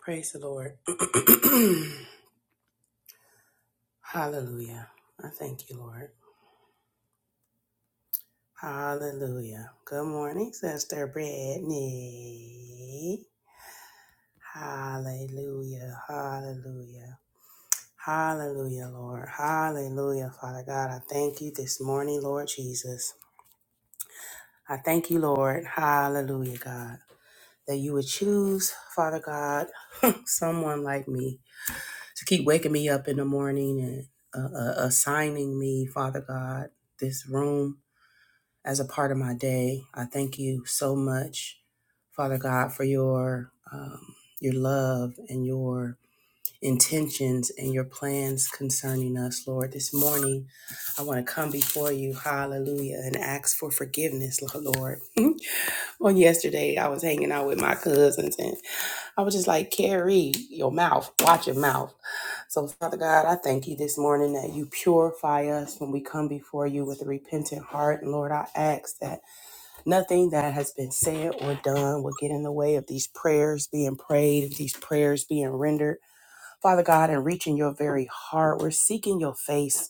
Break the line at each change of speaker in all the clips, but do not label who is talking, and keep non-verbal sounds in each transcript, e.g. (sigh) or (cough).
Praise the Lord. (clears throat) Hallelujah. I thank you, Lord. Hallelujah. Good morning, Sister Brittany. Hallelujah. Hallelujah. Hallelujah, Lord. Hallelujah, Father God. I thank you this morning, Lord Jesus. I thank you, Lord. Hallelujah, God, that you would choose, Father God, (clears throat) someone like me to keep waking me up in the morning and uh, uh, assigning me, Father God, this room as a part of my day. I thank you so much, Father God, for your um, your love and your intentions and your plans concerning us, Lord. This morning, I want to come before you, Hallelujah, and ask for forgiveness, Lord. (laughs) On yesterday, I was hanging out with my cousins and I was just like, Carrie, your mouth, watch your mouth. So, Father God, I thank you this morning that you purify us when we come before you with a repentant heart. And Lord, I ask that nothing that has been said or done will get in the way of these prayers being prayed, and these prayers being rendered. Father God, and reaching your very heart, we're seeking your face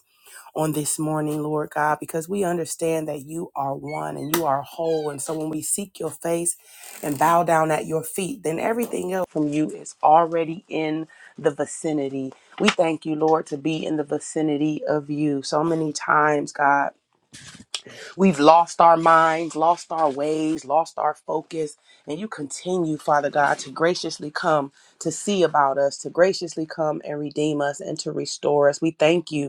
on this morning, Lord God, because we understand that you are one and you are whole. And so when we seek your face and bow down at your feet, then everything else from you is already in the vicinity. We thank you, Lord, to be in the vicinity of you. So many times, God, we've lost our minds, lost our ways, lost our focus. And you continue, Father God, to graciously come to see about us, to graciously come and redeem us and to restore us. We thank you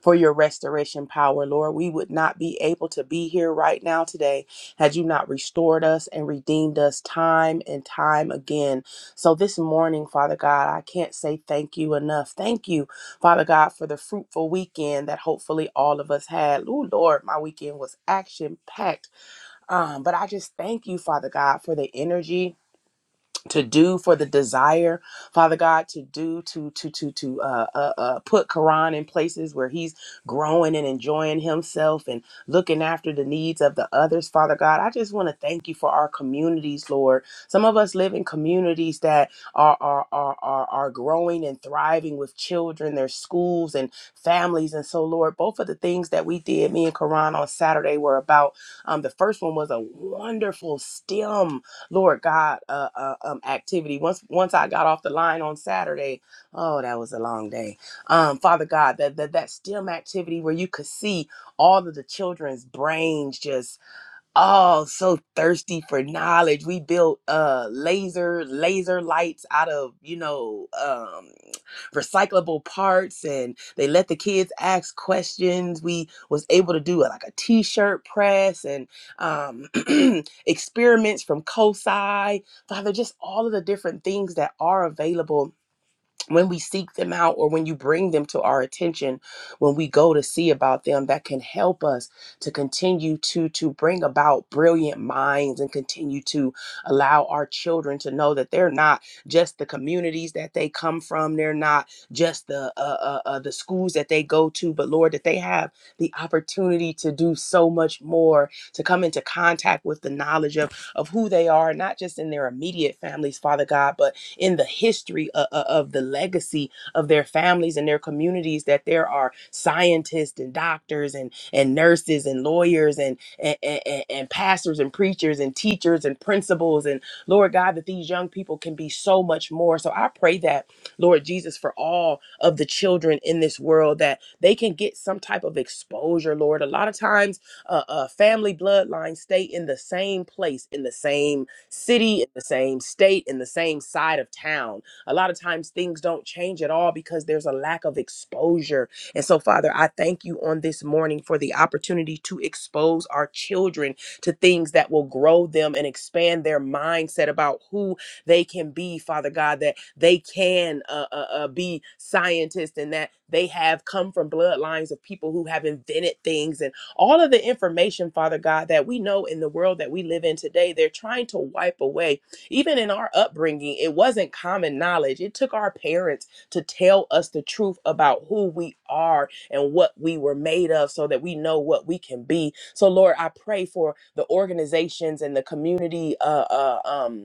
for your restoration power, Lord. We would not be able to be here right now today had you not restored us and redeemed us time and time again. So this morning, Father God, I can't say thank you enough. Thank you, Father God, for the fruitful weekend that hopefully all of us had. Ooh, Lord, my weekend was action packed. Um, but I just thank you, Father God, for the energy to do for the desire father god to do to to to to uh, uh uh put quran in places where he's growing and enjoying himself and looking after the needs of the others father god i just want to thank you for our communities lord some of us live in communities that are are are are, are growing and thriving with children their schools and families and so lord both of the things that we did me and quran on saturday were about um the first one was a wonderful stem Lord God uh, uh, um, activity. Once once I got off the line on Saturday, oh, that was a long day. Um, Father God, that, that that STEM activity where you could see all of the children's brains just all so thirsty for knowledge. We built uh laser laser lights out of, you know, um recyclable parts and they let the kids ask questions. We was able to do uh, like a t-shirt press and um (clears throat) experiments from COSI. Father, just all of the different things that are available when we seek them out or when you bring them to our attention when we go to see about them that can help us to continue to to bring about brilliant minds and continue to allow our children to know that they're not just the communities that they come from they're not just the uh, uh, uh, the schools that they go to but lord that they have the opportunity to do so much more to come into contact with the knowledge of of who they are not just in their immediate families father god but in the history of, of the legacy of their families and their communities that there are scientists and doctors and, and nurses and lawyers and, and, and, and pastors and preachers and teachers and principals. And Lord God, that these young people can be so much more. So I pray that, Lord Jesus, for all of the children in this world, that they can get some type of exposure, Lord. A lot of times, uh, uh, family bloodlines stay in the same place, in the same city, in the same state, in the same side of town. A lot of times things don't change at all because there's a lack of exposure. And so, Father, I thank you on this morning for the opportunity to expose our children to things that will grow them and expand their mindset about who they can be, Father God, that they can uh, uh, uh, be scientists and that they have come from bloodlines of people who have invented things. And all of the information, Father God, that we know in the world that we live in today, they're trying to wipe away. Even in our upbringing, it wasn't common knowledge. It took our parents to tell us the truth about who we are and what we were made of so that we know what we can be. So, Lord, I pray for the organizations and the community. Uh, uh, um,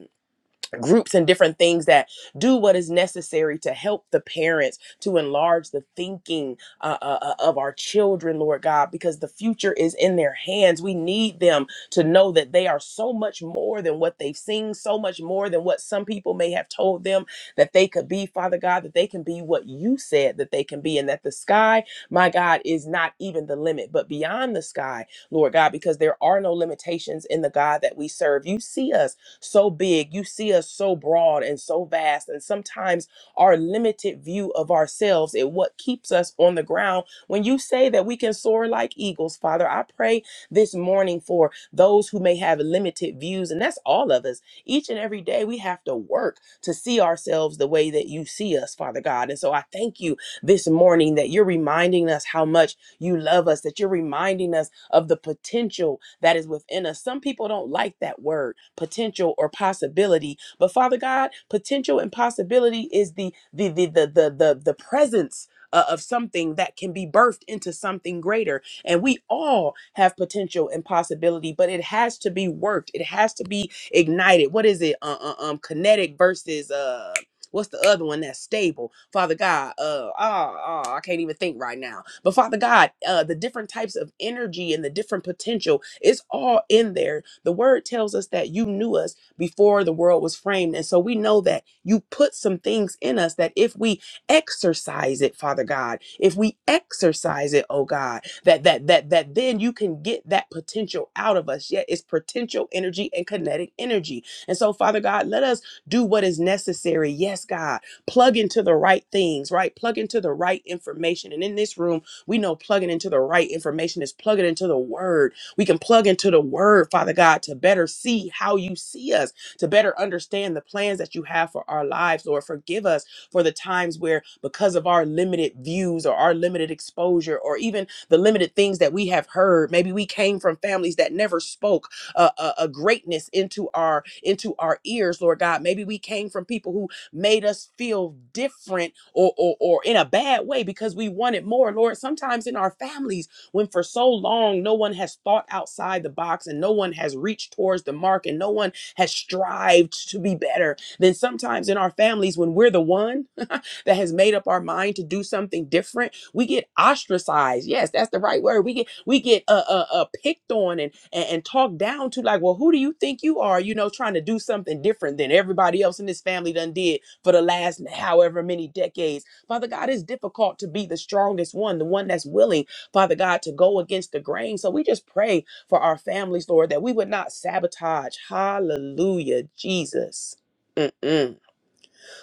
groups and different things that do what is necessary to help the parents to enlarge the thinking uh, uh, uh, of our children lord god because the future is in their hands we need them to know that they are so much more than what they've seen so much more than what some people may have told them that they could be father god that they can be what you said that they can be and that the sky my god is not even the limit but beyond the sky lord god because there are no limitations in the god that we serve you see us so big. You see us so broad and so vast. And sometimes our limited view of ourselves is what keeps us on the ground. When you say that we can soar like eagles, Father, I pray this morning for those who may have limited views. And that's all of us. Each and every day, we have to work to see ourselves the way that you see us, Father God. And so I thank you this morning that you're reminding us how much you love us, that you're reminding us of the potential that is within us. Some people don't like that word, potential or possibility. But Father God, potential and possibility is the the the the the the, the presence uh, of something that can be birthed into something greater. And we all have potential and possibility, but it has to be worked. It has to be ignited. What is it? Uh, uh, um, kinetic versus uh What's the other one that's stable? Father God, uh, oh, oh, I can't even think right now. But Father God, uh, the different types of energy and the different potential, it's all in there. The word tells us that you knew us before the world was framed. And so we know that you put some things in us that if we exercise it, Father God, if we exercise it, oh God, that that that that then you can get that potential out of us. Yet it's potential energy and kinetic energy. And so, Father God, let us do what is necessary. Yes, God. Plug into the right things, right? Plug into the right information. And in this room, we know plugging into the right information is plugging into the word. We can plug into the word, Father God, to better see how you see us, to better understand the plans that you have for our lives. Lord, forgive us for the times where, because of our limited views or our limited exposure or even the limited things that we have heard, maybe we came from families that never spoke a, a, a greatness into our into our ears, Lord God. Maybe we came from people who made us feel different or or, or in a bad way because we wanted more, Lord. Sometimes in our families, when for so long no one has thought outside the box and no one has reached towards the mark and no one has strived to be better, then sometimes in our families, when we're the one (laughs) that has made up our mind to do something different we get ostracized. Yes, that's the right word. We get we get uh uh, uh picked on and, and and talked down to. Like, well, who do you think you are? You know, trying to do something different than everybody else in this family done did for the last however many decades. Father God, it's difficult to be the strongest one, the one that's willing, Father God, to go against the grain. So we just pray for our families, Lord, that we would not sabotage. Hallelujah, Jesus. Mm-mm.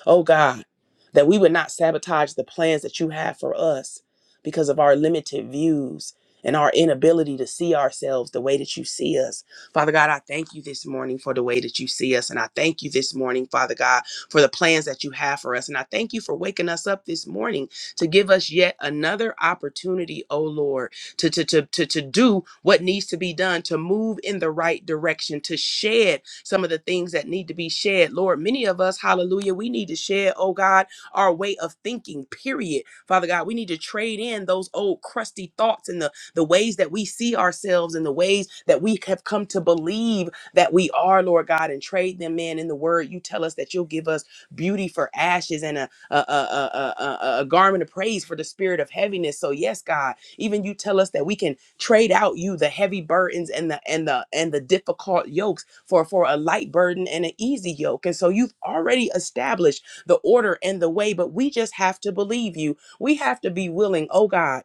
Oh God, that we would not sabotage the plans that you have for us because of our limited views and our inability to see ourselves the way that you see us. Father God, I thank you this morning for the way that you see us. And I thank you this morning, Father God, for the plans that you have for us. And I thank you for waking us up this morning to give us yet another opportunity, oh Lord, to, to, to, to, to do what needs to be done, to move in the right direction, to shed some of the things that need to be shed. Lord, many of us, hallelujah, we need to shed, oh God, our way of thinking, period. Father God, we need to trade in those old crusty thoughts and the, the ways that we see ourselves and the ways that we have come to believe that we are, Lord God, and trade them in. In the word, you tell us that you'll give us beauty for ashes and a, a, a, a, a, a a garment of praise for the spirit of heaviness. So, yes, God. Even you tell us that we can trade out you the heavy burdens and the and the and the difficult yokes for for a light burden and an easy yoke. And so you've already established the order and the way, but we just have to believe you. We have to be willing, oh God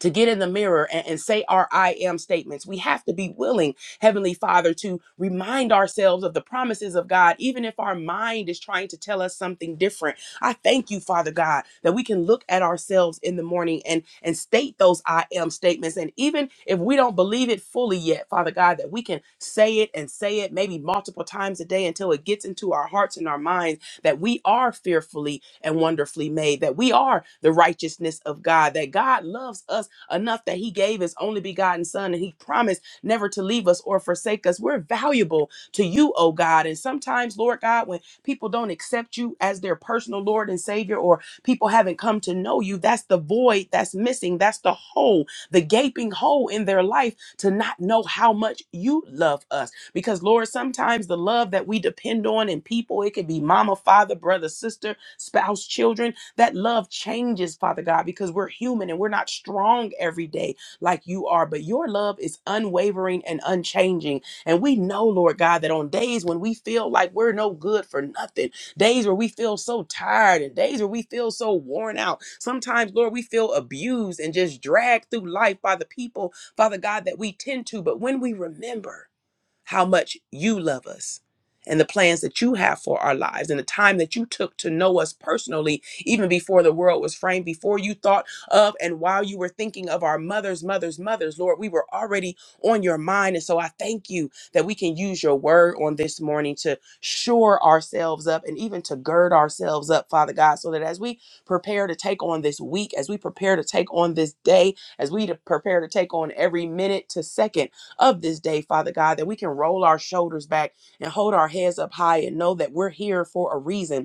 to get in the mirror and, and say our I am statements. We have to be willing, Heavenly Father, to remind ourselves of the promises of God, even if our mind is trying to tell us something different. I thank you, Father God, that we can look at ourselves in the morning and, and state those I am statements. And even if we don't believe it fully yet, Father God, that we can say it and say it maybe multiple times a day until it gets into our hearts and our minds that we are fearfully and wonderfully made, that we are the righteousness of God, that God loves us enough that he gave his only begotten son and he promised never to leave us or forsake us. We're valuable to you, oh God. And sometimes, Lord God, when people don't accept you as their personal Lord and Savior or people haven't come to know you, that's the void that's missing. That's the hole, the gaping hole in their life to not know how much you love us. Because, Lord, sometimes the love that we depend on in people, it could be mama, father, brother, sister, spouse, children, that love changes, Father God, because we're human and we're not strong every day like you are. But your love is unwavering and unchanging. And we know, Lord God, that on days when we feel like we're no good for nothing, days where we feel so tired and days where we feel so worn out, sometimes, Lord, we feel abused and just dragged through life by the people, Father God, that we tend to. But when we remember, how much you love us and the plans that you have for our lives and the time that you took to know us personally, even before the world was framed, before you thought of and while you were thinking of our mothers, mothers, mothers, Lord, we were already on your mind. And so I thank you that we can use your word on this morning to shore ourselves up and even to gird ourselves up, Father God, so that as we prepare to take on this week, as we prepare to take on this day, as we to- prepare to take on every minute to second, of this day, Father God, that we can roll our shoulders back and hold our heads up high and know that we're here for a reason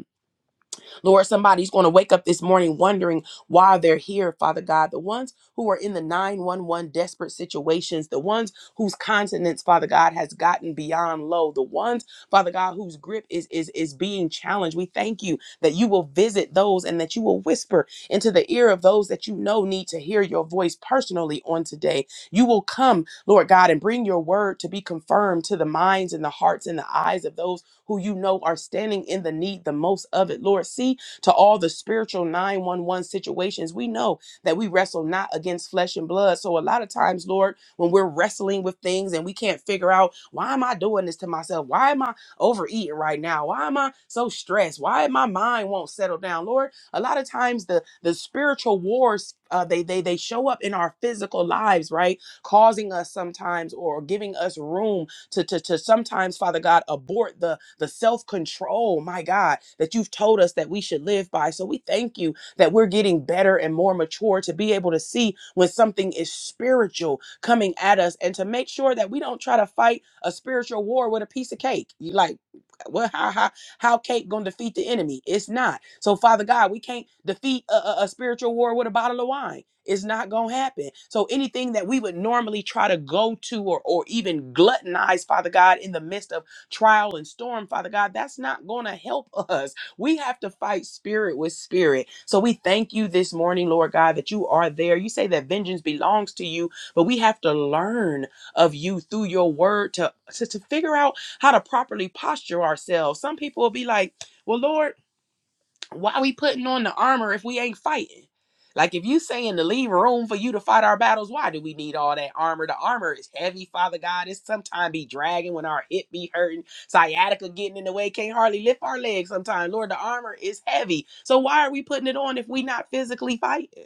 Lord, somebody's going to wake up this morning wondering why they're here, Father God. The ones who are in the 911 desperate situations, the ones whose continence, Father God, has gotten beyond low, the ones, Father God, whose grip is is is being challenged. We thank you that you will visit those and that you will whisper into the ear of those that you know need to hear your voice personally on today. You will come, Lord God, and bring your word to be confirmed to the minds and the hearts and the eyes of those who you know are standing in the need the most of it, Lord. See to all the spiritual 911 situations. We know that we wrestle not against flesh and blood. So a lot of times, Lord, when we're wrestling with things and we can't figure out why am I doing this to myself? Why am I overeating right now? Why am I so stressed? Why my mind won't settle down? Lord, a lot of times the the spiritual wars uh, they they they show up in our physical lives, right? Causing us sometimes or giving us room to, to, to sometimes, Father God, abort the, the self control, my God, that you've told us that we should live by. So we thank you that we're getting better and more mature to be able to see when something is spiritual coming at us and to make sure that we don't try to fight a spiritual war with a piece of cake. You like, well, how, how, how cake gonna defeat the enemy? It's not. So, Father God, we can't defeat a, a a spiritual war with a bottle of wine. It's not going to happen. So anything that we would normally try to go to or, or even gluttonize, Father God, in the midst of trial and storm, Father God, that's not going to help (laughs) us. We have to fight spirit with spirit. So we thank you this morning, Lord God, that you are there. You say that vengeance belongs to you, but we have to learn of you through your word to, to, to figure out how to properly posture ourselves. Some people will be like, well, Lord, why we putting on the armor if we ain't fighting? Like if you saying to leave room for you to fight our battles, why do we need all that armor? The armor is heavy, Father God. It sometimes be dragging when our hip be hurting, sciatica getting in the way, can't hardly lift our legs sometimes. Lord, the armor is heavy. So why are we putting it on if we not physically fighting?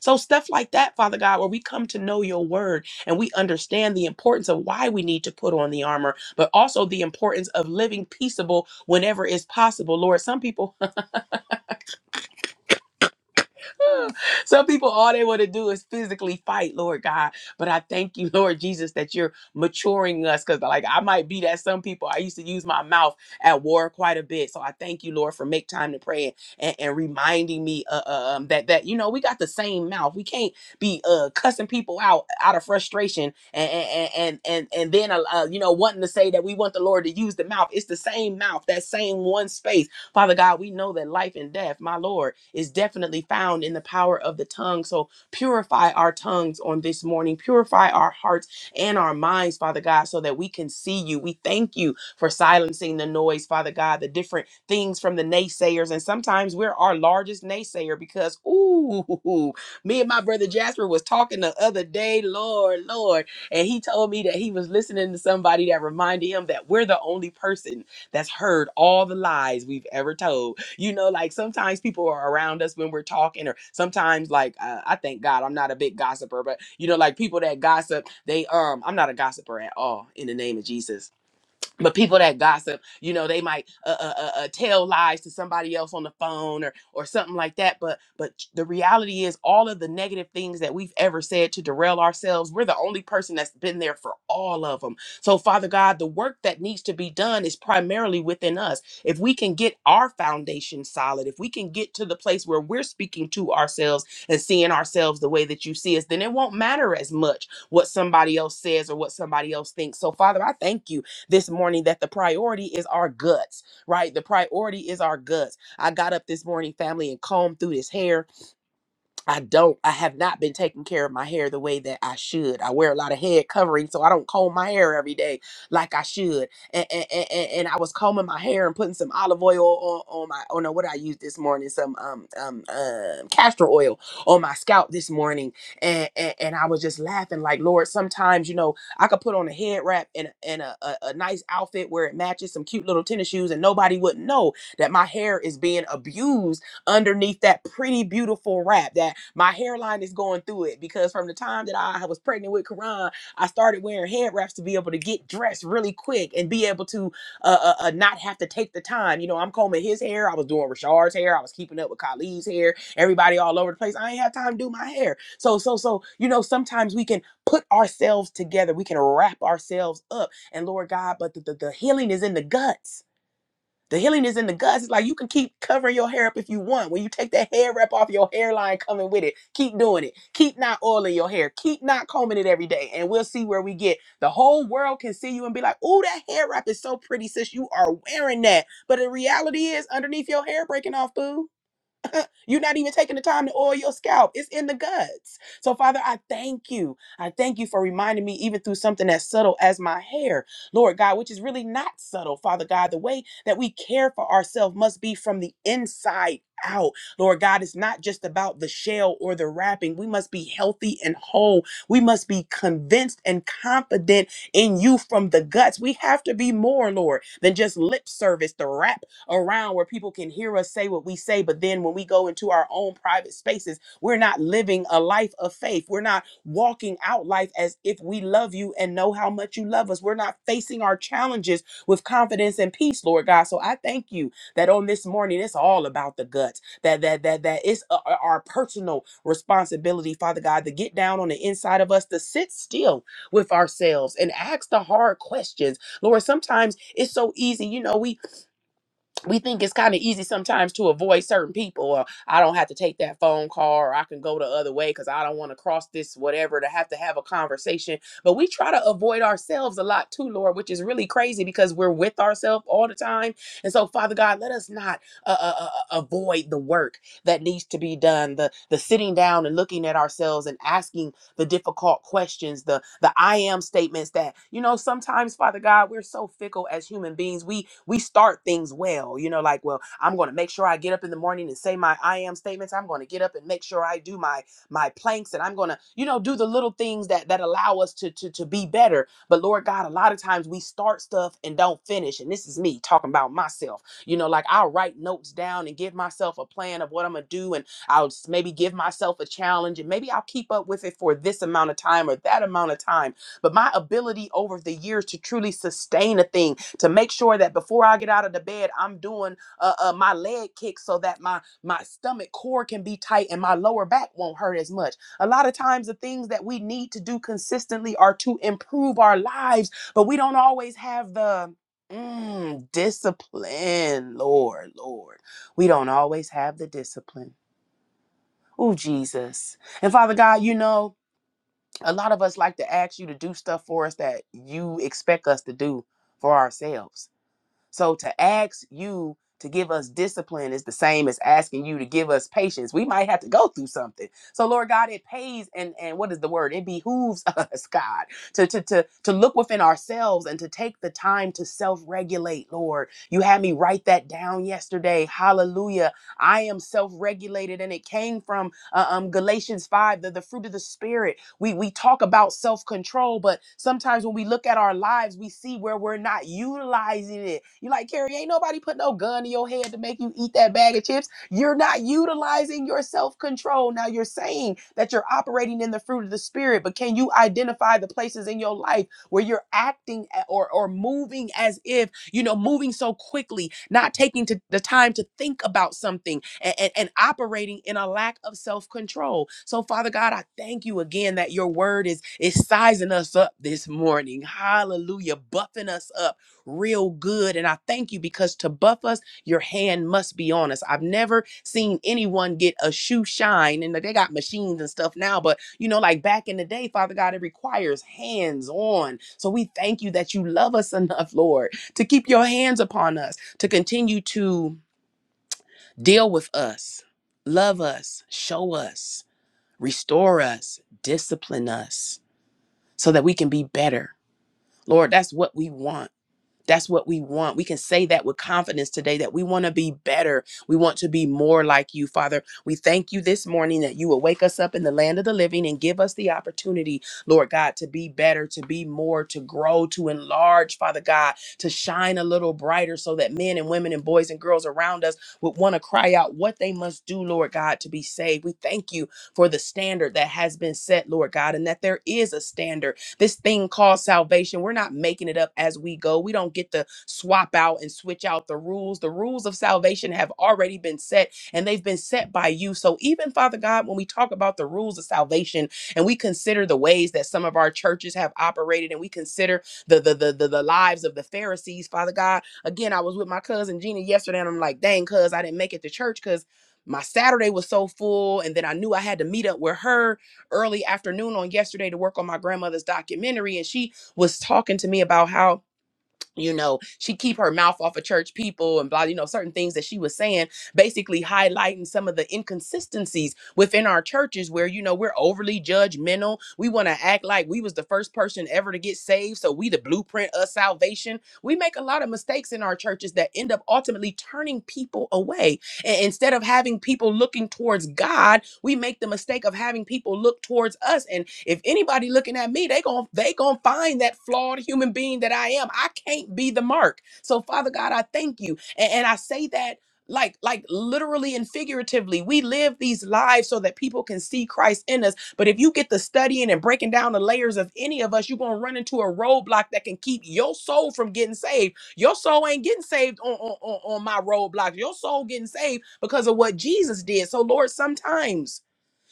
So stuff like that, Father God, where we come to know your word and we understand the importance of why we need to put on the armor, but also the importance of living peaceable whenever it's possible. Lord, some people (laughs) Some people, all they want to do is physically fight, Lord God. But I thank you, (laughs) Lord Jesus, that you're maturing us. Because, like, I might be that some people, I used to use my mouth at war quite a bit. So I thank you, Lord, for make time to pray and, and reminding me uh, uh, um, that, that, you know, we got the same mouth. We can't be uh, cussing people out out of frustration and, and, and, and, and then, uh, uh, you know, wanting to say that we want the Lord to use the mouth. It's the same mouth, that same one space Father God, we know that life and death, my Lord, is definitely found in the power of the tongue. So purify our tongues on this morning, purify our hearts and our minds, Father God, so that we can see you. We thank you for silencing the noise, Father God, the different things from the naysayers. And sometimes we're our largest naysayer because, ooh, (laughs) me and my brother Jasper was talking the other day, Lord, Lord, and he told me that he was listening to somebody that reminded him that we're the only person that's heard all the lies we've ever told. You know, like sometimes people are around us when we're talking, or sometimes like uh, I thank God I'm not a big gossiper, but you know, like people that gossip, they um I'm not a gossiper at all in the name of Jesus but people that gossip you know they might uh, uh, uh, uh, tell lies to somebody else on the phone or or something like that but but the reality is all of the negative things that we've ever said to derail ourselves we're the only person that's been there for all of them so father god the work that needs to be done is primarily within us if we can get our foundation solid if we can get to the place where we're speaking to ourselves and seeing ourselves the way that you see us then it won't matter as much what somebody else says or what somebody else thinks so father i thank you this morning that the priority is our guts, right? The priority is our guts. I got up this morning, family, and combed through this hair I don't. I have not been taking care of my hair the way that I should. I wear a lot of head covering, so I don't comb my hair every day like I should. And and, and, and I was combing my hair and putting some olive oil on, on my oh no, what did I use this morning? Some um um uh, castor oil on my scalp this morning, and, and and I was just laughing like Lord. Sometimes you know I could put on a head wrap and and a, a, a nice outfit where it matches some cute little tennis shoes, and nobody would know that my hair is being abused underneath that pretty beautiful wrap that my hairline is going through it because from the time that I was pregnant with Karan, I started wearing head wraps to be able to get dressed really quick and be able to uh, uh, uh, not have to take the time. You know, I'm combing his hair, I was doing Rashard's hair, I was keeping up with Khalid's hair, everybody all over the place. I ain't have time to do my hair. So, so, so, you know, sometimes we can put ourselves together, we can wrap ourselves up. And Lord God, but the, the the healing is in the guts the healing is in the guts. It's like you can keep covering your hair up if you want. When you take that hair wrap off your hairline coming with it, keep doing it. Keep not oiling your hair. Keep not combing it every day. And we'll see where we get. The whole world can see you and be like, oh, that hair wrap is so pretty, sis. You are wearing that. But the reality is underneath your hair breaking off, boo. You're not even taking the time to oil your scalp. It's in the guts. So, Father, I thank you. I thank you for reminding me, even through something as subtle as my hair, Lord God, which is really not subtle, Father God. The way that we care for ourselves must be from the inside out. Lord God, it's not just about the shell or the wrapping. We must be healthy and whole. We must be convinced and confident in you from the guts. We have to be more, Lord, than just lip service, the wrap around where people can hear us say what we say, but then when we go into our own private spaces, we're not living a life of faith. We're not walking out life as if we love you and know how much you love us. We're not facing our challenges with confidence and peace, Lord God. So I thank you that on this morning it's all about the guts. That that that that it's a- a- our personal responsibility, Father God, to get down on the inside of us, to sit still with ourselves and ask the hard questions. Lord, sometimes it's so easy, you know, we we think it's kind of easy sometimes to avoid certain people or i don't have to take that phone call or i can go the other way because i don't want to cross this whatever to have to have a conversation but we try to avoid ourselves a lot too lord which is really crazy because we're with ourselves all the time and so father god let us not uh, uh, uh, uh, avoid the work that needs to be done the the sitting down and looking at ourselves and asking the difficult questions, the the I am statements that, you know, sometimes, Father God, we're so fickle as human beings. We we start things well, you know, like, well, I'm gonna make sure I get up in the morning and say my I am statements. I'm gonna get up and make sure I do my my planks and I'm gonna, you know, do the little things that that allow us to to to be better. But Lord God, a lot of times we start stuff and don't finish. And this is me talking about myself. You know, like I'll write notes down and give myself a plan of what I'm gonna do and I'll maybe give myself a challenge and maybe I'll keep up with it for this amount of time or that amount of time. But my ability over the years to truly sustain a thing, to make sure that before I get out of the bed, I'm doing uh, uh, my leg kicks so that my my stomach core can be tight and my lower back won't hurt as much. A lot of times, the things that we need to do consistently are to improve our lives, but we don't always have the mm, discipline. Lord, Lord, we don't always have the discipline. Oh, Jesus. And Father God, you know, a lot of us like to ask you to do stuff for us that you expect us to do for ourselves. So to ask you to give us discipline is the same as asking you to give us patience. We might have to go through something. So Lord God, it pays and and what is the word? It behooves (laughs) us, God, to to to to look within ourselves and to take the time to self-regulate, Lord. You had me write that down yesterday. Hallelujah. I am self-regulated and it came from uh, um Galatians 5, the, the fruit of the spirit we we talk about self-control, but sometimes when we look at our lives, we see where we're not utilizing it. You like, Carrie, ain't nobody put no gun to your head to make you eat that bag of chips. You're not utilizing your self-control. Now you're saying that you're operating in the fruit of the spirit, but can you identify the places in your life? where you're acting or or moving as if you know moving so quickly not taking to the time to think about something and, and, and operating in a lack of self-control so father god i thank you again that your word is is sizing us up this morning hallelujah buffing us up real good and i thank you because to buff us your hand must be on us. I've never seen anyone get a shoe shine, and they got machines and stuff now, but you know, like back in the day, Father God, it requires hands on. So we thank you that you love us (laughs) enough, Lord, to keep your hands upon us, to continue to deal with us, love us, show us, restore us, discipline us, so that we can be better. Lord, that's what we want. That's what we want. We can say that with confidence today that we want to be better. We want to be more like you, Father. We thank you this morning that you will wake us up in the land of the living and give us the opportunity, Lord God, to be better, to be more, to grow, to enlarge, Father God, to shine a little brighter so that men and women and boys and girls around us would want to cry out what they must do, Lord God, to be saved. We thank you for the standard that has been set, Lord God, and that there is a standard this thing called salvation. We're not making it up as we go. We don't get to swap out and switch out the rules. The rules of salvation have already been set and they've been set by you. So, even Father God, when we talk about the rules of salvation and we consider the ways that some of our churches have operated and we consider the, the, the, the, the lives of the Pharisees, Father God, again, I was with my cousin Gina yesterday and I'm like, dang, cuz I didn't make it to church because my Saturday was so full. And then I knew I had to meet up with her early afternoon on yesterday to work on my grandmother's documentary and she was talking to me about how you know she keep her mouth off of church people and blah you know certain things that she was saying basically highlighting some of the inconsistencies within our churches where you know we're overly judgmental we want to act like we was the first person ever to get saved so we the blueprint of salvation we make a lot of mistakes in our churches that end up ultimately turning people away and instead of having people looking towards God, we make the mistake of having people look towards us. And if anybody looking at me, they gon' they gonna find that flawed human being that I am. I can't be the mark. So Father God, I thank you, and, and I say that. Like, like literally and figuratively, we live these lives so that people can see Christ in us. But if you get to studying and breaking down the layers of any of us, you're gonna run into a roadblock that can keep your soul from getting saved your soul ain't getting saved on, on, on, on my roadblocks. Your soul getting saved because of what Jesus did. So, Lord, sometimes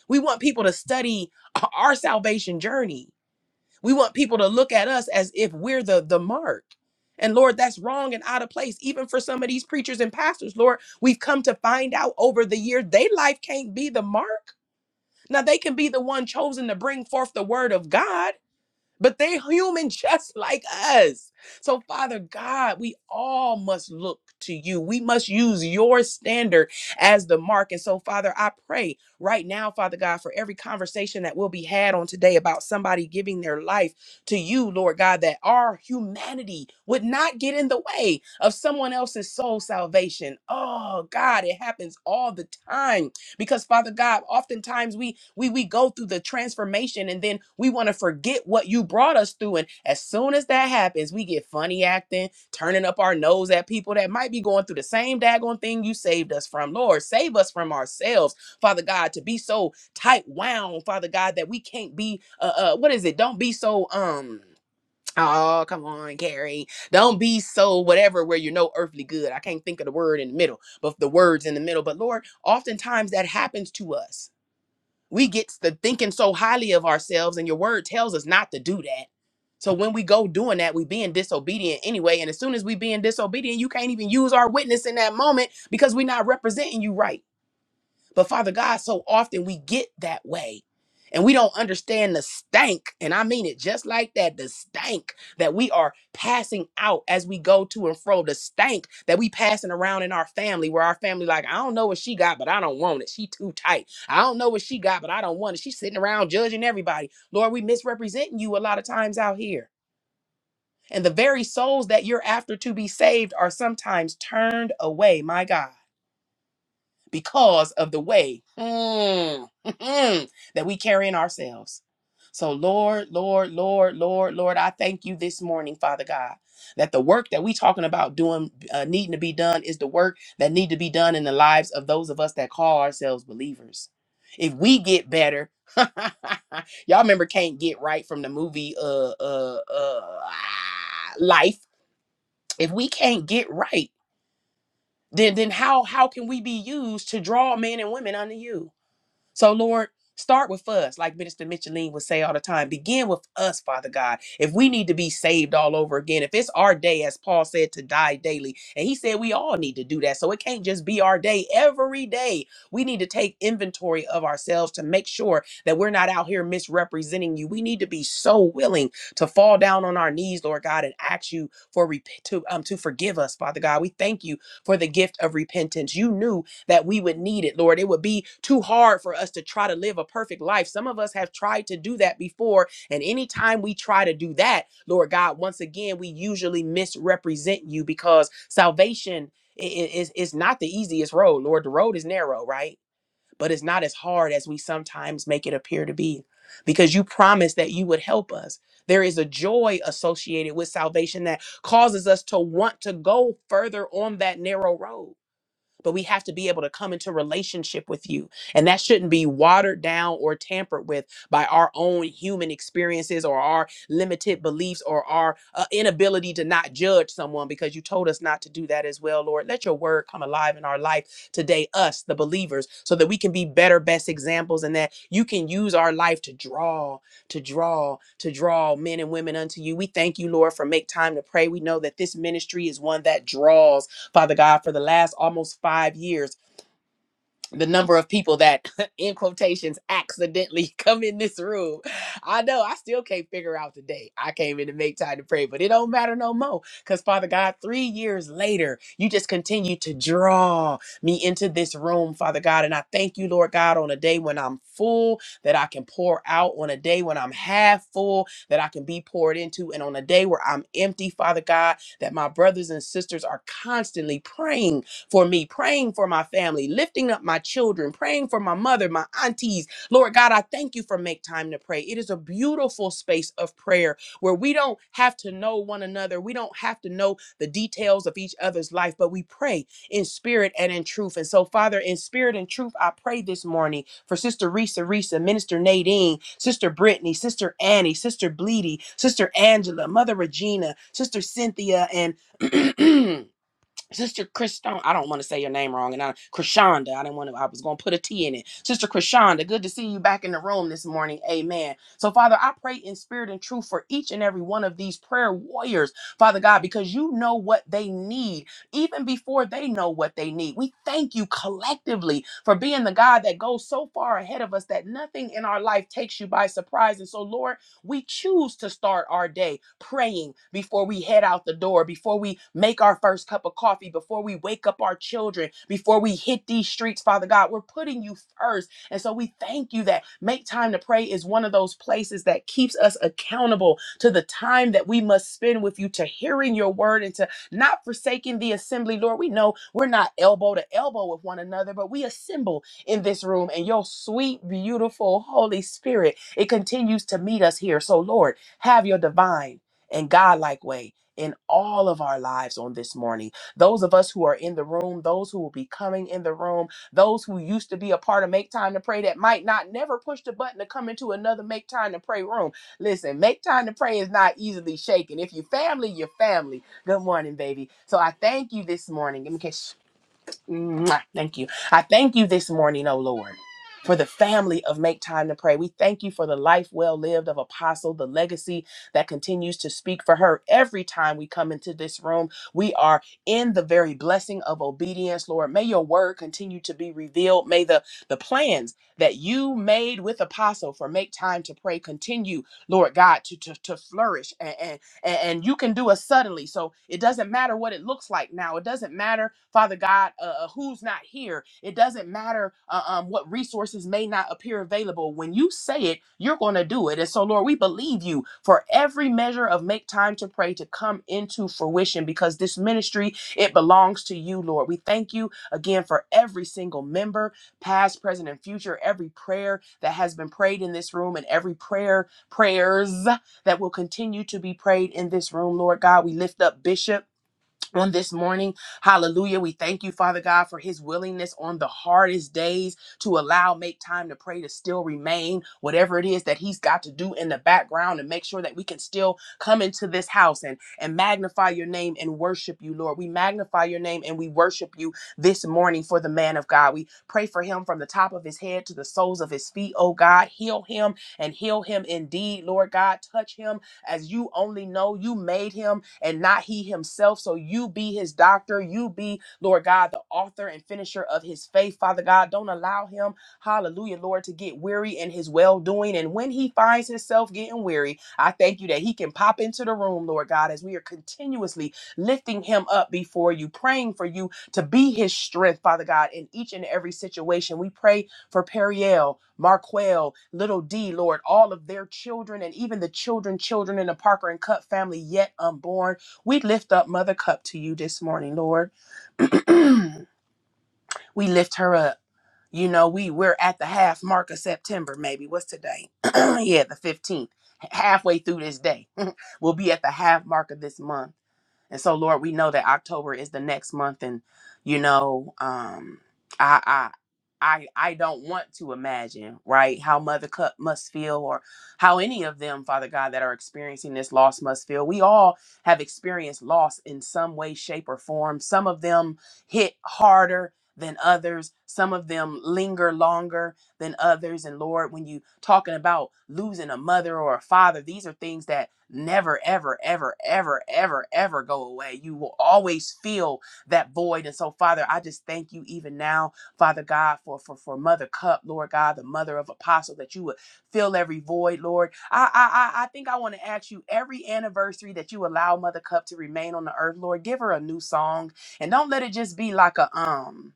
we want people to study our salvation journey. We want people to look at us as if we're the, the mark. And Lord, that's wrong and out of place, even for some of these preachers and pastors. Lord, we've come to find out over the years, their life can't be the mark. Now, they can be the one chosen to bring forth the word of God but they human just (laughs) like us. So Father God, we all must look to you. We must use your standard as the mark. And so Father, I pray right now, Father God, for every conversation that will be had on today about somebody giving their life to you, Lord God, that our humanity would not get in the way of someone else's soul salvation. Oh God, it happens all the time because father god oftentimes we we we go through the transformation and then we want to forget what you brought us through and as soon as that happens we get funny acting turning up our nose at people that might be going through the same daggone thing you saved us from lord save us from ourselves father god to be so tight wound father god that we can't be uh, uh what is it don't be so um Oh, come on, Carrie. Don't be so whatever where you're no earthly good. I can't think of the word in the middle, but the words in the middle. But Lord, oftentimes that happens to us. We get to thinking so highly of ourselves, and your word tells us not to do that. So when we go doing that, we being disobedient anyway. And as soon as we being disobedient, you can't even use our witness in that moment because we're not representing you right. But Father God, so often we get that way. And we don't understand the stank, and I mean it just like that the stank that we are passing out as we go to and fro, the stank that we passing around in our family, where our family, like, I don't know what she got, but I don't want it. She too tight. I don't know what she got, but I don't want it. She's sitting around judging everybody. Lord, we misrepresenting you a lot of times out here. And the very souls that you're after to be saved are sometimes turned away, my God because of the way mm, (laughs) that we carry in ourselves. So, Lord, Lord, Lord, Lord, Lord, I thank you this morning, Father God, that the work that we talking about doing, uh, needing to be done, is the work that need to be done in the lives of those of us that call ourselves believers. If we get better, (laughs) y'all remember can't get right from the movie uh uh uh ah, Life. If we can't get right then then how how can we be used to draw men and women unto you? So, Lord, start with us, like Minister Micheline would say all the time. Begin with us, Father God. If we need to be saved all over again, if it's our day, as Paul said, to die daily, and he said we all need to do that. So, it can't just be our day. Every day, we need to take inventory of ourselves to make sure that we're not out here misrepresenting you. We need to be so willing to fall down on our knees, Lord God, and ask you for rep- to, um, to forgive us, Father God. We thank you for the gift of repentance. You knew that we would need it, Lord. It would be too hard for us to try to live a perfect life. Some of us have tried to do that before, and anytime we try to do that, Lord God, once again, we usually misrepresent you because salvation is, is not the easiest road, Lord. The road is narrow, right? But it's not as hard as we sometimes make it appear to be because you promised that you would help us. There is a joy associated with salvation that causes us to want to go further on that narrow road but we have to be able to come into relationship with you. And that shouldn't be watered down or tampered with by our own human experiences or our limited beliefs or our uh, inability to not judge someone because you told us not to do that as well, Lord. Let your word come alive in our life today, us, the believers, so that we can be better, best examples and that you can use our life to draw, to draw, to draw men and women unto you. We thank you, Lord, for make time to pray. We know that this ministry is one that draws Father God, for the last almost five years, the number of people that, (laughs) in quotations, accidentally (laughs) come in this room. I know I still can't figure out the date. I came in to make time to pray, but it don't matter no more. Because, Father God, three years later, you just continue to draw me into this room, Father God. And I thank you, Lord God, on a day when I'm full, that I can pour out, on a day when I'm half full, that I can be poured into, and on a day where I'm empty, Father God, that my brothers and sisters are constantly praying for me, praying for my family, lifting up my children, praying for my mother, my aunties. Lord God, I thank you for make time to pray. It is a beautiful space of prayer where we don't have to know one another. We don't have to know the details of each other's life, but we pray in spirit and in truth. And so, Father, in spirit and truth, I pray this morning for Sister Risa Risa, Minister Nadine, Sister Brittany, Sister Annie, Sister Bleedy, Sister Angela, Mother Regina, Sister Cynthia, and (clears throat) Sister Christon, I don't want to say your name wrong, and I Krishonda, I didn't want to. I was going to put a T in it. Sister Krishonda, good to see you back in the room this morning. Amen. So, Father, I pray in spirit and truth for each and every one of these prayer warriors, Father God, because you know what they need even before they know what they need. We thank you collectively for being the God that goes so far ahead of us that nothing in our life takes you by surprise. And so, Lord. We choose to start our day praying before we head out the door, before we make our first cup of coffee, before we wake up our children, before we hit these streets, Father God. We're putting you first. And so we thank you that make time to pray is one of those places that keeps us accountable to the time that we must spend with you, to hearing your word and to not forsaking the assembly, Lord. We know we're not elbow to elbow with one another, but we assemble in this room and your sweet, beautiful Holy Spirit, it continues to meet us here. So, Lord, have your divine and Godlike way in all of our lives on this morning. Those of us who are in the room, those who will be coming in the room, those who used to be a part of Make Time to Pray that might not never push the button to come into another Make Time to Pray room. Listen, Make Time to Pray is not easily shaken. If you family, you're family. Good morning, baby. So I thank you this morning. Mwah. Thank you. I thank you this morning, oh Lord, for the family of Make Time to Pray. We thank you for the life well lived of Apostle, the legacy that continues to speak for her every time we come into this room. We are in the very blessing of obedience, Lord. May your word continue to be revealed. May the, the plans that you made with Apostle for Make Time to Pray continue, Lord God, to, to, to flourish and, and you can do it suddenly. So it doesn't matter what it looks like now. It doesn't matter, Father God, uh, uh, who's not here. It doesn't matter uh, um, what resources may not appear available. When you say it, you're going to do it. And so, Lord, we believe you for every measure of make time to pray to come into fruition because this ministry, it belongs to you, Lord. We thank you again for every single member, past, present, and future, every prayer that has been prayed in this room and every prayer prayers that will continue to be prayed in this room, Lord God. We lift up Bishop. On this morning, hallelujah. We thank you, Father God, for his willingness on the hardest days to allow, make time to pray, to still remain, whatever it is that he's got to do in the background and make sure that we can still come into this house and, and magnify your name and worship you, Lord. We magnify your name and we worship you this morning for the man of God. We pray for him from the top of his head to the soles of his feet, oh God. Heal him and heal him indeed, Lord God. Touch him as you only know you made him and not he himself. So you be his doctor. You be, Lord God, the author and finisher of his faith, Father God. Don't allow him, hallelujah, Lord, to get weary in his well doing. And when he finds himself getting weary, I thank you that he can pop into the room, Lord God, as we are continuously lifting him up before you, praying for you to be his strength, Father God, in each and every situation. We pray for Periel, Marquel, Little D, Lord, all of their children and even the children, children in the Parker and Cup family yet unborn. We lift up Mother Cup to you this morning, Lord. (clears throat) we lift her up you know we we're at the half mark of september maybe what's today (clears throat) yeah the 15th halfway through this day (laughs) we'll be at the half mark of this month and so lord we know that october is the next month and you know um i i I, I don't want to imagine, right, how Mother Cup must feel or how any of them, Father God, that are experiencing this loss must feel. We all have experienced loss in some way, shape, or form. Some of them hit harder, than others. Some of them linger longer than others. And Lord, when you talking about losing a mother or a father, these are things that never, ever, ever, ever, ever, ever go away. You will always feel that void. And so, Father, I just thank you even now, Father God, for for, for Mother Cup, Lord God, the mother of apostle, that you would fill every void, Lord. I I I I think I want to ask you every anniversary that you allow Mother Cup to remain on the earth, Lord, give her a new song and don't let it just be like a um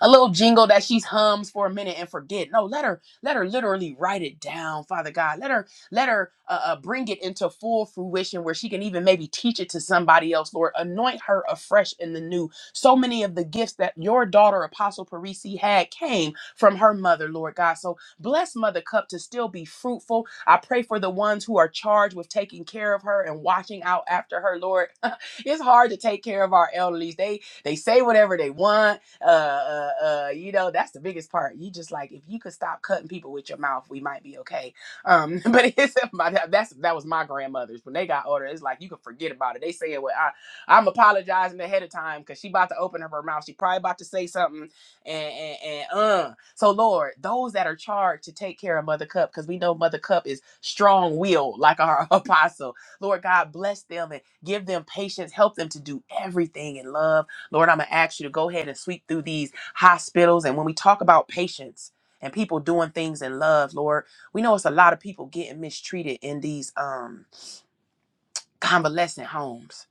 a little jingle that she hums for a minute and forget. No, let her let her literally write it down, Father God. Let her let her uh, uh, bring it into full fruition where she can even maybe teach it to somebody else. Lord, anoint her afresh in the new. So many of the gifts that your daughter Apostle Parisi had came from her mother, Lord God. So bless Mother Cup to still be fruitful. I pray for the ones who are charged with taking care of her and watching out after her, Lord. (laughs) it's hard to take care of our elderlies. They they say whatever they want uh, uh, uh, you know, that's the biggest part. You just like, if you could stop cutting people with your mouth, we might be okay. Um, (laughs) but it's my, that's that was my grandmother's when they got older. It's like you can forget about it. They say it. Well, I, I'm apologizing ahead of time because she about to open up her mouth. She probably about to say something, and and, and uh. So Lord, those that are charged to take care of Mother Cup, because we know Mother Cup is strong willed, like our (laughs) apostle. Lord God, bless them and give them patience. Help them to do everything in love Lord, I'm going to ask you to go ahead and sweep through these hospitals. And when we talk about patience and people doing things in love, Lord, we know it's a lot of people getting mistreated in these um, convalescent homes.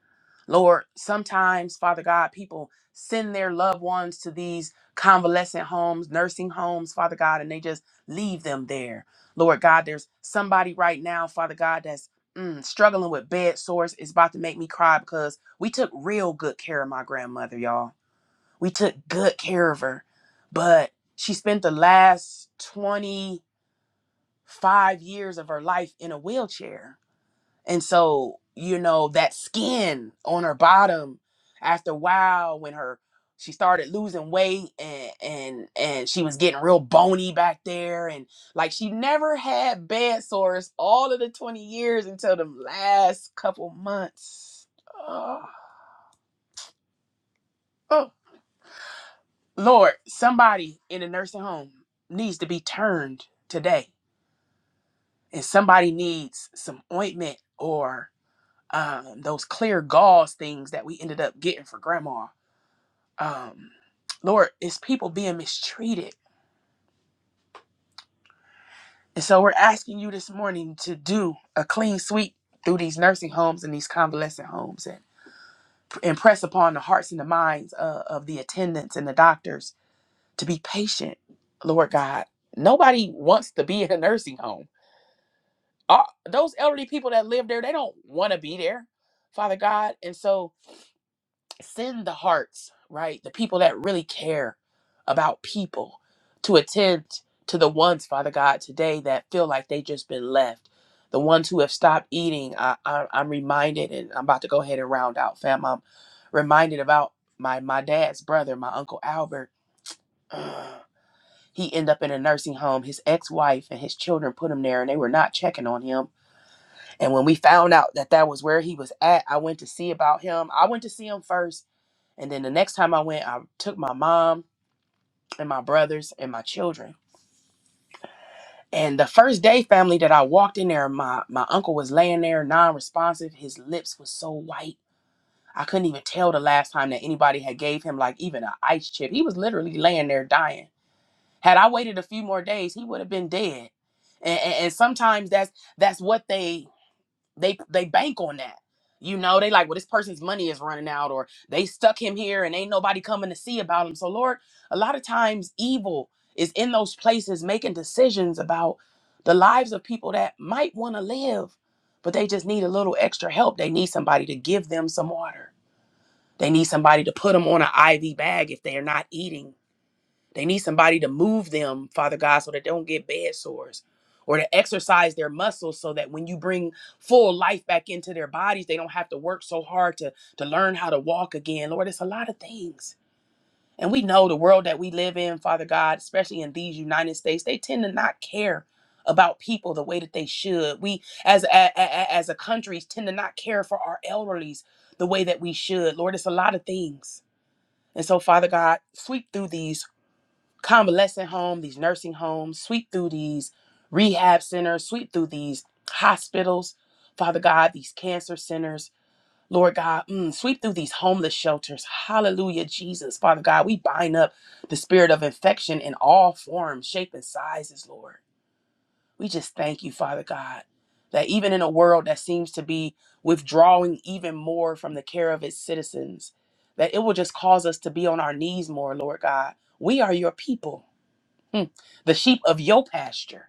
Lord, sometimes, Father God, people send their loved ones to these convalescent homes, nursing homes, Father God, and they just leave them there. Lord God, there's somebody right now, Father God, that's mm, struggling with bed sores. It's about to make me cry because we took real good care of my grandmother, y'all we took good care of her, but she spent the last 25 years of her life in a wheelchair. And so, you know, that skin on her bottom after a while when her she started losing weight and and and she was getting real bony back there and like she never had bed sores all of the 20 years until the last couple months. Oh. Lord, somebody in a nursing home needs to be turned today, and somebody needs some ointment or um, those clear gauze things that we ended up getting for grandma. Um, Lord, it's people being mistreated. And so we're asking you this morning to do a clean sweep through these nursing homes and these convalescent homes and impress upon the hearts and the minds uh, of the attendants and the doctors to be patient, Lord God. Nobody wants to be in a nursing home uh, those elderly people that live there, they don't want to be there, Father God. And so send the hearts, right? The people that really care about people to attend to the ones, Father God, today that feel like they just been left. The ones who have stopped eating. I, I, I'm reminded, and I'm about to go ahead and round out, fam. I'm reminded about my, my dad's brother, my Uncle Albert. (sighs) he ended up in a nursing home. His ex-wife and his children put him there, and they were not checking on him and when we found out that that was where he was at, I went to see about him. I went to see him first. And then the next time I went, I took my mom and my brothers and my children. And the first day, family, that I walked in there, my, my uncle was laying there non-responsive. His lips was so white. I couldn't even tell the last time that anybody had gave him like even an ice chip. He was literally laying there dying. Had I waited a few more days, he would have been dead. And, and, and sometimes that's that's what they they they bank on that. You know, they like, well, this person's money is running out, or they stuck him here and ain't nobody coming to see about him. So, Lord, a lot of times evil is in those places making decisions about the lives of people that might want to live, but they just need a little extra help. They need somebody to give them some water. They need somebody to put them on an IV bag if they are not eating they need somebody to move them, Father God, so that they don't get bed sores or to exercise their muscles so that when you bring full life back into their bodies, they don't have to work so hard to, to learn how to walk again. Lord, it's a lot of things. And we know the world that we live in, Father God, especially in these United States, they tend to not care about people the way that they should. We as a, a- a- as a country tend to not care for our elderlies the way that we should. Lord, it's a lot of things. And so, Father God, sweep through these convalescent home, these nursing homes, sweep through these rehab centers, sweep through these hospitals, Father God, these cancer centers, Lord God, mm, sweep through these homeless shelters. Hallelujah, Jesus. Father God, we bind up the spirit of infection in all forms, shape, and sizes, Lord. We just thank you, Father God, that even in a world that seems to be withdrawing even more from the care of its citizens, that it will just cause us to be on our knees more, Lord God. We are your people. Hmm. The sheep of your pasture.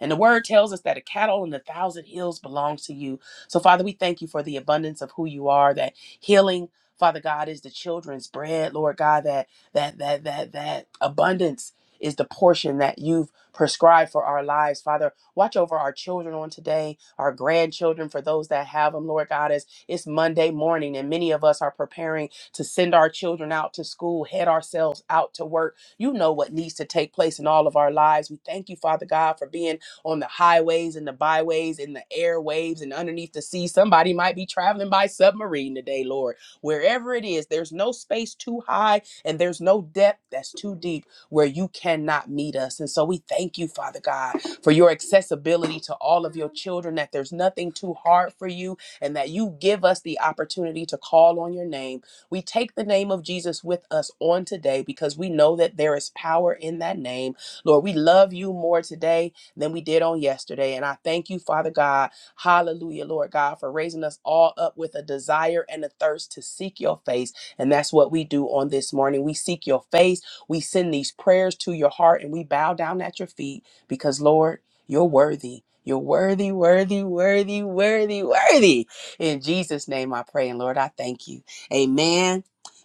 And the word tells us that a cattle on a thousand hills belongs to you. So, Father, we thank you for the abundance of who you are, that healing, Father God, is the children's bread, Lord God, that that that that that abundance is the portion that you've prescribed for our lives. Father, watch over our children on today, our grandchildren, for those that have them, Lord God, as it's Monday morning and many of us are preparing to send our children out to school, head ourselves out to work. You know what needs to take place in all of our lives. We thank you, Father God, for being on the highways and the byways and the airwaves and underneath the sea. Somebody might be traveling by submarine today, Lord. Wherever it is, there's no space too high and there's no depth that's too deep where you cannot meet us. And so we thank you, Father God, for your accessibility to all of your children, that there's nothing too hard for you and that you give us the opportunity to call on your name. We take the name of Jesus with us on today because we know that there is power in that name. Lord, we love you more today than we did on yesterday. And I thank you, Father God. Hallelujah, Lord God, for raising us all up with a desire and a thirst to seek your face. And that's what we do on this morning. We seek your face. We send these prayers to your heart and we bow down at your feet because, Lord, you're worthy. You're worthy, worthy, worthy, worthy, worthy. In Jesus' name I pray. And Lord, I thank you. Amen.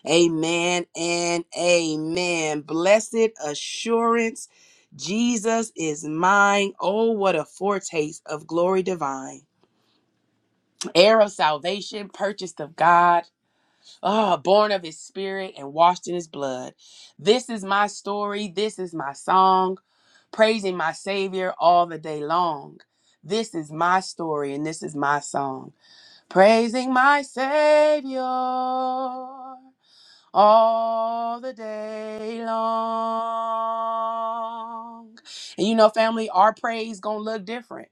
Amen and amen. Blessed assurance. Jesus is mine. Oh, what a foretaste of glory divine. Heir of salvation, purchased of God, ah, born of his spirit and washed in his blood. This is my story. This is my song, praising my Savior all the day long. This is my story and this is my song, praising my Savior all the day long. And you know, family, our praise gonna look different,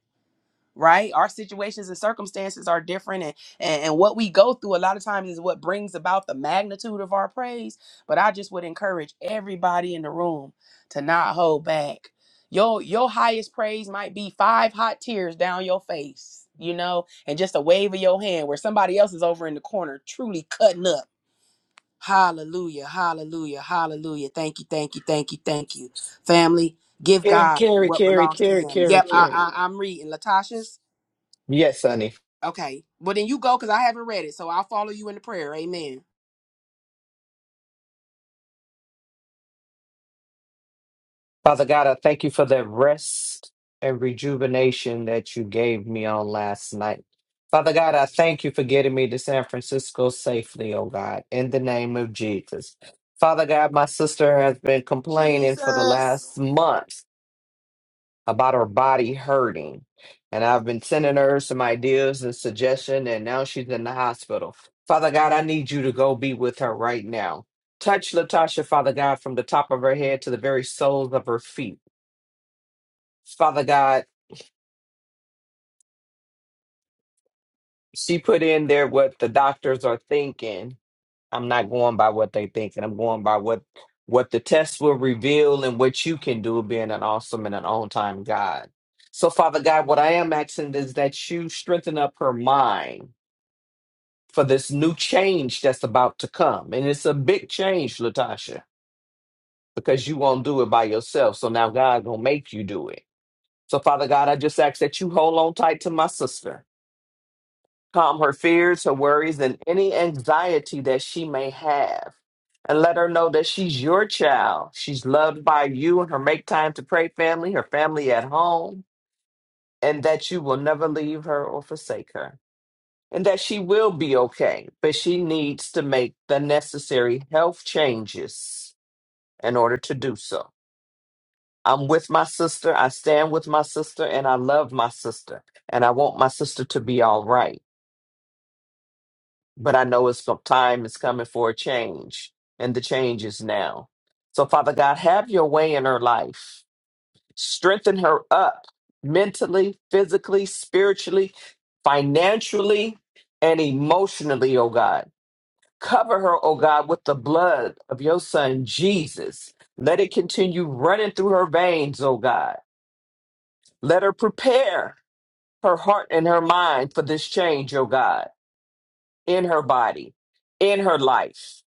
right? Our situations and circumstances are different, and, and and what we go through a lot of times is what brings about the magnitude of our praise. But I just would encourage everybody in the room to not hold back. Your your highest praise might be five hot tears down your face, you know, and just a wave of your hand where somebody else is over in the corner truly cutting up Hallelujah, hallelujah, hallelujah. Thank you, thank you, thank you, thank you. Family, give
Carry,
God
carry,
what
carry,
belongs to
carry,
him.
carry.
Yep, I,
Carrie.
I, I'm reading. Latasha's?
Yes, honey.
Okay. Well, then you go because I haven't read it. So I'll follow you in the prayer. Amen.
Father God, I thank you for that rest and rejuvenation that you gave me on last night. Father God, I thank you for getting me to San Francisco safely, oh God, in the name of Jesus. Father God, my sister has been complaining for the
Jesus.
last month about her body hurting. And I've been sending her some ideas and suggestion, and now she's in the hospital. Father God, I need you to go be with her right now. Touch Latasha, Father God, from the top of her head to the very soles of her feet. Father God, she put in there what the doctors are thinking. I'm not going by what they think, and I'm going by what what the tests will reveal and what you can do being an awesome and an on-time God. So, Father God, what I am asking is that you strengthen up her mind for this new change that's about to come. And it's a big change, Latasha, because you won't do it by yourself. So now God gonna make you do it. So Father God, I just ask that you hold on tight to my sister. Calm her fears, her worries, and any anxiety that she may have. And let her know that she's your child. She's loved by you and her make time to pray family, her family at home, and that you will never leave her or forsake her. and that she will be okay, but she needs to make the necessary health changes in order to do so. I'm with my sister. I stand with my sister and I love my sister and I want my sister to be all right. But I know it's co- time is coming for a change and the change is now. So Father God, have your way in her life. Strengthen her up mentally, physically, spiritually, financially, and emotionally, oh God Cover her, oh God, with the blood of your son Jesus. Let it continue running through her veins, oh God. Let her prepare her heart and her mind for this change, oh God, in her body, in her life,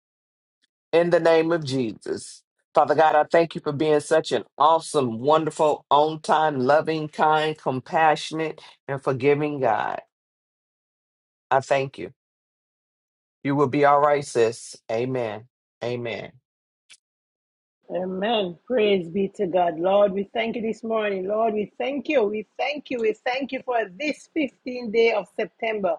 in the name of Jesus. Father God, I thank you for being such an awesome, wonderful, on time, loving, kind, compassionate, and forgiving God. I thank you. You will be all right, sis. Amen. Amen.
Amen. Praise be to God. Lord, we thank you this morning. Lord, we thank you. We thank you. We thank you for this 15th day of September.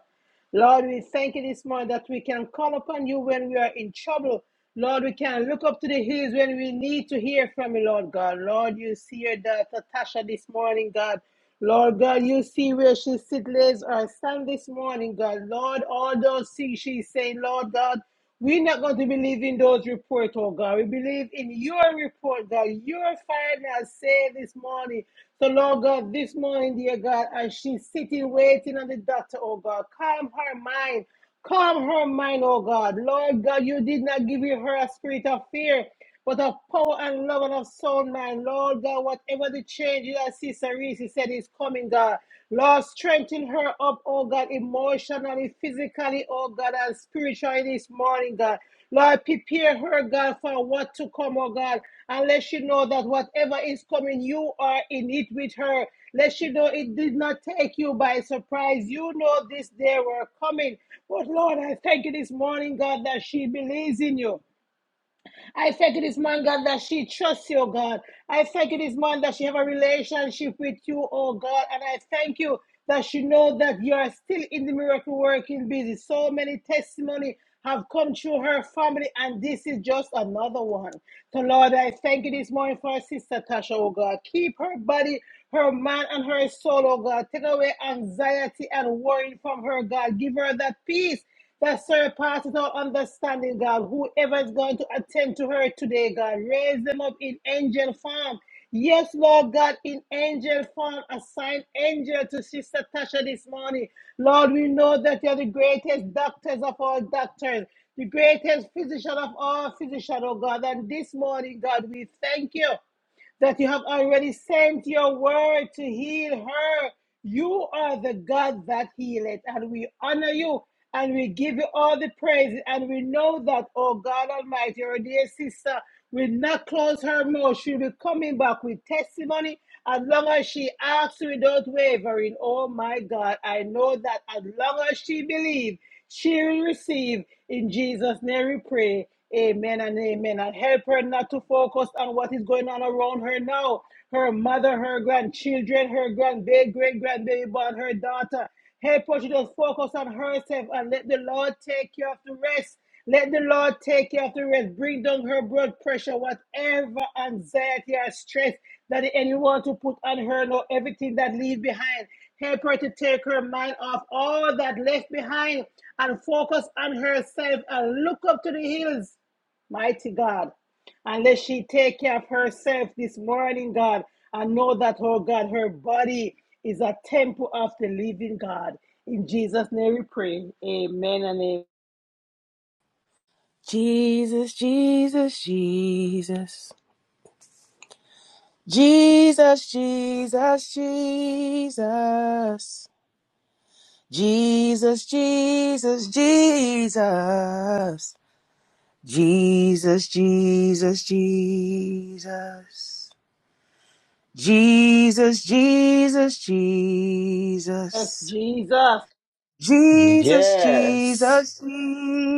Lord, we thank you this morning that we can call upon you when we are in trouble. Lord, we can look up to the hills when we need to hear from you, Lord God. Lord, you see your daughter Tasha this morning, God. Lord God, you see where she sits lays or stands this morning, God. Lord, all those things she's saying, Lord God. We're not going to believe in those reports, oh God. We believe in your report, God. Your final say this morning. So, Lord God, this morning, dear God, as she's sitting waiting on the doctor, oh God, calm her mind. Calm her mind, oh God. Lord God, you did not give her a spirit of fear but of power and love and of sound, my Lord God. Whatever the change is, as Sister Reese said is coming, God. Lord, strengthen her up, oh God, emotionally, physically, oh God, and spiritually this morning, God. Lord, prepare her, God, for what to come, oh God. And let she know that whatever is coming, you are in it with her. Let she know it did not take you by surprise. You know this day were coming. But Lord, I thank you this morning, God, that she believes in you. I thank you this morning, God, that she trusts you, oh God. I thank you this morning that she have a relationship with you, oh God. And I thank you that she know that you are still in the miracle working busy. So many testimony have come through her family, and this is just another one. So, Lord, I thank you this morning for our sister Tasha, oh God. Keep her body, her mind, and her soul, oh God. Take away anxiety and worry from her, God. Give her that peace that surpasses our understanding, God. Whoever is going to attend to her today, God, raise them up in angel form. Yes, Lord God, in angel form, assign angel to Sister Tasha this morning. Lord, we know that you're the greatest doctors of all doctors, the greatest physician of all physicians, oh God. And this morning, God, we thank you that you have already sent your word to heal her. You are the God that healeth, and we honor you and we give you all the praise. And we know that, oh God Almighty, our dear sister will not close her mouth. She'll be coming back with testimony as long as she asks without wavering. Oh my God, I know that as long as she believes, Share and receive. In Jesus' name we pray. Amen and amen. And help her not to focus on what is going on around her now. Her mother, her grandchildren, her grandbaby, great grandbaby, born her daughter. Help her to just focus on herself and let the Lord take care of the rest. Let the Lord take you off the rest. Bring down her blood pressure, whatever anxiety or stress that the enemy want to put on her, know everything that leave behind. Help her to take her mind off all that left behind and focus on herself and look up to the hills. Mighty God, And let she take care of herself this morning, God, and know that, oh God, her body is a temple of the living God. In Jesus' name we pray. Amen and amen.
Jesus, Jesus, Jesus. Jesus, Jesus, Jesus. Jesus, Jesus, Jesus. Jesus, Jesus, Jesus. Jesus, Jesus,
Yes,
Jesus.
Jesus.
Jesus,
Yes.
Jesus,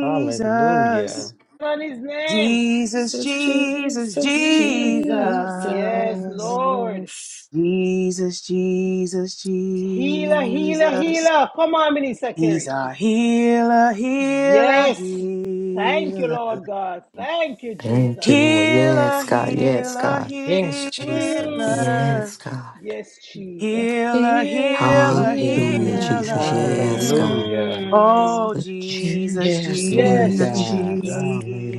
Hallelujah.
On his name.
Jesus,
Jesus,
Jesus,
Jesus,
Jesus.
Jesus.
Yes,
Jesus.
Lord.
Jesus, Jesus,
Healer, healer,
Jesus.
healer. Come on, Minister
He's
Kerry.
our healer, healer,
Yes. Thank
healer.
you, Lord God. Thank you,
Thank
Jesus.
you, Lord.
Healer,
Yes, God. Yes,
healer,
God.
Yes, Jesus.
Mm.
healer.
Yes, God.
Yes, Jesus.
Healer,
Healer,
healer,
Hallelujah,
Mm.
healer.
Jesus. Yes,
healer.
God.
Hallelujah.
Mm.
Oh, Jesus,
Jesus,
Yes, Lord
Yes,
Jesus,
Jesus,
God.
Jesus.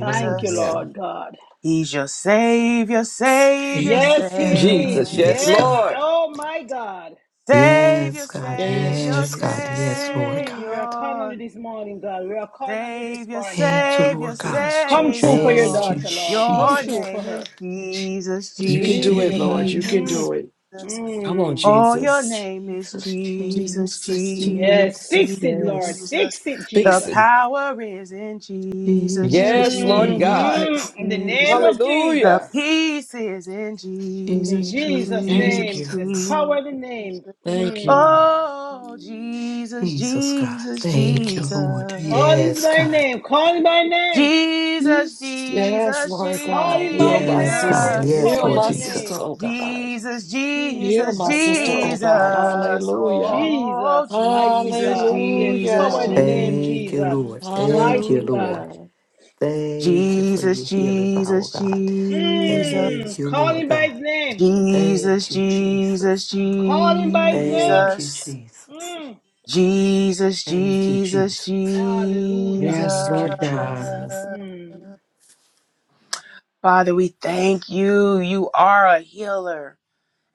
Thank you, Lord God.
He's your Savior, Savior,
Yes, He
Savior.
is.
Jesus.
Savior.
Yes,
Yes,
Yes,
God.
Lord.
oh my God.
Savior,
Yes, God.
Yes,
Savior,
Yes, God.
Jesus.
Yes, Lord
Mm, we are
God.
calling on
Savior.
you this morning, God. We are calling on you this
Savior,
morning.
Thank you,
Savior,
Lord God.
Yes,
Come true for your
Jesus.
Thank
Savior.
you,
daughter, Lord. Come
Your
Jesus.
true for
name
her.
is Jesus,
She
Jesus,
You can
believes
do
in
Jesus,
it,
you,
Lord.
God.
You can
Jesus.
Mm,
do it.
Jesus.
Come on,
mm.
Oh, your
Jesus.
name is
Jesus,
Jesus,
Jesus,
Jesus,
Jesus,
Yes,
Jesus.
Jesus.
fix it, Lord.
Yes.
Jesus.
Fix it,
The
Fix it,
Jesus.
power is in
hmm
Jesus,
Jesus,
Yes, Lord
Jesus,
God.
Jesus.
In the name
Jesus.
of
The
Jesus.
Hallelujah.
peace is in
In the
Jesus,
Jesus,
Jesus'
Thank
Jesus,
name.
you.
There's
Jesus,
power in the
Jesus.
name.
Thank
Mm.
you.
Oh, Jesus,
Jesus, God.
Jesus,
Thank you, Lord.
Jesus.
Call is
Yes,
my
God.
name. Call him by name.
Jesus,
Yes, yes,
Jesus,
Lord
Call
God.
him by
Heal
his
my
Yes,
name.
sister.
God.
There's
Jesus.
Yes,
power
Heal
Lord
in
my
the
sister,
Jesus.
name.
oh God.
Jesus,
Heal
Jesus,
Jesus,
my
have
sister, oh
mercy,
God.
God.
Jesus.
Hallelujah.
Oh,
Jesus, mighty
Jesus,
God. There's
Jesus,
power in the
Hallelujah.
name,
Thank you,
Jesus.
Lord.
Jesus.
Thank you,
Mighty God.
Lord.
Hallelujah.
Thank you for
Jesus,
your healing power,
Jesus,
God.
Jesus.
Mm,
Thank you,
call
Lord
him by
God.
his name.
Jesus,
Thank you, Jesus.
Jesus,
Call him by his name.
Thank you,
Jesus.
Jesus.
Mm,
Jesus,
Thank you,
Jesus,
Jesus.
Jesus.
hallelujah.
Yes,
Thank you,
Lord God.
Jesus.
Mm,
Father, we thank you. You are a healer.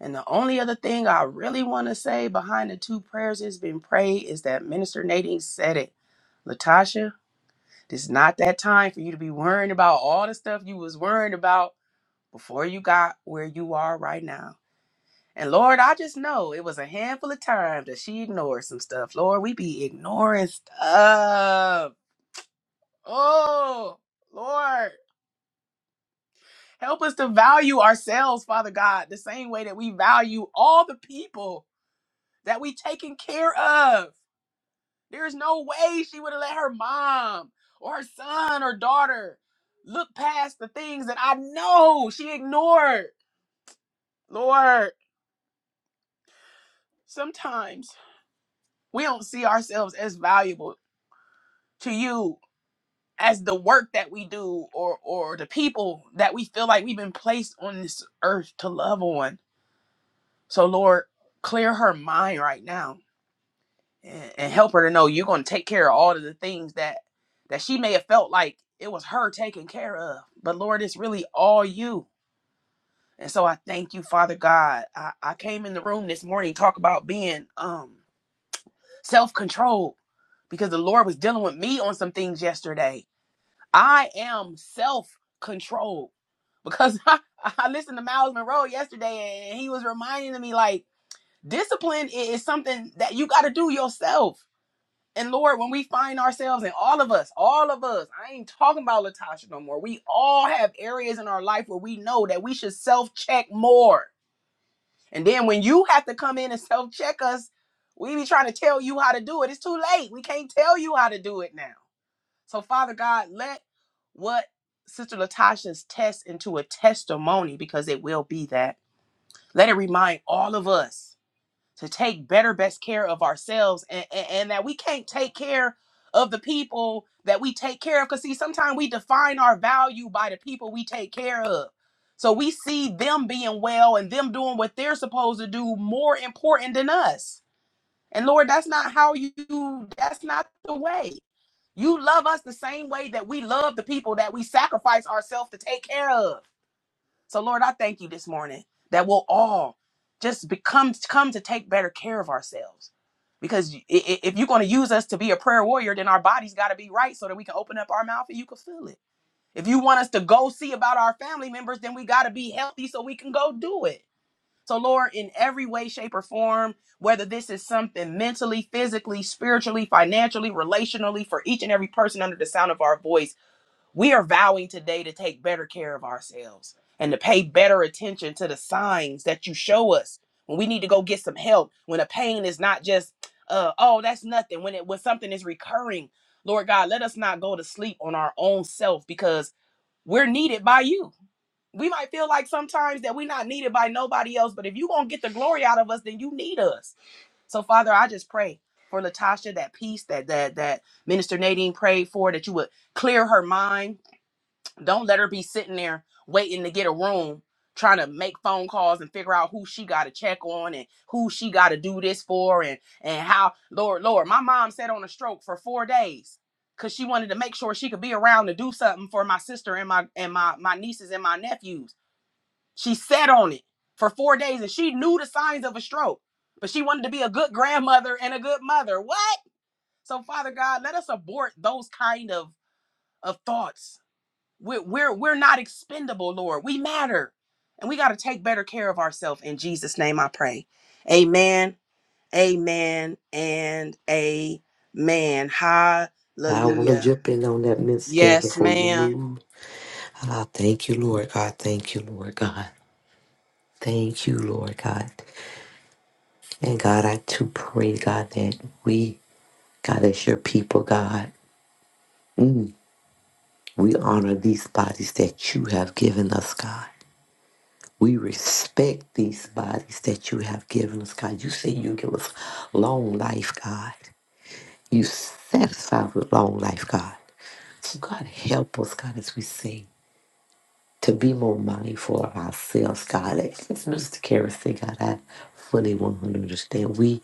And the only other thing I really want to say behind the two prayers that's been prayed is that Minister Nadine said it. Latasha, this is not that time for you to be worrying about all the stuff you was worrying about before you got where you are right now. And Lord, I just know it was a handful of times that she ignored some stuff. Lord, we be ignoring stuff. Oh, Lord, help us to value ourselves, Father God, the same way that we value all the people that we taken care of. There's no way she would have let her mom or her son or daughter look past the things that I know she ignored. Lord, sometimes we don't see ourselves as valuable to you as the work that we do or or the people that we feel like we've been placed on this earth to love on. So Lord, clear her mind right now and, and help her to know you're going to take care of all of the things that that she may have felt like it was her taking care of but lord it's really all you and so i thank you father god i, I came in the room this morning talk about being um self-controlled because the lord was dealing with me on some things yesterday i am self-controlled because (laughs) I, I listened to miles monroe yesterday and he was reminding me like discipline is something that you got to do yourself And Lord, when we find ourselves and all of us, all of us, I ain't talking about Latasha no more. We all have areas in our life where we know that we should self check more. And then when you have to come in and self check us, we be trying to tell you how to do it. It's too late. We can't tell you how to do it now. So, Father God, let what Sister Latasha's test into a testimony because it will be that. Let it remind all of us to take better best care of ourselves and, and, and that we can't take care of the people that we take care of because see sometimes we define our value by the people we take care of so we see them being well and them doing what they're supposed to do more important than us and lord that's not how you that's not the way you love us the same way that we love the people that we sacrifice ourselves to take care of so, Lord, I thank you this morning that we'll all just become come to take better care of ourselves. Because i- i- if you're going to use us to be a prayer warrior, then our bodies got to be right so that we can open up our mouth and you can feel it. If you want us to go see about our family members, then we got to be healthy so we can go do it. So, Lord, in every way, shape, or form, whether this is something mentally, physically, spiritually, financially, relationally, for each and every person under the sound of our voice, we are vowing today to take better care of ourselves and to pay better attention to the signs that you show us when we need to go get some help, when a pain is not just, uh, oh, that's nothing, when it when something is recurring. Lord God, let us not go to sleep on our own self because we're needed by you. We might feel like sometimes that we're not needed by nobody else, but if you're gonna get the glory out of us, then you need us. So, Father, I just pray for Latasha, that peace that that that Minister Nadine prayed for, that you would clear her mind don't let her be sitting there waiting to get a room, trying to make phone calls and figure out who she got to check on and who she got to do this for and and how. Lord, Lord, my mom sat on a stroke for four days because she wanted to make sure she could be around to do something for my sister and my and my my nieces and my nephews. She sat on it for four days and she knew the signs of a stroke, but she wanted to be a good grandmother and a good mother. What? So Father God, let us abort those kind of of thoughts we're we're we're not expendable, Lord. We matter. And we got to take better care of ourselves. In Jesus' name I pray. Amen. Amen and amen.
I want to
Hallelujah.
jump in on that miscarriage
Yes,
before you
ma'am.
move. And I thank you, Lord God. Thank you, Lord God. Thank you, Lord God. And God, I to pray, God, that we, God, as your people, God, mm, we honor these bodies that you have given us, God. We respect these bodies that you have given us, God. You say you give us long life, God. You satisfy with long life, God. So, God, help us, God, as we sing, to be more mindful of ourselves, God. As Mr. Kara said, God, I fully 100 understand. We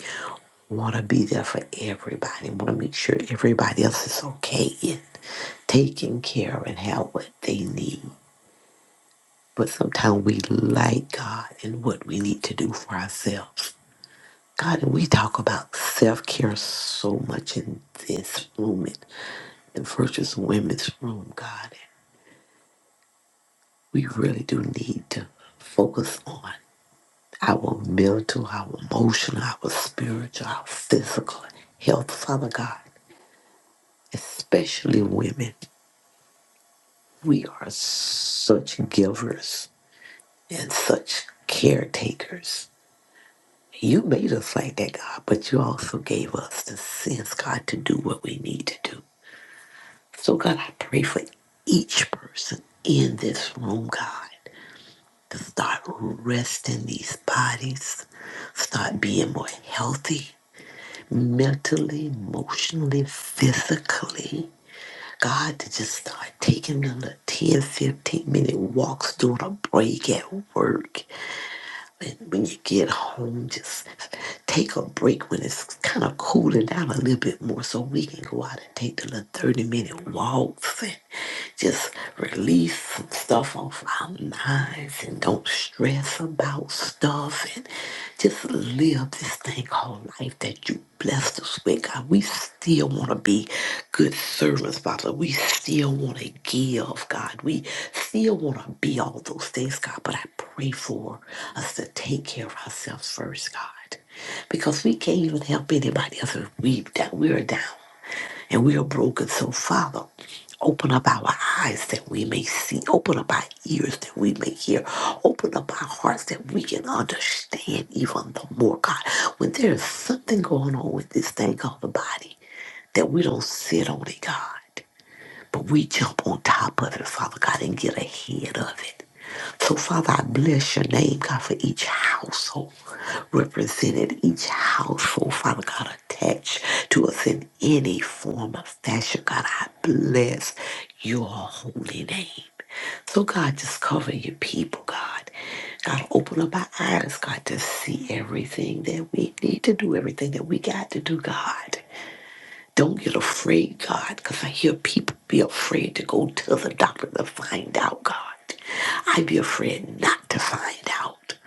want to be there for everybody, want to make sure everybody else is okay and taking care of and have what they need. But sometimes we like God and what we need to do for ourselves. God, and we talk about self care so much in this room and in Virtuous Women's Room, God. We really do need to focus on our mental, our emotional, our spiritual, our physical health, Father God, especially women. We are such givers and such caretakers. You made us like that, God, but you also gave us the sense, God, to do what we need to do. So, God, I pray for each person in this room, God, to start resting these bodies, start being more healthy mentally, emotionally, physically. God, to just start taking them a 10, 15 minute walks, doing a break at work, And when you get home, just take a break when it's kind of cooling down a little bit more so we can go out and take the little 30 minute walks and just release some stuff off our minds and don't stress about stuff and just live this thing called our life that you blessed us with, God. We still want to be good servants, Father. We still want to give, God. We still want to be all those things, God. But I pray for us to take care of ourselves first, God. Because we can't even help anybody else if we that we're down and we are broken. So, Father, open up our eyes that we may see, open up our ears that we may hear, open up our hearts that we can understand even the more, God. When there is something going on with this thing called the body, that we don't sit on it, God. But we jump on top of it, Father God, and get ahead of it. So, Father, I bless your name, God, for each household represented, each household, Father God, attached to us in any form or fashion. God, I bless your holy name. So, God, just cover your people, God. God, open up our eyes, God, to see everything that we need to do, everything that we got to do, God. Don't get afraid, God, because I hear people be afraid to go to the doctor to find out, God. I be afraid not to find out.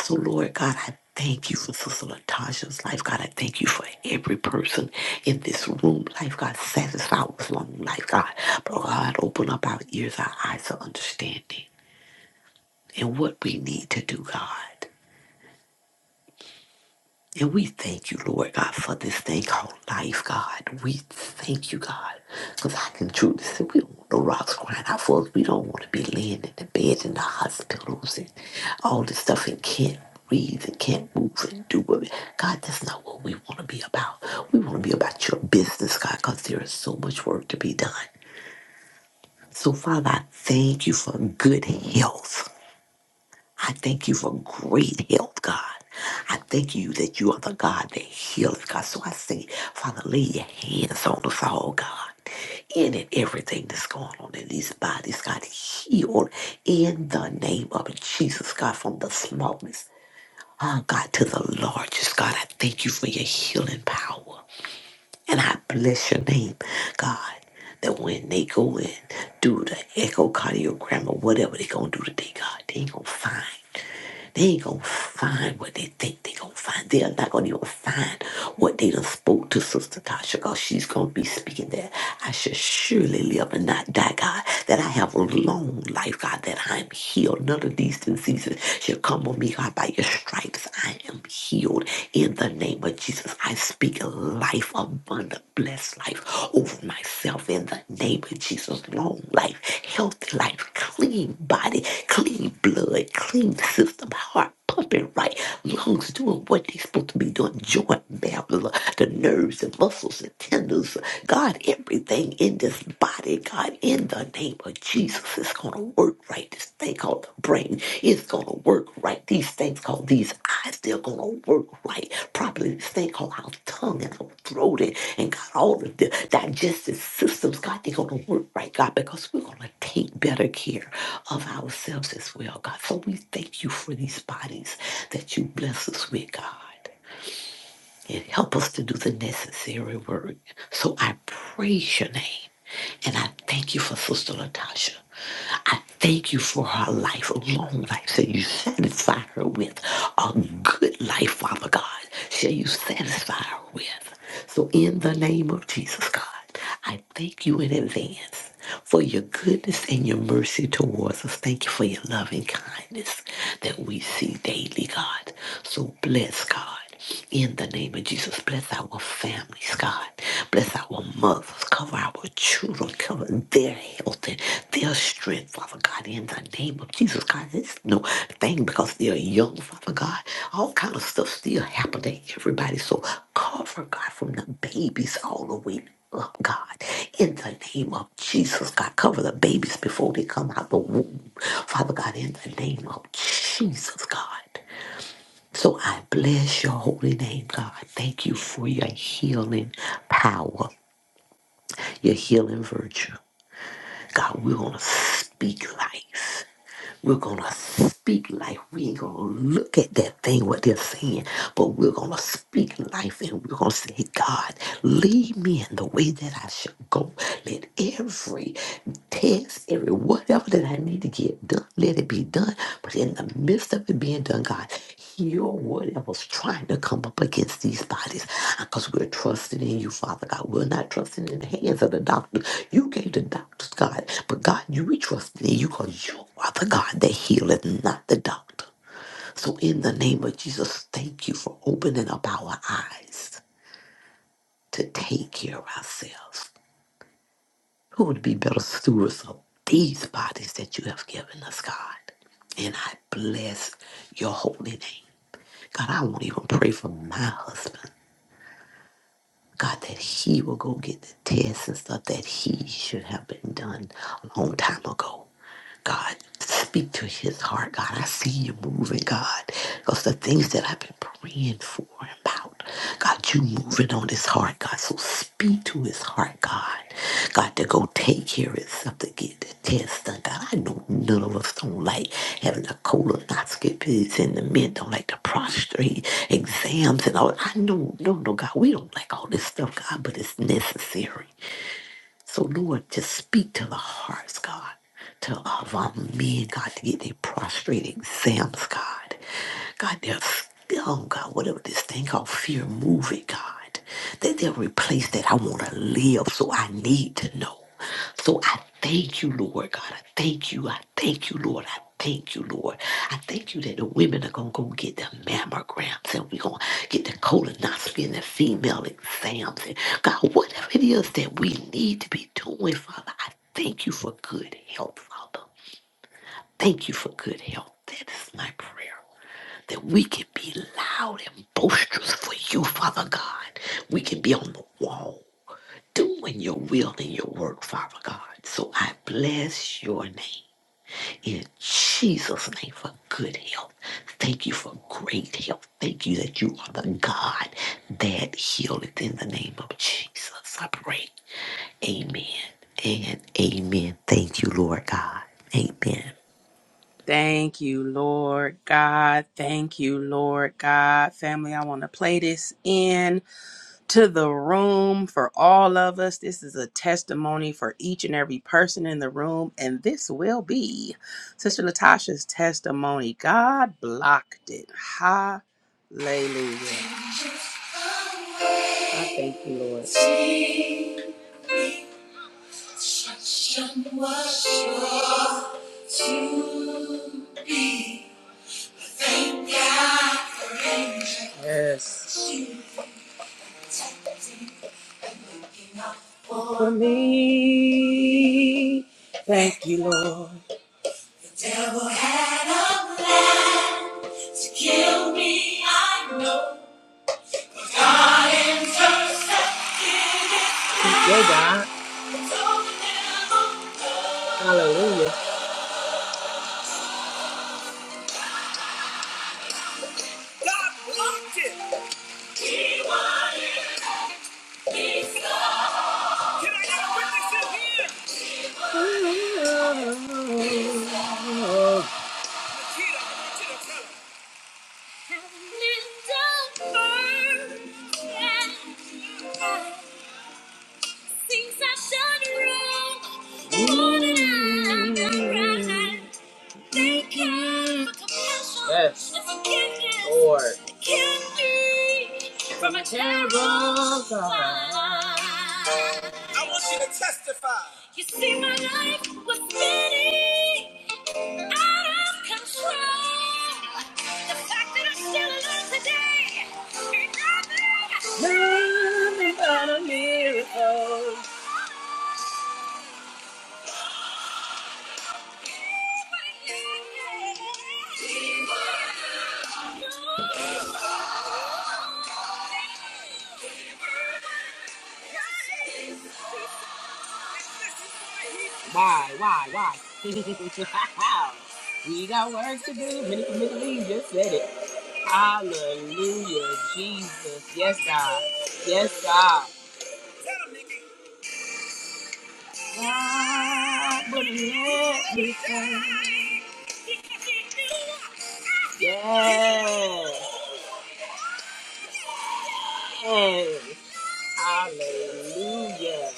So, Lord God, I thank you for Sister Latasha's life, God. I thank you for every person in this room, life, God. satisfy with long life, God. But, God, open up our ears, our eyes of understanding, and what we need to do, God. And we thank you, Lord God, for this thing called life, God. We thank you, God, because I can truly say we don't want the rocks crying out for us. We don't want to be laying in the bed in the hospitals and all this stuff and can't breathe and can't move and do what. we- God, that's not what we want to be about. We want to be about your business, God, because there is so much work to be done. So, Father, I thank you for good health. I thank you for great health, God. I thank you that you are the God that healeth, God. So I say, Father, lay your hands on us all, God. In and everything that's going on in these bodies, God, heal in the name of Jesus, God, from the smallest, ah, God, to the largest, God. I thank you for your healing power. And I bless your name, God, that when they go in, do the echocardiogram or whatever they going to do today, God, they ain't going to find. They ain't gonna find what they think they gonna find. They're not gonna even find what they done spoke to Sister Tasha, cause she's gonna be speaking that I should surely live and not die, God. That I have a long life, God. That I'm healed. None of these diseases shall come on me, God. By your stripes, I am healed. In the name of Jesus, I speak life abundant upon blessed life over myself in the name of Jesus. Long life, healthy life, clean body, clean blood, clean system, heart pumping right, lungs doing what they supposed to be doing, joint medulla, the nerves and muscles and tendons, God, everything in this body, God, in the name of Jesus is going to work work right. This thing called the brain is gonna work right. These things called these eyes, they're gonna work right. Probably this thing called our tongue and our throat and, and God, all of the digestive systems, God, they're gonna work right, God, because we're gonna take better care of ourselves as well, God. So we thank you for these bodies that you bless us with, God. And help us to do the necessary work. So I praise your name. And I thank you for Sister Latasha. I thank you for her life, a long life Shall you satisfy her with, a good life, Father God, shall you satisfy her with. So in the name of Jesus, God, I thank you in advance for your goodness and your mercy towards us. Thank you for your loving kindness that we see daily, God. So bless, God. In the name of Jesus, bless our families, God. Bless our mothers. Cover our children. Cover their health and their strength, Father God. In the name of Jesus, God, it's no thing because they're young, Father God. All kind of stuff still happening to everybody. So cover, God, from the babies all the way up, God. In the name of Jesus, God, cover the babies before they come out the womb. Father God, in the name of Jesus, God. So I bless your holy name, God. Thank you for your healing power, your healing virtue. God, we're going to speak life. We're going to speak life. We ain't going to look at that thing, what they're saying, but we're going to speak life and we're going to say, God, lead me in the way that I should go. Let every test, every whatever that I need to get done, let it be done. But in the midst of it being done, God, your word that was trying to come up against these bodies because we're trusting in you, Father God. We're not trusting in the hands of the doctor. You gave the doctors, God, but God, you we trust in you because you are the God that healeth, not the doctor. So in the name of Jesus, thank you for opening up our eyes to take care of ourselves. Who would be better stewards of these bodies that you have given us, God? And I bless your holy name. God, I won't even pray for my husband. God, that he will go get the tests and stuff that he should have been done a long time ago. God, speak to his heart. God, I see you moving, God. Because the things that I've been praying for and about, God, you moving on his heart, God. So speak speak to his heart, God. God, to go take care of something, get the test done. God, I know none of us don't like having a colonoscopy pigs in the men don't like the prostrate exams and all. I know, no, no, God, we don't like all this stuff, God, but it's necessary. So, Lord, just speak to the hearts, God, to of our men, God, to get their prostrate exams, God. God, they're still, God, whatever this thing called fear, move it, God. That they'll replace that. I want to live, so I need to know. So I thank you, Lord God. I thank you. I thank you, Lord. I Thank you, Lord. I thank you that the women are going to go get their mammograms and we're going to get the colonoscopy and the female exams. And God, whatever it is that we need to be doing, Father, I thank you for good health, Father. Thank you for good health. That is my prayer. That we can be loud and boisterous for you, Father God. We can be on the wall doing your will and your work, Father God. So I bless your name in Jesus' name for good health. Thank you for great health. Thank you that you are the God that healeth in the name of Jesus. I pray. Amen and amen. Thank you, Lord God. Amen.
Thank you, Lord God. Thank you, Lord God. Family, I want to play this in. to the room for all of us. This is a testimony for each and every person in the room, and this will be Sister Latasha's testimony. God blocked it. Hallelujah. I thank you, Lord. Yes. For me. Thank you, Lord. Devil had a plan to kill me, I know. Yay, God. Hallelujah. Things I've done wrong, more than I've done right. Yes. Lord. From a terrible God. I want you to testify. You see, my life was spinning out of control. The fact that I'm still alive today ain't nothing. Nothing but a miracle. Keep on, yeah, yeah. Keep on. Why, why, why? (laughs) we got work to do. Minister Lee just said it. Hallelujah, Jesus. Yes, God. Yes, God. God would let me down. Yes. Yes. Hey, Hallelujah.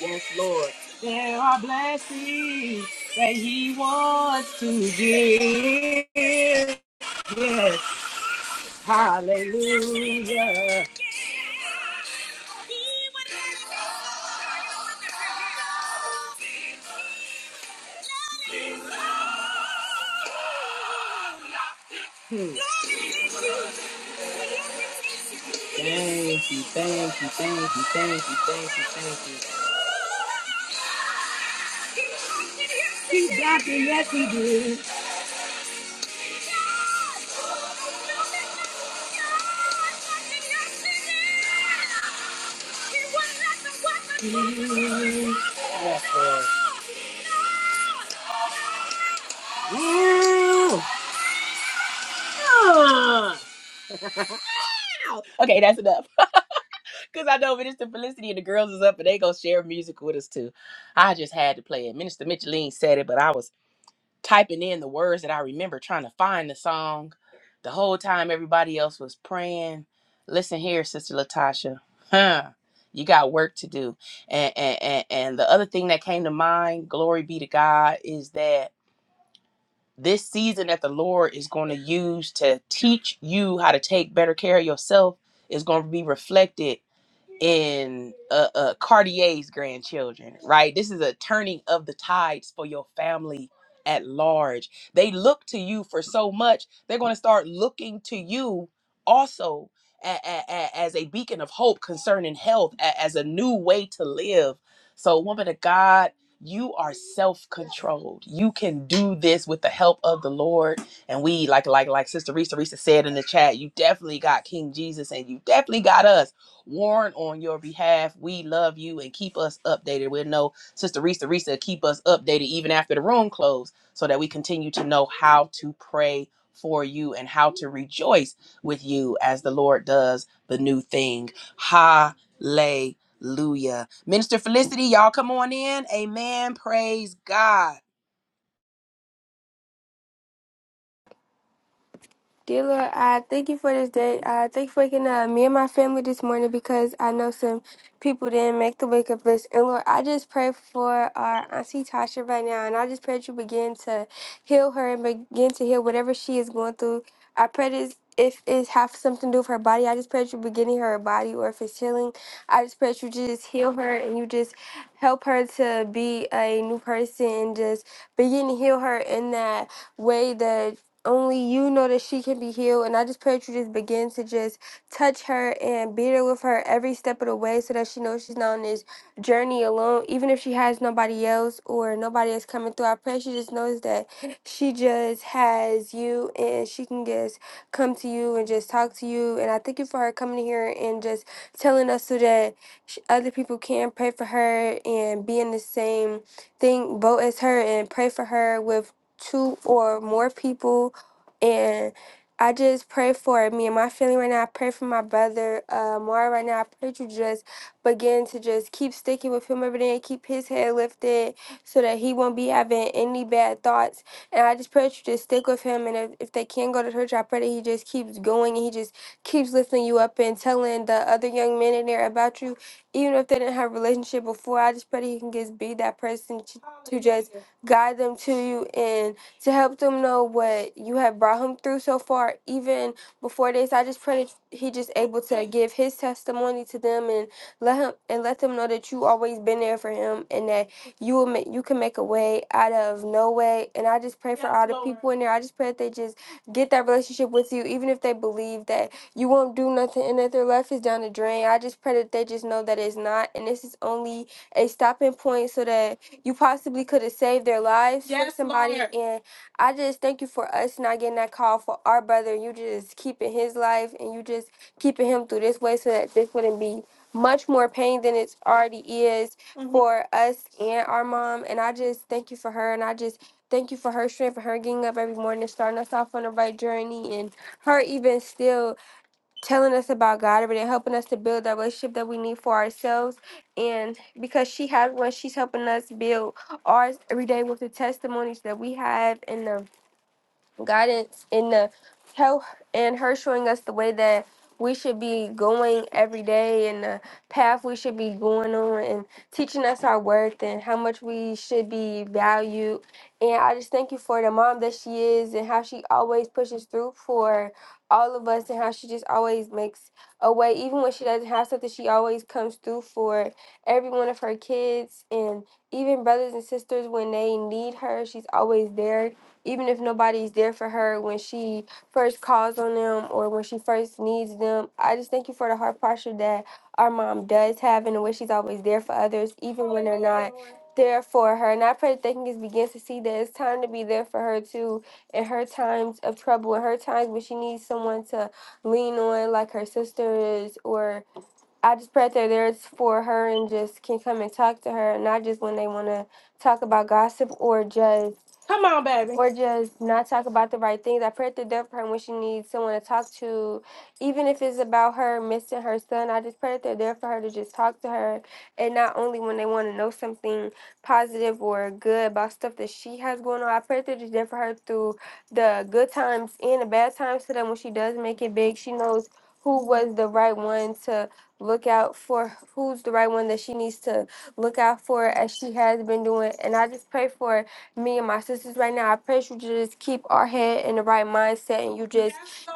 Yes, Lord. There are blessings that He wants to give. Yes. Hallelujah. Thank you. Thank you. Thank you. Okay, that's enough. Cause I know Minister Felicity and the girls is up and they gonna share music with us too. I just had to play it. Minister Micheline said it, but I was typing in the words that I remember trying to find the song. The whole time everybody else was praying. Listen here, Sister Latasha. Huh. You got work to do. And and, and and the other thing that came to mind, glory be to God, is that this season that the Lord is going to use to teach you how to take better care of yourself is going to be reflected in uh, uh, Cartier's grandchildren, right? This is a turning of the tides for your family at large. They look to you for so much, they're going to start looking to you also a- a- a- as a beacon of hope concerning health, a- as a new way to live. So, woman of God, you are self-controlled. You can do this with the help of the Lord. And we, like, like, like Sister Risa Risa said in the chat, you definitely got King Jesus and you definitely got us warn on your behalf. We love you and keep us updated. We'll know Sister Risa Risa keep us updated even after the room closed so that we continue to know how to pray for you and how to rejoice with you as the Lord does the new thing. Hallelujah. Minister Felicity, y'all come on in. Amen. Praise God.
Dear Lord, I thank you for this day. I thank you for waking up me and my family this morning because I know some people didn't make the wake up list. And Lord, I just pray for our Auntie Tasha right now. And I just pray that you begin to heal her and begin to heal whatever she is going through. I pray this. If it has something to do with her body, I just pray that you beginning her body, or if it's healing, I just pray that you just heal her and you just help her to be a new person and just begin to heal her in that way that only you know that she can be healed. And I just pray that you just begin to just touch her and be there with her every step of the way so that she knows she's not on this journey alone. Even if she has nobody else or nobody is coming through, I pray she just knows that she just has you and she can just come to you and just talk to you. And I thank you for her coming here and just telling us so that sh- other people can pray for her and be in the same thing, boat as her and pray for her with two or more people and I just pray for me and my family right now. I pray for my brother, uh, Mara right now. I pray to just begin to just keep sticking with him every day and keep his head lifted so that he won't be having any bad thoughts. And I just pray that you just stick with him. And if, if they can go to church, I pray that he just keeps going and he just keeps lifting you up and telling the other young men in there about you. Even if they didn't have a relationship before, I just pray that he can just be that person to, to just guide them to you. and to help them know what you have brought him through so far. Even before this, I just pray that he just able to give his testimony to them and let him and let them know that you always been there for him and that you will make you can make a way out of no way. And I just pray for all the people in there. I just pray that they just get that relationship with you, even if they believe that you won't do nothing and that their life is down the drain. I just pray that they just know that it's not, and this is only a stopping point so that you possibly could have saved their lives for Yes, somebody. Lord. and. I just thank you for us not getting that call for our brother. You just keeping his life and you just keeping him through this way so that this wouldn't be much more pain than it already is hmm for us and our mom. And I just thank you for her and I just thank you for her strength and her getting up every morning and starting us off on the right journey and her even still telling us about God every day, helping us to build that relationship that we need for ourselves. And because she has one, she's helping us build ours every day with the testimonies that we have and the guidance in the help and her showing us the way that we should be going every day and the path we should be going on and teaching us our worth and how much we should be valued. And I just thank you for the mom that she is and how she always pushes through for all of us and how she just always makes a way. Even when she doesn't have something, she always comes through for every one of her kids and even brothers and sisters when they need her, she's always there even if nobody's there for her when she first calls on them or when she first needs them. I just thank you for the heart posture that our mom does have and the way she's always there for others, even when they're not there for her. And I pray that they can just begin to see that it's time to be there for her too in her times of trouble, in her times when she needs someone to lean on, like her sisters or I just pray that there is for her and just can come and talk to her, not just when they want to talk about gossip or just Come on, baby. or just not talk about the right things. I pray that they're there for her when she needs someone to talk to, even if it's about her missing her son. I just pray that they're there for her to just talk to her, and not only when they want to know something positive or good about stuff that she has going on. I pray that they're just there for her through the good times and the bad times, so that when she does make it big, she knows who was the right one to look out for who's the right one that she needs to look out for as she has been doing. And I just pray for me and my sisters right now. I pray you just keep our head in the right mindset and you just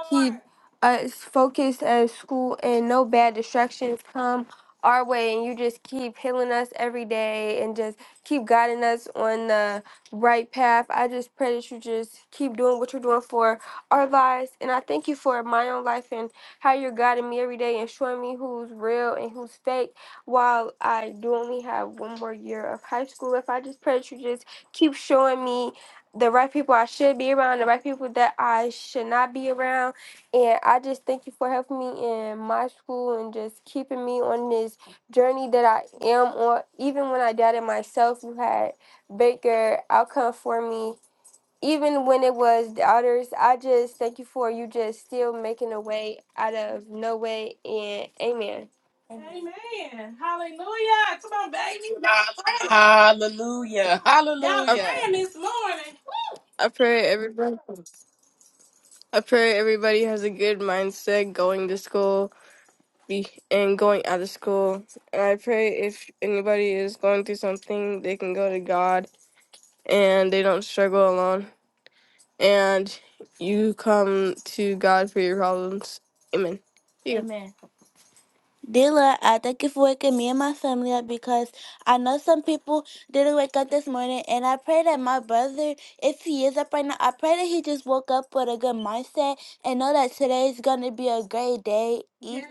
keep us focused at school and no bad distractions come our way and you just keep healing us every day and just keep guiding us on the right path. I just pray that you just keep doing what you're doing for our lives and I thank you for my own life and how you're guiding me every day and showing me who's real and who's fake. While I do only have one more year of high school, if I just pray that you just keep showing me the right people I should be around, the right people that I should not be around. And I just thank you for helping me in my school and just keeping me on this journey that I am on. Even when I doubted myself, you had bigger outcome for me even when it was the others, I just thank you for you just still making a way out of no way. And amen. Amen. Hallelujah. Come on, baby. Y'all praying,
Hallelujah.
y'all I,
Hallelujah.
praying this morning. I pray everybody. I pray everybody has a good mindset going to school be, and going out of school. And I pray if anybody is going through something, they can go to God and they don't struggle alone. and you come to God for your problems. Amen. Amen. Dila, I thank you for waking me and my family up because I know some people didn't wake up this morning, and I pray that my brother, if he is up right now, I pray that he just woke up with a good mindset and know that today is gonna be a great day, even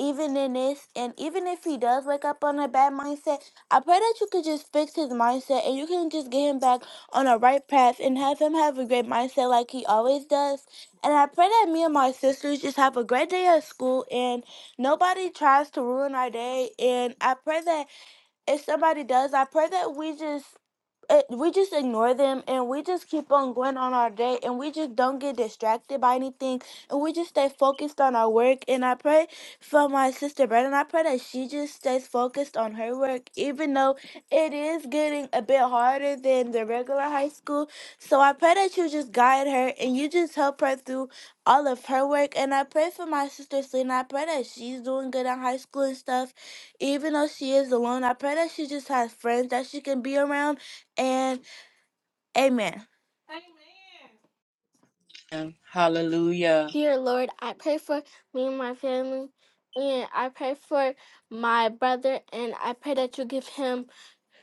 even in this, and even if he does wake up on a bad mindset, I pray that you could just fix his mindset and you can just get him back on a right path and have him have a great mindset like he always does. And I pray that me and my sisters just have a great day at school and nobody tries to ruin our day and i pray that if somebody does i pray that we just it, we just ignore them and we just keep on going on our day and we just don't get distracted by anything and we just stay focused on our work and i pray for my sister brandon i pray that she just stays focused on her work even though it is getting a bit harder than the regular high school so i pray that you just guide her and you just help her through all of her work and i pray for my sister selena i pray that she's doing good in high school and stuff even though she is alone i pray that she just has friends that she can be around and amen. Amen.
Hallelujah.
Dear Lord, I pray for me and my family, and I pray for my brother, and I pray that you give him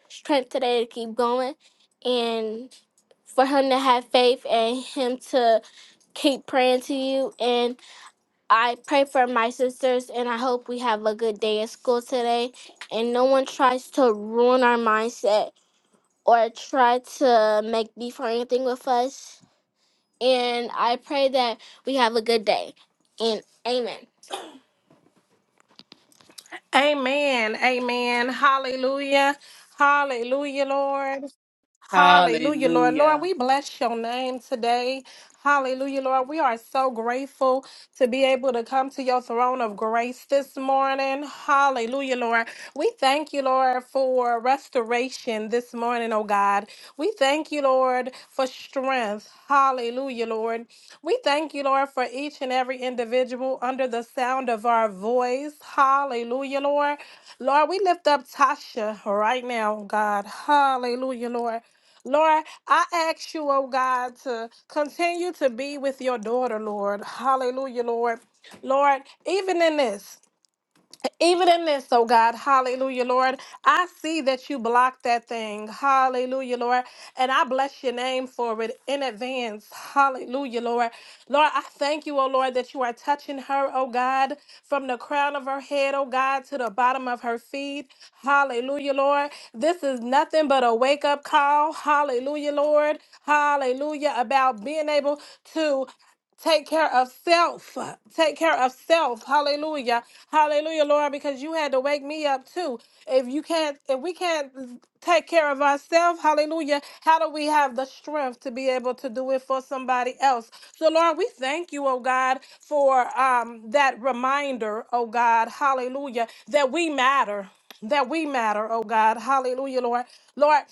strength today to keep going, and for him to have faith and him to keep praying to you. And I pray for my sisters, and I hope we have a good day at school today, and no one tries to ruin our mindset or try to make beef or anything with us. And I pray that we have a good day. And amen. Amen. Amen. Hallelujah. Hallelujah, Lord. Hallelujah, Lord. Lord,
Hallelujah.
we bless your name today. Hallelujah, Lord. We are so grateful to be able to come to your throne of grace this morning. Hallelujah, Lord. We thank you, Lord, for restoration this morning, oh God. We thank you, Lord, for strength. Hallelujah, Lord. We thank you, Lord, for each and every individual under the sound of our voice. Hallelujah, Lord. Lord, we lift up Tasha right now, God. Hallelujah, Lord. Lord, I ask you, oh God, to continue to be with your daughter, Lord. Hallelujah, Lord. Lord, even in this. Even in this, oh God, hallelujah, Lord. I see that you blocked that thing. Hallelujah, Lord. And I bless your name for it in advance. Hallelujah, Lord. Lord, I thank you, oh Lord, that you are touching her, oh God, from the crown of her head, oh God, to the bottom of her feet. Hallelujah, Lord. This is nothing but a wake up call. Hallelujah, Lord. Hallelujah. About being able to take care of self. Take care of self. Hallelujah. Hallelujah, Lord, because you had to wake me up too. If you can't, if we can't take care of ourselves, hallelujah, how do we have the strength to be able to do it for somebody else? So, Lord, we thank you, oh God, for um, that reminder, oh God, hallelujah, that we matter. That we matter, oh God, hallelujah, Lord. Lord,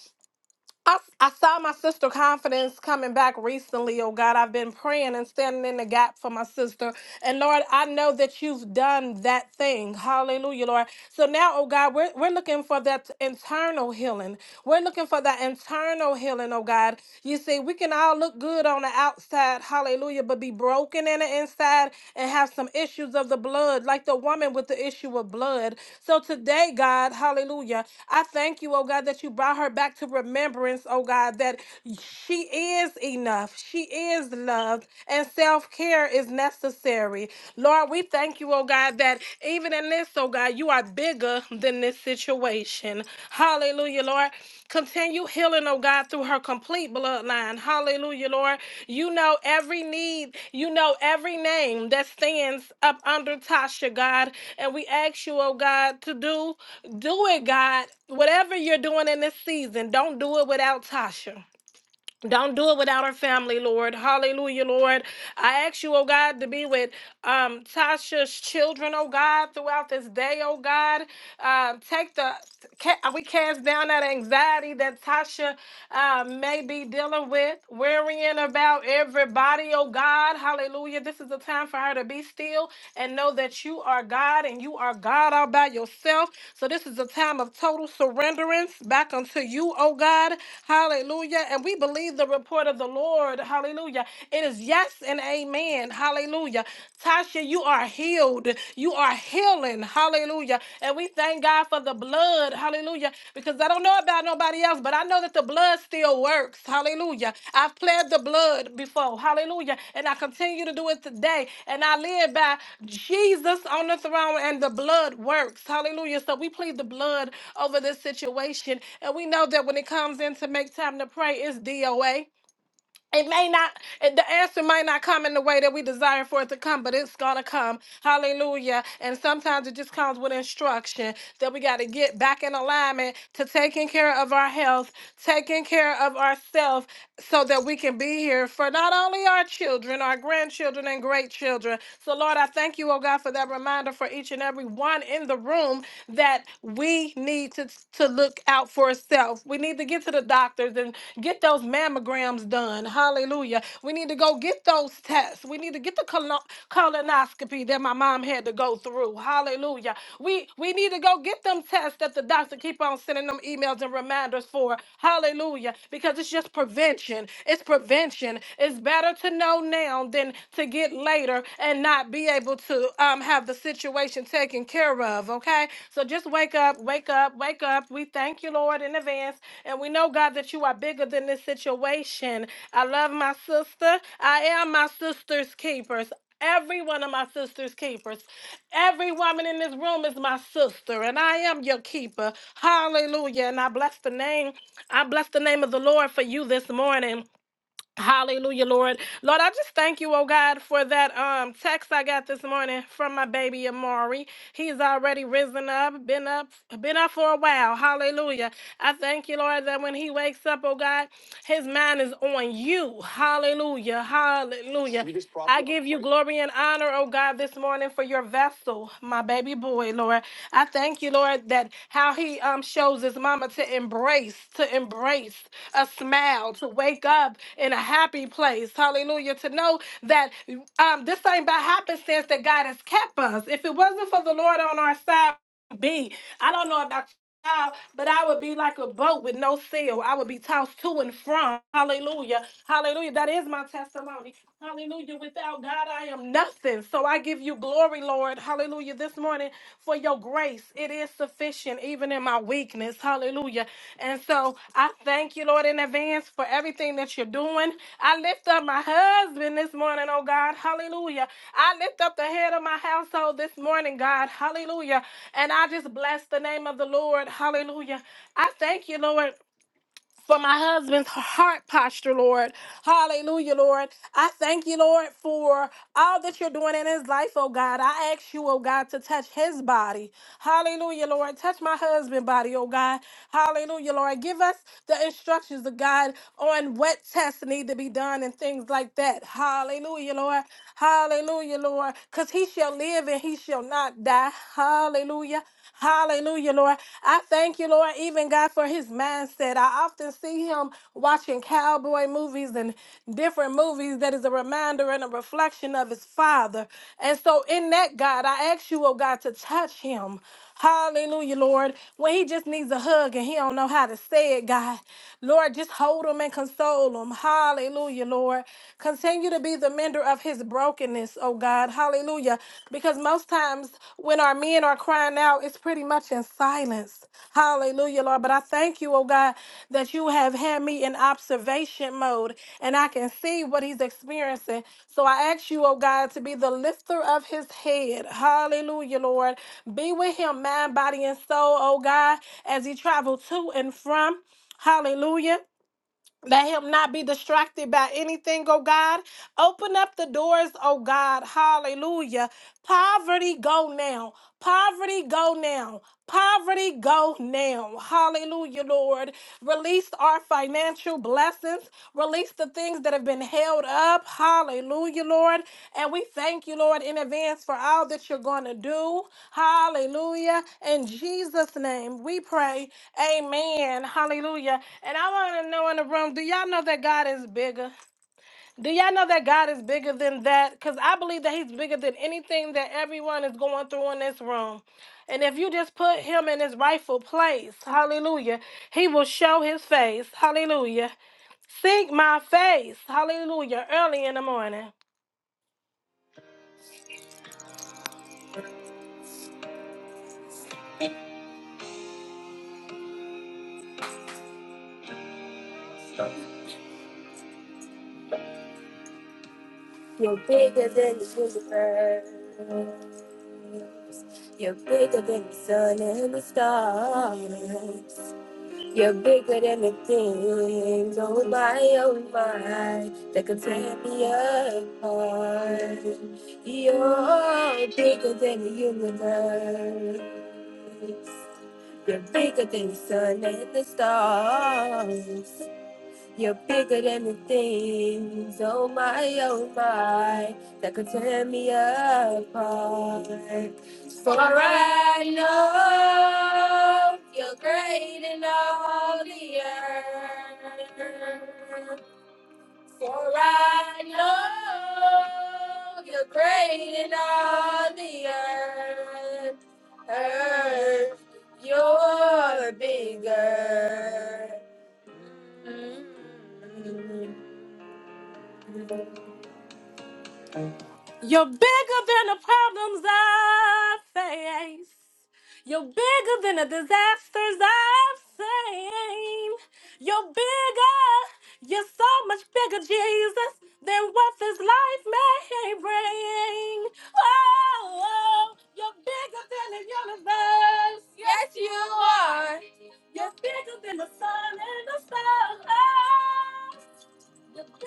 I, I saw my sister confidence coming back recently. Oh God, I've been praying and standing in the gap for my sister. And Lord, I know that you've done that thing. Hallelujah, Lord. So now, oh God, we're, we're looking for that internal healing. We're looking for that internal healing, oh God. You see, we can all look good on the outside, hallelujah, but be broken in the inside and have some issues of the blood, like the woman with the issue of blood. So today, God, hallelujah. I thank you, oh God, that you brought her back to remembrance, oh God, that she is enough. She is loved, and self care is necessary. Lord, we thank you, oh God, that even in this, oh God, you are bigger than this situation. Hallelujah, Lord. Continue healing, oh God, through her complete bloodline. Hallelujah, Lord. You know every need, you know every name that stands up under Tasha, God. And we ask you, oh God, to do do it, God. Whatever you're doing in this season, don't do it without Tasha. Don't do it without her family, Lord. Hallelujah, Lord. I ask you, oh God, to be with um, Tasha's children, oh God, throughout this day, oh God. Uh, take the, ca- we cast down that anxiety that Tasha uh, may be dealing with, worrying about everybody, oh God. Hallelujah. This is the time for her to be still and know that you are God and you are God all by yourself. So this is a time of total surrenderance back unto you, oh God. Hallelujah. And we believe the report of the Lord. Hallelujah. It is yes and amen. Hallelujah. Tasha, you are healed. You are healing. Hallelujah. And we thank God for the the blood. Hallelujah. Because I don't know about nobody else, but I know that the blood still works. Hallelujah. I've pled the blood before. Hallelujah. And I continue to do it today. And I live by Jesus on the throne and the blood works. Hallelujah. So we plead the blood over this situation. And we know that when it comes in to make time to pray, it's DOA. It may not, it- the answer might not come in the way that we desire for it to come, but it's going to come. Hallelujah. And sometimes it just comes with instruction that we got to get back in alignment to taking care of our health, taking care of ourselves so that we can be here for not only our children, our grandchildren, and great children. So, Lord, I thank you, oh God, for that reminder for each and every one in the room that we need to, to look out for ourselves. We need to get to the doctors and get those mammograms done. Hallelujah. We need to go get those tests. We need to get the colon- colonoscopy that my mom had to go through. Hallelujah. We we need to go get them tests that the doctor keep on sending them emails and reminders for. Hallelujah. Because it's just prevention. It's prevention. It's better to know now than to get later and not be able to um have the situation taken care of. Okay. So just wake up, wake up, wake up. We thank you, Lord, in advance. And we know, God, that you are bigger than this situation. I love my sister. I am my sister's keepers. Every one of my sister's keepers. Every woman in this room is my sister, and I am your keeper. Hallelujah. And I bless the name. I bless the name of the Lord for you this morning. Hallelujah, Lord. Lord, I just thank you, oh God, for that um text I got this morning from my baby Amari. He's already risen up, been up, been up for a while. Hallelujah. I thank you, Lord, that when he wakes up, oh God, his mind is on you. Hallelujah. Hallelujah. I give you glory and honor, oh God, this morning for your vessel, my baby boy, Lord. I thank you, Lord, that how he um shows his mama to embrace, to embrace a smile, to wake up in a happy place. Hallelujah. To know that um, this ain't by happenstance that God has kept us. If it wasn't for the Lord on our side, we'd be. I don't know about out, but I would be like a boat with no sail. I would be tossed to and from. Hallelujah. Hallelujah. That is my testimony. Hallelujah. Without God, I am nothing. So I give you glory, Lord. Hallelujah. This morning for your grace. It is sufficient even in my weakness. Hallelujah. And so I thank you, Lord, in advance for everything that you're doing. I lift up my husband this morning, oh God. Hallelujah. I lift up the head of my household this morning, God. Hallelujah. And I just bless the name of the Lord. Hallelujah. I thank you, Lord for my husband's heart posture, Lord. Hallelujah, Lord. I thank you, Lord, for all that you're doing in his life, oh God. I ask you, oh God, to touch his body. Hallelujah, Lord. Touch my husband's body, oh God. Hallelujah, Lord. Give us the instructions of God on what tests need to be done and things like that. Hallelujah, Lord. Hallelujah, Lord. Because he shall live and he shall not die. Hallelujah. Hallelujah, Lord. I thank you, Lord, even God, for his mindset. I often see him watching cowboy movies and different movies that is a reminder and a reflection of his father. And so, in that, God, I ask you, oh God, to touch him. Hallelujah, Lord. When he just needs a hug and he don't know how to say it, God. Lord, just hold him and console him. Hallelujah, Lord. Continue to be the mender of his brokenness, oh God. Hallelujah. Because most times when our men are crying out, it's pretty much in silence. Hallelujah, Lord. But I thank you, oh God, that you have had me in observation mode and I can see what he's experiencing. So I ask you, oh God, to be the lifter of his head. Hallelujah, Lord. Be with him, mind, body, and soul, oh God, as he travels to and from. Hallelujah. Let him not be distracted by anything, oh God. Open up the doors, oh God. Hallelujah. Poverty go now. Poverty go now. Poverty go now. Hallelujah, Lord. Release our financial blessings. Release the things that have been held up. Hallelujah, Lord. And we thank you, Lord, in advance for all that you're going to do. Hallelujah. In Jesus' name, we pray. Amen. Hallelujah. And I want to know in the room, do y'all know that God is bigger? Do y'all know that God is bigger than that? Because I believe that He's bigger than anything that everyone is going through in this room. And if you just put Him in His rightful place, hallelujah, He will show His face, hallelujah. Seek my face, hallelujah, early in the morning. You're bigger than the sun and the stars. You're bigger than the things, on my, own mind that could tear me apart. You're bigger than the universe. You're bigger than the sun and the stars. You're bigger than the things, on my, own mind that could tear me apart. You're bigger than the problems I face. You're bigger than the disasters I've seen. You're bigger. You're so much bigger, Jesus, than what this life may bring. Oh, oh, you're bigger than the universe. Yes, you are. You're bigger than the sun and the stars. You're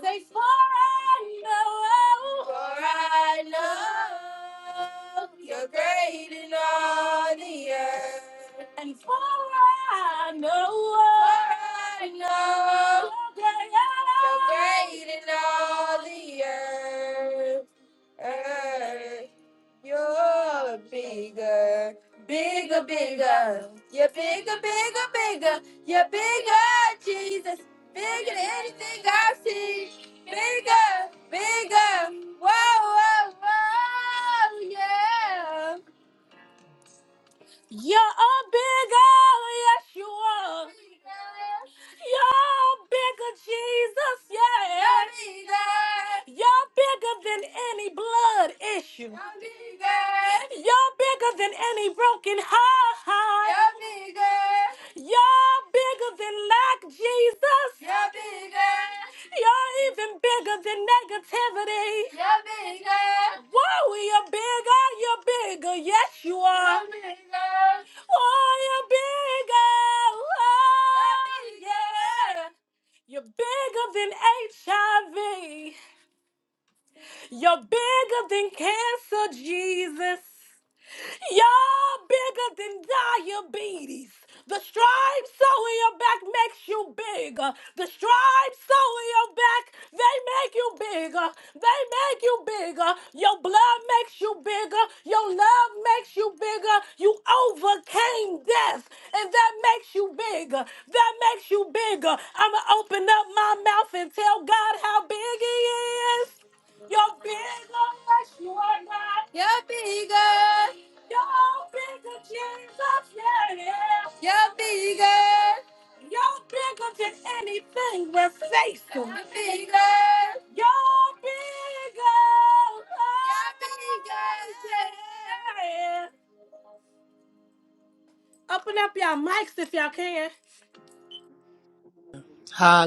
bigger than You're great in all the earth. I know you're great in all the earth. You're bigger, bigger. You're the, you're bigger. You're bigger, Jesus. Yeah. You're bigger. You're bigger than any blood issue. You're bigger. You're bigger than any broken heart. You're, you're bigger than lack, Jesus. You're, big- You're even bigger than negativity. Whoa, you're bigger, you're bigger, yes you are. Oh, you're bigger, oh, yeah. You're bigger than HIV. You're bigger than cancer, Jesus. Y'all bigger than diabetes. The stripes sewing your back makes you bigger. The stripes sewing your back, they make you bigger. They make you bigger. Your blood makes you bigger. Your love makes you bigger. You overcame death, and that makes you bigger. That makes you bigger. I'ma open up my mouth and tell God how big He is. You're bigger, yes, you are not. You're bigger. You're bigger, Jesus, yeah, yeah. You're bigger. You're bigger than anything we're facing. You're bigger. You're bigger. You're bigger. Open up your mics if y'all can.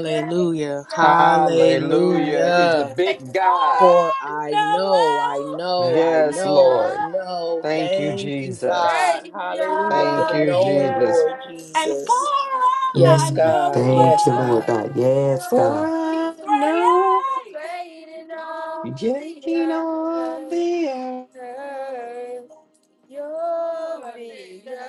Great love,
Hallelujah. He's a
Hallelujah.
say,
big God.
For I know, I know, I
Yes,
know, I
Lord.
know.
Thank you,
Thank you, God.
Jesus.
Hallelujah for
Thank
the
you,
the
knowing,
Jesus.
Lord
earth. and for
Jesus.
I
Yes,
Mm,
God.
know,
thank
Yes,
you, Lord
God.
God.
I
Yes, God.
He's
For now.
great, great in all the
Beginning of
earth.
the earth.
You're the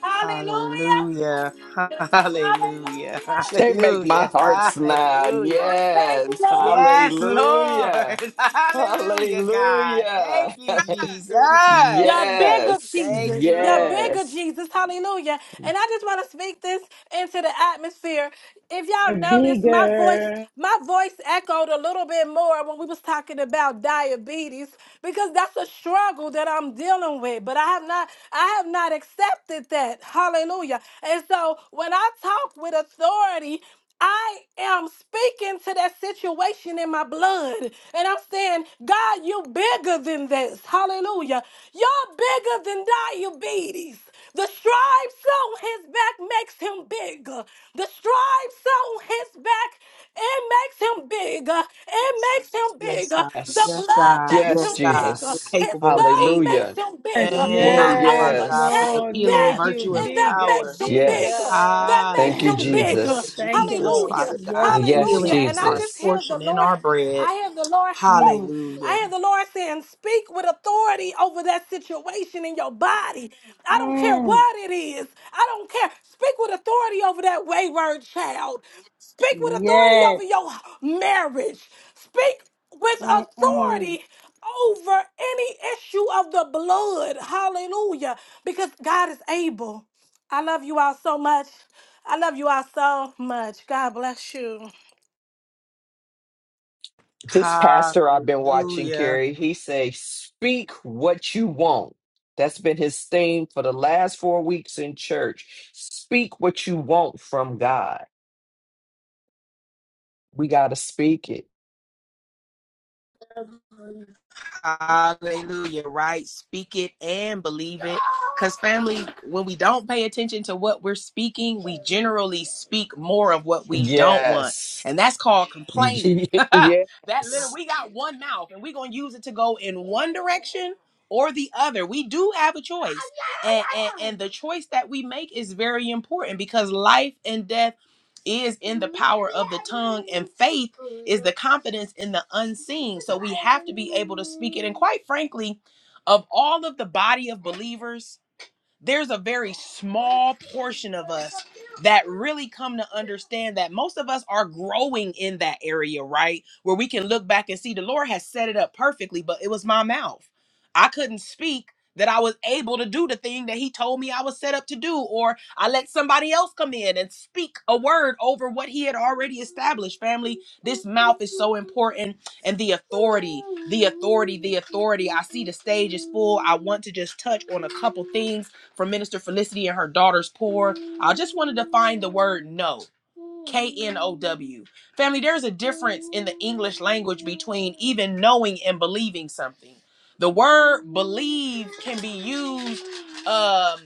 Hallelujah,
Hallelujah. (laughs) Hallelujah.
hallelujah.
They make my
Hallelujah.
heart smile.
Hallelujah.
Thank you,
Yes.
Lord.
Yes,
Hallelujah.
Lord. (laughs) Hallelujah, God. Thank
Hallelujah.
you,
(laughs)
Jesus.
You're bigger,
yes.
Thank
Jesus.
you,
You're
Lord.
bigger,
Yes.
Jesus. Hallelujah. And I just want to speak this into the atmosphere. If y'all notice, my voice,
bigger.
my voice echoed a little bit more when we was talking about diabetes because that's a struggle that I'm dealing with. But I have not, I have not accepted that. Hallelujah. And so when I talk with authority, I am speaking to that situation in my blood. And I'm saying, God, you bigger than this. Hallelujah. You're bigger than diabetes. The stripes on his back makes him bigger. The stripes on his back it makes him bigger. It makes him
Yes,
bigger.
God.
The
Yes.
Yes,
blood
God.
makes
Yes,
Yes,
him
God.
bigger.
You're
Jesus.
His
capable and
love
able.
makes
Hallelujah.
him
Yes,
bigger.
Thank
Lord,
you,
I
Father
yes,
God, for
yes.
your
overcame
Lord.
healing
Make
death,
you
virtue and
and that
bigger,
power.
makes him bigger.
Yes.
bigger.
That
Thank
makes
you,
him
Hallelujah,
bigger.
Jesus.
Thank you,
Jesus,
Lord.
Hallelujah.
Father God,
Yes,
that
Yes,
Hallelujah.
Jesus.
healing
And
is
I
our
just
Jesus.
hear the
portion and
Lord.
our bread.
I hear the Lord. Woo!
Mm,
I
Hallelujah.
hear the Lord saying, Speak with authority over that situation in your body. I don't care
mm,
what it is. I don't care. Speak with authority over that wayward child. Speak with authority
yes.
over your marriage. Speak with
Mm-mm.
authority over any issue of the blood. Hallelujah. Because God is able. I love you all so much. I love you all so much. God bless you.
This pastor I've been watching,
Hallelujah.
Carrie, he say, "Speak what you want." That's been his theme for the last four weeks in church. Speak what you want from God. We gotta speak it.
Hallelujah, right? Speak it and believe it. Because, family, when we don't pay attention to what we're speaking, we generally speak more of what we don't want.
Yes.
And that's called
(laughs)
complaining. (laughs) that little,
yes.
we got one mouth and we're going to use it to go in one direction or the other. We do have a choice. And, and, and the choice that we make is very important because life and death is in the power of the tongue, and faith is the confidence in the unseen. So we have to be able to speak it. And quite frankly, of all of the body of believers, there's a very small portion of us that really come to understand that most of us are growing in that area, right? Where we can look back and see the Lord has set it up perfectly, but it was my mouth. I couldn't speak that I was able to do the thing that he told me I was set up to do, or I let somebody else come in and speak a word over what he had already established. Family, this mouth is so important and the authority, the authority, the authority. I see the stage is full. I want to just touch on a couple things from Minister Felicity and her daughter's poor. I just wanted to find the word no. K N O W. Family, there's a difference in the English language between even knowing and believing something. The word believe can be used um,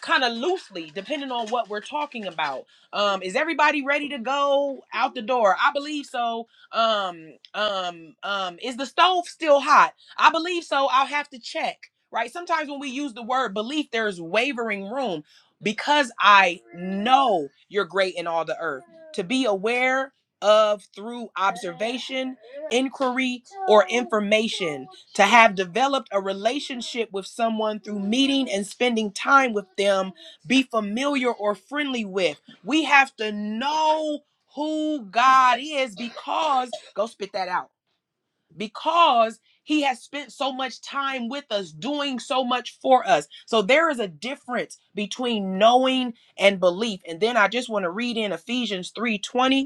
kind of loosely depending on what we're talking about. Um, is everybody ready to go out the door? I believe so. Um, um, um, is the stove still hot? I believe so. I'll have to check. Right. Sometimes when we use the word belief, there's wavering room because I know you're great in all the earth. To be aware of through observation, inquiry, or information. To have developed a relationship with someone through meeting and spending time with them, be familiar or friendly with. We have to know who God is because, go spit that out because he has spent so much time with us, doing so much for us. So there is a difference between knowing and belief. And then I just want to read in Ephesians 3:20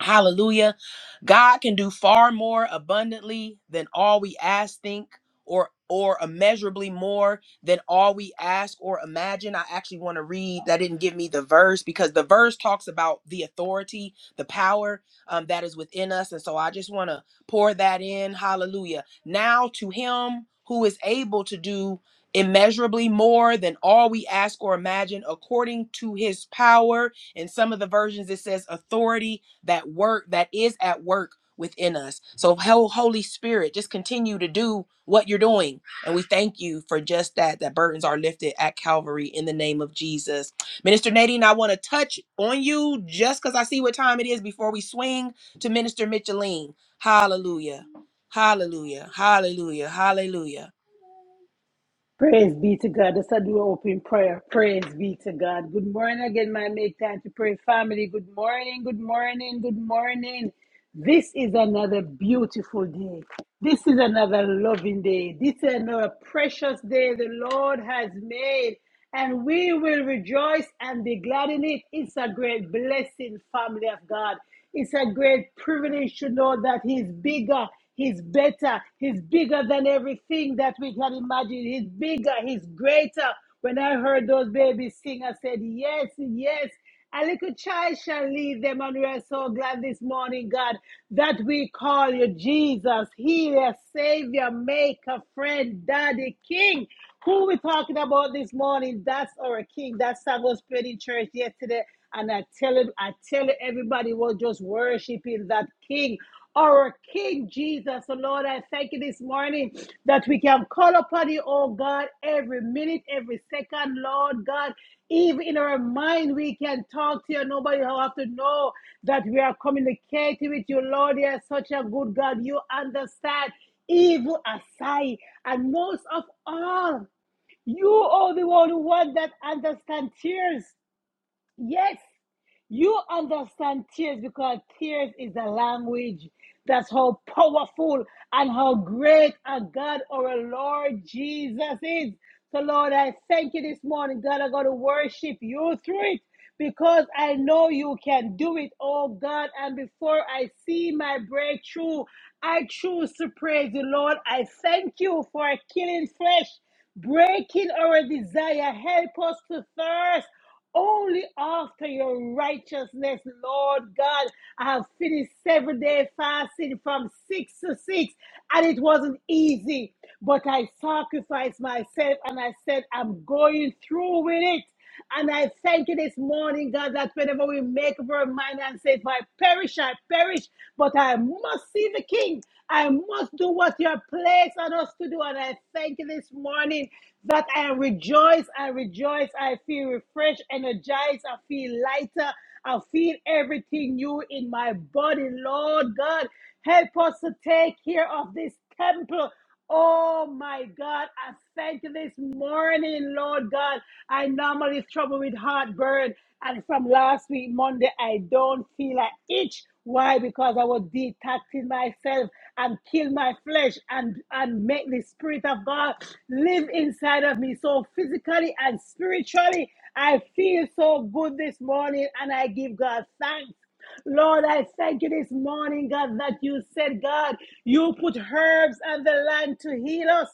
Hallelujah. God can do far more abundantly than all we ask, think, or or immeasurably more than all we ask or imagine. I actually want to read that didn't give me the verse because the verse talks about the authority, the power um, that is within us. And so I just want to pour that in. Hallelujah. Now to him who is able to do immeasurably more than all we ask or imagine according to his power. In some of the versions, it says authority that work that is at work within us. So ho- Holy Spirit, just continue to do what you're doing. And we thank you for just that, that burdens are lifted at Calvary in the name of Jesus. Minister Nadine, I want to touch on you just because I see what time it is before we swing to Minister Micheline. Hallelujah. Hallelujah. Hallelujah. Hallelujah.
Praise be to God. Let's do an open prayer. Praise be to God. Good morning again, my make time to pray family. Good morning, good morning, good morning. This is another beautiful day. This is another loving day. This is another precious day the Lord has made and we will rejoice and be glad in it. It's a great blessing, family of God. It's a great privilege to know that He's bigger, He's better, He's bigger than everything that we can imagine. He's bigger, He's greater. When I heard those babies sing, I said, Yes, yes. A little child shall lead them, and we are so glad this morning, God, that we call you Jesus, healer, savior, maker, friend, daddy, king. Who are we talking about this morning? That's our king. That song was played in church yesterday. And I tell it, I tell it, everybody was just worshiping that King, our King Jesus. So Lord, I thank you this morning that we can call upon you, oh God, every minute, every second, Lord God. Even in our mind, we can talk to you. Nobody will have to know that we are communicating with you, Lord. You are such a good God. You understand evil aside. And most of all, you are the only one that understands tears. Yes, you understand tears because tears is a language. That's how powerful and how great a God or a Lord Jesus is. So, Lord, I thank you this morning. God, I'm going to worship you through it because I know you can do it, oh God. And before I see my breakthrough, I choose to praise you, Lord. I thank you for killing flesh breaking our desire. Help us to thirst. Only after your righteousness, Lord God. I have finished seven day fasting from six to six, and it wasn't easy, but I sacrificed myself and I said, I'm going through with it. And I thank you this morning, God, that whenever we make up our mind and say, if I perish, I perish, but I must see the King. I must do what you have placed on us to do. And I thank you this morning that I rejoice, I rejoice, I I feel refreshed, energized. I feel lighter. I feel everything new in my body. Lord God, help us to take care of this temple. Oh my God, I thank you this morning, Lord God. I normally struggle with heartburn, and from last week, Monday, I don't feel an itch. Why? Because I was detoxing myself and kill my flesh and, and make the Spirit of God live inside of me. So physically and spiritually, I feel so good this morning and I give God thanks. Lord, I thank you this morning, God, that you said, God, you put herbs on the land to heal us.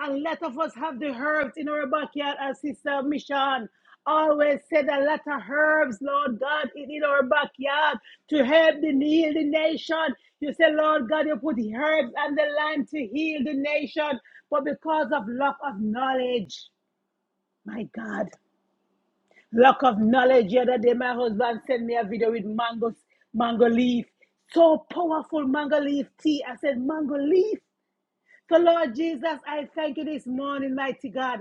A lot of us have the herbs in our backyard, as Sister Mission always said. A lot of herbs, Lord God, in in our backyard to help the heal the nation. You say, Lord God, you put the herbs and the lime to heal the nation, but because of lack of knowledge, my God, lack of knowledge. The other day, my husband sent me a video with mangoes, mango leaf. So powerful mango leaf tea. I said, mango leaf. So, Lord Jesus, I thank you this morning, mighty God.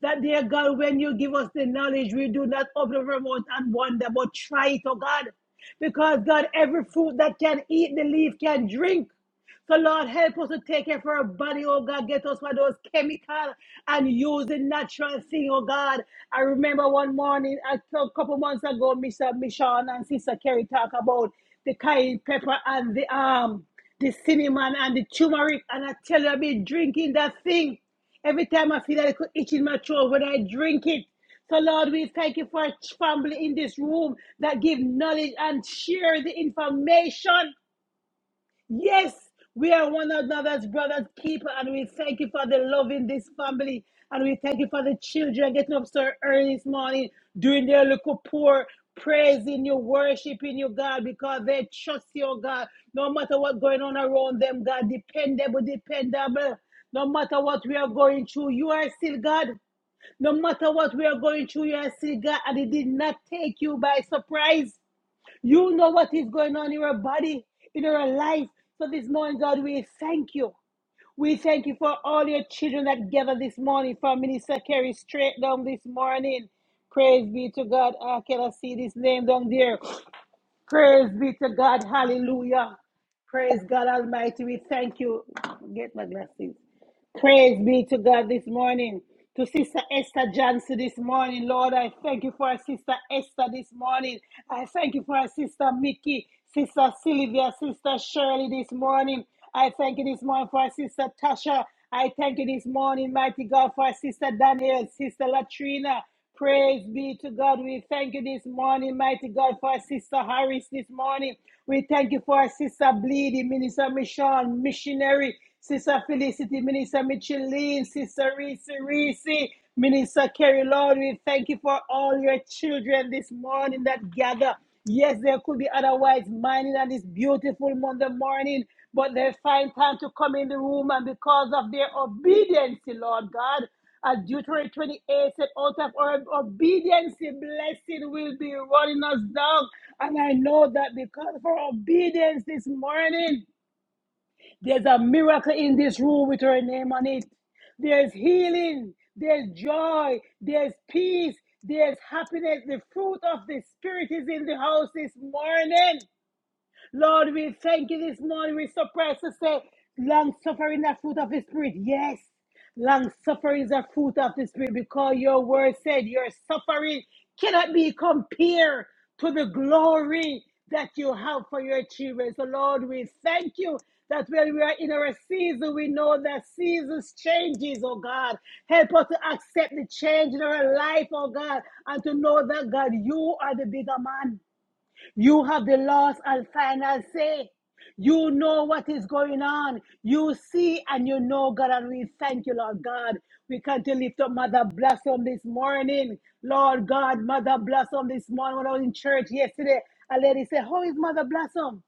That dear God, when you give us the knowledge, we do not open our mouth and wonder, but try it, oh God. Because God, every fruit that can eat the leaf can drink. So, Lord, help us to take care of our body, oh God. Get us for those chemical and use the natural thing, oh God. I remember one morning, a cou- couple months ago, Mr. Michon and Sister Kerry talk about the cayenne pepper and the um, the cinnamon and the turmeric. And I tell you, I've been drinking that thing. Every time I feel that it could itch in my throat when I drink it. So, Lord, we thank you for a family in this room that give knowledge and share the information. Yes, we are one another's brother's keeper, and we thank you for the love in this family. And we thank you for the children getting up so early this morning, doing their little poor praising you, worshiping you, God, because they trust you, oh God. No matter what's going on around them, God, dependable, dependable. No matter what we are going through, you are still God. No matter what we are going through, you are still God. And it did not take you by surprise. You know what is going on in your body, in your life. So this morning, God, we thank you. We thank you for all your children that gather this morning for Minister Kerry straight down this morning. Praise be to God. I cannot see this name down there. Praise be to God. Hallelujah. Praise God Almighty. We thank you. Get my glasses. Praise be to God this morning. To Sister Esther Johnson this morning, Lord, I thank you for our Sister Esther this morning. I thank you for our Sister Mickey, Sister Sylvia, Sister Shirley this morning. I thank you this morning for our Sister Tasha. I thank you this morning, mighty God, for our Sister Danielle, Sister Latrina. Praise be to God. We thank you this morning, mighty God, for our Sister Harris this morning. We thank you for our Sister Bleedy, Minister Michonne, missionary, Sister Felicity, Minister Micheline, Sister Reese Reese, Minister Kerry Lord. We thank you for all your children this morning that gather. Yes, there could be otherwise mining on this beautiful Monday morning, but they find time to come in the room, and because of their obedience, Lord God. As Deuteronomy 28 said, out of our obedience, the blessing will be running us down. And I know that because of our obedience this morning, there's a miracle in this room with her name on it. There's healing, there's joy, there's peace, there's happiness. The fruit of the Spirit is in the house this morning. Lord, we thank you this morning. We're so surprised to say, long suffering, is a fruit of the Spirit. Yes, long suffering is a fruit of the Spirit because your word said your suffering cannot be compared to the glory that you have for your children. So, Lord, we thank you that when we are in our season, we know that seasons changes, oh God. Help us to accept the change in our life, oh God, and to know that, God, you are the bigger man. You have the last and final say. You know what is going on. You see and you know, God, and we thank you, Lord God. We come to lift up Mother Blossom this morning. Lord God, Mother Blossom this morning when I was in church yesterday, a lady said, How is Mother Blossom?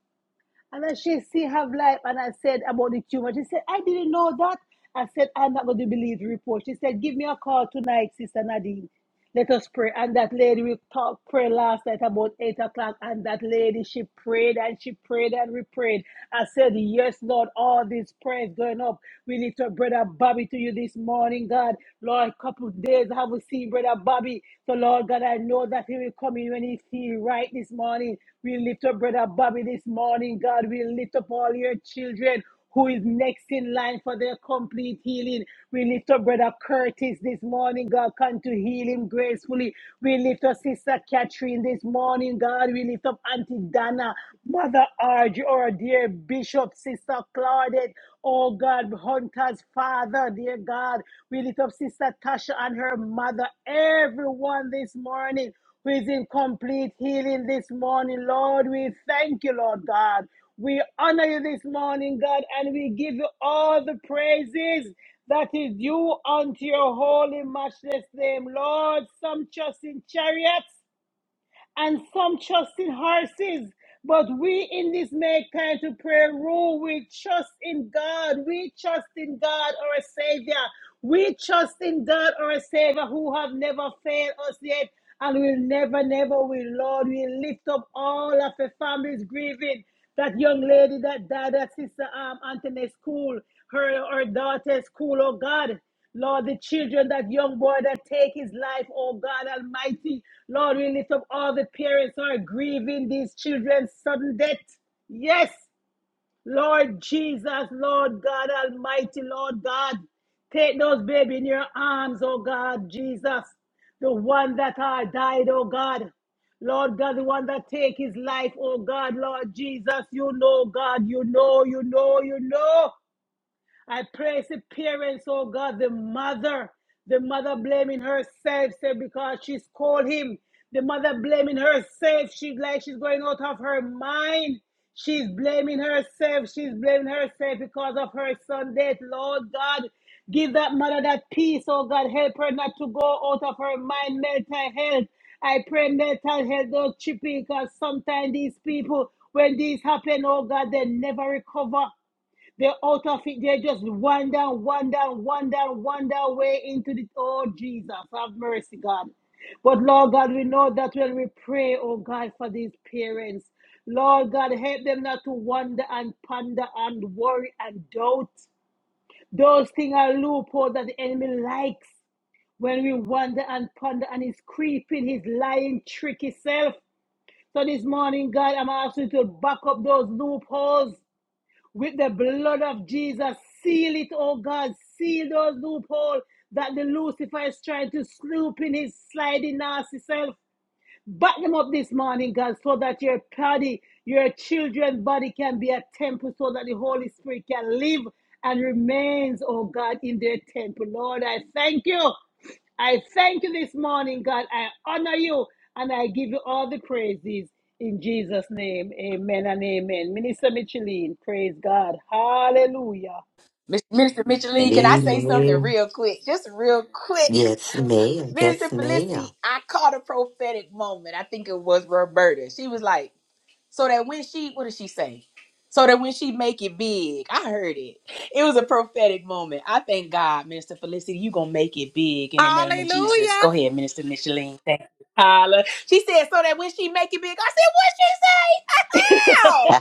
And then she see her life, and I said about the tumor. She said, I didn't know that. I said, I'm not going to believe the report. She said, Give me a call tonight, Sister Nadine. Let us pray. And that lady, we talked prayer last night about 8 o'clock, and that lady, she prayed and she prayed and we prayed. I said, Yes, Lord, all these prayers going up. We lift up Brother Bobby to you this morning, God. Lord, a couple of days I haven't seen Brother Bobby. So, Lord God, I know that he will come in when he feel right this morning. We lift up Brother Bobby this morning, God. We lift up all your children who is next in line for their complete healing. We lift up Brother Curtis this morning, God. Come to heal him gracefully. We lift up Sister Catherine this morning, God. We lift up Auntie Dana, Mother Arj, or dear Bishop, Sister Claudette. Oh God, Hunter's father, dear God. We lift up Sister Tasha and her mother, everyone this morning who is in complete healing this morning, Lord. We thank you, Lord God. We honor you this morning, God, and we give you all the praises that is due unto your holy, matchless name, Lord. Some trust in chariots and some trust in horses. But we in this make time to pray. rule, we trust in God. We trust in God, our Savior. We trust in God, our Savior, who have never failed us yet and will never, never will. Lord, we lift up all of the families grieving. That young lady that died at Sister um, Anthony's school, her, her daughter's school, oh God. Lord, the children, that young boy that take his life, oh God Almighty. Lord, we lift up all the parents who are grieving these children's sudden death. Yes, Lord Jesus, Lord God Almighty, Lord God. Take those baby in your arms, oh God, Jesus. The one that are died, oh God. Lord God, the one that take his life, oh God, Lord Jesus, you know, God, you know, you know, you know. I praise the parents, oh God, the mother, the mother blaming herself say, because she's called him. The mother blaming herself. She's like she's going out of her mind. She's blaming herself. She's blaming herself because of her son death. Lord God, give that mother that peace, oh God. Help her not to go out of her mind, mental health. I pray mental health don't chip in, because sometimes these people, when these happen, oh God, they never recover. They're out of it. They're just wander, wander, wander, wander way into the. Oh, Jesus, have mercy, God. But Lord God, we know that when we pray, oh God, for these parents, Lord God, help them not to wander and ponder and worry and doubt. Those things are loopholes that the enemy likes when we wander and ponder and he's creeping his lying, tricky self. So this morning, God, I'm asking you to back up those loopholes with the blood of Jesus. Seal it, oh God. Seal those loopholes that the Lucifer is trying to snoop in his sliding nasty self. Back them up this morning, God, so that your body, your children's body can be a temple so that the Holy Spirit can live and remains, oh God, in their temple. Lord, I thank you. I thank you this morning, God. I honor you and I give you all the praises in Jesus' name. Amen and amen. Minister Micheline, praise God. Hallelujah.
Can I
Amen. Yes, ma'am. Yes, ma'am.
think it was real light so that we? Minister Felicity, you gonna make it big in the name of Jesus.
Hallelujah.
Go ahead, Minister Micheline. Thank you. Holla. She said so that when she make it big, I said, what she
(laughs)
say? (laughs) Ow!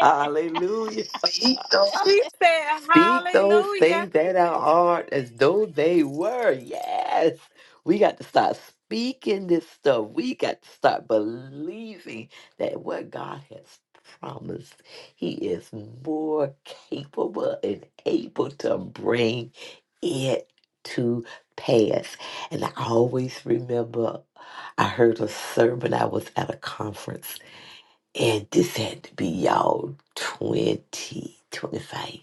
Hallelujah.
He said,
Speak those
Hallelujah.
things that are hard as though they were. Yes. We got to start speaking this stuff. We got to start believing that what God has promised, He is more capable and able to bring it to pass. And I always remember I heard a sermon, I was at a conference, and this had to be y'all 25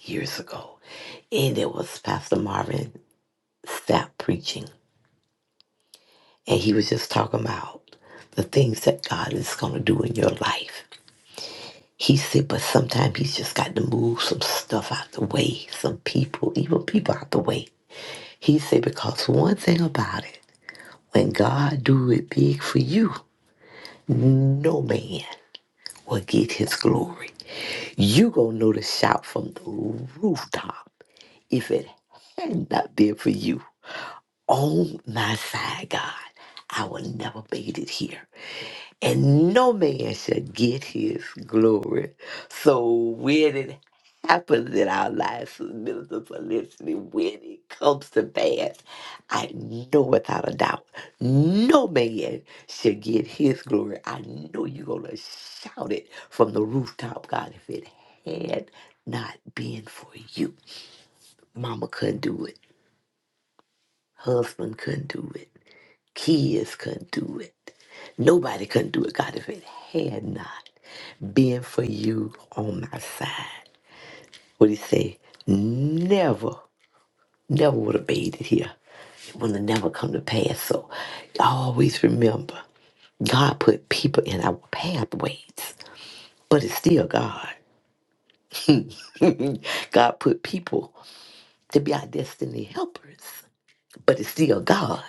years ago and it was Pastor Marvin Sapp preaching, and he was just talking about the things that God is going to do in your life. He said, but sometimes he's just got to move some stuff out the way, some people, even people out the way. He said, because one thing about it, when God do it big for you, no man will get his glory. You gonna know the shout from the rooftop if it had not been for you. on my side, God. I will never beat it here. And no man shall get his glory. So when it happens in our lives, ministers are listening, when it comes to pass, I know without a doubt, no man shall get his glory. I know you're going to shout it from the rooftop, God, if it had not been for you. Mama couldn't do it. Husband couldn't do it Kids couldn't do it. Nobody couldn't do it, God, if it had not been for you on my side. What he say? Never, never would have made it here. It would have never come to pass. So always remember, God put people in our pathways, but it's still God. (laughs) God put people to be our destiny helpers, but it's still God.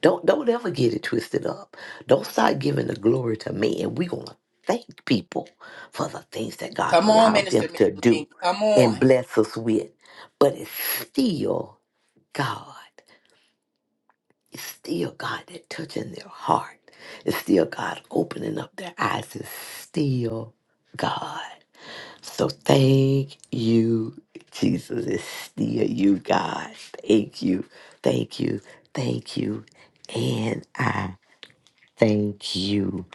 Don't don't ever get it twisted up. Don't start giving the glory to man. We're gonna thank people for the things that God
Come on,
allowed them
Minister
to do
Micheline. Come on.
and bless us with. But it's still God. It's still God that touching their heart. It's still God opening up their eyes. It's still God. So thank you, Jesus. It's still you, God. Thank you. Thank you. Thank you. And I Thank you.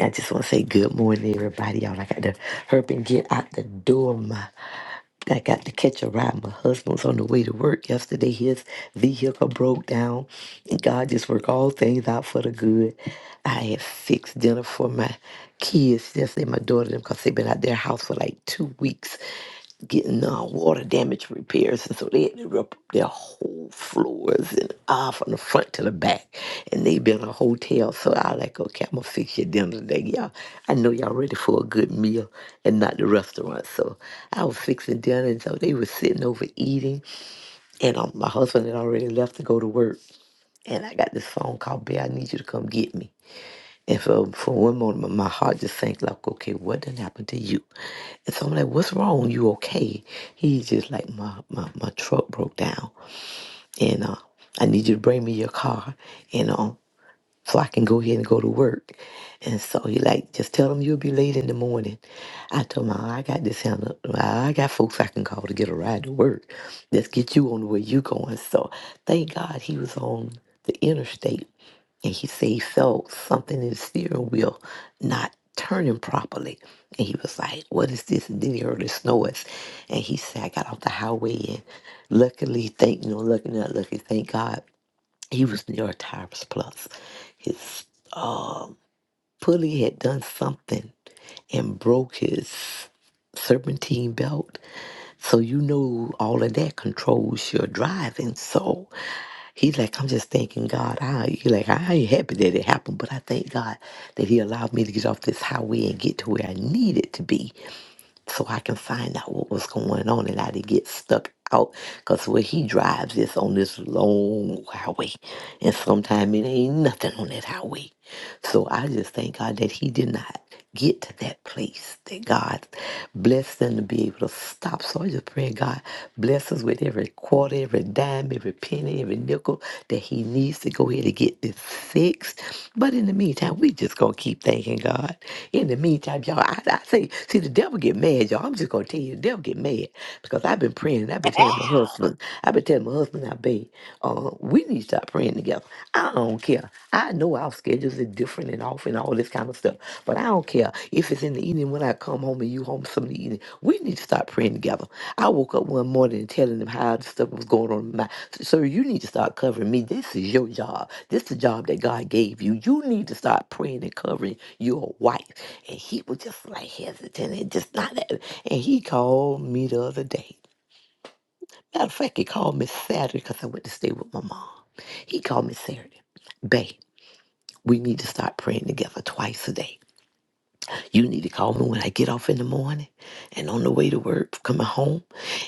I just want to say good morning, everybody. Y'all, I got to hurry and get out the door. My, I got to catch a ride. My husband's on the way to work yesterday. His vehicle broke down. And God just worked all things out for the good. I had fixed dinner for my kids yesterday, my daughter and them, because they've been out their house for like two weeks getting uh, water damage which repairs. And so they had to rip up their whole floors and all from the front to the back. And they built a hotel. So I was like, okay, I'm gonna fix your dinner today, y'all. I know y'all ready for a good meal and not the restaurant. So I was fixing dinner and so they were sitting over eating and um, my husband had already left to go to work. And I got this phone call, Bear, I need you to come get me. And for, for one moment, my heart just sank like, okay, what done happened to you? And so I'm like, what's wrong? You okay? He's just like, my, my, my truck broke down and uh, I need you to bring me your car, you know, so I can go ahead and go to work. And so he like, just tell him you'll be late in the morning. I told him, I got this handle. I got folks I can call to get a ride to work. Let's get you on the way you going. So thank God he was on the interstate and he said he felt something in the steering wheel not turning properly. And he was like, What is this? And then he heard it snores. And he said, I got off the highway and luckily, thank you know, lucky not lucky, thank God, he was near a tires plus. His um pulley had done something and broke his serpentine belt. So you know all of that controls your driving. So He's like, I'm just thanking God. I he like I ain't happy that it happened, but I thank God that He allowed me to get off this highway and get to where I needed to be so I can find out what was going on and I didn't get stuck out because where he drives is on this long highway and sometimes it ain't nothing on that highway. So I just thank God that he did not get to that place that God blessed them to be able to stop. So I just pray God bless us with every quarter, every dime, every penny, every nickel that he needs to go ahead and get this is fixed. But in the meantime, we just gonna keep thanking God. In the meantime, y'all, I, I say, see, the devil get mad, y'all. I'm just gonna tell you, the devil get mad because I've been praying. I've been telling my husband. I've been telling my husband, I babe, uh, we need to start praying together. I don't care. I know our schedules are different and off and all this kind of stuff, but I don't care if it's in the evening when I come home and you home some of the evening. We need to start praying together. I woke up one morning and telling him how the stuff was going on in my. Sir, you need to start covering me. This is your job. This is the job that God gave you. You need to start praying and covering your wife. And he was just like hesitant and just not that. And he called me the other day. Matter of fact, he called me Saturday because I went to stay with my mom. He called me Saturday. Babe, we need to start praying together twice a day. You need to call me when I get off in the morning and on the way to work, coming home.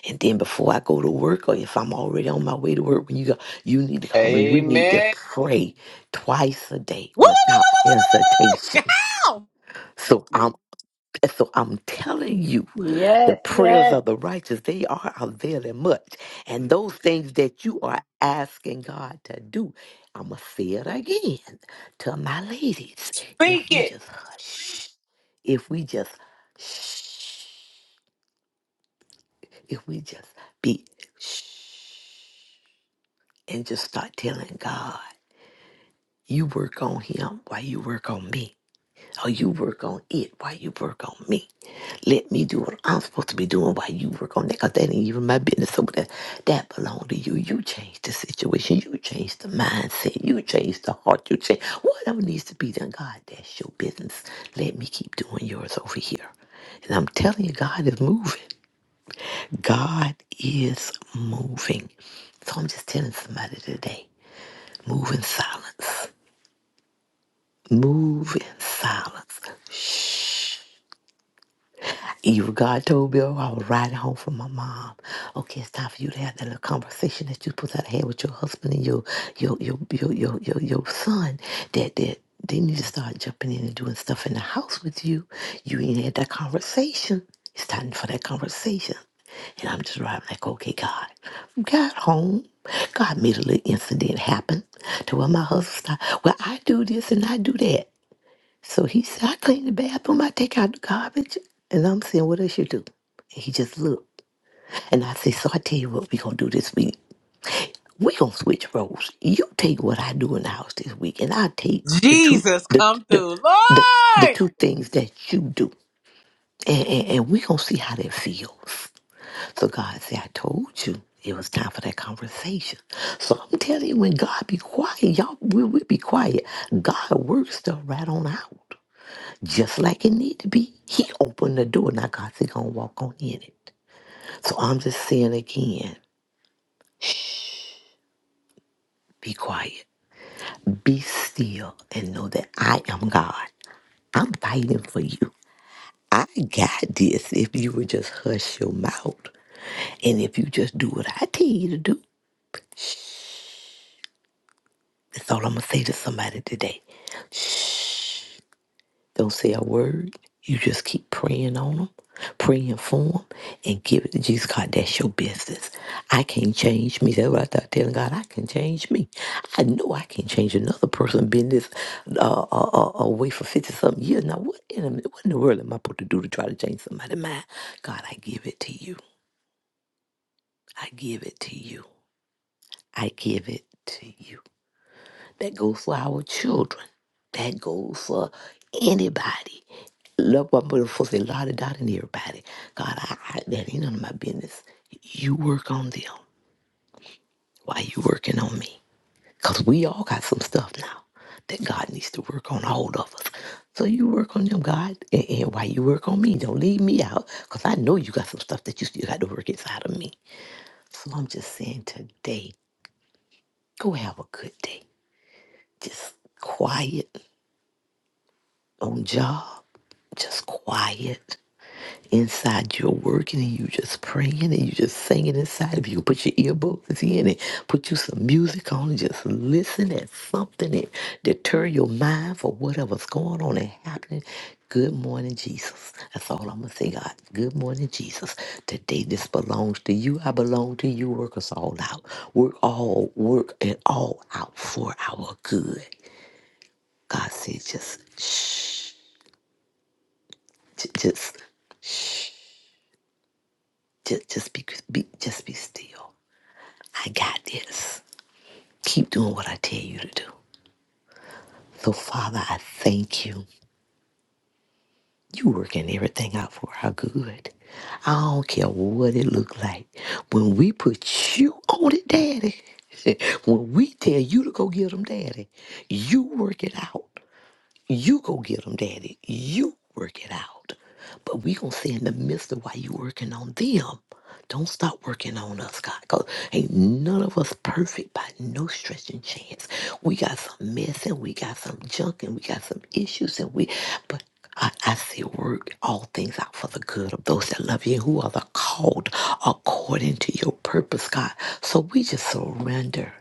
And then before I go to work, or if I'm already on my way to work, when you go, you need to call me. We need to
Amen.
pray twice a day
Woo, woo, woo,
without
woo, woo, woo, woo, woo, woo, woo.
hesitation. So I'm so I'm telling you. The
yes,
prayers
yes.
of the righteous, they are availing much. And those things that you are asking God to do, I'm going to say it again to my ladies.
Speak
If we
it.
just hush, if we just shh, if we just be shh, and just start telling God, you work on him while you work on me, or you work on it while you work on me. Let me do what I'm supposed to be doing while you work on that, because that ain't even my business. So that, that belong to you. You change the situation. You change the mindset. You change the heart. You change whatever needs to be done. God, that's your business. Let me keep doing yours over here. And I'm telling you, God is moving. God is moving. So I'm just telling somebody today, move in silence. Move in silence. Shh. You, God told me "Oh, I was riding home from my mom. Okay, it's time for you to have that little conversation that you supposed to have with your husband and your your your your your your, your son. That that they need to start jumping in and doing stuff in the house with you. You ain't had that conversation. It's time for that conversation. And I'm just riding like, okay, God. Got home. God made a little incident happen to where my husband started. Well, I do this and I do that. So he said, I clean the bathroom, I take out the garbage. And I'm saying, what else you do? And he just looked. And I said, so I tell you what we going to do this week. we going to switch roles. You take what I do in the house this week, and I take
(laughs)
the two,
Jesus
the,
come
the,
through.
the, the
Lord!
two things that you do. And, and, and we going to see how that feels. So God said, I told you it was time for that conversation. So I'm telling you, when God be quiet, y'all, we, we be quiet. God works stuff right on out just like it need to be. He opened the door. Now God's gonna walk on in it. So I'm just saying again, be quiet. Be still and know that I am God. I'm fighting for you. I got this if you would just hush your mouth. And if you just do what I tell you to do, that's all I'm gonna say to somebody today. Shh. Don't say a word. You just keep praying on them, praying for them, and give it to Jesus. God, that's your business. I can't change me. That's what I start telling God. I can change me. I know I can change another person. Been this uh, uh, uh, away for fifty something years. Now, what in, a, minute, what in the world am I supposed to do to try to change somebody's mind? God, I give it to you. I give it to you. I give it to you. That goes for our children. That goes for anybody. Love my I'm supposed to lie dot and everybody. God, I, I, that ain't none of my business. You work on them. Why you working on me? Because we all got some stuff now that God needs to work on all of us. So you work on them, God, and, and while you work on me, don't leave me out because I know you got some stuff that you still got to work inside of me. So I'm just saying today, go have a good day. Just quiet on job, just quiet inside you're working and you just praying and you just singing inside of you. Put your earbuds in and put you some music on and just listen at something that deter your mind for whatever's going on and happening. Good morning, Jesus. That's all I'm gonna say, God. Good morning, Jesus. Today this belongs to you. I belong to you. Work us all out. Work all, work it all out for our good. God says, just shh, J- just, just, just be, be, just be still I got this. Keep doing what I tell you to do. So, Father, I thank you. You working everything out for our good. I don't care what it look like. When we put you on it, Daddy, (laughs) when we tell you to go get them, Daddy, you work it out. You go get them, Daddy. You work it out. But we gonna say in the midst of why you working on them, don't stop working on us, God. Cause ain't none of us perfect by no stretch and chance. We got some mess and we got some junk and we got some issues and we, but. I, I say, work all things out for the good of those that love you, who are the called according to your purpose, God. So we just surrender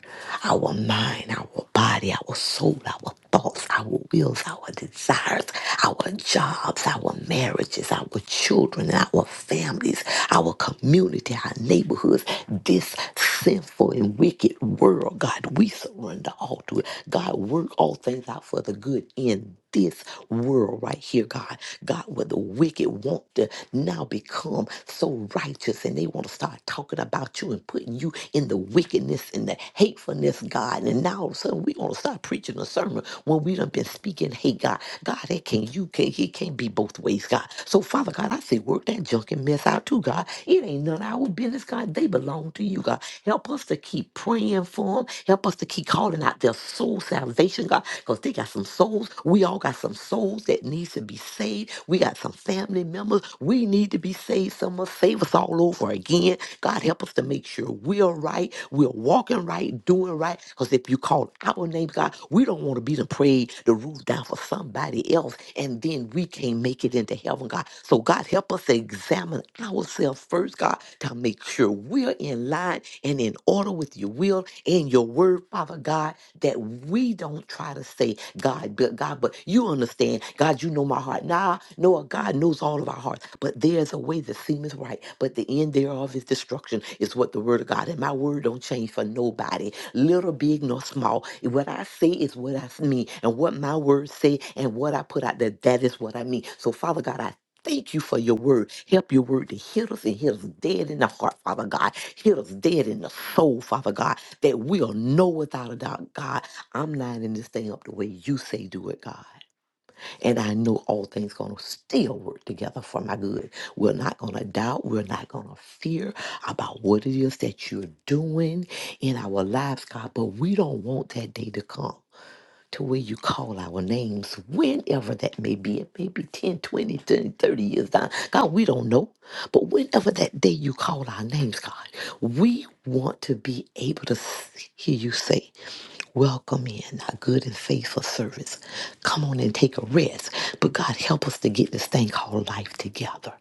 our mind, our body, our soul, our thoughts, our wills, our desires, our jobs, our marriages, our children, our families, our community, our neighborhoods, this sinful and wicked world, God. We surrender all to it. God, work all things out for the good in this world right here, God. God, where the wicked want to now become so righteous and they want to start talking about you and putting you in the wickedness and the hatefulness, God. And now all of a sudden we're gonna start preaching a sermon when we done been speaking hate, God. God, that can you can not it can't be both ways, God. So Father God, I say work that junk and mess out too, God. It ain't none of our business, God. They belong to you, God. God. Help us to keep praying for them. Help us to keep calling out their soul salvation, God, because they got some souls. We all got some souls that needs to be saved. We got some family members. We need to be saved. Some must save us all over again. God, help us to make sure we're right. We're walking right, doing right. Because if you call our name, God, we don't want to be the prayed, the roof down for somebody else. And then we can't make it into heaven, God. So, God, help us to examine ourselves first, God, to make sure we're in line and in order with your will and your word, Father God, that we don't try to say, God, but God, but you understand, God, you know my heart. Nah, no, God knows all of our hearts, but there's a way that seemeth right, but the end thereof is destruction, is what the word of God. And my word don't change for nobody little, big, nor small. What I say is what I mean, and what my words say and what I put out there, that is what I mean. So, Father God, I Thank you for your word. Help your word to hit us and hit us dead in the heart, Father God. Hit us dead in the soul, Father God, that we'll know without a doubt, God, I'm not in this thing up the way you say do it, God. And I know all things gonna still work together for my good. We're not gonna doubt, we're not gonna fear about what it is that you're doing in our lives, God, but we don't want that day to come to where you call our names whenever that may be. It may be 10, twenty, thirty, thirty years down. God, we don't know. But whenever that day you call our names, God, we want to be able to s- hear you say. Welcome in, our good and faithful service. Come on and take a rest. But God, help us to get this thing called life together.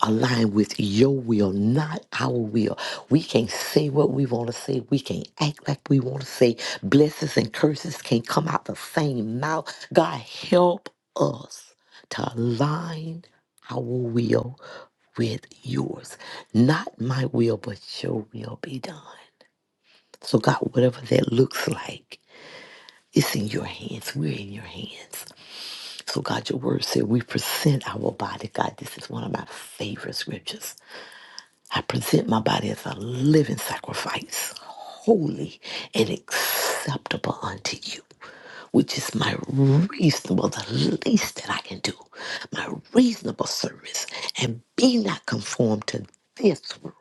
Align with your will, not our will. We can't say what we want to say. We can't act like we want to say. Blessings and curses can't come out the same mouth. God, help us to align our will with yours. Not my will, but your will be done. So, God, whatever that looks like, it's in your hands. We're in your hands. So, God, your word said we present our body. God, this is one of my favorite scriptures. I present my body as a living sacrifice, holy and acceptable unto you which is my reasonable, the least that I can do, my reasonable service, and be not conformed to this world,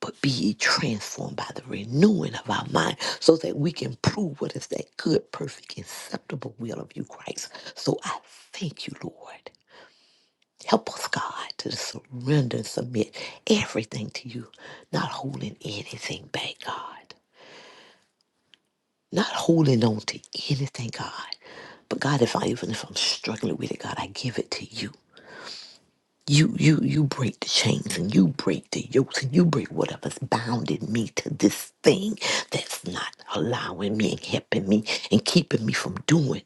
but be ye transformed by the renewing of our mind, so that we can prove what is that good, perfect, acceptable will of you, Christ. So I thank you, Lord. Help us, God, to surrender and submit everything to you, not holding anything back, God. Not holding on to anything, God. But God, if I even if I'm struggling with it, God, I give it to you. You you you break the chains and you break the yokes and you break whatever's bounded me to this thing that's not allowing me and helping me and keeping me from doing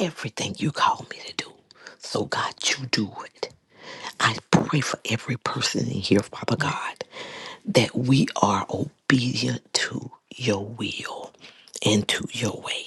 everything you call me to do. So God, you do it. I pray for every person in here, Father God, that we are obedient to your will and to your way.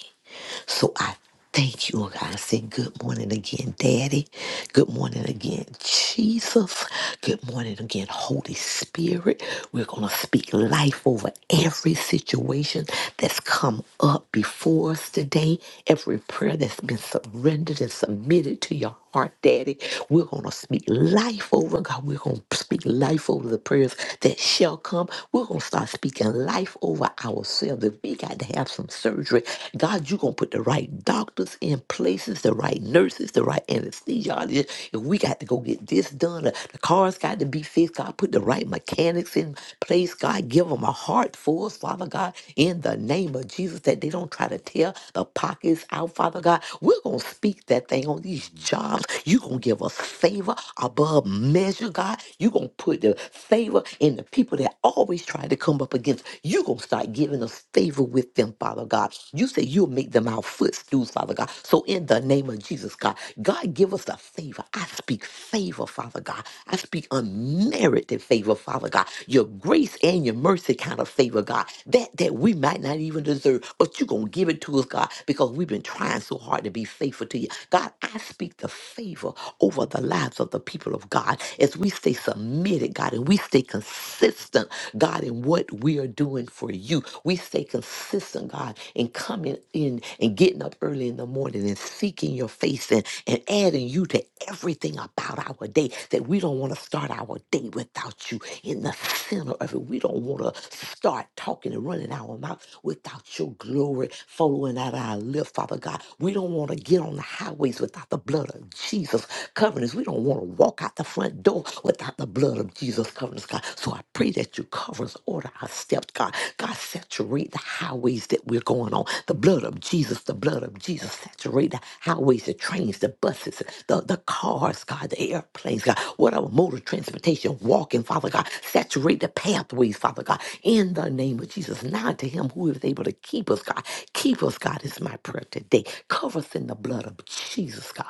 So I thank you, oh God. I say good morning again, Daddy. Good morning again, Jesus. Good morning again, Holy Spirit. We're going to speak life over every situation that's come up before us today, every prayer that's been surrendered and submitted to your heart, Daddy. We're going to speak life over God. We're going to speak life over the prayers that shall come. We're going to start start speaking life over ourselves. If we got to have some surgery, God, you're going to put the right doctors in places, the right nurses, the right anesthesiologists. If we got to go get this done, uh, the cars got to be fixed. God, put the right mechanics in place. God, give them a heart for us, Father God, in the name of Jesus, that they don't try to tear the pockets out, Father God. We're going to speak that thing on these jobs. You're going to give us favor above above measure, God. You're going to put the favor in the people that always try to come up against. You're going to start giving us favor with them, Father God. You say you'll make them our footstools, Father God. So in the name of Jesus, God, God, give us a favor. I speak favor, Father God. I speak unmerited favor, Father God. Your grace and your mercy kind of favor, God. That that we might not even deserve, but you're going to give it to us, God, because we've been trying trying so hard to be faithful to you. God, I speak the favor over the lives of the people of God as we stay submitted, God, and we stay consistent, God, in what we are doing for you. We stay consistent, God, in coming in and getting up early in the morning and seeking your face and, and adding you to everything about our day that we don't want to start our day without you in the center of it. We don't want to start talking and running our mouth without your glory following out our lip, Father God. We don't want to get on the highways without the blood of Jesus covering us. We don't want to walk out the front door without the blood of Jesus covering us, God. So I pray that you cover us, order our steps, God. God, saturate the highways that we're going on. The blood of Jesus, the blood of Jesus, saturate the highways, the trains, the buses, the, the cars, God, the airplanes, God, whatever mode of transportation, walking, Father God. Saturate the pathways, Father God, in the name of Jesus. Now to him who is able to keep us, God. Keep us, God, is my prayer today. Cover us in the blood of Jesus, God.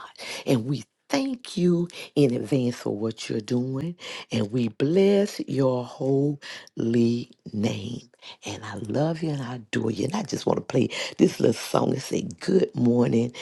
And we thank you in advance for what you're doing. And we bless your holy name. And I love you and I adore you. And I just want to play this little song and say, Good morning.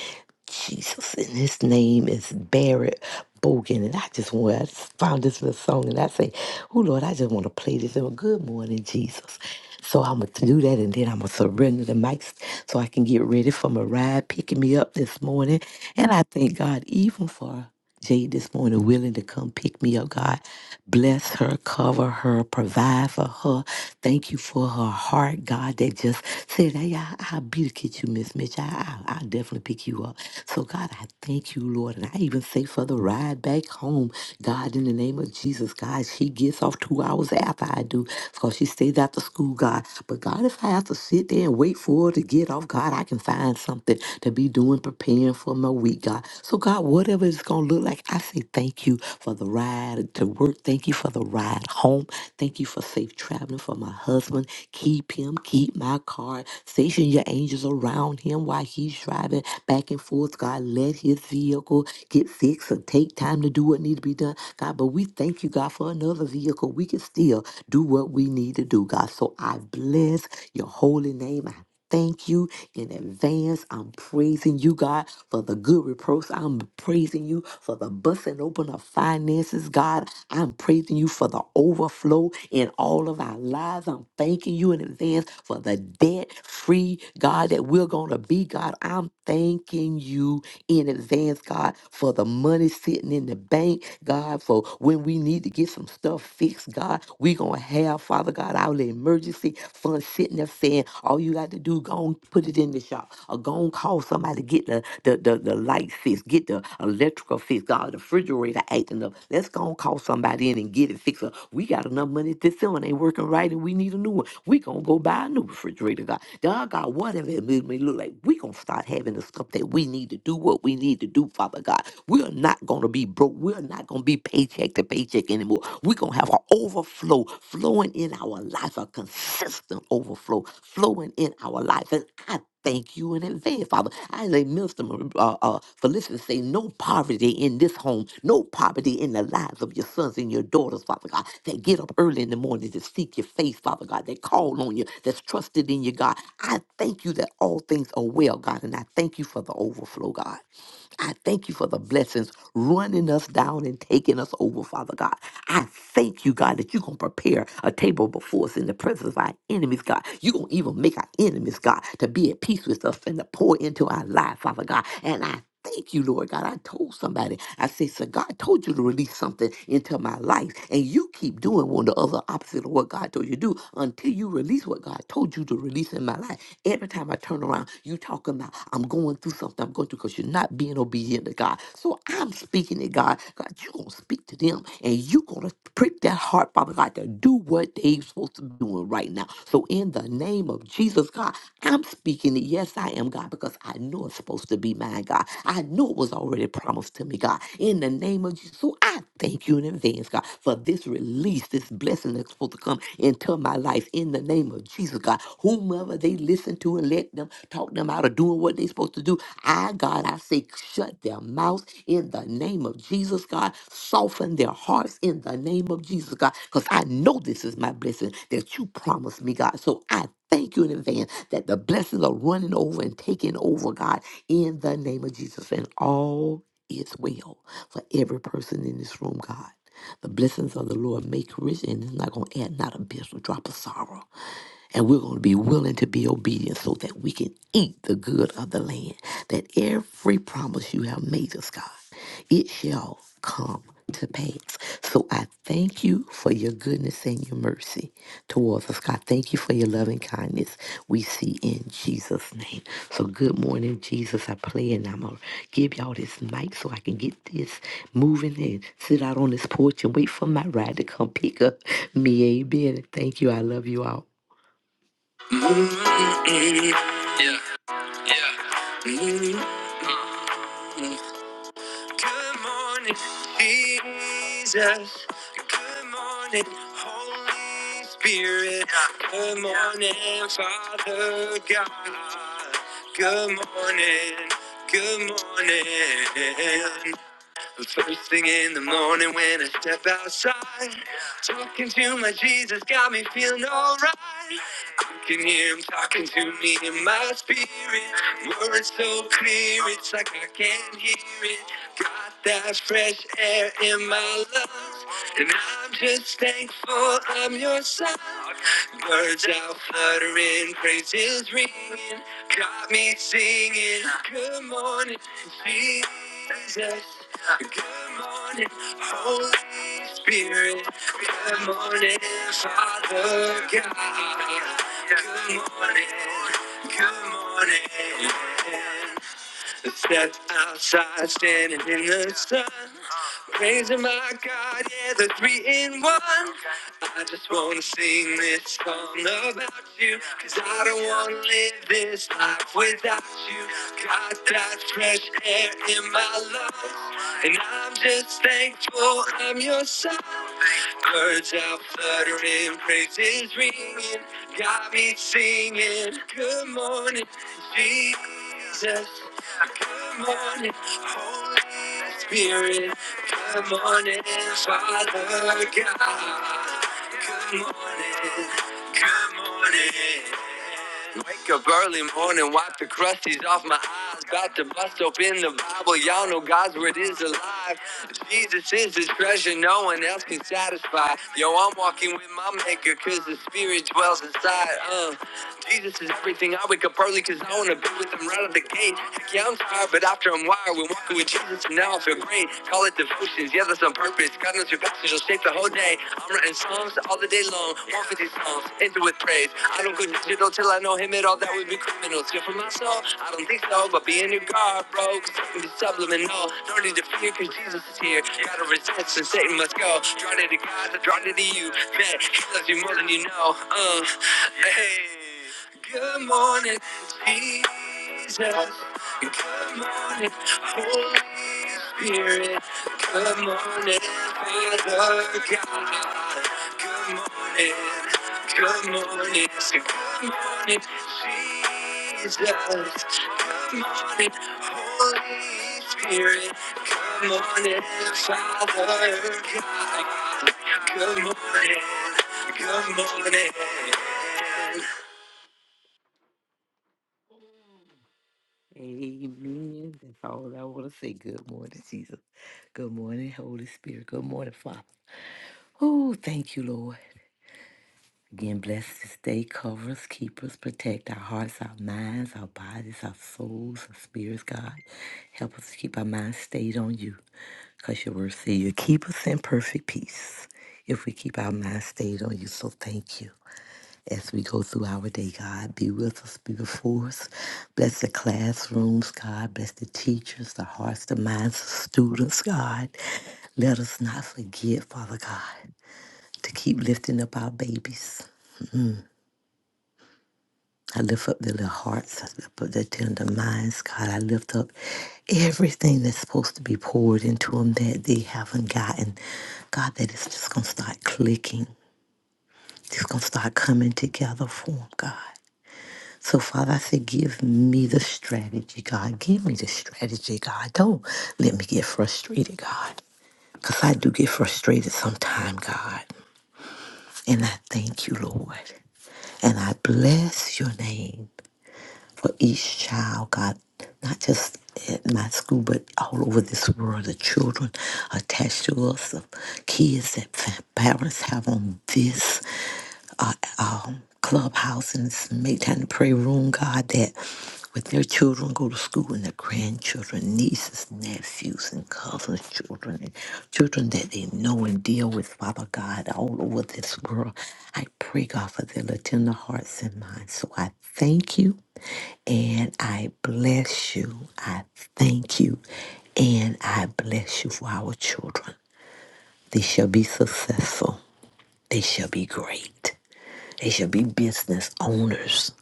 Jesus, and his name is Barrett Bogan. And I just want, I just found this little song and I say, Oh Lord, I just want to play this. And good morning, Jesus. So I'm going to do that and then I'm going to surrender the mics so I can get ready for my ride picking me up this morning. And I thank God even for Jade this morning willing to come pick me up, God. Bless her, cover her, provide for her. Thank you for her heart, God, that just said, hey, I, I'll be the kid you, Miss Mitch. I, I, I'll definitely pick you up. So, God, I thank you, Lord. And I even say for the ride back home, God, in the name of Jesus, God, she gets off two hours after I do because she stays after school, God. But, God, if I have to sit there and wait for her to get get off, God, I can find something to be doing, preparing for my week, God. So, God, whatever it's going to look like, I say thank you for the ride to work. Thank you for the ride home. Thank you for safe traveling for my husband. Keep him, keep my car. Station your angels around him while he's driving back and forth. God, let his vehicle get fixed or take time to do what needs to be done. God, but we thank you, God, for another vehicle. We can still do what we need to do, God. So I bless your holy name. I thank you in advance. I'm praising you, God, for the good reproach. I'm praising you for the busting open of finances, God. I'm praising you for the overflow in all of our lives. I'm thanking you in advance for the debt free, God, that we're going to be, God. I'm thanking you in advance, God, for the money sitting in the bank, God, for when we need to get some stuff fixed, God, we going to have, Father God, our little emergency fund sitting there saying, all you got to do, go and put it in the shop or go and call somebody to get the, the, the, the light fixed, get the electrical fixed, God, the refrigerator acting up. Let's go and call somebody in and get it fixed up. We got enough money this one ain't working right and we need a new one. We going to go buy a new refrigerator, God. God, God, whatever it may look like, we going to start having the stuff that we need to do what we need to do, Father God. We're not going to be broke. We're not going to be paycheck to paycheck anymore. We're going to have an overflow flowing in our life, a consistent overflow flowing in our life. And I thank you in advance saying, Father, I lay Minister uh, uh, Felicity say, no poverty in this home, no poverty in the lives of your sons and your daughters, Father God, that get up early in the morning to seek your face, Father God, that call on you, that's trusted in you, God. I thank you that all things are well, God, and I thank you for the overflow, God. I thank you for the blessings running us down and taking us over, Father God. I thank you, God, that you're going to prepare a table before us in the presence of our enemies, God. You're going to even make our enemies, God, to be at peace with us and to pour into our life, Father God. And I Thank you, Lord God. I told somebody, I said, so God told you to release something into my life, and you keep doing one of the other opposite of what God told you to do until you release what God told you to release in my life. Every time I turn around, you talking about, I'm going through something I'm going through because you're not being obedient to God. So I'm speaking to God. God, you're going to speak to them, and you're going to prick that heart, Father God. God, to do what they're supposed to be doing right now. So, in the name of Jesus, God, I'm speaking it. Yes, I am, God, because I know it's supposed to be mine, God. I know it was already promised to me, God. In the name of Jesus, so I thank you in advance, God, for this release, this blessing that's supposed to come into my life. In the name of Jesus, God, whomever they listen to and let them talk them out of doing doing what they're supposed to do. I, God, I say, shut their mouth in the name of Jesus, God. Soften their hearts in the name of Jesus, God, because I know this is my blessing that you promised me, God. So I thank you in advance that the blessings are running over and taking over, God, in the name of Jesus. And all is well for every person in this room, God. The blessings of the Lord make rich and it's not going to add not a bit or drop of sorrow. And we're going to be willing to be obedient so that we can eat the good of the land. That every promise you have made us, God, it shall come to pass. So I thank you for your goodness and your mercy towards us, God. Thank you for your loving kindness we see in Jesus' name. So good morning, Jesus. I pray and I'm going to give y'all this mic so I can get this moving and sit out on this porch and wait for my ride to come pick up me. Amen. Thank you. I love you all. Mm-mm. Yeah, yeah. Mm-mm. Good morning, Jesus. Good morning, Holy Spirit. Good morning, Father God. Good morning, good morning. The first thing in the morning when I step outside, talking to my Jesus got me feeling alright. I can hear him talking to me in my spirit. Words so clear, it's like I can't hear it. Got that fresh air in my lungs, and I'm just thankful I'm your son. Birds out fluttering, praises ringing, got me singing. Good morning, Jesus. Good morning, Holy Spirit, good morning, Father God. Good morning, good morning. Stepped outside, standing in the sun. Praising my God, yeah, the three in one. I just wanna sing this song about you. Cause I don't wanna live this life without you. Got that fresh air in my lungs. And I'm just thankful I'm your son. Birds out fluttering, praises ringing. Got me singing, good morning, Jesus. Come on in, Holy Spirit. Come on in, Father God. Come on in, come on in. Wake up early morning, wipe the crusties off my eyes. About to bust open the Bible, y'all know God's word is alive alive. Jesus is the treasure no one else can satisfy. Yo, I'm walking with my maker cause the spirit dwells inside. Uh, Jesus is everything. I wake up early cause I wanna be with him right out the gate. Heck yeah, I'm tired, but after I'm wired, we're walking with Jesus and now I feel great. Call it devotions, yeah, that's on purpose. God knows your passions will shape the whole day. I'm writing songs all the day long. 156 these songs ended with praise. I don't go digital till I know him at all. That would be criminal. Still for my soul, I don't think so. But be in your guard, bro. Cause I can be subliminal. No need to fear, cause Jesus is here. Gotta resist and Satan must go. Draw near to God, I draw near to you. Man, he loves you more than you know. Uh, hey. Good morning, Jesus. Good morning, Holy Spirit. Good morning, Father God. Good morning. Good morning, say good morning, Jesus. Good morning, Holy Spirit. Good morning, Father God. Good morning, good morning. Amen. That's all I want to say. Good morning, Jesus. Good morning, Holy Spirit. Good morning, Father. Oh, thank you, Lord. Again, bless this day, cover us, keep us, protect our hearts, our minds, our bodies, our souls, our spirits, God. Help us to keep our minds stayed on you, because your word says you keep us in perfect peace if we keep our minds stayed on you. So thank you. As we go through our day, God, be with us, be before us. Bless the classrooms, God. Bless the teachers, the hearts, the minds of students, God. Let us not forget, Father God, to keep lifting up our babies I lift up their little hearts, I lift up their tender minds, God. I lift up everything that's supposed to be poured into them that they haven't gotten. God, that it's just going to start clicking. It's going to start coming together for them, God. So, Father, I say, give me the strategy, God. Give me the strategy, God. Don't let me get frustrated, God. Because I do get frustrated sometime, God. And I thank you, Lord. And I bless your name. for each child, God, not just at my school, but all over this world, the children attached to us, the kids that fa- parents have on this uh, um, clubhouse and this make time to pray room, God, that with their children go to school and their grandchildren, nieces, nephews, and cousins, children, and children that they know and deal with, Father God, all over this world. I pray, God, for their tender hearts and minds. So I thank you and I bless you. I thank you and I bless you for our children. They shall be successful, they shall be great, they shall be business owners.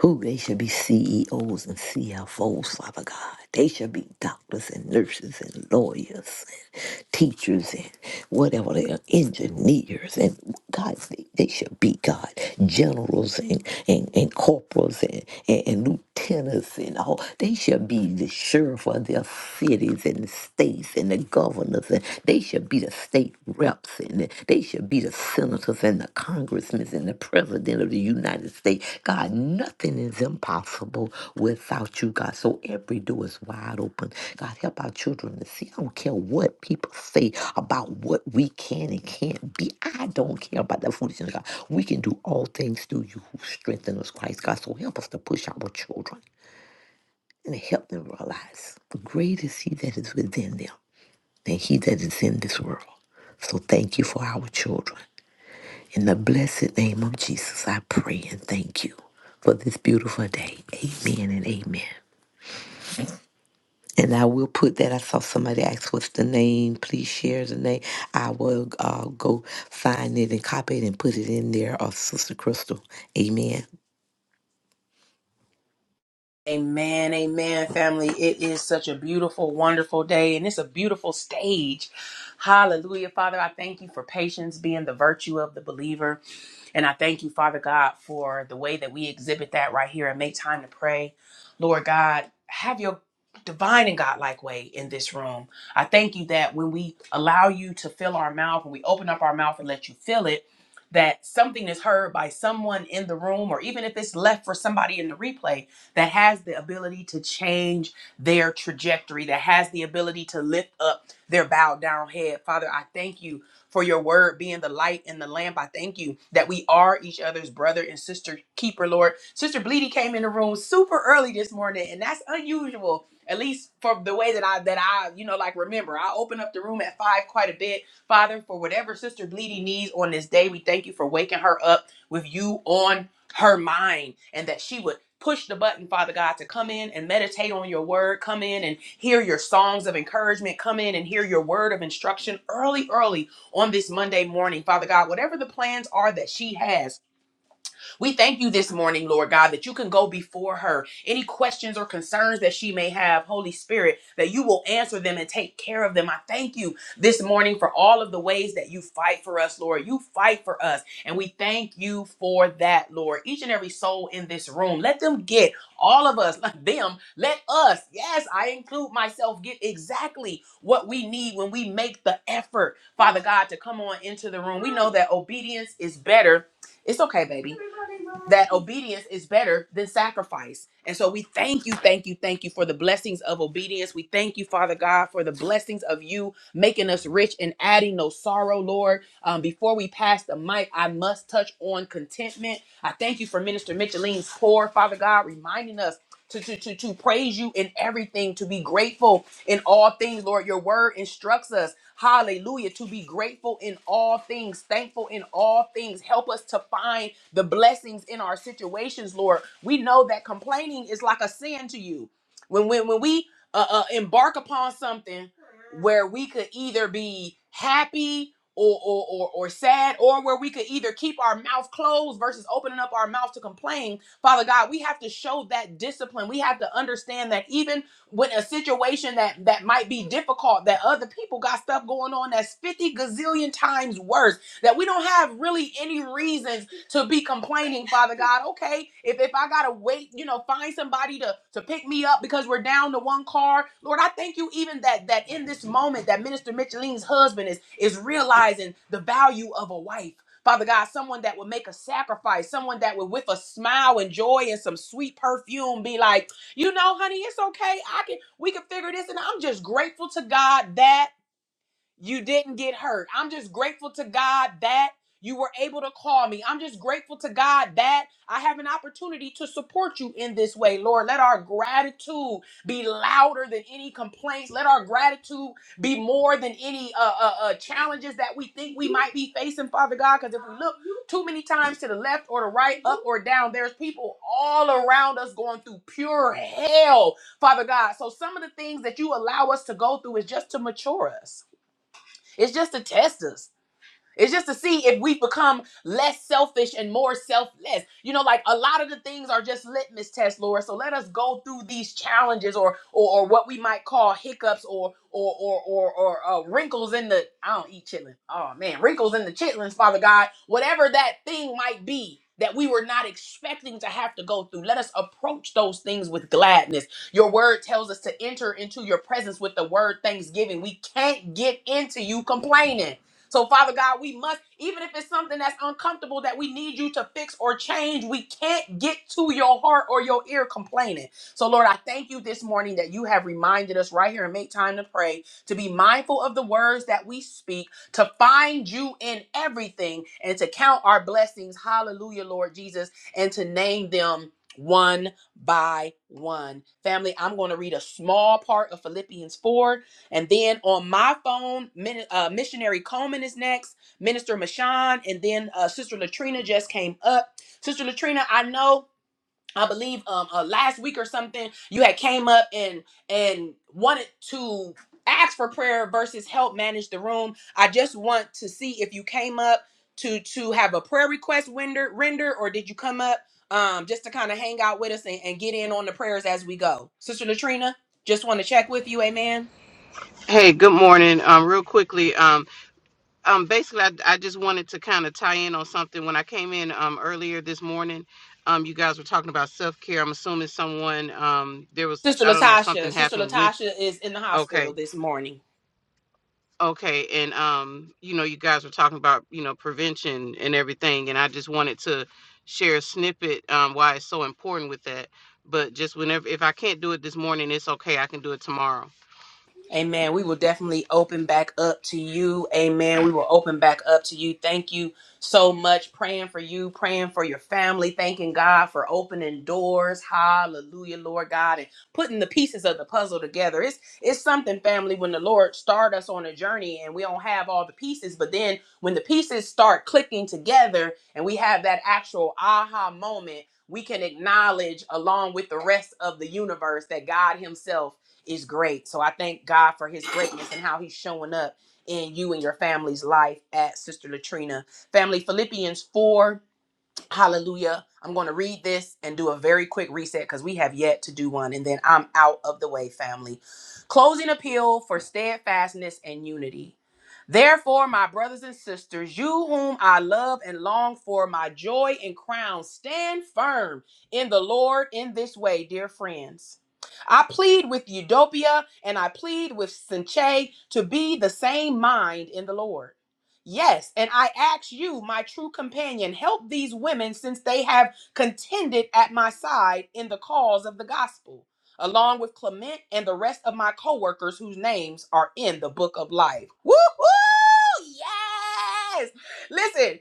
Who they should be CEOs and CFOs, Father God. They should be doctors and nurses and lawyers and teachers and whatever they are, engineers and God, they, they should be God, generals and, and, and corporals and, and, and lieutenants and all. They should be the sheriff of their cities and the states and the governors and they should be the state reps and the- they should be the senators and the congressmen and the president of the United States. God, nothing is impossible without you, God. So every door is wide open. God, help our children to see. I don't care what people say about what we can and can't be. I don't care about that foolishness, God. We can do all things through you who strengthen us, Christ, God. So help us to push our children and help them realize great is he that is within them than he that is in this world. So thank you for our children. In the blessed name of Jesus, I pray and thank you for this beautiful day. Amen and amen. And I will put that. I saw somebody ask, "What's the name?" Please share the name. I will uh, go find it and copy it and put it in there. Of Sister Crystal. Amen.
Amen, amen, family. It is such a beautiful, wonderful day, and it's a beautiful stage. Hallelujah. Father, I thank you for patience being the virtue of the believer. And I thank you, Father God, for the way that we exhibit that right here and make time to pray. Lord God, have your divine and godlike way in this room. I thank you that when we allow you to fill our mouth, when we open up our mouth and let you fill it, that something is heard by someone in the room, or even if it's left for somebody in the replay that has the ability to change their trajectory, that has the ability to lift up their bowed down head. Father, I thank you for your word being the light and the lamp. I thank you that we are each other's brother and sister keeper, Lord. Sister Bleedy came in the room super early this morning, and that's unusual. At least for the way that I that I, you know, like remember, I open up the room at five quite a bit. Father, for whatever Sister Bleedy needs on this day, we thank you for waking her up with you on her mind and that she would push the button, Father God, to come in and meditate on your word, come in and hear your songs of encouragement, come in and hear your word of instruction early, early on this Monday morning, Father God. Whatever the plans are that she has, we thank you this morning, Lord God, that you can go before her. Any questions or concerns that she may have, Holy Spirit, that you will answer them and take care of them. I thank you this morning for all of the ways that you fight for us, Lord. You fight for us, and we thank you for that, Lord. Each and every soul in this room, let them get all of us, (laughs) let them, let us, yes, I include myself, get exactly what we need when we make the effort, Father God, to come on into the room. We know that obedience is better it's okay, baby. That obedience is better than sacrifice. And so we thank you, thank you, thank you for the blessings of obedience. We thank you, Father God, for the blessings of you making us rich and adding no sorrow, Lord. Um, before we pass the mic, I must touch on contentment. I thank you for Minister Micheline's pour, Father God, reminding us to, to, to, to praise you in everything, to be grateful in all things, Lord. Your word instructs us Hallelujah. To be grateful in all things, thankful in all things. Help us to find the blessings in our situations, Lord. We know that complaining is like a sin to you. When when when we uh, uh, embark upon something where we could either be happy or, or or or sad, or where we could either keep our mouth closed versus opening up our mouth to complain. Father God, we have to show that discipline. We have to understand that even when a situation that that might be difficult that other people got stuff going on that's 50 gazillion times worse that we don't have really any reasons to be complaining father god okay if if i gotta wait you know find somebody to to pick me up because we're down to one car lord i thank you even that that in this moment that minister micheline's husband is is realizing the value of a wife Father God, someone that would make a sacrifice, someone that would, with a smile and joy and some sweet perfume, be like, you know, honey, it's okay. I can we can figure this and I'm just grateful to God that you didn't get hurt. I'm just grateful to God that you were able to call me. I'm just grateful to God that I have an opportunity to support you in this way, Lord. Let our gratitude be louder than any complaints. Let our gratitude be more than any uh, uh, uh, challenges that we think we might be facing, Father God. Because if we look too many times to the left or the right, up or down, there's people all around us going through pure hell, Father God. So some of the things that you allow us to go through is just to mature us. It's just to test us. It's just to see if we've become less selfish and more selfless. You know, like a lot of the things are just litmus tests, Laura. So let us go through these challenges or or, or what we might call hiccups or or or or, or uh, wrinkles in the I don't eat chitlin. Oh man, wrinkles in the chitlins, Father God. Whatever that thing might be that we were not expecting to have to go through. Let us approach those things with gladness. Your word tells us to enter into your presence with the word thanksgiving. We can't get into you complaining. So, Father God, we must, even if it's something that's uncomfortable that we need you to fix or change, we can't get to your heart or your ear complaining. So, Lord, I thank you this morning that you have reminded us right here and make time to pray, to be mindful of the words that we speak, to find you in everything, and to count our blessings. Hallelujah, Lord Jesus, and to name them one by one. Family, I'm going to read a small part of Philippians 4 and then on my phone, Min- uh, missionary Coleman is next, Minister Mashawn, and then uh, Sister Latrina just came up. Sister Latrina, I know. I believe um uh, last week or something you had came up and and wanted to ask for prayer versus help manage the room. I just want to see if you came up to to have a prayer request render render or did you come up um just to kind of hang out with us and, and get in on the prayers as we go. Sister Latrina, just want to check with you, amen.
Hey, good morning. Um, real quickly, um, um, basically, I, I just wanted to kind of tie in on something. When I came in um, earlier this morning, um, you guys were talking about self care. I'm assuming someone um, there was
Sister
I don't know
Latasha.
something
Sister
happened with.
Latasha is in the hospital
Okay,
this morning.
okay, and um, you know, you guys were talking about you know prevention and everything, and I just wanted to share a snippet um, why it's so important with that. But just whenever, if I can't do it this morning, it's okay. I can do it tomorrow.
Amen. We will definitely open back up to you. Amen. We will open back up to you. Thank you so much. Praying for you, praying for your family, thanking God for opening doors. Hallelujah, Lord God, and putting the pieces of the puzzle together. It's it's something, family, when the Lord start us on a journey and we don't have all the pieces, but then when the pieces start clicking together and we have that actual aha moment. We can acknowledge, along with the rest of the universe, that God Himself is great. So I thank God for his greatness and how he's showing up in you and your family's life at Sister Latrina. Family, Philippians 4 Hallelujah. I'm going to read this and do a very quick reset because we have yet to do one. And then I'm out of the way, family. Closing appeal for steadfastness and unity. Therefore, my brothers and sisters, you whom I love and long for, my joy and crown, stand firm in the Lord in this way, dear friends. I plead with Eudopia and I plead with Sinche to be the same mind in the Lord. Yes, and I ask you, my true companion, help these women since they have contended at my side in the cause of the gospel, along with Clement and the rest of my co-workers whose names are in the book of life. Woo hoo! Yes! Listen,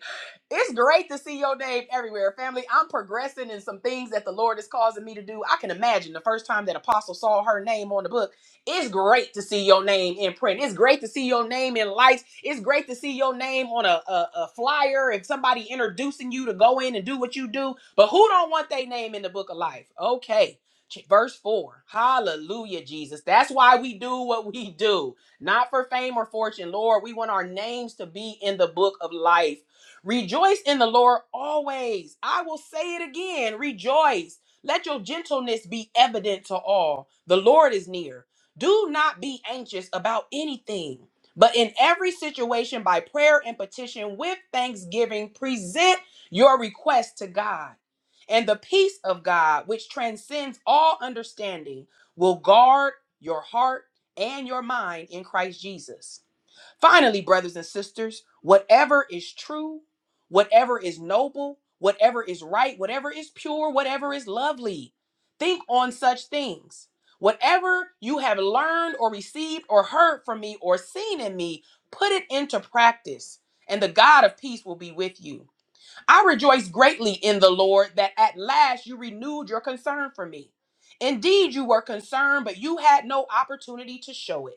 it's great to see your name everywhere, family. I'm progressing in some things that the Lord is causing me to do. I can imagine the first time that Apostle saw her name on the book. It's great to see your name in print. It's great to see your name in lights. It's great to see your name on a, a, a flyer and somebody introducing you to go in and do what you do. But who don't want their name in the book of life? Okay. Ch- Verse 4. Hallelujah, Jesus. That's why we do what we do. Not for fame or fortune, Lord. We want our names to be in the book of life. Rejoice in the Lord always. I will say it again. Rejoice. Let your gentleness be evident to all. The Lord is near. Do not be anxious about anything, but in every situation, by prayer and petition with thanksgiving, present your request to God. And the peace of God, which transcends all understanding, will guard your heart and your mind in Christ Jesus. Finally, brothers and sisters, whatever is true, whatever is noble, whatever is right, whatever is pure, whatever is lovely, think on such things. Whatever you have learned or received or heard from me or seen in me, put it into practice, and the God of peace will be with you. I rejoice greatly in the Lord that at last you renewed your concern for me. Indeed, you were concerned, but you had no opportunity to show it.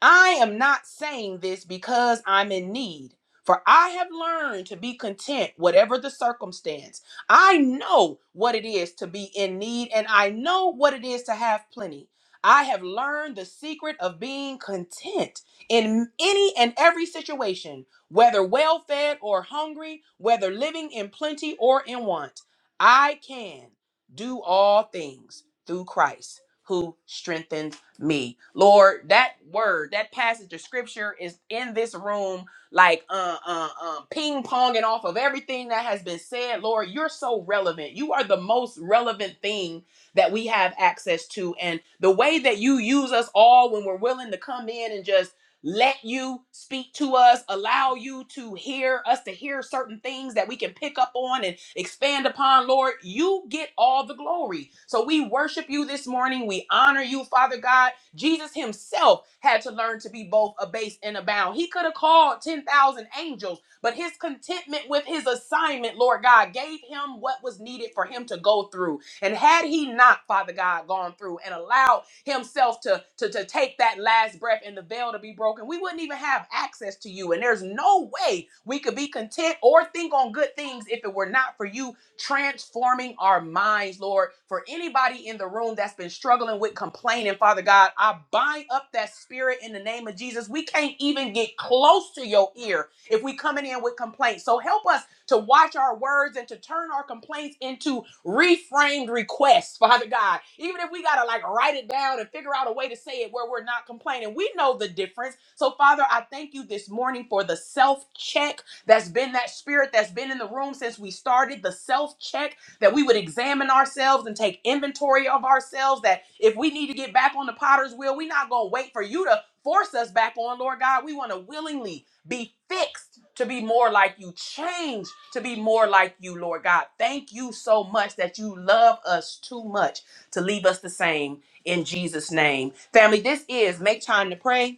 I am not saying this because I'm in need, for I have learned to be content, whatever the circumstance. I know what it is to be in need, and I know what it is to have plenty. I have learned the secret of being content in any and every situation, whether well fed or hungry, whether living in plenty or in want. I can do all things through Christ who strengthens me. Lord, that word, that passage of scripture is in this room, like uh, uh, um, ping ponging off of everything that has been said. Lord, you're so relevant. You are the most relevant thing that we have access to. And the way that you use us all when we're willing to come in and just let you speak to us, allow you to hear us, to hear certain things that we can pick up on and expand upon, Lord. You get all the glory. So we worship you this morning. We honor you, Father God. Jesus himself had to learn to be both abased and abound. He could have called 10,000 angels, but his contentment with his assignment, Lord God, gave him what was needed for him to go through. And had he not, Father God, gone through and allowed himself to, to, to take that last breath and the veil to be broken, we wouldn't even have access to you. And there's no way we could be content or think on good things if it were not for you transforming our minds, Lord. For anybody in the room that's been struggling with complaining, Father God, I bind up that spirit in the name of Jesus. We can't even get close to your ear if we coming in with complaints. So help us to watch our words and to turn our complaints into reframed requests, Father God. Even if we got to like write it down and figure out a way to say it where we're not complaining, we know the difference. So, Father, I thank you this morning for the self check that's been that spirit that's been in the room since we started, the self check that we would examine ourselves and take inventory of ourselves. That if we need to get back on the potter's wheel, we're not going to wait for you to force us back on, Lord God. We want to willingly be fixed to be more like you. Change to be more like you, Lord God. Thank you so much that you love us too much to leave us the same in Jesus' name. Family, this is Make Time to Pray.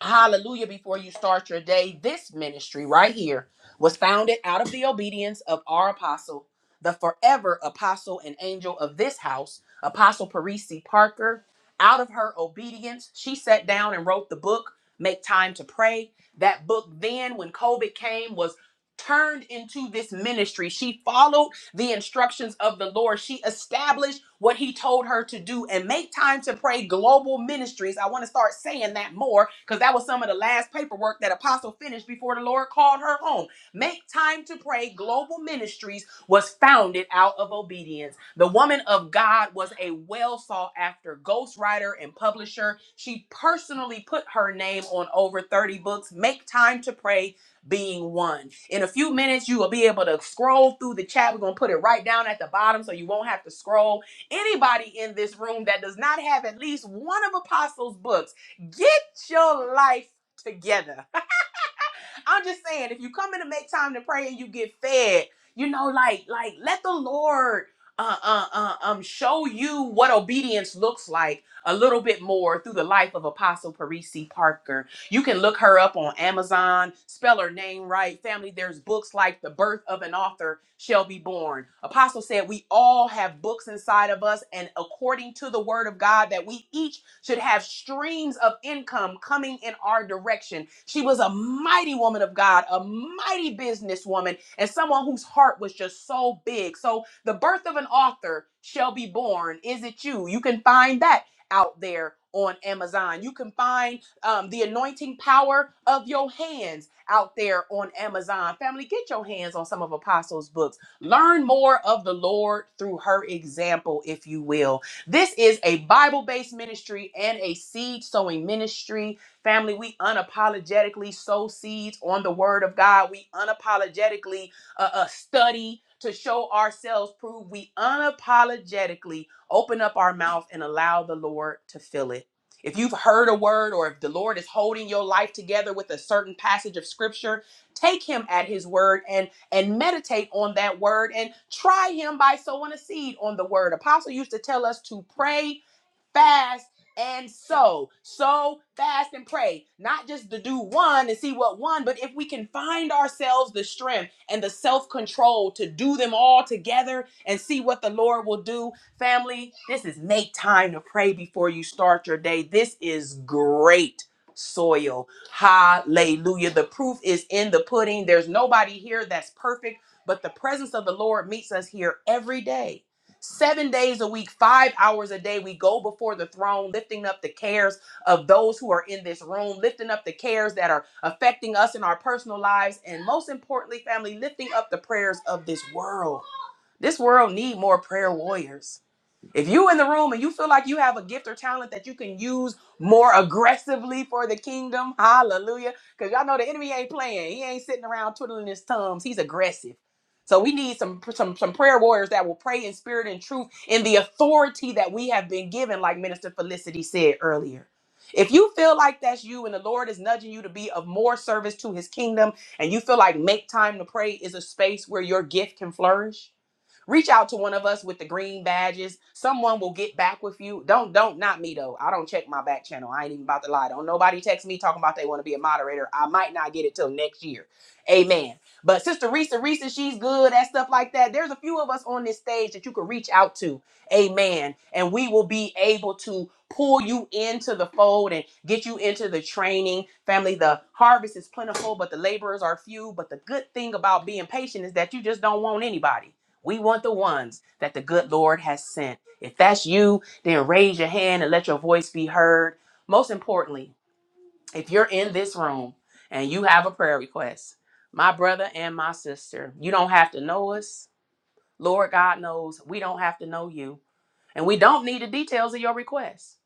Hallelujah. Before you start your day, this ministry right here was founded out of the obedience of our apostle, the forever apostle and angel of this house, Apostle Parisi Parker. Out of her obedience, she sat down and wrote the book, Make Time to Pray. That book, then, when COVID came, was turned into this ministry. She followed the instructions of the Lord. She established what he told her to do and make time to pray global ministries. I want to start saying that more because that was some of the last paperwork that Apostle finished before the Lord called her home. Make time to pray global ministries was founded out of obedience. The woman of God was a well sought after ghostwriter and publisher. She personally put her name on over 30 books. Make time to pray being one. In a few minutes, you will be able to scroll through the chat. We're going to put it right down at the bottom so you won't have to scroll. Anybody in this room that does not have at least one of Apostles' books, get your life together I'm just saying, if you come in to make time to pray and you get fed, you know, like like let the Lord uh, uh, uh, um show you what obedience looks like a little bit more through the life of Apostle Parisi Parker. You can look her up on Amazon, spell her name right. Family, there's books like The Birth of an Author Shall Be Born. Apostle said we all have books inside of us, and according to the word of God that we each should have streams of income coming in our direction. She was a mighty woman of God, a mighty businesswoman, and someone whose heart was just so big. So, the birth of an author shall be born. Is it you? You can find that out there on Amazon. You can find um, the anointing power of your hands out there on Amazon. Family, get your hands on some of Apostles' books. Learn more of the Lord through her example, if you will. This is a Bible based ministry and a seed sowing ministry. Family, we unapologetically sow seeds on the word of God. We unapologetically uh, uh, study to show ourselves prove we unapologetically open up our mouth and allow the lord to fill it if you've heard a word or if the lord is holding your life together with a certain passage of scripture take him at his word and and meditate on that word and try him by sowing a seed on the word. Apostle used to tell us to pray fast and sow. Sow, fast, and pray. Not just to do one and see what one, but if we can find ourselves the strength and the self control to do them all together and see what the Lord will do. Family, this is make time to pray before you start your day. This is great soil. Hallelujah. The proof is in the pudding. There's nobody here that's perfect, but the presence of the Lord meets us here every day Seven days a week, five hours a day, we go before the throne, lifting up the cares of those who are in this room, lifting up the cares that are affecting us in our personal lives, and most importantly, family, lifting up the prayers of this world. This world need more prayer warriors. If you in the room and you feel like you have a gift or talent that you can use more aggressively for the kingdom, hallelujah. Because y'all know the enemy ain't playing. He ain't sitting around twiddling his thumbs. He's aggressive. So we need some some some prayer warriors that will pray in spirit and truth in the authority that we have been given, like Minister Felicity said earlier. If you feel like that's you and the Lord is nudging you to be of more service to his kingdom, and you feel like make time to pray is a space where your gift can flourish, reach out to one of us with the green badges. Someone will get back with you. Don't don't not me though. I don't check my back channel. I ain't even about to lie. Don't nobody text me talking about they want to be a moderator. I might not get it till next year. Amen. But Sister Risa, Risa, she's good at stuff like that. There's a few of us on this stage that you can reach out to. Amen. And we will be able to pull you into the fold and get you into the training. Family, the harvest is plentiful, but the laborers are few. But the good thing about being patient is that you just don't want anybody. We want the ones that the good Lord has sent. If that's you, then raise your hand and let your voice be heard. Most importantly, if you're in this room and you have a prayer request, my brother and my sister, you don't have to know us. Lord God knows we don't have to know you. And we don't need the details of your request.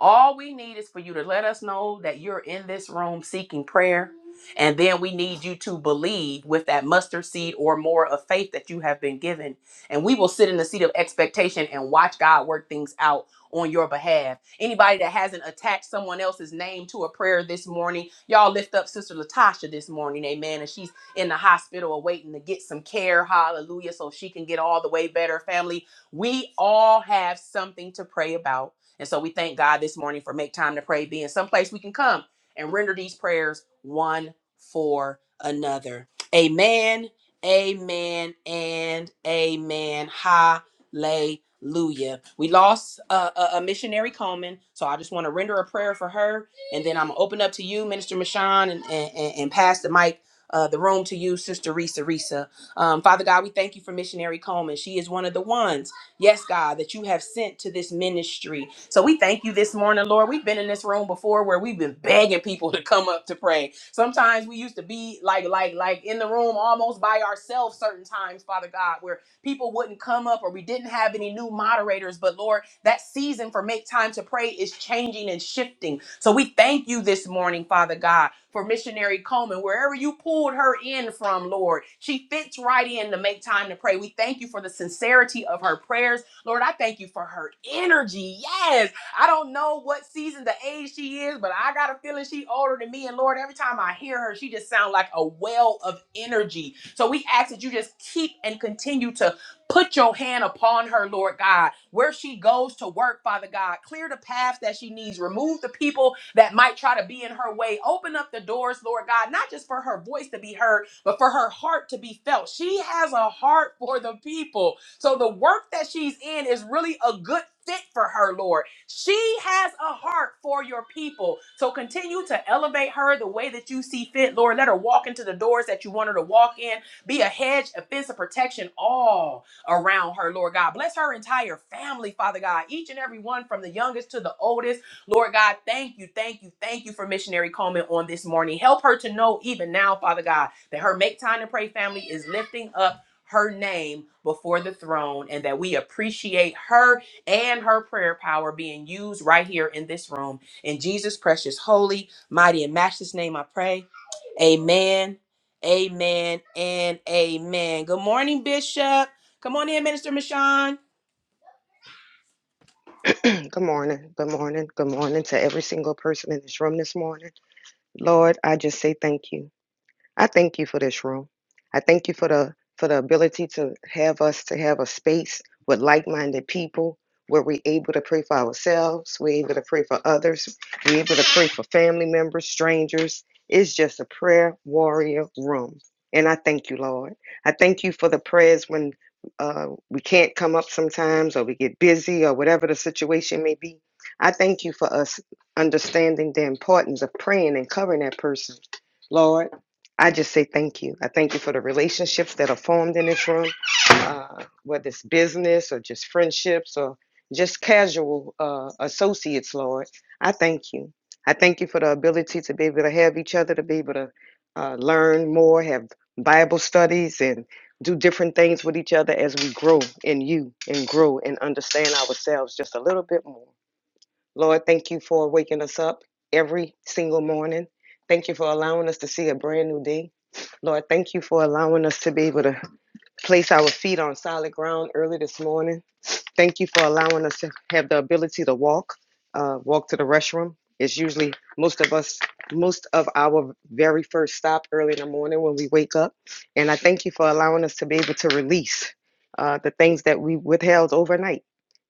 All we need is for you to let us know that you're in this room seeking prayer. And then we need you to believe with that mustard seed or more of faith that you have been given. And we will sit in the seat of expectation and watch God work things out on your behalf. Anybody that hasn't attached someone else's name to a prayer this morning, y'all lift up Sister Latasha this morning, amen. And she's in the hospital awaiting to get some care, hallelujah, so she can get all the way better. Family, we all have something to pray about. And so we thank God this morning for make time to pray being someplace we can come and render these prayers one for another. Amen, amen, and amen. Hallelujah. We lost uh, a, a missionary Coleman, so I just want to render a prayer for her, and then I'm going to open up to you, Minister Michon, and, and, and and pass the mic, uh, the room to you, Sister Risa Risa. Um, Father God, we thank you for missionary Coleman. She is one of the ones yes, God, that you have sent to this ministry. So we thank you this morning, Lord. We've been in this room before where we've been begging people to come up to pray. Sometimes we used to be like, like, like in the room almost by ourselves certain times, Father God, where people wouldn't come up or we didn't have any new moderators. But Lord, that season for Make Time to Pray is changing and shifting. So we thank you this morning, Father God, for missionary Coleman, wherever you pulled her in from, Lord. She fits right in to Make Time to Pray. We thank you for the sincerity of her prayers. Lord, I thank you for her energy. Yes. I don't know what season the age she is, but I got a feeling she older than me. And Lord, every time I hear her, she just sounds like a well of energy. So we ask that you just keep and continue to Put your hand upon her, Lord God, where she goes to work, Father God. Clear the path that she needs. Remove the people that might try to be in her way. Open up the doors, Lord God, not just for her voice to be heard, but for her heart to be felt. She has a heart for the people. So the work that she's in is really a good fit for her, Lord. She has a heart for your people. So continue to elevate her the way that you see fit, Lord. Let her walk into the doors that you want her to walk in. Be a hedge, a fence of protection all around her, Lord God. Bless her entire family, Father God, each and every one from the youngest to the oldest. Lord God, thank you, thank you, thank you for missionary Coleman on this morning. Help her to know even now, Father God, that her Make Time to Pray family is lifting up her name before the throne and that we appreciate her and her prayer power being used right here in this room. In Jesus' precious, holy, mighty, and matchless name, I pray. Amen. Amen and amen. Good morning, Bishop. Come on in, Minister Mashawn.
(clears throat) Good morning. Good morning. Good morning to every single person in this room this morning. Lord, I just say thank you. I thank you for this room. I thank you for the for the ability to have us to have a space with like-minded people where we're able to pray for ourselves, we're able to pray for others, we're able to pray for family members, strangers. It's just a prayer warrior room. And I thank you, Lord. I thank you for the prayers when uh, we can't come up sometimes or we get busy or whatever the situation may be. I thank you for us understanding the importance of praying and covering that person. Lord, I just say thank you. I thank you for the relationships that are formed in this room, uh, whether it's business or just friendships or just casual uh, associates, Lord. I thank you. I thank you for the ability to be able to have each other, to be able to uh, learn more, have Bible studies, and do different things with each other as we grow in you and grow and understand ourselves just a little bit more. Lord, thank you for waking us up every single morning. Thank you for allowing us to see a brand new day. Lord, thank you for allowing us to be able to place our feet on solid ground early this morning. Thank you for allowing us to have the ability to walk, uh, walk to the restroom. It's usually most of us, most of our very first stop early in the morning when we wake up. And I thank you for allowing us to be able to release uh, the things that we withheld overnight.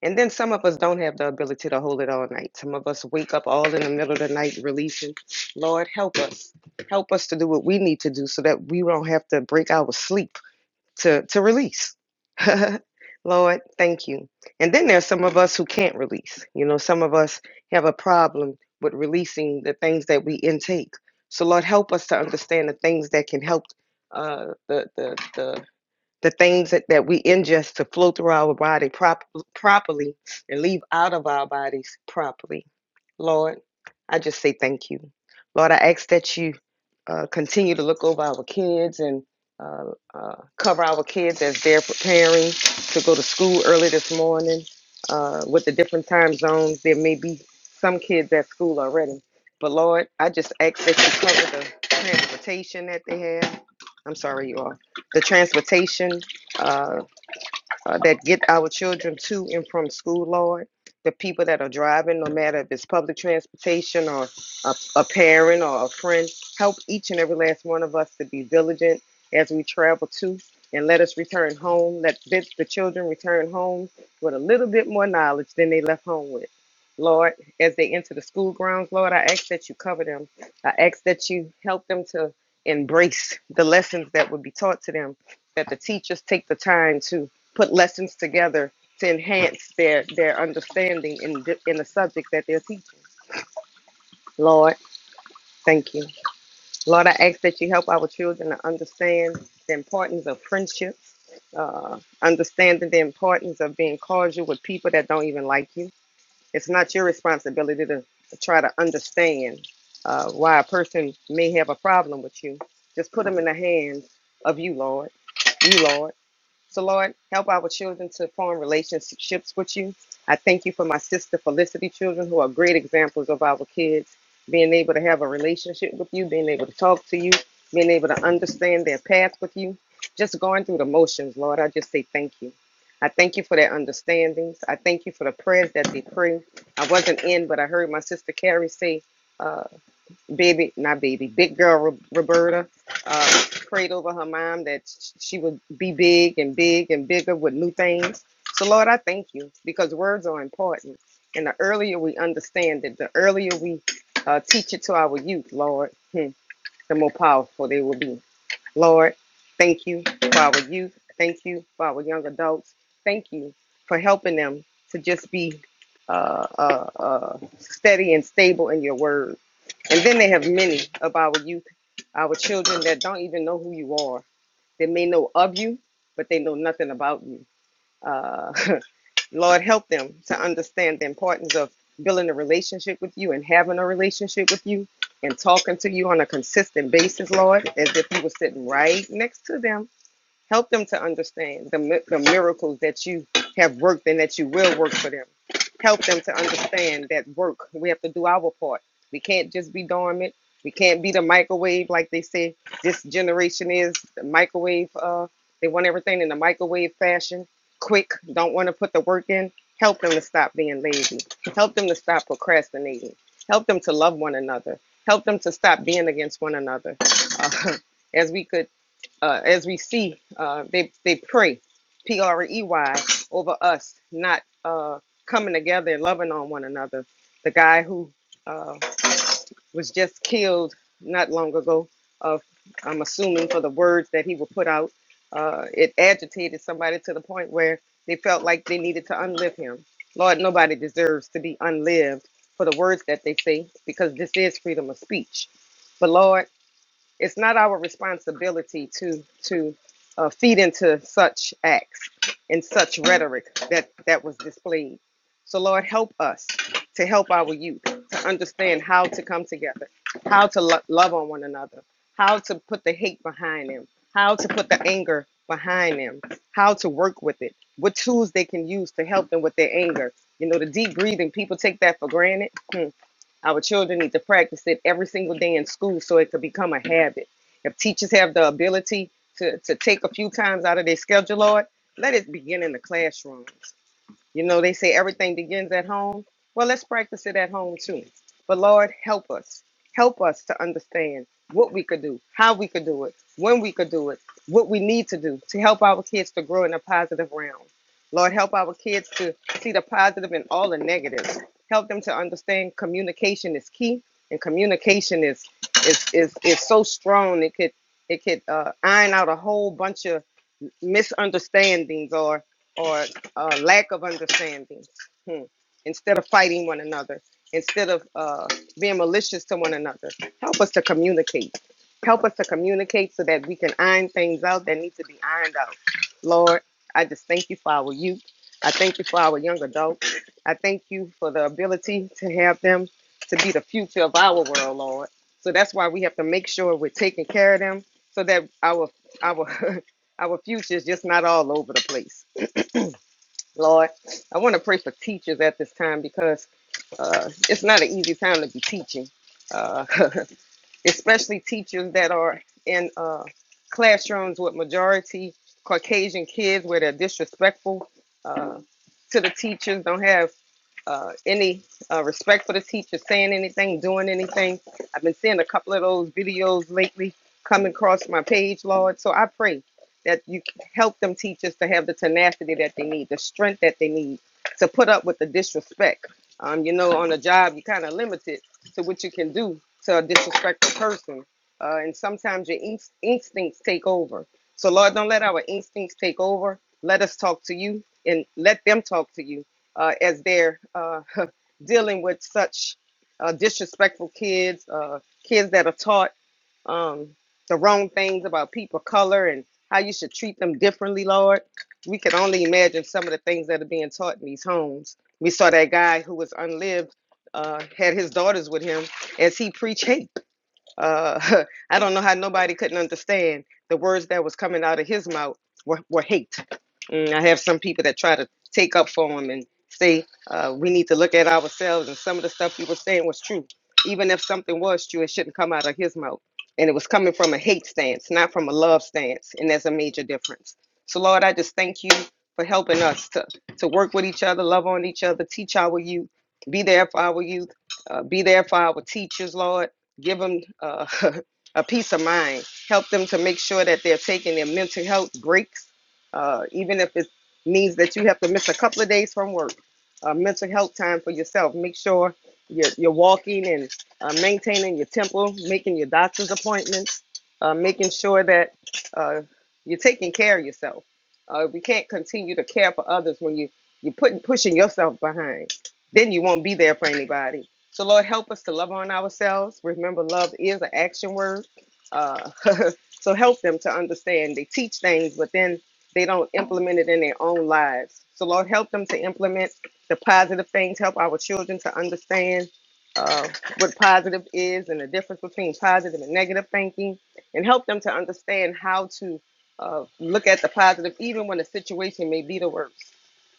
And then some of us don't have the ability to hold it all night. Some of us wake up all in the middle of the night releasing. Lord, help us. Help us to do what we need to do so that we don't have to break our sleep to to release. (laughs) Lord, thank you. And then there's some of us who can't release. You know, some of us have a problem with releasing the things that we intake. So Lord, help us to understand the things that can help uh, the, the the the things that, that we ingest to flow through our body prop- properly and leave out of our bodies properly. Lord, I just say thank you. Lord, I ask that you uh, continue to look over our kids and uh, uh, cover our kids as they're preparing to go to school early this morning uh, with the different time zones. There may be some kids at school already. But Lord, I just ask that you cover the transportation that they have. I'm sorry, you all the transportation, uh, uh, that get our children to and from school, Lord. The people that are driving, no matter if it's public transportation or a, a parent or a friend, help each and every last one of us to be diligent as we travel to and let us return home. Let the, the children return home with a little bit more knowledge than they left home with. Lord, as they enter the school grounds, Lord, I ask that you cover them. I ask that you help them to embrace the lessons that would be taught to them, that the teachers take the time to put lessons together to enhance their their understanding in the, in the subject that they're teaching. Lord, thank you. Lord, I ask that you help our children to understand the importance of friendships, uh, understanding the importance of being cordial with people that don't even like you. It's not your responsibility to, to try to understand uh, why a person may have a problem with you. Just put them in the hands of you, Lord. You, Lord. So, Lord, help our children to form relationships with you. I thank you for my sister Felicity children who are great examples of our kids being able to have a relationship with you, being able to talk to you, being able to understand their path with you, just going through the motions, Lord. I just say thank you. I thank you for their understandings. I thank you for the prayers that they pray. I wasn't in, but I heard my sister Carrie say, uh, baby, not baby, big girl Ro- Roberta uh, prayed over her mom that sh- she would be big and big and bigger with new things. So, Lord, I thank you because words are important. And the earlier we understand it, the earlier we uh, teach it to our youth, Lord, hmm, the more powerful they will be. Lord, thank you for our youth. Thank you for our young adults. Thank you for helping them to just be uh, uh, uh, steady and stable in your word. And then they have many of our youth, our children that don't even know who you are. They may know of you, but they know nothing about you. Uh, (laughs) Lord, help them to understand the importance of building a relationship with you and having a relationship with you and talking to you on a consistent basis, Lord, as if you were sitting right next to them Help them to understand the, mi- the miracles that you have worked and that you will work for them. Help them to understand that work, we have to do our part. We can't just be dormant. We can't be the microwave, like they say this generation is the microwave. Uh, they want everything in the microwave fashion, quick, don't want to put the work in. Help them to stop being lazy. Help them to stop procrastinating. Help them to love one another. Help them to stop being against one another. Uh, (laughs) as we could uh, as we see, uh, they they pray, P R E Y, over us not uh, coming together and loving on one another. The guy who uh, was just killed not long ago, of I'm assuming for the words that he would put out, uh, it agitated somebody to the point where they felt like they needed to unlive him. Lord, nobody deserves to be unlived for the words that they say because this is freedom of speech. But Lord. It's not our responsibility to to uh, feed into such acts and such rhetoric that that was displayed. So Lord, help us to help our youth to understand how to come together, how to lo- love on one another, how to put the hate behind them, how to put the anger behind them, how to work with it, what tools they can use to help them with their anger. You know, the deep breathing, people take that for granted. Hmm. Our children need to practice it every single day in school so it could become a habit. If teachers have the ability to, to take a few times out of their schedule, Lord, let it begin in the classrooms. You know, they say everything begins at home. Well, let's practice it at home too. But Lord, help us. Help us to understand what we could do, how we could do it, when we could do it, what we need to do to help our kids to grow in a positive realm. Lord, help our kids to see the positive in all the negatives. Help them to understand communication is key, and communication is is is, is so strong it could it could uh, iron out a whole bunch of misunderstandings or or uh, lack of understanding hmm. instead of fighting one another instead of uh, being malicious to one another help us to communicate help us to communicate so that we can iron things out that need to be ironed out lord i just thank you for our youth i thank you for our young adults i thank you for the ability to have them to be the future of our world lord so that's why we have to make sure we're taking care of them so that our our (laughs) Our future is just not all over the place. Lord, I want to pray for teachers at this time because uh, it's not an easy time to be teaching, uh, (laughs) especially teachers that are in uh, classrooms with majority Caucasian kids where they're disrespectful uh, to the teachers, don't have uh, any uh, respect for the teacher saying anything, doing anything. I've been seeing a couple of those videos lately come across my page, Lord. So I pray that you help them teachers to have the tenacity that they need, the strength that they need to put up with the disrespect. Um, you know, on a job, you're kind of limited to what you can do to a disrespectful person. Uh, and sometimes your inst- instincts take over. So, Lord, don't let our instincts take over. Let us talk to you and let them talk to you uh, as they're uh, (laughs) dealing with such uh, disrespectful kids, uh, kids that are taught um, the wrong things about people of color and how you should treat them differently, Lord. We can only imagine some of the things that are being taught in these homes. We saw that guy who was unlived uh, had his daughters with him as he preached (laughs) hate uh, (laughs) I don't know how nobody couldn't understand the words that was coming out of his mouth were, were hate. Mm, I have some people that try to take up for him and say uh, we need to look at ourselves. And some of the stuff he was saying was true. Even if something was true, it shouldn't come out of his mouth. And it was coming from a hate stance, not from a love stance. And there's a major difference. So, Lord, I just thank you for helping us to, to work with each other, love on each other, teach our youth, be there for our youth, uh, be there for our teachers, Lord give them uh, (laughs) a peace of mind, help them to make sure that they're taking their mental health breaks, uh, even if it means that you have to miss a couple of days from work. Uh, mental health time for yourself. Make sure you're, you're walking and uh, maintaining your temple, making your doctor's appointments, uh, making sure that uh, you're taking care of yourself. Uh, we can't continue to care for others when you you're putting pushing yourself behind. Then you won't be there for anybody so, Lord, help us to love on ourselves. Remember, love is an action word. Uh, (laughs) so, help them to understand. They teach things, but then they don't implement it in their own lives. So, Lord, help them to implement the positive things. Help our children to understand uh, what positive is and the difference between positive and negative thinking, and help them to understand how to uh, look at the positive, even when the situation may be the worst.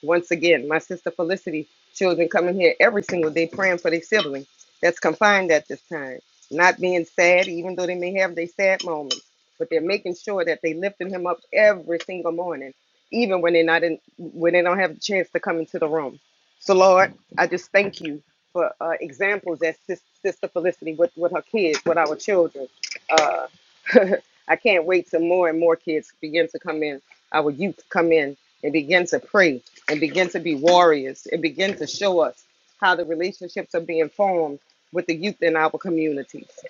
Once again, my sister Felicity, children coming here every single day praying for their sibling that's confined at this time, not being sad, even though they may have their sad moments, but they're making sure that they lifting him up every single morning, even when they're not in, when they don't have the chance to come into the room. So Lord, I just thank you for uh, examples that sis- Sister Felicity with, with her kids, with our children. Uh, (laughs) I can't wait till more and more kids begin to come in our youth come in and begin to pray and begin to be warriors and begin to show us how the relationships are being formed with the youth in our communities.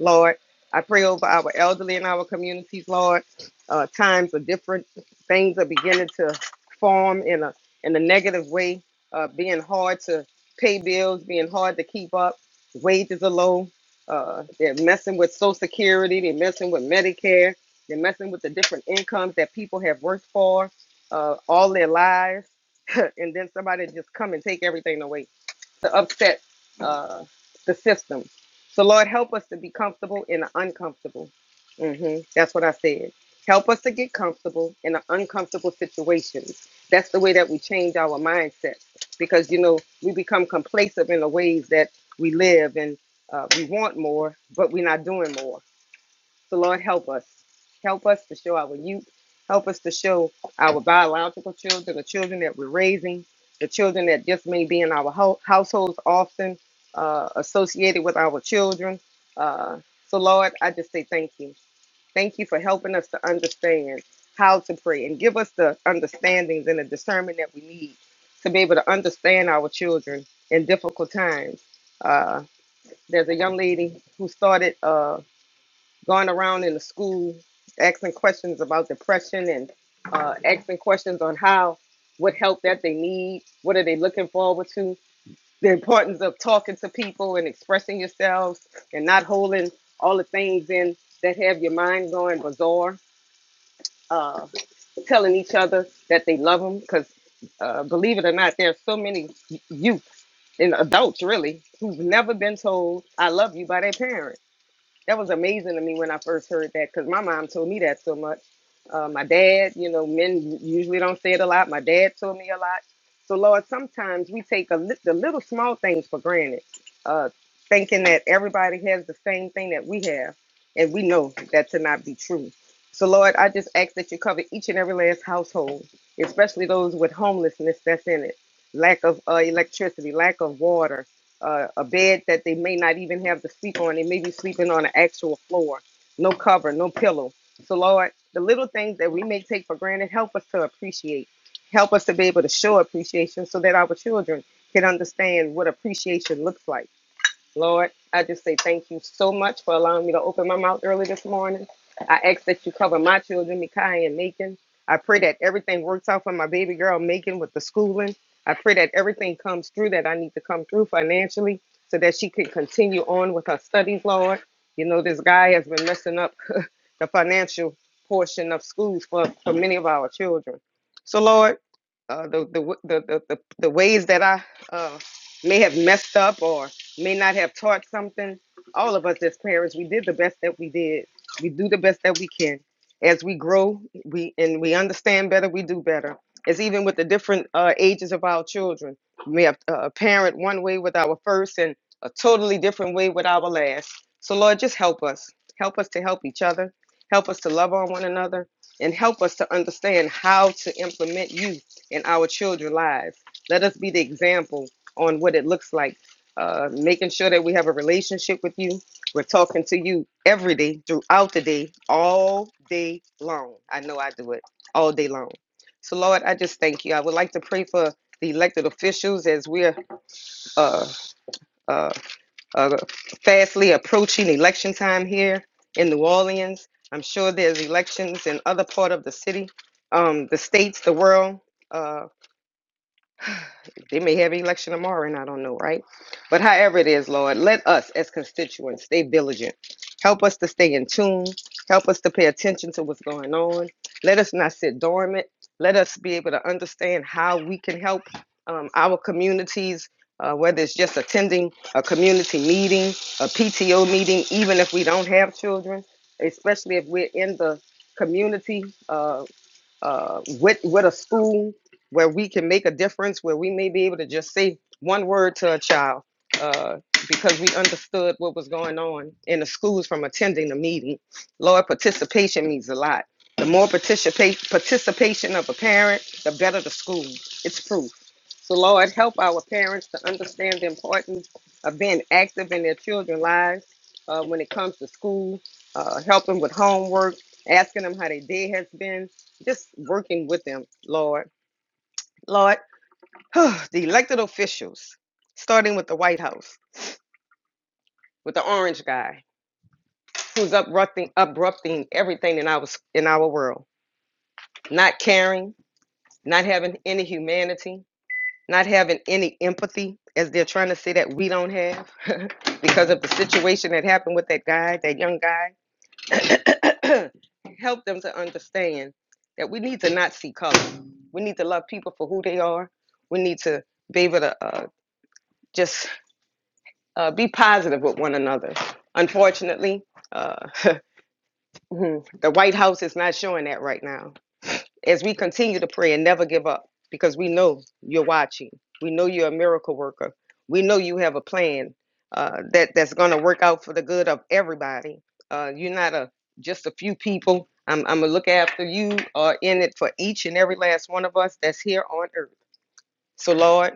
Lord. I pray over our elderly in our communities, Lord. Uh, times are different things are beginning to form in a in a negative way, uh, being hard to pay bills, being hard to keep up. Wages are low. Uh, they're messing with Social Security. They're messing with Medicare. They're messing with the different incomes that people have worked for uh, all their lives, (laughs) and then somebody just come and take everything away to upset uh, the system. So, Lord, help us to be comfortable in the uncomfortable. hmm That's what I said. Help us to get comfortable in the uncomfortable situations. That's the way that we change our mindset because, you know, we become complacent in the ways that we live and uh, we want more, but we're not doing more. So, Lord, help us. Help us to show our youth. Help us to show our biological children, the children that we're raising, the children that just may be in our ho- households often uh, associated with our children. Uh, so, Lord, I just say thank you. Thank you for helping us to understand how to pray and give us the understandings and the discernment that we need to be able to understand our children in difficult times. Uh, there's a young lady who started. Uh, going around in the school asking questions about depression and uh, asking questions on how what help that they need what are they looking forward to the importance of talking to people and expressing yourselves and not holding all the things in that have your mind going bizarre uh, telling each other that they love them because uh, believe it or not there's so many y- youth and adults really who've never been told i love you by their parents that was amazing to me when I first heard that because my mom told me that so much. Uh, my dad, you know, men usually don't say it a lot. My dad told me a lot. So Lord, sometimes we take a li- the little small things for granted, uh, thinking that everybody has the same thing that we have, and we know that to not be true. So Lord, I just ask that you cover each and every last household, especially those with homelessness that's in it, lack of uh, electricity, lack of water uh, a bed that they may not even have to sleep on. They may be sleeping on an actual floor, no cover, no pillow. So, Lord, the little things that we may take for granted, help us to appreciate. Help us to be able to show appreciation so that our children can understand what appreciation looks like. Lord, I just say thank you so much for allowing me to open my mouth early this morning. I ask that you cover my children, Mikai and Macon. I pray that everything works out for my baby girl, Macon, with the schooling. I pray that everything comes through that I need to come through financially so that she can continue on with her studies, Lord. You know, this guy has been messing up (laughs) the financial portion of schools for, for many of our children. So, Lord, uh, the, the, the, the, the, the ways that I uh, may have messed up or may not have taught something. All of us as parents, we did the best that we did. We do the best that we can. As we grow, we and we understand better, we do better. It's even with the different uh, ages of our children. We have uh, a parent one way with our first and a totally different way with our last. So Lord, just help us. Help us to help each other. Help us to love on one another and help us to understand how to implement you in our children's lives. Let us be the example on what it looks like uh, making sure that we have a relationship with you. We're talking to you every day, throughout the day, all day long. I know I do it all day long. So, Lord, I just thank you. I would like to pray for the elected officials as we're uh, uh, uh, fastly approaching election time here in New Orleans. I'm sure there's elections in other part of the city, um, the states, the world. Uh, They may have an election tomorrow, and I don't know, right? But however it is, Lord, let us as constituents stay vigilant. Help us to stay in tune. Help us to pay attention to what's going on. Let us not sit dormant. Let us be able to understand how we can help um, our communities, uh, whether it's just attending a community meeting, a PTO meeting, even if we don't have children, especially if we're in the community. uh, uh, with with a school where we can make a difference, where we may be able to just say one word to a child uh, because we understood what was going on in the schools from attending the meeting. Lord, participation means a lot. The more participate participation of a parent, the better the school. It's proof. So Lord, help our parents to understand the importance of being active in their children's lives uh, when it comes to school, uh, helping with homework, asking them how their day has been, just working with them, Lord. Lord, (sighs) the elected officials, starting with the White House, with the orange guy who's uprupting, uprupting everything in our, in our world, not caring, not having any humanity, not having any empathy, as they're trying to say that we don't have (laughs) because of the situation that happened with that guy, that young guy. (coughs) (clears throat) help them to understand that we need to not see color. We need to love people for who they are. We need to be able to uh, just uh, be positive with one another. Unfortunately, uh, (laughs) the White House is not showing that right now as we continue to pray and never give up because we know you're watching. We know you're a miracle worker. We know you have a plan uh, that that's going to work out for the good of everybody. Uh, you're not a just a few people. I'm, I'm gonna look after you. Are in it for each and every last one of us that's here on earth. So Lord.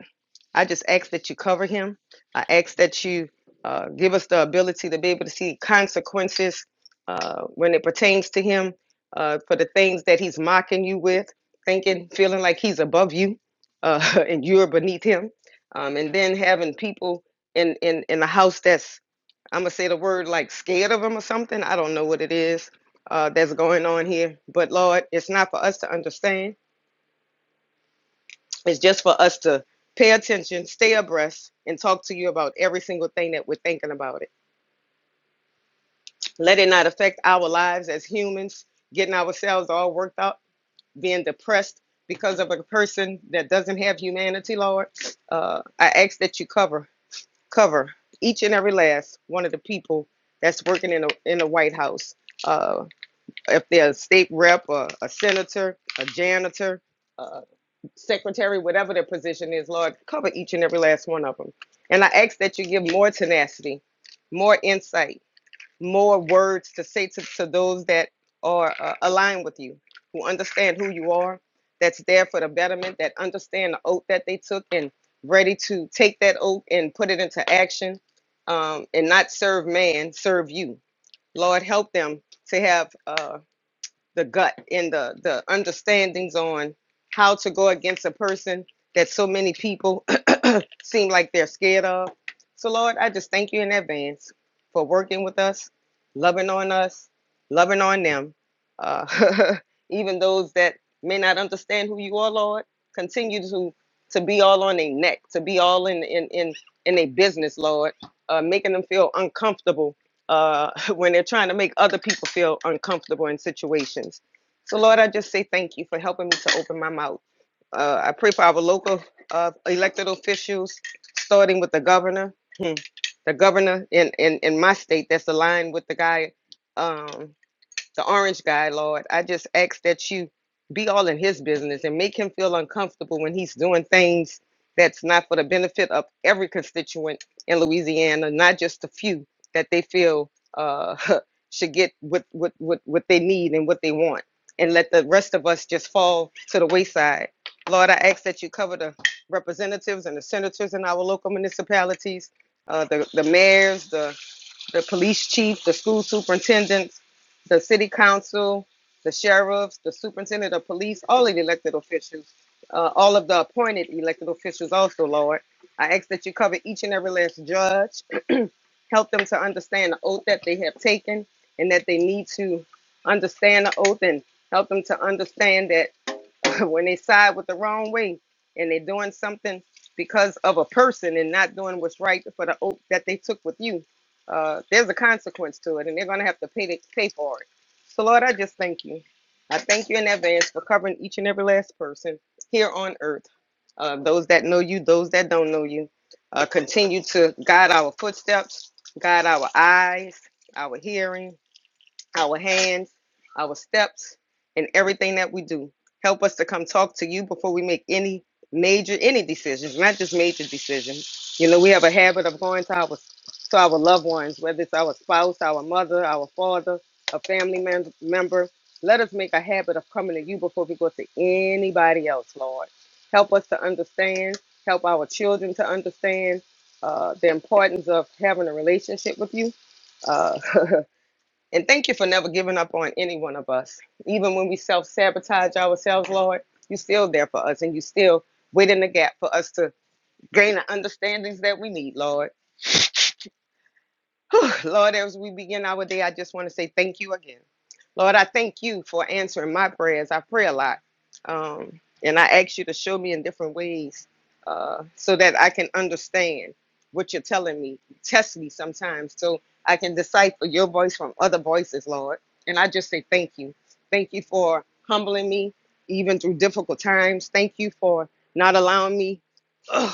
I just ask that you cover him. I ask that you uh, give us the ability to be able to see consequences uh, when it pertains to him uh, for the things that he's mocking you with, thinking, feeling like he's above you uh, (laughs) and you're beneath him. Um, and then having people in, in, in the house that's, I'm going to say the word like scared of him or something. I don't know what it is uh, that's going on here. But Lord, it's not for us to understand it's just for us to pay attention, stay abreast, and talk to you about every single thing that we're thinking about it. Let it not affect our lives as humans, getting ourselves all worked up, being depressed because of a person that doesn't have humanity, Lord. Uh, I ask that you cover, cover each and every last one of the people that's working in the in the White House. Uh, if they're a state rep, or a senator, a janitor, uh, secretary, whatever their position is, Lord, cover each and every last one of them. And I ask that you give more tenacity, more insight, more words to say to, to those that are uh, aligned with you, who understand who you are, that's there for the betterment, that understand the oath that they took and ready to take that oath and put it into action um, and not serve man, serve you. Lord, help them to have. Uh, the gut and the the understandings on how to go against a person that so many people seem like they're scared of. So, Lord, I just thank you in advance for working with us, loving on us, loving on them. Uh, (laughs) even those that may not understand who you are, Lord, continue to to be all on their neck, to be all in in in in their business, Lord, uh, making them feel uncomfortable uh, (laughs) when they're trying to make other people feel uncomfortable in situations. So, Lord, I just say thank you for helping me to open my mouth. Uh, I pray for our local of elected officials, starting with the governor. Hmm. The governor in, in, in my state that's aligned with the guy. um, the orange guy, Lord. I just ask that you be all in his business and make him feel uncomfortable when he's doing things that's not for the benefit of every constituent in Louisiana, not just a few that they feel uh, (laughs) should get what, what, what, what they need and what they want. And let the rest of us just fall to the wayside. Lord, I ask that you cover the representatives and the senators in our local municipalities, uh, the, the mayors, the the police chief, the school superintendent, the city council, the sheriffs, the superintendent of police, all of the elected officials, uh, all of the appointed elected officials also, Lord. I ask that you cover each and every last judge, help them to understand the oath that they have taken and that they need to understand the oath and help them to understand that (laughs) when they side with the wrong way and they're doing something because of a person and not doing what's right for the oath that they took with you, uh, there's a consequence to it, and they're going to have to pay the, pay for it. So, Lord, I just thank you. I thank you in advance for covering each and every last person here on earth. Uh, those that know you, those that don't know you, uh, continue to guide our footsteps, guide our eyes, our hearing, our hands, our steps, and everything that we do. Help us to come talk to you before we make any major any decisions, not just major decisions. You know, we have a habit of going to our to our loved ones, whether it's our spouse, our mother, our father, a family mem- member. Let us make a habit of coming to you before we go to anybody else, Lord. Help us to understand. Help our children to understand uh, the importance of having a relationship with you. Uh, (laughs) And thank you for never giving up on any one of us. Even when we self sabotage ourselves, Lord, you're still there for us and you still wait in the gap for us to gain the understandings that we need, Lord. (sighs) Whew, Lord, as we begin our day, I just want to say thank you again. Lord, I thank you for answering my prayers. I pray a lot. Um, and I ask you to show me in different ways uh, so that I can understand what you're telling me. Test me sometimes so I can decipher your voice from other voices, Lord. And I just say thank you. Thank you for humbling me even through difficult times. Thank you for not allowing me ugh,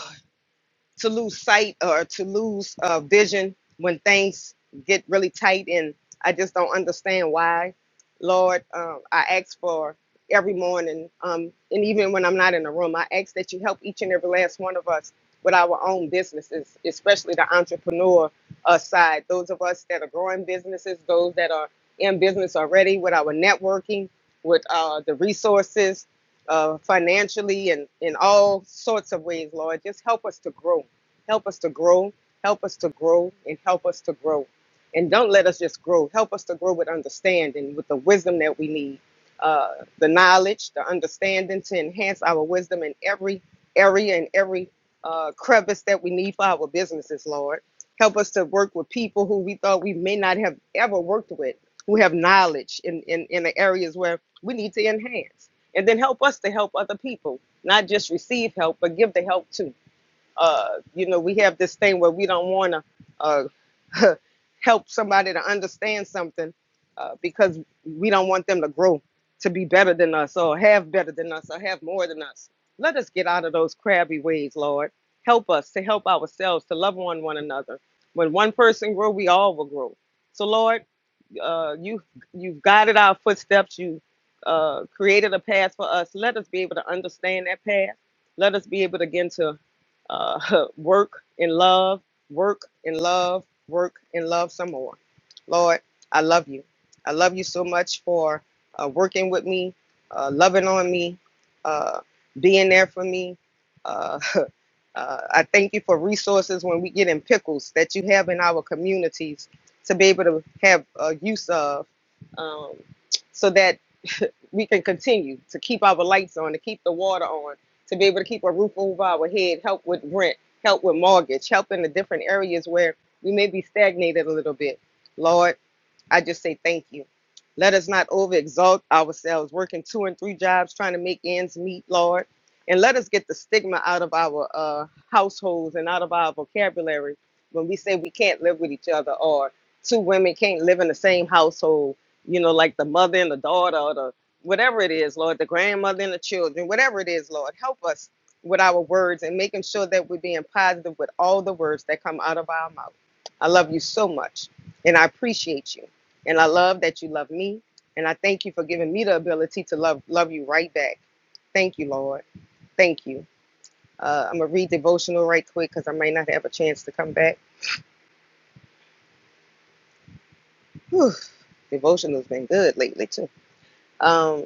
to lose sight or to lose uh, vision when things get really tight and i just don't understand why lord um, i ask for every morning um, and even when i'm not in the room i ask that you help each and every last one of us with our own businesses especially the entrepreneur uh, side those of us that are growing businesses those that are in business already with our networking with uh, the resources uh, financially and in all sorts of ways, Lord. Just help us to grow. Help us to grow. Help us to grow and help us to grow. And don't let us just grow. Help us to grow with understanding, with the wisdom that we need, uh, the knowledge, the understanding to enhance our wisdom in every area and every uh, crevice that we need for our businesses, Lord. Help us to work with people who we thought we may not have ever worked with, who have knowledge in, in, in the areas where we need to enhance and then help us to help other people not just receive help but give the help too uh, you know we have this thing where we don't want to uh, (laughs) help somebody to understand something uh, because we don't want them to grow to be better than us or have better than us or have more than us let us get out of those crabby ways lord help us to help ourselves to love one one another when one person grow we all will grow so lord uh, you you've guided our footsteps. You uh, created a path for us. Let us be able to understand that path. Let us be able to again to uh, (laughs) work in love, work in love, work in love some more. Lord, I love you. I love you so much for uh, working with me, uh, loving on me, uh, being there for me. Uh, (laughs) uh, I thank you for resources when we get in pickles that you have in our communities to be able to have uh, use of um, so that we can continue to keep our lights on, to keep the water on, to be able to keep a roof over our head, help with rent, help with mortgage, help in the different areas where we may be stagnated a little bit. Lord, I just say thank you. Let us not overexalt ourselves, working two and three jobs, trying to make ends meet, Lord. And let us get the stigma out of our uh, households and out of our vocabulary when we say we can't live with each other or two women can't live in the same household, you know, like the mother and the daughter or the whatever it is, Lord, the grandmother and the children, whatever it is, Lord, help us with our words and making sure that we're being positive with all the words that come out of our mouth. I love you so much and I appreciate you. And I love that you love me. And I thank you for giving me the ability to love love you right back. Thank you, Lord. Thank you. Uh, I'm gonna read devotional right quick because I might not have a chance to come back. Whew, devotional's been good lately too. Um,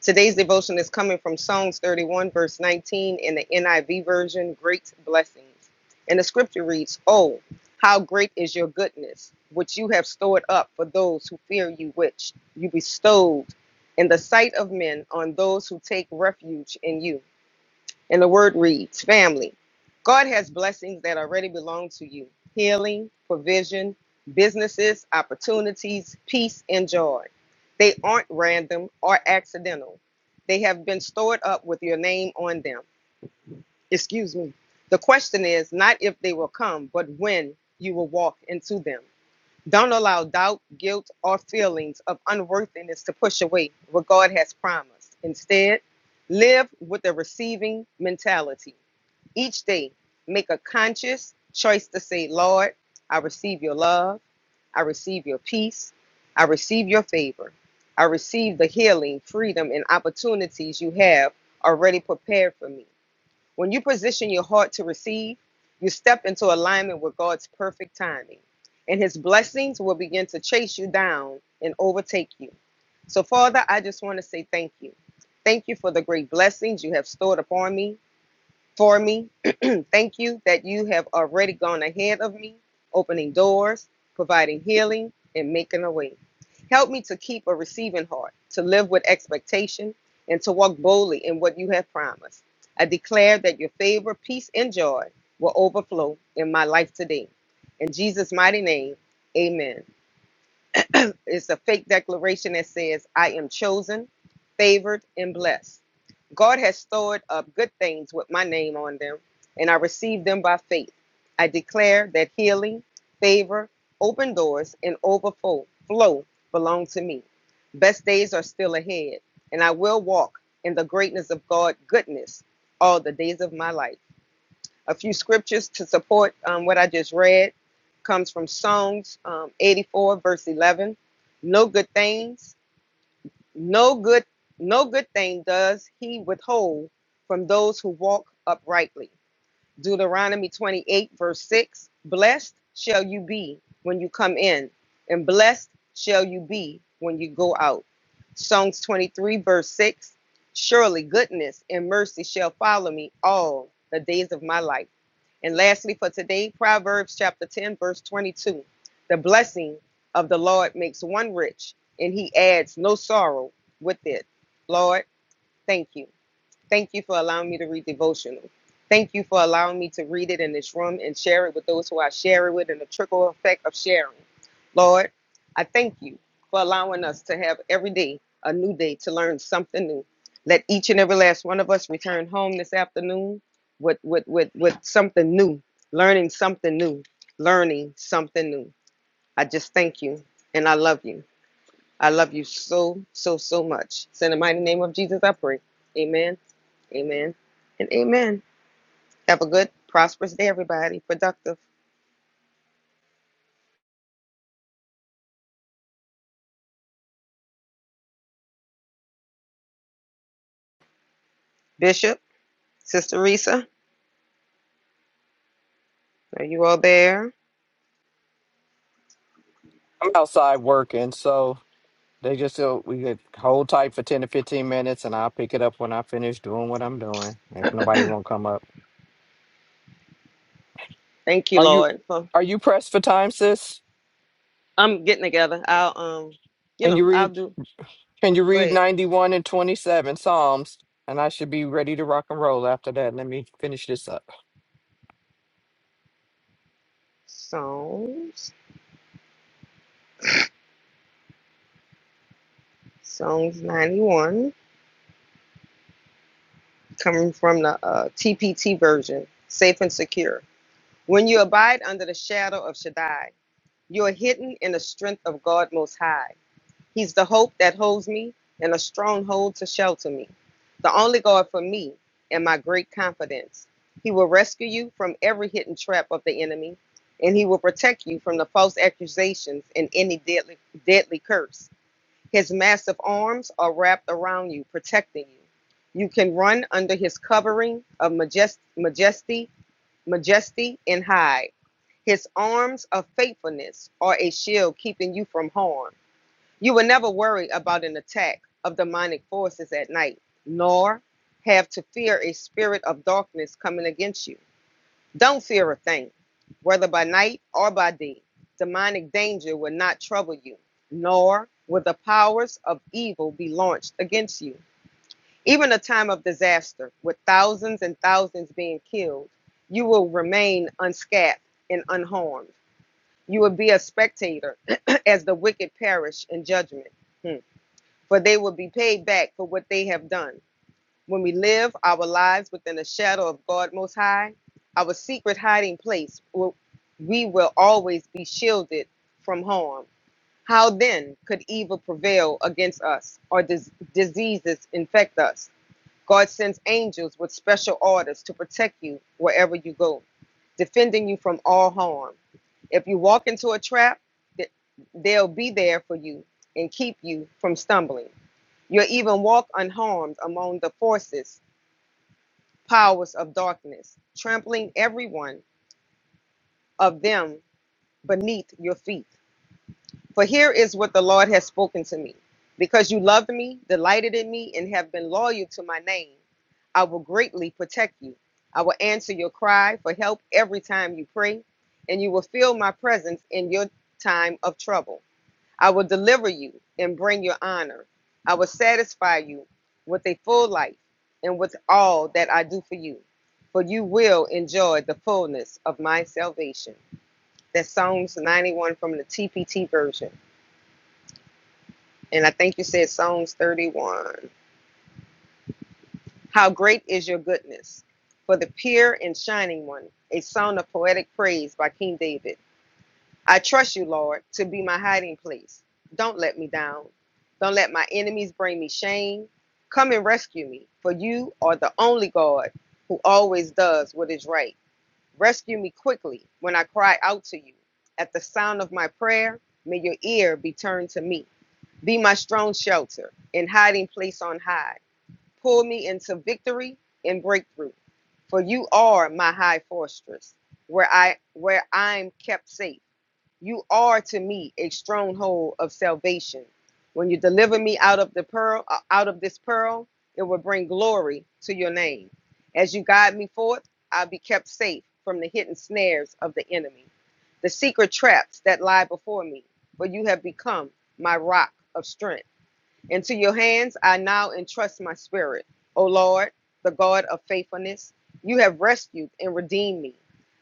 Today's devotion is coming from Psalms 31, verse 19 in the NIV version, Great Blessings. And the scripture reads, Oh, how great is your goodness, which you have stored up for those who fear you, which you bestowed in the sight of men on those who take refuge in you. And the word reads Family, God has blessings that already belong to you healing, provision, businesses, opportunities, peace, and joy. They aren't random or accidental, they have been stored up with your name on them. Excuse me. The question is not if they will come, but when you will walk into them. Don't allow doubt, guilt, or feelings of unworthiness to push away what God has promised. Instead, live with a receiving mentality. Each day, make a conscious choice to say, Lord, I receive your love. I receive your peace. I receive your favor. I receive the healing, freedom, and opportunities you have already prepared for me. When you position your heart to receive, you step into alignment with God's perfect timing, and His blessings will begin to chase you down and overtake you. So, Father, I just want to say thank you. Thank you for the great blessings you have stored upon me, for me and thank you that you have already gone ahead of me, opening doors, providing healing, and making a way. Help me to keep a receiving heart, to live with expectation, and to walk boldly in what you have promised. I declare that your favor, peace, and joy will overflow in my life today. In Jesus' mighty name, amen a it's a fake declaration that says I am chosen, favored, and blessed. God has stored up good things with my name on them, and I receive them by faith. I declare that healing, favor, open doors, and overflow flow belong to me. Best days are still ahead, and I will walk in the greatness of God goodness all the days of my life a few scriptures to support um, what I just read. Comes from Psalms um, 84 verse 11. No good things, no good, no good thing does he withhold from those who walk uprightly. Deuteronomy 28, verse 6 Blessed shall you be when you come in, and blessed shall you be when you go out. Psalms 23, verse 6 Surely goodness and mercy shall follow me all the days of my life. And lastly, for today, Proverbs chapter 10, verse 22 The blessing of the Lord makes one rich, and he adds no sorrow with it. Lord, thank you Thank you for allowing me to read devotional. Thank you for allowing me to read it in this room and share it with those who I share it with and the trickle effect of sharing. Lord, I thank you for allowing us to have every day a new day to learn something new. Let each and every last one of us return home this afternoon with, with, with, with something new, learning something new, learning something new. I just thank you and I love you. I love you so, so, so much. It's in the mighty name of Jesus, I pray. Amen, amen, and amen. Have a good, prosperous day, everybody. Productive. Bishop, Sister Risa, are you all there?
I'm outside working, so they just uh, we could hold tight for ten to fifteen minutes, and I'll pick it up when I finish doing what I'm doing. If nobody won't come up,
Thank you,
are you
Lord. For
are you pressed for time, sis?
I'm getting together. I'll, um, you
Can you
know, I'll
read
do.
can you
Go
read
ahead.
91 and 27 Psalms? And I should be ready to rock and roll after that. Let me finish this up.
Psalms, Psalms 91, coming from the uh, TPT version, safe and secure. When you abide under the shadow of Shaddai, you are hidden in the strength of God Most High. He's the hope that holds me and a stronghold to shelter me. The only God for me and my great confidence. He will rescue you from every hidden trap of the enemy, and he will protect you from the false accusations and any deadly, deadly curse. His massive arms are wrapped around you, protecting you. You can run under his covering of majest, majesty, majesty, and hide. His arms of faithfulness are a shield keeping you from harm. You will never worry about an attack of demonic forces at night, nor have to fear a spirit of darkness coming against you. Don't fear a thing, whether by night or by day. Demonic danger will not trouble you, nor will the powers of evil be launched against you. Even a time of disaster, with thousands and thousands being killed, you will remain unscathed and unharmed. You will be a spectator (clears throat) as the wicked perish in judgment. Hmm for they will be paid back for what they have done. When we live our lives within the shadow of God Most High, our secret hiding place, we will always be shielded from harm. How then could evil prevail against us or dis- diseases infect us? God sends angels with special orders to protect you wherever you go, defending you from all harm. If you walk into a trap, th- they'll be there for you and keep you from stumbling. You even walk unharmed among the forces, powers of darkness, trampling every one of them beneath your feet. For here is what the Lord has spoken to me. Because you loved me, delighted in me, and have been loyal to my name, I will greatly protect you. I will answer your cry for help every time you pray, and you will feel my presence in your time of trouble. I will deliver you and bring you honor. I will satisfy you with a full life and with all that I do for you, for you will enjoy the fullness of my salvation. That's Psalms 91 from the TPT version. And I think you said Psalms 31. How great is your goodness for the pure and shining one, a song of poetic praise by King David. I trust you, Lord, to be my hiding place. Don't let me down. Don't let my enemies bring me shame. Come and rescue me, for you are the only God who always does what is right. Rescue me quickly when I cry out to you. At the sound of my prayer, may your ear be turned to me. Be my strong shelter and hiding place on high. Pull me into victory and breakthrough, for you are my high fortress, where I where I'm kept safe. You are to me a stronghold of salvation. When you deliver me out of the pearl, uh, out of this pearl, it will bring glory to your name. As you guide me forth, I'll be kept safe from the hidden snares of the enemy, the secret traps that lie before me. For you have become my rock of strength. Into your hands I now entrust my spirit. O Lord, the God of faithfulness, you have rescued and redeemed me.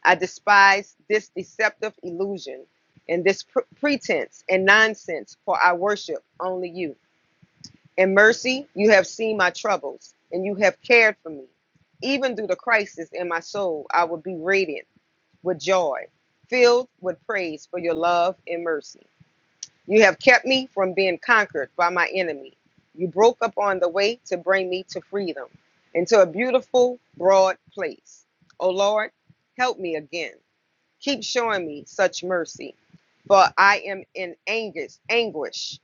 I despise this deceptive illusion and this pre- pretense and nonsense, for I worship only you. In mercy, you have seen my troubles and you have cared for me. Even through the crisis in my soul, I will be radiant with joy, filled with praise for your love and mercy. You have kept me from being conquered by my enemy. You broke up on the way to bring me to freedom, into a beautiful, broad place. O Lord, help me again. Keep showing me such mercy, for I am in anguish, anguish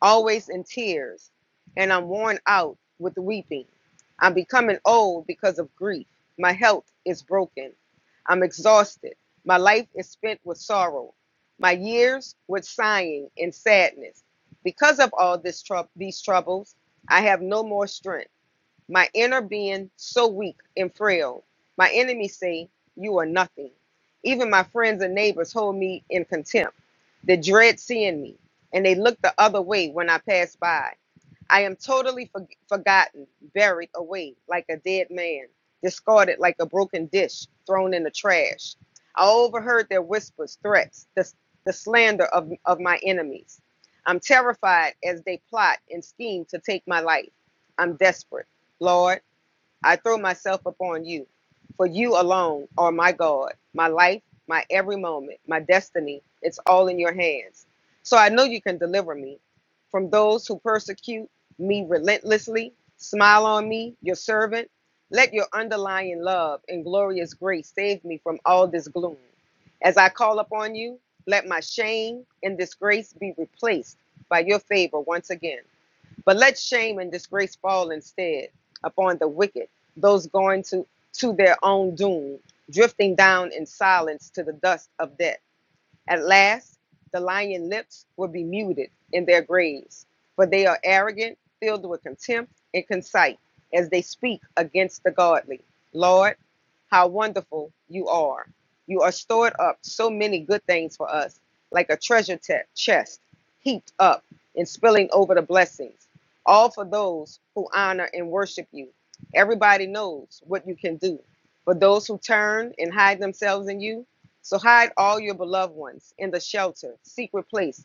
always in tears, and I'm worn out with weeping. I'm becoming old because of grief. My health is broken. I'm exhausted. My life is spent with sorrow. My years with sighing and sadness. Because of all this trou- these troubles, I have no more strength my inner being so weak and frail. My enemies say, You are nothing. Even my friends and neighbors hold me in contempt. They dread seeing me, and they look the other way when I pass by. I am totally for- forgotten, buried away like a dead man, discarded like a broken dish thrown in the trash. I overheard their whispers, threats, the, the slander of, of my enemies. I'm terrified as they plot and scheme to take my life. I'm desperate. Lord, I throw myself upon you, for you alone are my God, my life, my every moment, my destiny. It's all in your hands. So I know you can deliver me from those who persecute me relentlessly. Smile on me, your servant. Let your underlying love and glorious grace save me from all this gloom. As I call upon you, let my shame and disgrace be replaced by your favor once again. But let shame and disgrace fall instead upon the wicked, those going to, to their own doom, drifting down in silence to the dust of death. At last, the lion lips will be muted in their graves, for they are arrogant, filled with contempt and conceit, as they speak against the godly. Lord, how wonderful you are! You are stored up so many good things for us, like a treasure chest heaped up and spilling over the blessings, all for those who honor and worship you. Everybody knows what you can do. For those who turn and hide themselves in you, so hide all your beloved ones in the shelter, secret place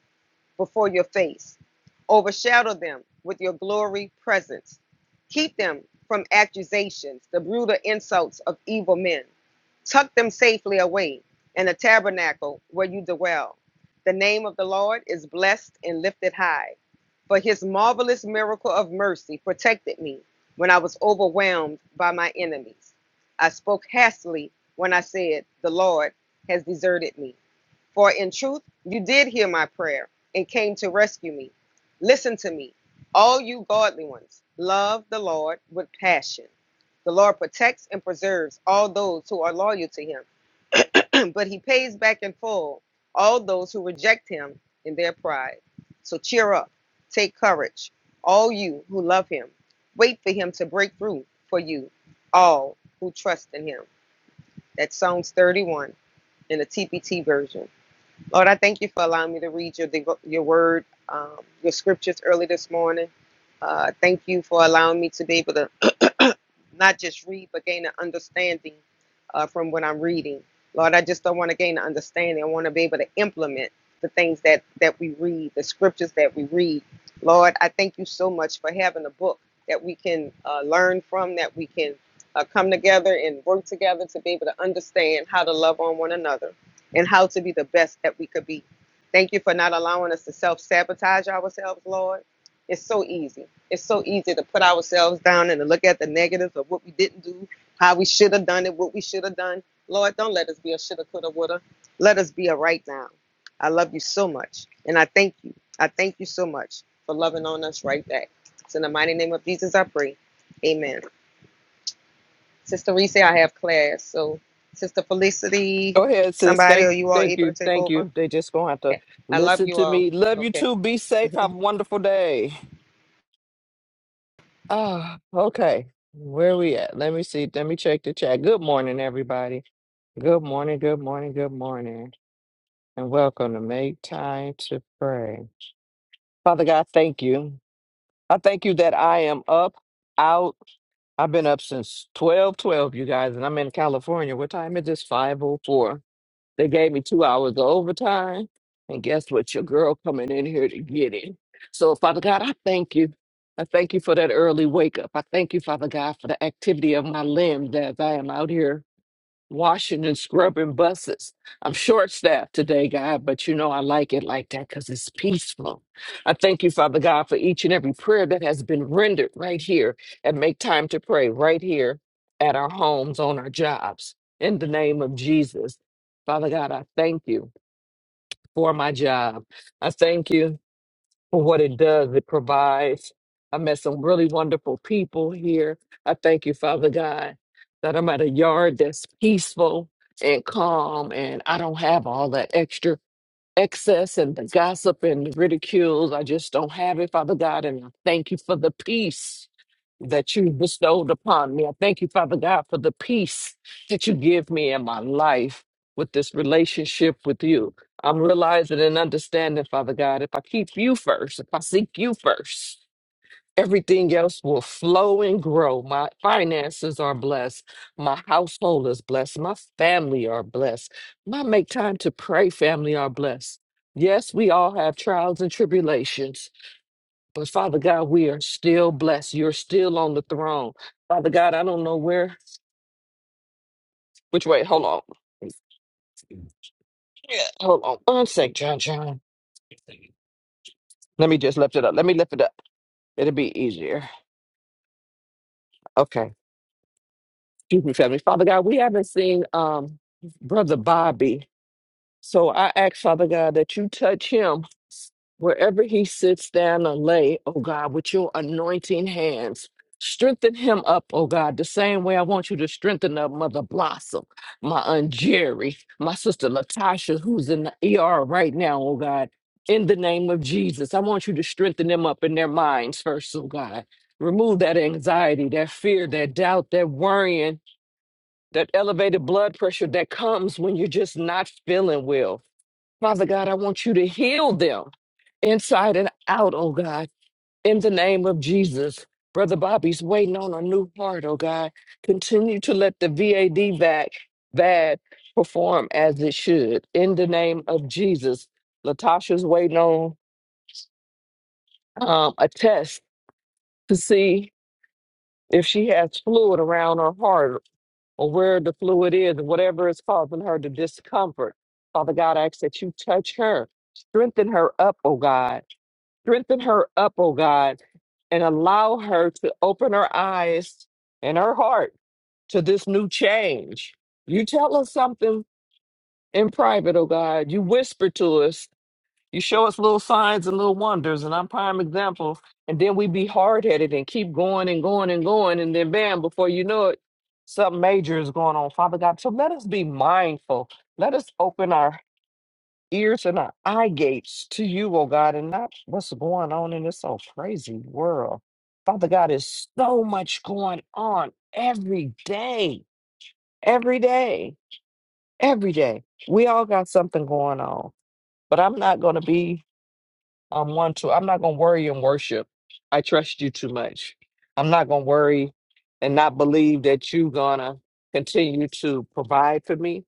before your face. Overshadow them with your glory presence. Keep them from accusations, the brutal insults of evil men. Tuck them safely away in the tabernacle where you dwell. The name of the Lord is blessed and lifted high for his marvelous miracle of mercy protected me when I was overwhelmed by my enemies. I spoke hastily when I said, The Lord has deserted me. For in truth, you did hear my prayer and came to rescue me. Listen to me, all you godly ones, love the Lord with passion. The Lord protects and preserves all those who are loyal to him. (laughs) (clears throat) but he pays back in full all those who reject him in their pride. So cheer up, take courage, all you who love him. Wait for him to break through for you, all who trust in him. That's Psalms 31 in the TPT version. Lord, I thank you for allowing me to read your your word, um, your scriptures early this morning. Uh, thank you for allowing me to be able to not just read, but gain an understanding uh, from what I'm reading. Lord, I just don't want to gain an understanding. I want to be able to implement the things that, that we read, the scriptures that we read. Lord, I thank you so much for having a book that we can uh, learn from, that we can uh, come together and work together to be able to understand how to love on one another and how to be the best that we could be. Thank you for not allowing us to self sabotage ourselves, Lord. It's so easy. It's so easy to put ourselves down and to look at the negatives of what we didn't do, how we should have done it, what we should have done. Lord, don't let us be a shoulda, coulda, woulda. Let us be a right now. I love you so much. And I thank you. I thank you so much for loving on us right back. It's in the mighty name of Jesus I pray. Amen. Sister Reese, I have class. So, Sister Felicity,
Go ahead, sis.
somebody, are
Thank
you all
thank
able to
you.
take
Thank
over?
you. They just gonna have to
Okay. I love
listen
you
to
all.
me. Love you
Okay.
too. Be safe. Have a wonderful day. Ah, okay. Where we at? Let me see. Let me check the chat. Good morning, everybody. Good morning, good morning, good morning, and welcome to Make Time to Pray. Father God, thank you. I thank you that I am up, out. I've been up since twelve, twelve, you guys, and I'm in California. What time is this? 5.04. They gave me two hours of overtime, and guess what? Your girl coming in here to get it. So, Father God, I thank you. I thank you for that early wake up. I thank you, Father God, for the activity of my limbs as I am out here washing and scrubbing buses. I'm short staffed today, God, but you know I like it like that because it's peaceful. I thank you, Father God, for each and every prayer that has been rendered right here and make time to pray right here at our homes, on our jobs. In the name of Jesus, Father God, I thank you for my job. I thank you for what it does. It provides. I met some really wonderful people here. I thank you, Father God, that I'm at a yard that's peaceful and calm, and I don't have all that extra excess and the gossip and the ridicules. I just don't have it, Father God. And I thank you for the peace that you bestowed upon me. I thank you, Father God, for the peace that you give me in my life with this relationship with you. I'm realizing and understanding, Father God, if I keep you first, if I seek you first, Everything else will flow and grow. My finances are blessed. My household is blessed. My family are blessed. My make time to pray family are blessed. Yes, we all have trials and tribulations, but Father God, we are still blessed. You're still on the throne. Father God, I don't know where, which way. Hold on. Yeah, hold on one sec, John John. Let me just lift it up. Let me lift it up. It'll be easier. Okay. Excuse me, family. Father God, we haven't seen um brother Bobby. So I ask Father God that you touch him wherever he sits down or lay, oh God, with your anointing hands. Strengthen him up, oh God, the same way I want you to strengthen up Mother Blossom, my Aunt Jerry, my sister Latasha, who's in the ER right now, oh God. In the name of Jesus, I want you to strengthen them up in their minds first, oh God. Remove that anxiety, that fear, that doubt, that worrying that elevated blood pressure that comes when you're just not feeling well. Father God, I want you to heal them inside and out, oh God, in the name of Jesus. Brother Bobby's waiting on a new heart, oh God. Continue to let the VAD VAC VAD perform as it should in the name of Jesus. Latasha's waiting on um, a test to see if she has fluid around her heart or where the fluid is, and whatever is causing her the discomfort. Father God, I ask that you touch her, strengthen her up, oh God, strengthen her up, oh God, and allow her to open her eyes and her heart to this new change. You tell us something in private, oh God. You whisper to us you show us little signs and little wonders, and I'm prime example. And then we be hard headed and keep going and going and going, and then bam, before you know it, something major is going on, Father God. So let us be mindful. Let us open our ears and our eye gates to you, oh God, and not what's going on in this old crazy world. Father God, there's so much going on every day, every day, every day. We all got something going on, but I'm not going to be I'm one to i'm not gonna worry and worship i trust you too much i'm not gonna worry and not believe that you gonna continue to provide for me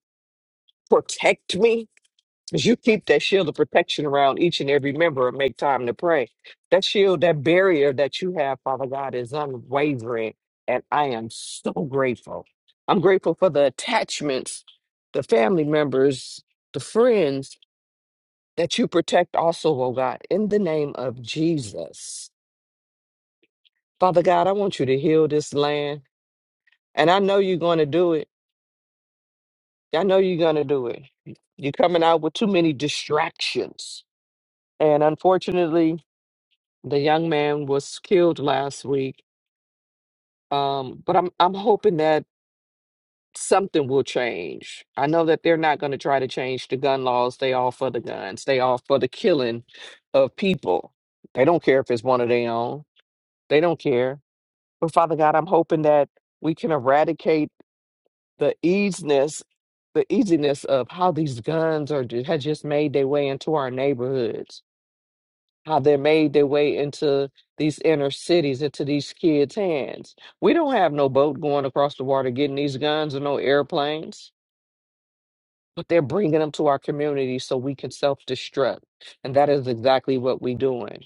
protect me because you keep that shield of protection around each and every member and make time to pray that shield that barrier that you have father god is unwavering and i am so grateful i'm grateful for the attachments the family members the friends that you protect also, oh God, in the name of Jesus. Father God, I want you to heal this land. And I know you're going to do it. I know you're going to do it. You're coming out with too many distractions. And unfortunately, the young man was killed last week. Um, but I'm I'm hoping that something will change. I know that they're not going to try to change the gun laws. They all for the guns. They all for the killing of people. They don't care if it's one of their own. They don't care But Father God, I'm hoping that we can eradicate the easiness, the easiness of how these guns are ju- had just made their way into our neighborhoods, how they made their way into these inner cities, into these kids' hands. We don't have no boat going across the water getting these guns or no airplanes, but they're bringing them to our community so we can self-destruct, and that is exactly what we're doing.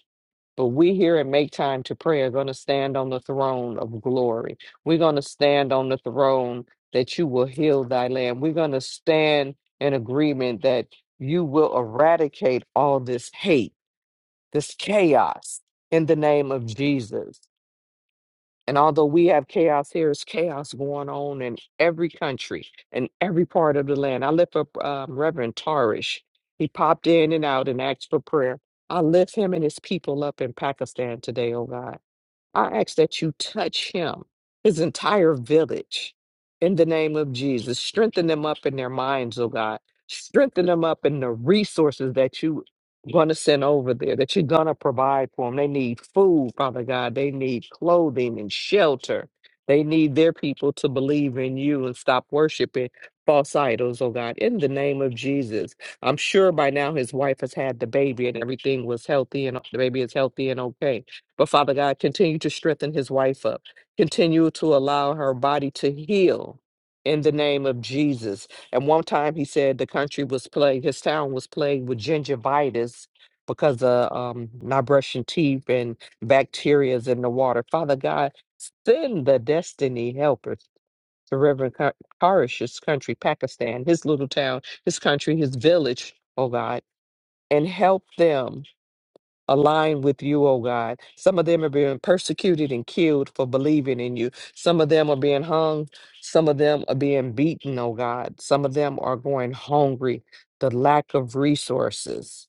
But we here at Make Time to Pray are going to stand on the throne of glory. We're going to stand on the throne that you will heal thy land. We're going to stand in agreement that you will eradicate all this hate, this chaos in the name of Jesus. And although we have chaos, here is chaos going on in every country and every part of the land. I lift up um, Reverend Tarish. He popped in and out and asked for prayer. I lift him and his people up in Pakistan today, oh God. I ask that you touch him, his entire village, in the name of Jesus. Strengthen them up in their minds, oh God. Strengthen them up in the resources that you going to send over there, that you're going to provide for them. They need food, Father God. They need clothing and shelter. They need their people to believe in you and stop worshiping false idols, oh God, in the name of Jesus. I'm sure by now his wife has had the baby and everything was healthy and the baby is healthy and okay but Father God, continue to strengthen his wife up. Continue to allow her body to heal in the name of Jesus. And one time he said the country was plagued, his town was plagued with gingivitis because of um, not brushing teeth and bacterias in the water. Father God, send the destiny helpers to Reverend Ka- Karish's country, Pakistan, his little town, his country, his village, oh God, and help them align with you, oh God. Some of them are being persecuted and killed for believing in you. Some of them are being hung. Some of them are being beaten, oh God. Some of them are going hungry, the lack of resources.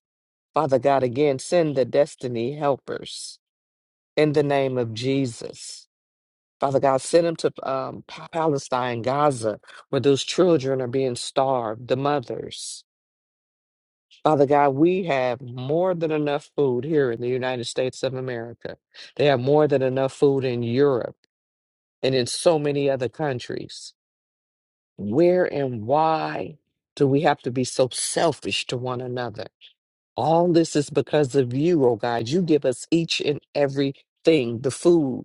Father God, again, send the destiny helpers in the name of Jesus. Father God, send them to um, Pa- Palestine, Gaza, where those children are being starved, the mothers. Father God, we have more than enough food here in the United States of America. They have more than enough food in Europe and in so many other countries. Where and why do we have to be so selfish to one another? All this is because of you, oh God. You give us each and every thing the food,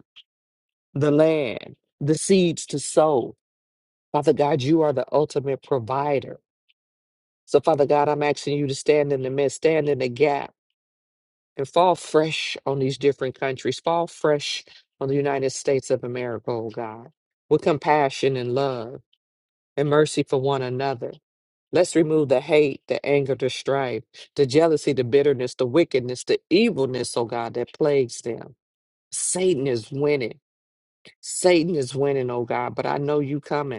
the land, the seeds to sow. Father God, you are the ultimate provider. So, Father God, I'm asking you to stand in the midst, stand in the gap and fall fresh on these different countries. Fall fresh on the United States of America, oh God, with compassion and love and mercy for one another. Let's remove the hate, the anger, the strife, the jealousy, the bitterness, the wickedness, the evilness, oh God, that plagues them. Satan is winning. Satan is winning, oh God, but I know you coming.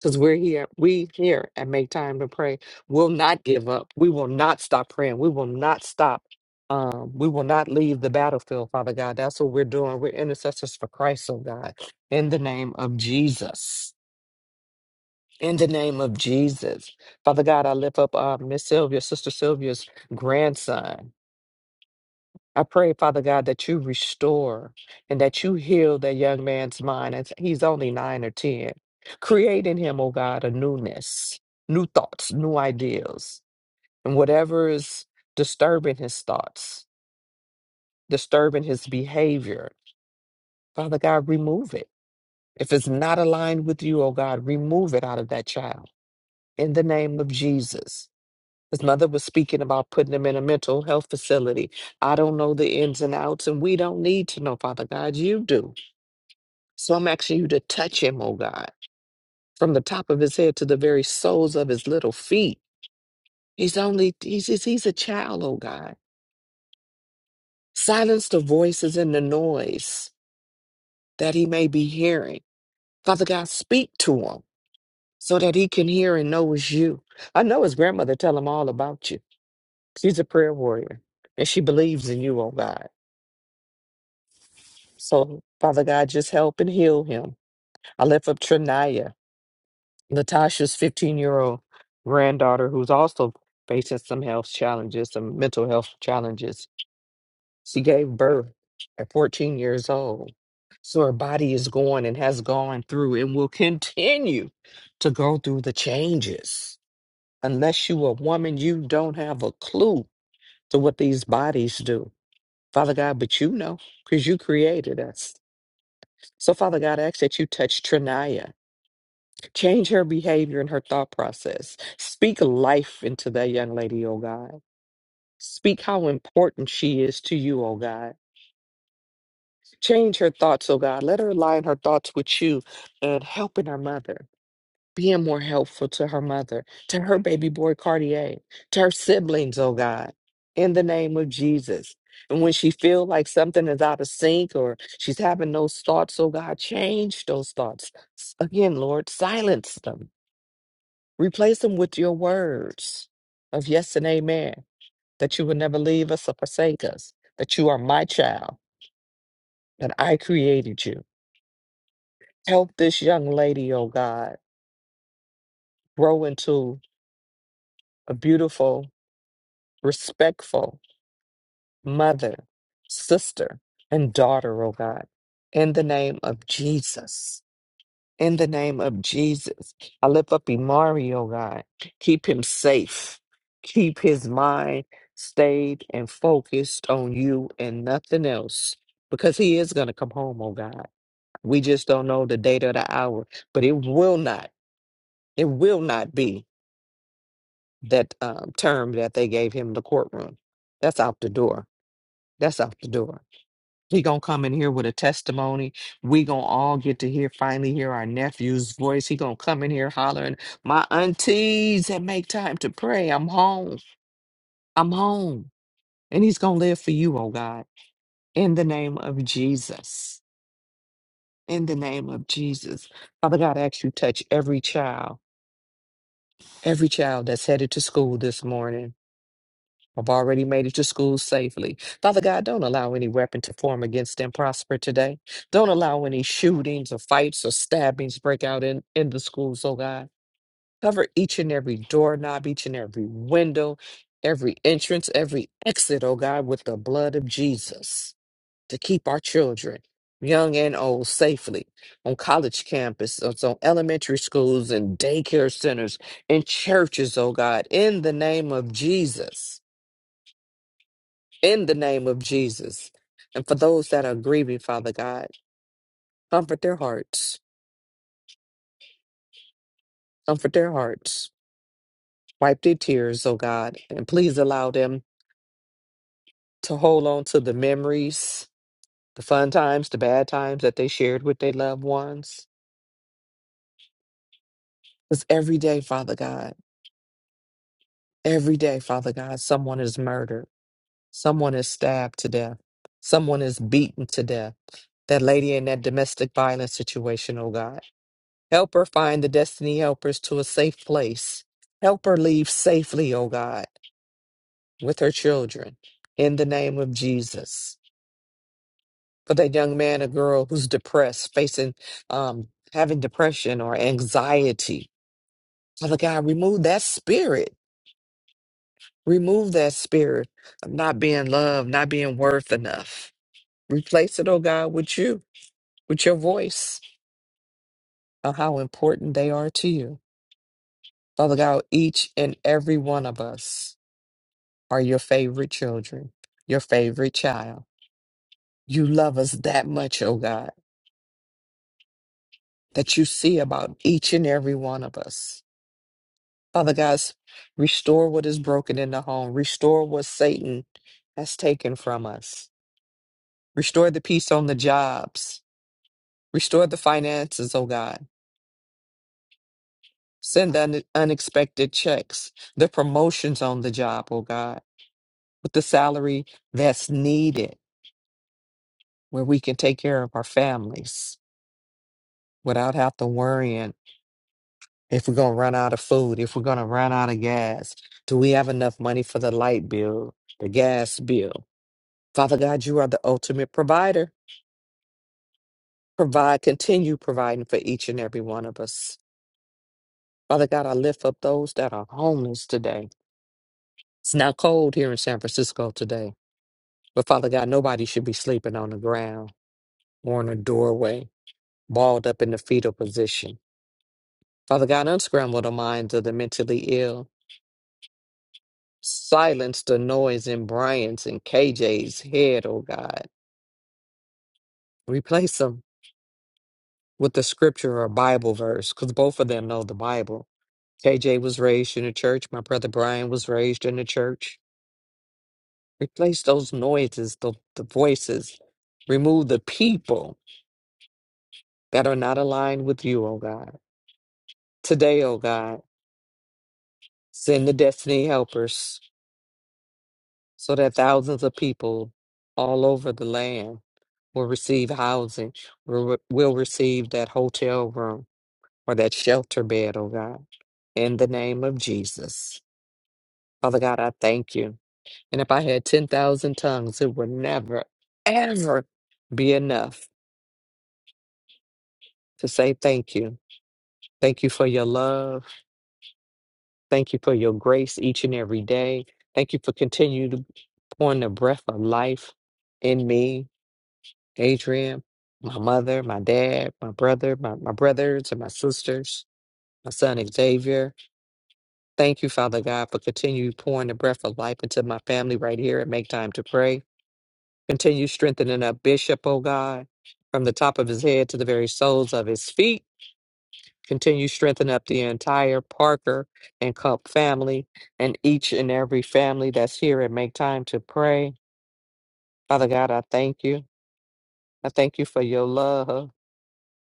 Because we're here, we here and make time to pray. We'll not give up. We will not stop praying. We will not stop. Um, we will not leave the battlefield, Father God. That's what we're doing. We're intercessors for Christ, oh God, in the name of Jesus. In the name of Jesus. Father God, I lift up uh, Miss Sylvia, Sister Sylvia's grandson. I pray, Father God, that you restore and that you heal that young man's mind. As he's only nine or 10. Create in him, oh God, a newness, new thoughts, new ideas, and whatever is disturbing his thoughts, disturbing his behavior. Father God, remove it. If it's not aligned with you, oh God, remove it out of that child in the name of Jesus. His mother was speaking about putting him in a mental health facility. I don't know the ins and outs, and we don't need to know, Father God. You do. So I'm asking you to touch him, oh God, from the top of his head to the very soles of his little feet. He's only, he's, he's he's a child, oh God. Silence the voices and the noise that he may be hearing. Father God, speak to him so that he can hear and know it's you. I know his grandmother tell him all about you. She's a prayer warrior and she believes in you, oh God. So, Father God, just help and heal him. I lift up Trinaya, Latasha's 15 year old granddaughter, who's also facing some health challenges, some mental health challenges. She gave birth at 14 years old. So her body is going and has gone through and will continue to go through the changes. Unless you a woman, you don't have a clue to what these bodies do. Father God, but you know, because you created us. So, Father God, I ask that you touch Trinaya. Change her behavior and her thought process. Speak life into that young lady, oh God. Speak how important she is to you, oh God. Change her thoughts, oh God. Let her align her thoughts with you and helping her mother, being more helpful to her mother, to her baby boy Cartier, to her siblings, oh God. In the name of Jesus. And when she feel like something is out of sync or she's having those thoughts, oh God, change those thoughts. Again, Lord, silence them Replace them with your words of yes and amen, that you will never leave us or forsake us, that you are my child, that I created you. Help this young lady, oh God, grow into a beautiful, respectful mother, sister, and daughter, oh God, in the name of Jesus. In the name of Jesus, I lift up Imari, oh God. Keep him safe. Keep his mind stayed and focused on you and nothing else because he is going to come home, oh God. We just don't know the date or the hour, but it will not, it will not be that um, term that they gave him in the courtroom. That's out the door. That's out the door. He gonna come in here with a testimony. We gonna all get to hear finally hear our nephew's voice. He gonna come in here hollering, "My aunties that make time to pray. I'm home. I'm home." And he's gonna live for you, oh God, in the name of Jesus. In the name of Jesus, Father God, I ask you touch every child, every child that's headed to school this morning. I've already made it to school safely. Father God, don't allow any weapon to form against them prosper today. Don't allow any shootings or fights or stabbings break out in, in the schools, oh God. Cover each and every doorknob, each and every window, every entrance, every exit, oh God, with the blood of Jesus to keep our children, young and old, safely on college campuses, on elementary schools and daycare centers, in churches, oh God, in the name of Jesus in the name of Jesus. And for those that are grieving, Father God, comfort their hearts, comfort their hearts, wipe their tears, oh God, and please allow them to hold on to the memories, the fun times, the bad times that they shared with their loved ones. Because every day, Father God, every day, Father God, someone is murdered, someone is stabbed to death, someone is beaten to death. That lady in that domestic violence situation, oh God. Help her find the destiny helpers to a safe place. Help her leave safely, O God, with her children, in the name of Jesus. For that young man or girl who's depressed, facing um, having depression or anxiety, Father God, remove that spirit. Remove that spirit of not being loved, not being worth enough. Replace it, O God, with you, with your voice, of how important they are to you. Father God, each and every one of us. are your favorite children, your favorite child. You love us that much, oh God, that you see about each and every one of us. Father God, restore what is broken in the home, restore what Satan has taken from us, restore the peace on the jobs, restore the finances, oh God. Send the un- unexpected checks, the promotions on the job, oh God, with the salary that's needed where we can take care of our families without having to worry If we're gonna run out of food, if we're gonna run out of gas, do we have enough money for the light bill, the gas bill? Father God, you are the ultimate provider. Provide, continue providing for each and every one of us. Father God, I lift up those that are homeless today. It's not cold here in San Francisco today, but Father God, nobody should be sleeping on the ground or in a doorway, balled up in the fetal position. Father God, unscramble the minds of the mentally ill. Silence the noise in Brian's and KJ's head, oh God. Replace them with the scripture or Bible verse, because both of them know the Bible. KJ was raised in the church. My brother Brian was raised in the church. Replace those noises, the, the voices. Remove the people that are not aligned with you, oh God. Today, oh God, send the destiny helpers so that thousands of people all over the land will receive housing, will, will receive that hotel room or that shelter bed, oh God, in the name of Jesus. Father God, I thank you. And if I had 10,000 tongues, it would never, ever be enough to say thank you. Thank you for your love. Thank you for your grace each and every day. Thank you for continuing to pour in the breath of life in me, Adrian, my mother, my dad, my brother, my, my brothers, and my sisters. my son Xavier. Thank you, Father God, for continue pouring the breath of life into my family right here and make time to pray. Continue strengthening our bishop, oh God, from the top of his head to the very soles of his feet. Continue strengthening up the entire Parker and Cup family and each and every family that's here and make time to pray. Father God, I thank you. I thank you for your love.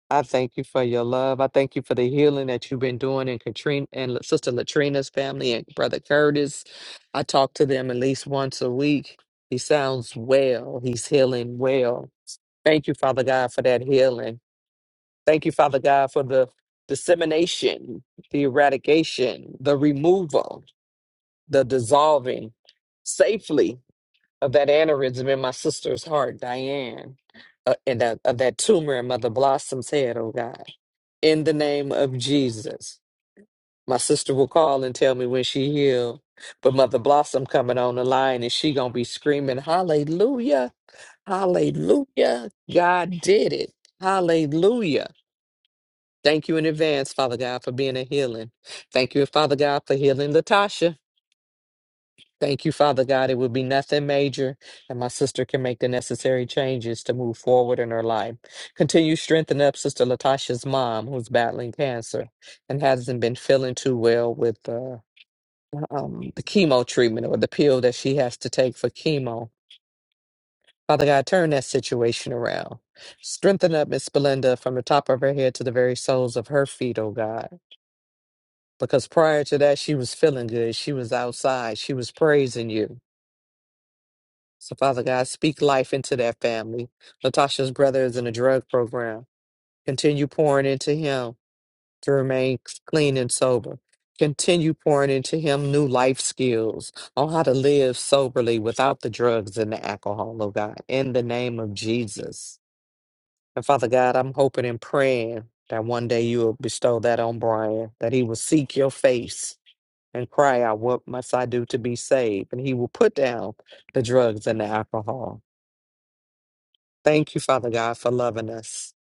I thank you for your love. I thank you for the healing that you've been doing in Katrina and La- Sister Latrina's family and Brother Curtis. I talk to them at least once a week. He sounds well. He's healing well. Thank you, Father God, for that healing. Thank you, Father God, for the dissemination, the eradication, the removal, the dissolving safely of that aneurysm in my sister's heart, Diane, uh, and that, of that tumor in Mother Blossom's head, oh God in the name of Jesus. My sister will call and tell me when she healed. But Mother Blossom coming on the line and she gonna be screaming, Hallelujah, Hallelujah. God did it. Hallelujah. Thank you in advance, Father God, for being a healing. Thank you, Father God, for healing Latasha. Thank you, Father God. It will be nothing major, and my sister can make the necessary changes to move forward in her life. Continue strengthening up Sister Latasha's mom, who's battling cancer and hasn't been feeling too well with uh, um, the chemo treatment or the pill that she has to take for chemo. Father God, turn that situation around. Strengthen up Miss Belinda from the top of her head to the very soles of her feet, oh God. Because prior to that, she was feeling good. She was outside. She was praising you. So, Father God, speak life into that family. Latasha's brother is in a drug program. Continue pouring into him to remain clean and sober. Continue pouring into him new life skills on how to live soberly without the drugs and the alcohol, oh God, in the name of Jesus. And Father God, I'm hoping and praying that one day you will bestow that on Brian, that he will seek your face and cry out, What must I do to be saved? And he will put down the drugs and the alcohol Thank you, Father God, for loving us.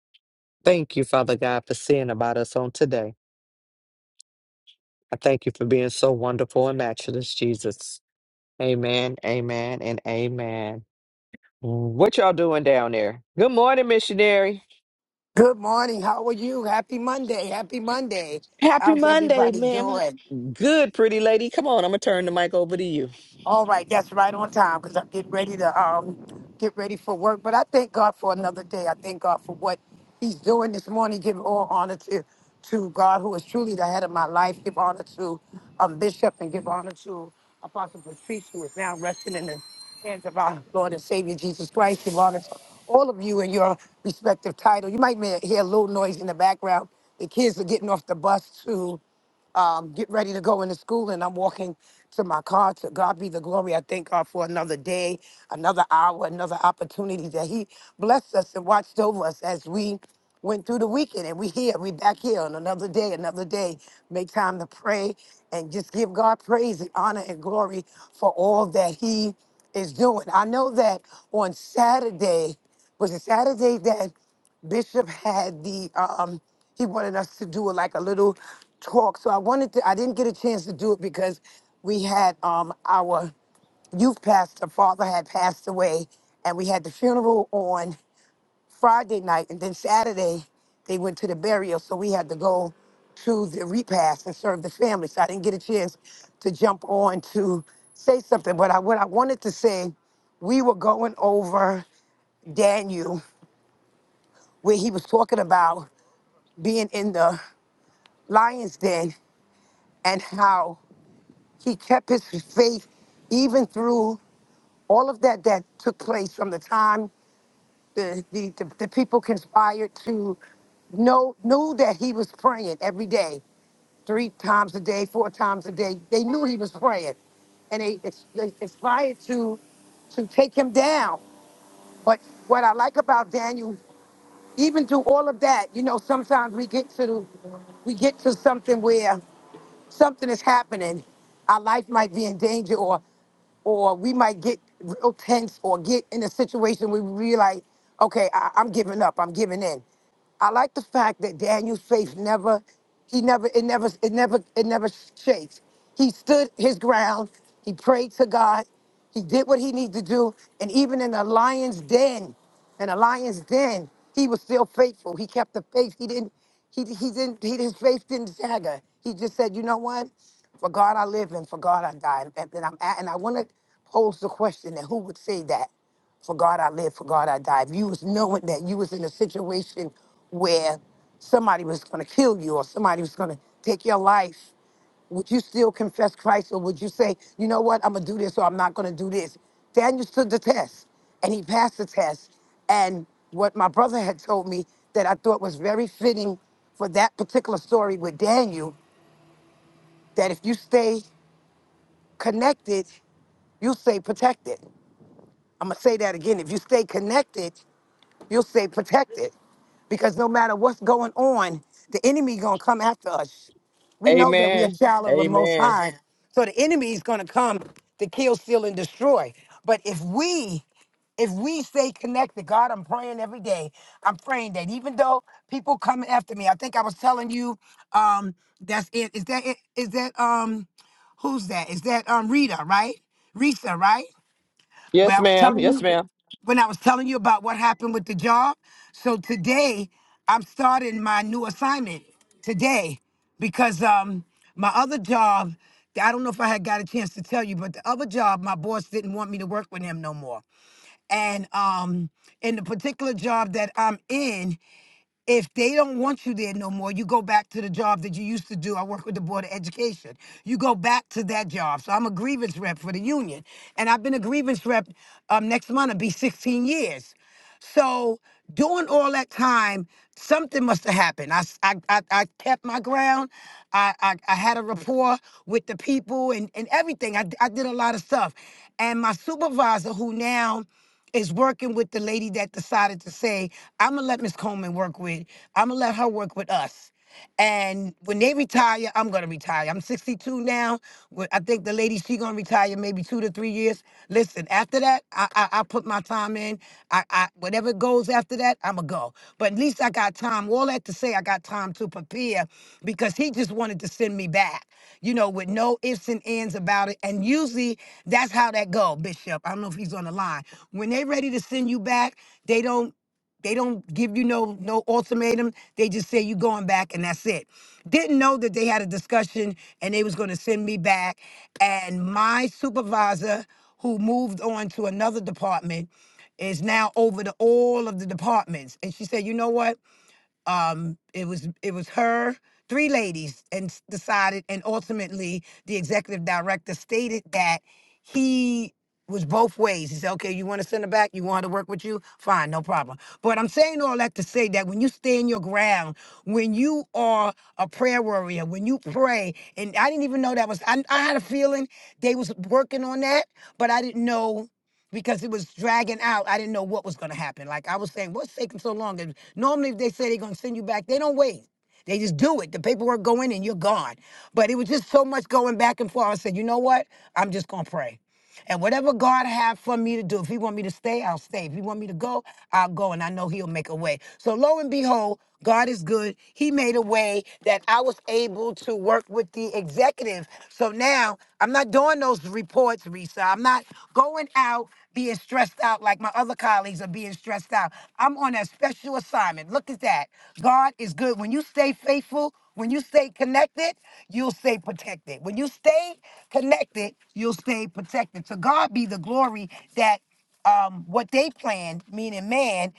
Thank you, Father God, for seeing about us on today. I thank you for being so wonderful and matchless, Jesus. Amen, amen, and amen. What y'all doing down there? Good morning, missionary.
Good morning. How are you? Happy Monday. Happy Monday.
Happy
How's
Monday,
everybody
ma'am.
doing?
Good, pretty lady. Come on, I'm going to turn the mic over to you.
All right, that's right on time because I'm getting ready to um get ready for work. But I thank God for another day. I thank God for what He's doing this morning. Give all honor to to God, who is truly the head of my life. Give honor to um, Bishop and give honor to Apostle Patrice, who is now resting in the hands of our Lord and Savior Jesus Christ. Give honor to all of you in your respective title. You might may hear a little noise in the background. The kids are getting off the bus too um, get ready to go into school, and I'm walking to my car. To God be the glory. I thank God for another day, another hour, another opportunity that He blessed us and watched over us as we went through the weekend. And we here, we back here on another day, another day. Make time to pray and just give God praise and honor and glory for all that He is doing. I know that on Saturday was a Saturday that Bishop had the um he wanted us to do like a little talk. So I wanted to I didn't get a chance to do it because we had um our youth pastor father had passed away and we had the funeral on Friday night and then Saturday they went to the burial so we had to go to the repast and serve the family. So I didn't get a chance to jump on to say something. But I, what I wanted to say, we were going over Daniel where he was talking about being in the lion's den and how he kept his faith even through all of that that took place from the time the, the, the, the people conspired to know knew that he was praying every day, three times a day, four times a day. They knew he was praying. And they, they conspired to to take him down. But what I like about Daniel even through all of that, you know, sometimes we get to we get to something where something is happening. Our life might be in danger or or we might get real tense or get in a situation where we realize, okay, I, I'm giving up, I'm giving in. I like the fact that Daniel's faith never, he never, it never, it never, it never shakes. He stood his ground. He prayed to God. He did what he needed to do. And even in the lion's den, and the lions then, he was still faithful. He kept the faith. He didn't, he, he didn't, he, his faith didn't stagger. He just said, you know what? For God I live and for God I die. And, and I'm at, and I want to pose the question that who would say that? For God I live, for God I die. If you was knowing that you was in a situation where somebody was going to kill you or somebody was going to take your life would you still confess Christ or would you say, you know what, I'm going to do this or I'm not going to do this? Daniel stood the test and he passed the test. And what my brother had told me that I thought was very fitting for that particular story with Daniel, that if you stay connected, you stay protected. I'm going to say that again. If you stay connected, You'll stay protected because no matter what's going on, the enemy gonna come after us. We know that we are
Amen.
child of the Most
Amen.
High, so the enemy is gonna come to kill, steal, and destroy. But if we if we stay connected, God, I'm praying every day. I'm praying that even though people coming after me, I think I was telling you, um, that's it. Is that it? Is that um, who's that? Is that um Rita, right? Risa, right? When
Yes,
I was
ma'am.
telling
Yes,
you
ma'am.
when I was telling you about what happened with the job. So today I'm starting my new assignment today because um my other job, I don't know if I had got a chance to tell you, but the other job, my boss didn't want me to work with him no more. And um in the particular job that I'm in, if they don't want you there no more, you go back to the job that you used to do. I work with the Board of Education. You go back to that job. So I'm a grievance rep for the union. And I've been a grievance rep um, next month, it'll be 16 years. So during all that time, something must have happened. I, s- I, I, I kept my ground. I, I, I had a rapport with the people and, and everything. I, d- I did a lot of stuff. And my supervisor, who now is working with the lady that decided to say, I'm gonna let Miss Coleman work with, I'm gonna let her work with us. And when they retire, I'm gonna retire. I'm 62 now. Wh- I think the lady she gonna retire maybe two to three years. Listen, after that, I I, I put my time in. I, I whatever goes after that, I'ma go. But at least I got time. All that to say, I got time to prepare because he just wanted to send me back, you know, with no ifs and ands about it. And usually that's how that go, Bishop. I don't know if he's on the line. When they ready to send you back, they don't they don't give you no no ultimatum. They just say you going back and that's it. Didn't know that they had a discussion and they was going to send me back. And my supervisor, who moved on to another department, is now over the all of the departments. And she said, you know what? Um, it was it was her, three ladies, and s- decided, and ultimately the executive director stated that he was both ways. He said, okay, you want to send her back? You want her to work with you? Fine, no problem. But I'm saying all that to say that when you stand your ground, when you are a prayer warrior, when you pray, and I didn't even know that was, I, I had a feeling they was working on that, but I didn't know because it was dragging out. I didn't know what was going to happen. Like I was saying, what's taking so long? And normally, if they say they're going to send you back, they don't wait. They just do it. The paperwork go in and you're gone. But it was just so much going back and forth. I said, you know what? I'm just going to pray. And whatever God have for me to do, if He want me to stay, I'll stay. If He want me to go, I'll go. And I know He'll make a way. So lo and behold, God is good. He made a way that I was able to work with the executive. So now I'm not doing those reports, Risa. I'm not going out being stressed out like my other colleagues are being stressed out. I'm on a special assignment. Look at that. God is good. When you stay faithful, when you stay connected, you'll stay protected. When you stay connected, you'll stay protected. To God be the glory that um, what they planned, meaning man,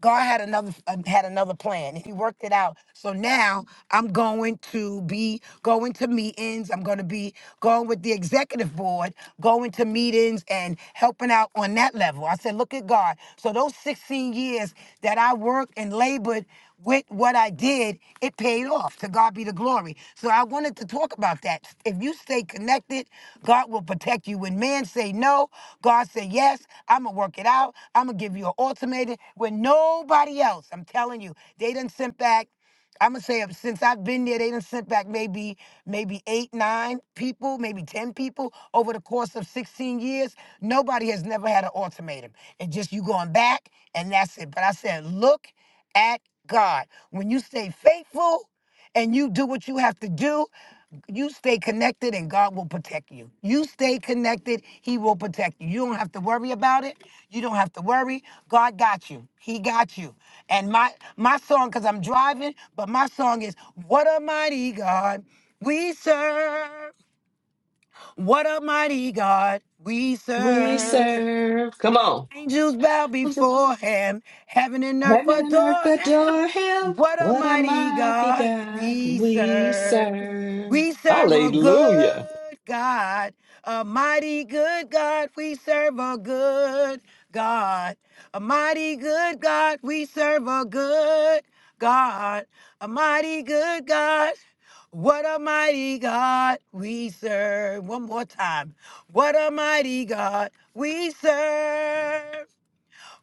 God had another uh, had another plan, and He worked it out. So now I'm going to be going to meetings. I'm going to be going with the executive board, going to meetings and helping out on that level. I said, look at God. So those 16 years that I worked and labored with what I did, it paid off. To God be the glory. So I wanted to talk about that. If you stay connected, God will protect you. When man say no, God say yes. I'm gonna work it out. I'm gonna give you an ultimatum. When nobody else, I'm telling you, they done sent back. I'm gonna say uh, since I've been there, they done sent back maybe maybe eight, nine people, maybe ten people over the course of 16 years. Nobody has never had an ultimatum. It's just you going back, and that's it. But I said, look at God. When you stay faithful and you do what you have to do, you stay connected and God will protect you. You stay connected, He will protect you. You don't have to worry about it. You don't have to worry. God got you. He got you. And my my song, because I'm driving, but my song is What a Mighty God We Serve. What a mighty God we
We
serve.
serve. Come on.
Angels bow before him, heaven and earth
Heaven and earth
adore him.
adore him.
What a
What a
mighty
mighty
God
God
we
we
serve.
serve.
We serve a
Hallelujah.
good God, a mighty good God. We serve a good God, a mighty good God. We serve a good God, a mighty good God. What a mighty God we serve. One more time. What a mighty God we serve.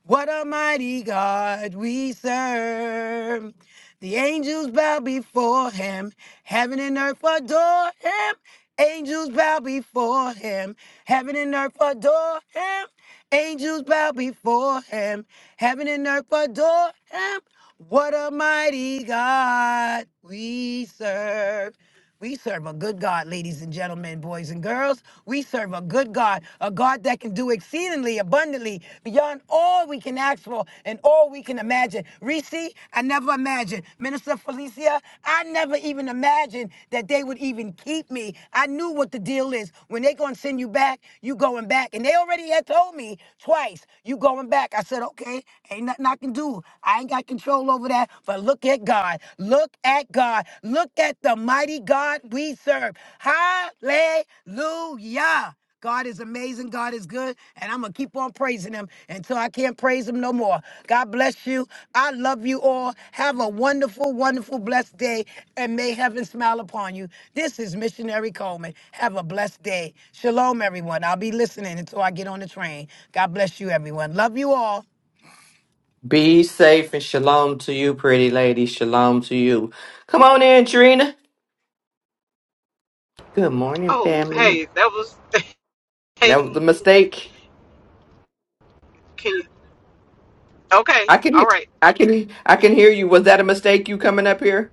What a mighty God we serve. The angels bow before him. Heaven and earth adore him. Angels bow before him. Heaven and earth adore him. Angels bow before him. Heaven and earth adore him. What a mighty God we serve. We serve a good God, ladies and gentlemen, boys and girls. We serve a good God, a God that can do exceedingly abundantly beyond all we can ask for and all we can imagine. Reese, I never imagined. Minister Felicia, I never even imagined that they would even keep me. I knew what the deal is. When they going to send you back, you going back. And they already had told me twice, you going back. I said, okay, ain't nothing I can do them do. I ain't got control over that. But look at God. Look at God. Look at the mighty God we serve. Hallelujah. God is amazing. God is good. And I'm going to keep on praising him until I can't praise him no more. God bless you. I love you all. Have a wonderful, wonderful, blessed day. And may heaven smile upon you. This is Missionary Coleman. Have a blessed day. Shalom, everyone. I'll be listening until I get on the train. God bless you, everyone. Love you all.
Be safe and shalom to you, pretty lady. Shalom to you. Come on in, Trina. Good morning,
Oh,
family.
hey, that was. (laughs)
That was a
Hey,
mistake.
Okay,
I can,
all
hear.
right.
I can, I can hear you. Was that a mistake? You coming up here,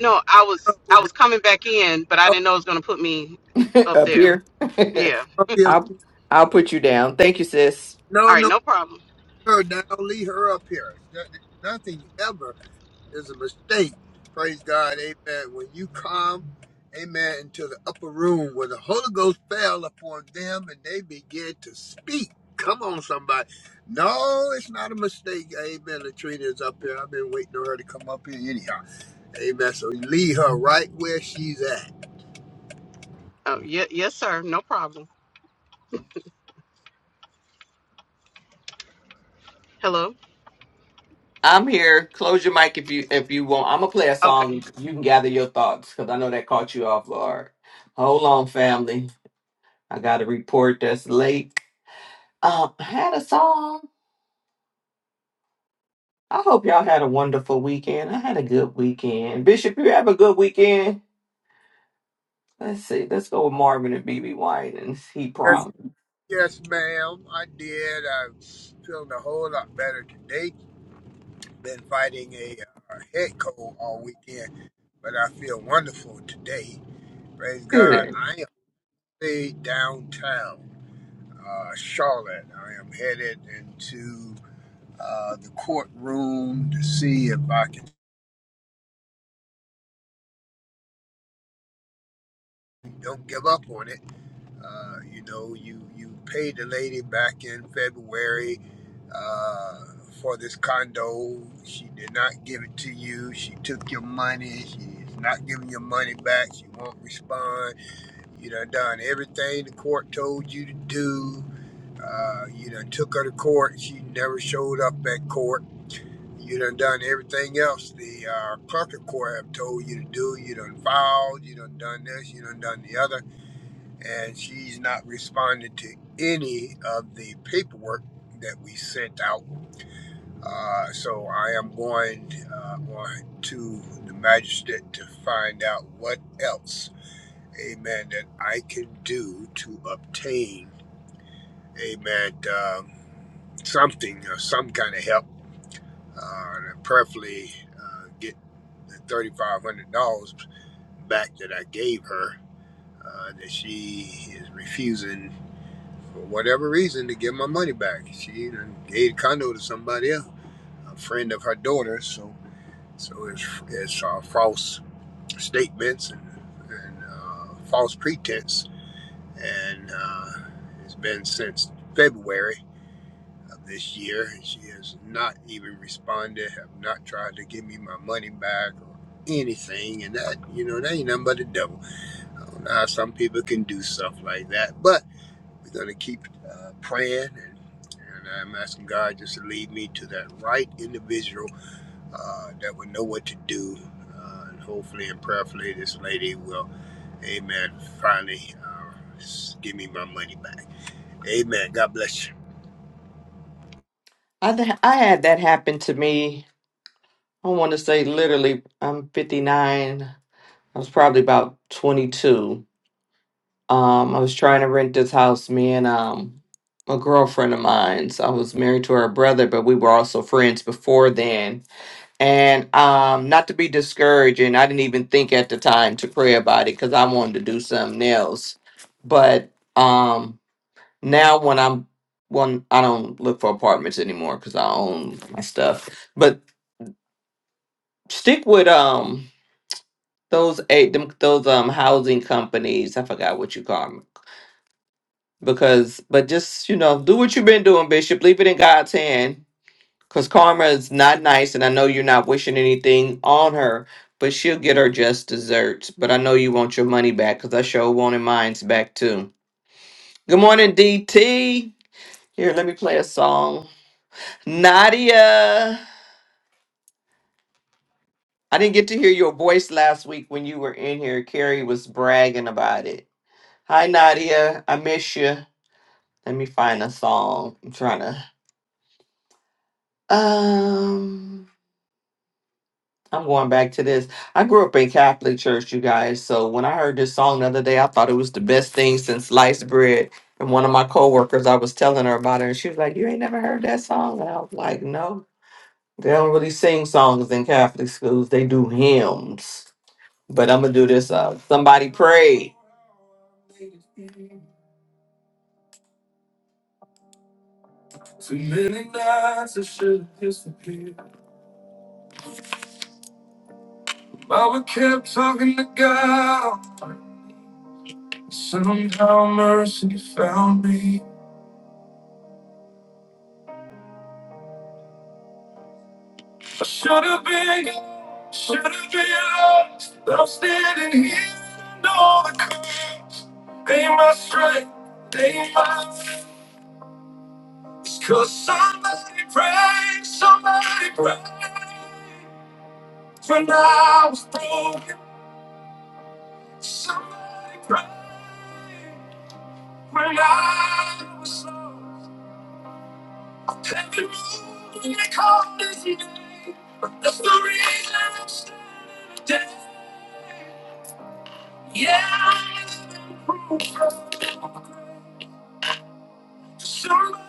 No, I
No,
was I
no,
was coming back in, but I didn't know it was gonna put me
(laughs)
up
up
there.
here? (laughs)
Yeah.
no, be a-
I'll, I'll put you down. Thank you, sis.
All
no,
right,
no,
no problem.
her down. Leave her up here. That- that- Nothing ever is a mistake. Praise God. Amen. When you come, amen, into the upper room where the Holy Ghost fell upon them and they began to speak. Come on, somebody. No, it's not a mistake. Amen. Latrina is up here. I've been waiting on her to come up here anyhow. Amen. So leave her right where she's at.
Oh, yeah, yes, sir. No problem. Hello.
I'm here. Close your mic if you if you want. I'm gonna play a
Okay.
song. You can gather your thoughts because I know that caught you off guard. Hold on, family. I got a report that's late. Um, I had a song. I hope y'all had a wonderful weekend. I had a good weekend. Bishop, you have a good weekend. Let's see. Let's go with Marvin and BB White, and he
Yes,
promised.
yes, ma'am. I did. I'm feeling a whole lot better today. been fighting a, uh head cold all weekend, but I feel wonderful today. Praise God.
Good.
I am way downtown uh, Charlotte. I am headed into uh, the courtroom to see if I can. Don't give up on it. Uh, you know, you you paid the lady back in February uh, for this condo. She did not give it to you. She took your money. She is not giving your money back. She won't respond You done done everything the court told you to do. Uh, you done took her to court. She never showed up at court. You done done everything else the uh, clerk of court have told you to do. You done filed. You done done this. You done done the other. And she's not responded to any of the paperwork that we sent out. Uh, so I am going uh, on to the magistrate to find out what else amen, that I can do to obtain, amen, um, something or some kind of help, uh, and preferably uh, get the $3,500 back that I gave her uh, that she is refusing for whatever reason to give my money back. She done gave the condo to somebody else, a friend of her daughter. so so it's, it's uh, false statements and, and uh, false pretense and uh, it's been since February of this year. And she has not even responded, have not tried to give me my money back or anything. And that, you know, that ain't nothing but the devil. I don't know how some people can do stuff like that, but we're going to keep uh, praying and I'm asking God just to lead me to that right individual uh, that would know what to do. Uh, and hopefully and prayerfully, this lady will, amen, finally uh, give me my money back. Amen. God bless you.
I th- I had that happen to me. I want to say literally. I'm 59. I was probably about 22 Um, I was trying to rent this house, me and um a girlfriend of mine's. I was married to her brother, but we were also friends before then. And um, not to be discouraging, I didn't even think at the time to pray about it because I wanted to do something else. But um now when I'm when I don't look for apartments anymore because I own my stuff. But stick with um those eight them those um housing companies. I forgot what you call 'em because but just you know do what you've been doing bishop leave it in god's hand because karma is not nice and i know you're not wishing anything on her but she'll get her just desserts but i know you want your money back because i sure wanted mine's back too good morning dt here let me play a song nadia i didn't get to hear your voice last week when you were in here carrie was bragging about it hi nadia i miss you let me find a song i'm trying to um I'm going back to this. I grew up in Catholic church, you guys. So when I heard this song the other day, I thought it was the best thing since sliced bread. And one of my coworkers, I was telling her about it, and she was like, "You ain't never heard that song?" And I was like, "No, they don't really sing songs in Catholic schools. They do hymns." But I'm gonna do this. Uh, somebody pray. Too many nights I should disappear, but we kept talking to God. Somehow mercy found me. I should have been, should have been lost. But I'm standing here and all the courage. They ain't my strength, they ain't my It's cause somebody prayed, somebody prayed. When I was broken, somebody prayed. When I was lost, every move they called his name. That's the reason I'm standing today. Yeah, some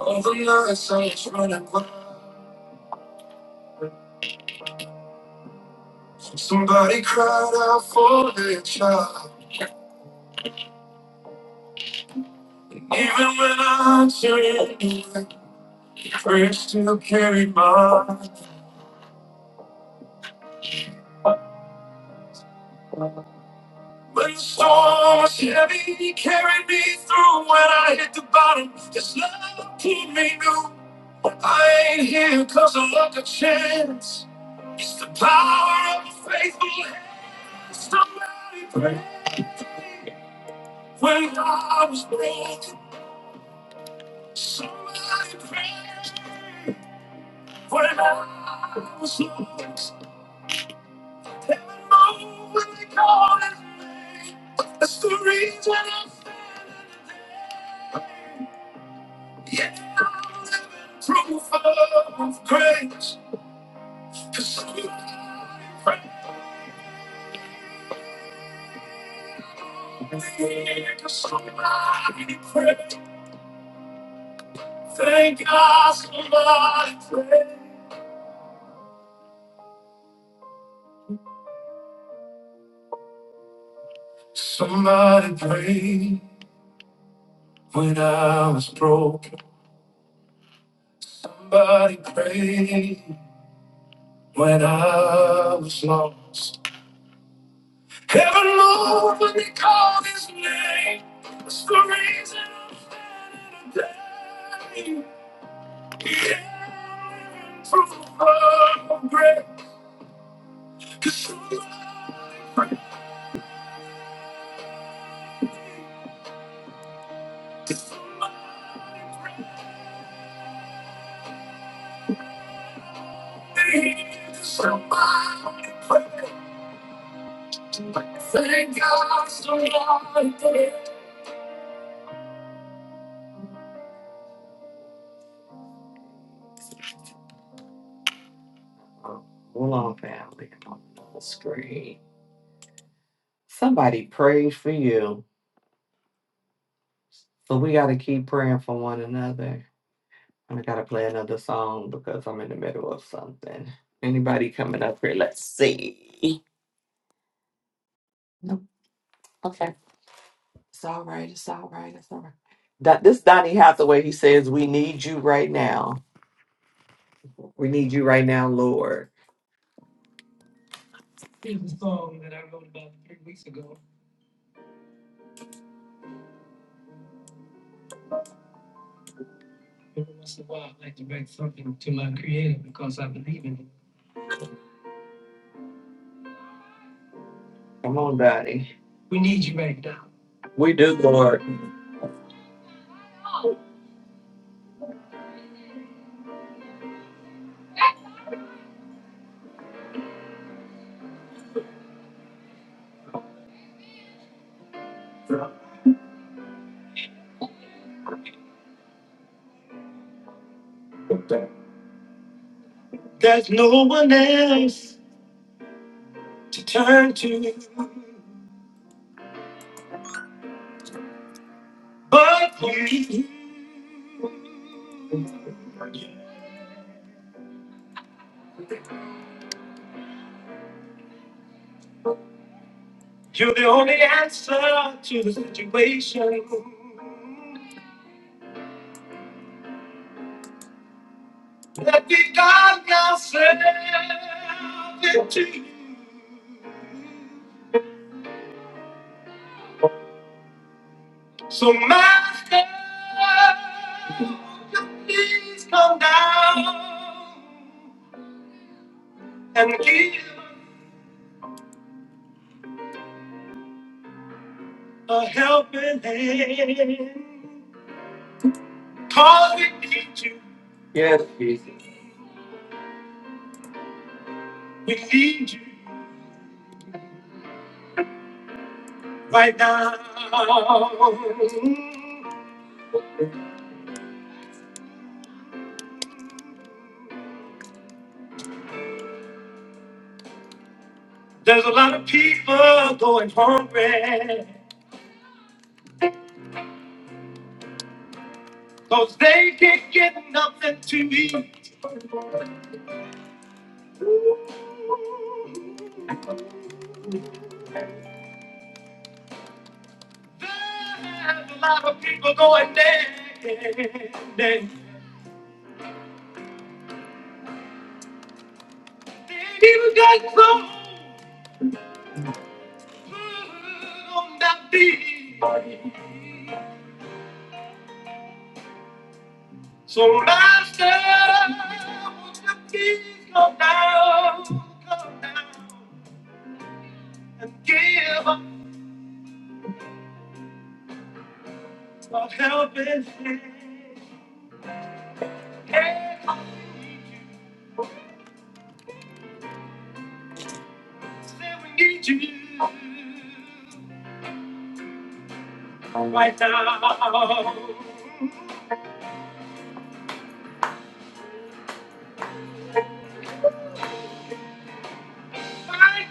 of the nights I was running wild. Somebody cried out for their child. Even when I turned, prayers still carried mine. When the storm was heavy, he carried me through. When I hit the bottom, his love pulled me new. I ain't here 'cause I luck a chance. It's the power of a faithful hand. Somebody pray when I was broken. Somebody prayed when I was lost. And I know when they called his name. That's the reason I'm standing today. Yeah, I'm living proof of grace. 'Cause somebody prayed. 'Cause somebody prayed. Thank God somebody prayed. Somebody prayed when I was broken. Somebody prayed when I was lost. Heaven moved when they called his name. It's the reason I'm standing today. Yeah, from the fall of grace. somebody prayed. somebody prayed. 'Cause somebody prayed. 'Cause Somebody prayed. Thank God for life. Oh, Hold on, family. Come on, the screen. Somebody prayed for you. So we got to keep praying for one another. And I got to play another song because I'm in the middle of something. Anybody coming up here? Let's see. Nope. Okay. It's all right. It's all right. It's all right. That this Donnie Hathaway, he says, "We need you right now. We need you right now, Lord." Every once in a while, I like to bring something to my creator because I believe in him. Come on, Daddy. We need you right now. We do, Lord. There's no one else to turn to but you. You're the only answer to the situation. Let me guide myself into you. So my help, please come down and give a helping hand. Cause we need you. Yes, Jesus. We need you right now. There's a lot of people going hungry. Cause they can't get nothing to eat. There's a lot of people going there. People got so good on that beat. So master, would you please come down, come down, and give us a helping hand. Hey, we need you. say we need you right now, right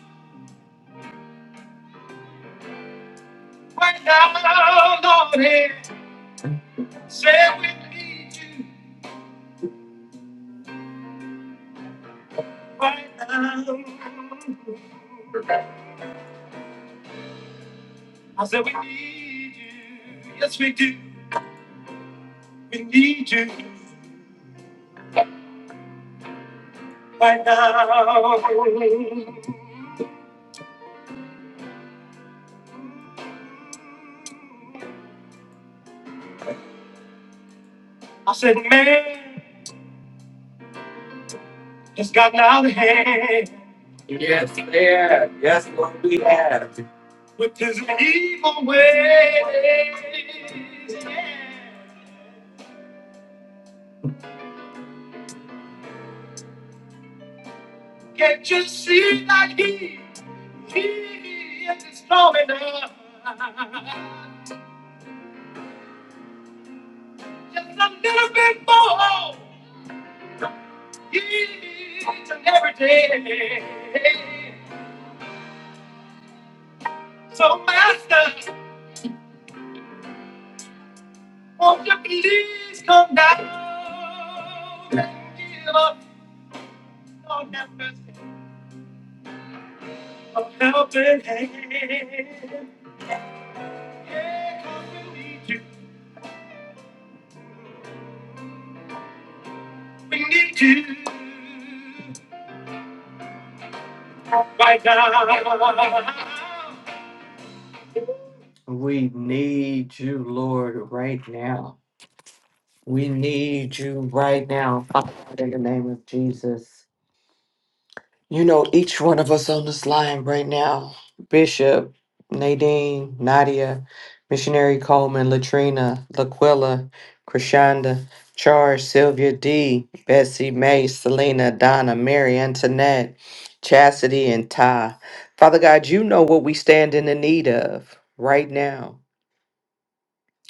now. Right now, Lord, say we need you right now. I said we need you. Yes, we do. We need you right now. I said, man, it's gotten out of hand. Yes, yeah. Yes, Lord, we have. With his evil ways. Yeah. Can't you see that he? He is strong enough. Just a little bit more each and every day. So, Master, won't you please come down and give us your numbers of helping hand? Yeah, 'cause we need you. We need you right now. We need you, Lord, right now. We need you right now, Father, in the name of Jesus. You know, each one of us on this line right now Bishop, Nadine, Nadia, Missionary Coleman, Latrina, Laquilla, Krishanda, Charles, Sylvia D, Bessie, May, Selena, Donna, Mary, Antoinette, Chastity, and Ty. Father God, you know what we stand in the need of right now.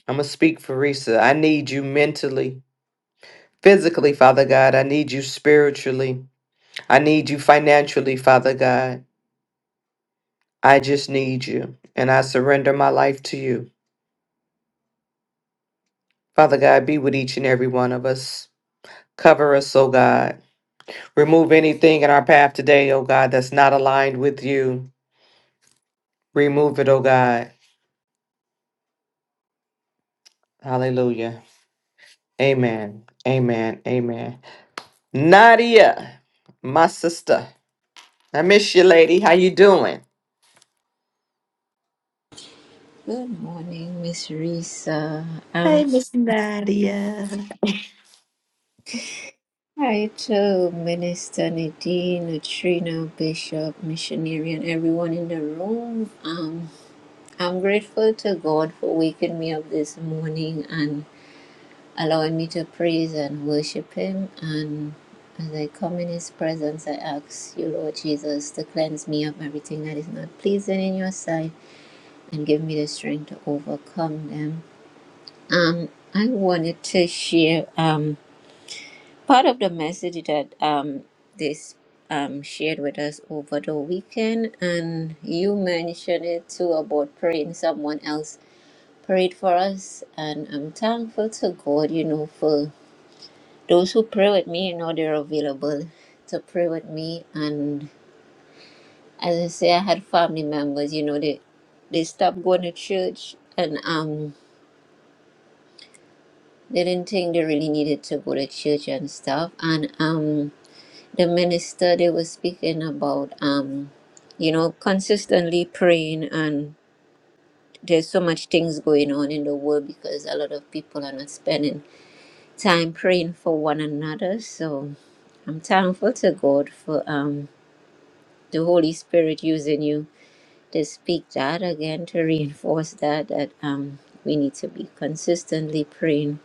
I'm going to speak for Risa. I need you mentally, physically, Father God. I need you spiritually. I need you financially, Father God. I just need you. And I surrender my life to you. Father God, be with each and every one of us. Cover us, oh God. Remove anything in our path today, oh God, that's not aligned with you. Remove it, oh God. Hallelujah. Amen. Amen. Amen. Nadia, my sister. I miss you, lady. How you doing?
Good morning, Miss Risa. I'm
Hey, Miss Nadia.
hi to Minister Nadine, Neutrino, Bishop, Missionary, and everyone in the room. Um, I'm grateful to God for waking me up this morning and allowing me to praise and worship Him. And as I come in His presence, I ask you, Lord Jesus, to cleanse me of everything that is not pleasing in your sight and give me the strength to overcome them. Um, I wanted to share. Um, Part of the message that um, this um, shared with us over the weekend, and you mentioned it too about praying. Someone else prayed for us, and I'm thankful to God, you know, for those who pray with me, you know, they're available to pray with me. And as I say, I had family members, you know, they, they stopped going to church and um, they didn't think they really needed to go to church and stuff. And um, the minister they were speaking about um you know consistently praying and there's so much things going on in the world because a lot of people are not spending time praying for one another so i'm thankful to god for um the holy spirit using you to speak that again to reinforce that that um we need to be consistently praying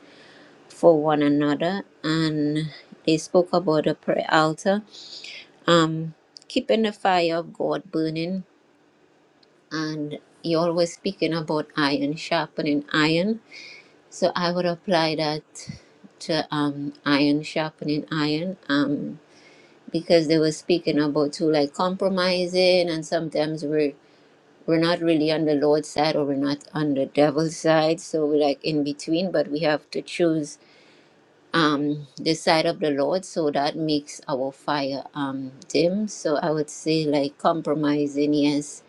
for one another and they spoke about a prayer altar um, keeping the fire of God burning. And you're always speaking about iron sharpening iron. So I would apply that to um, iron sharpening iron um, because they were speaking about too, like compromising, and sometimes we're we're not really on the Lord's side or we're not on the devil's side. So we're like in between, but we have to choose um, the sight of the Lord, so that makes our fire um, dim. So I would say, like compromising, yes,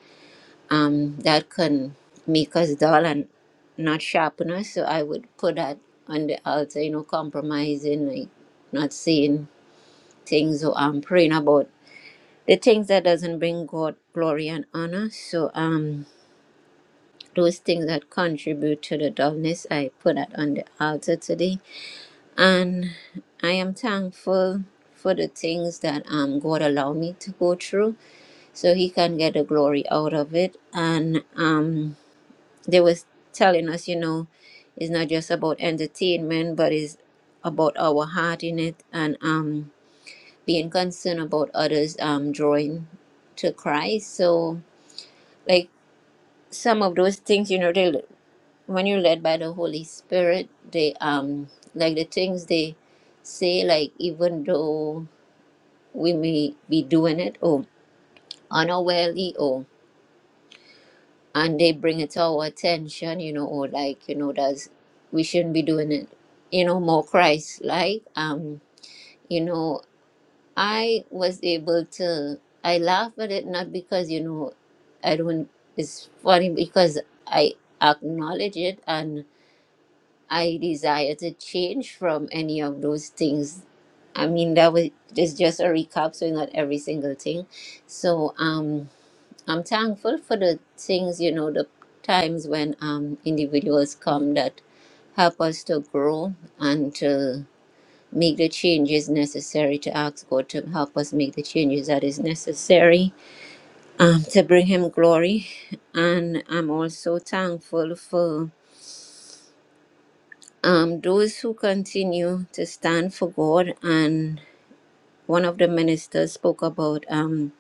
um, that can make us dull and not sharpen us. So I would put that on the altar, you know, compromising, like not saying things or um, praying about the things that doesn't bring God glory and honor. So um, those things that contribute to the dullness, I put that on the altar today And I am thankful for the things that um, God allowed me to go through so He can get the glory out of it. And um, they was telling us, you know, it's not just about entertainment, but it's about our heart in it and um, being concerned about others um, drawing to Christ. So, like, some of those things, you know, they when you're led by the Holy Spirit, they um like the things they say, like even though we may be doing it or unawarely or and they bring it to our attention, you know, or like, you know, that's we shouldn't be doing it, you know, more Christ like. Um, you know, I was able to I laugh at it not because, you know, I don't it's funny because I acknowledge it and. I desire to change from any of those things. I mean, that was it's just a recap, so not every single thing. So um, I'm thankful for the things, you know, the times when um individuals come that help us to grow and to make the changes necessary to ask God to help us make the changes that is necessary um, to bring Him glory. And I'm also thankful for um, those who continue to stand for God, and one of the ministers spoke about um,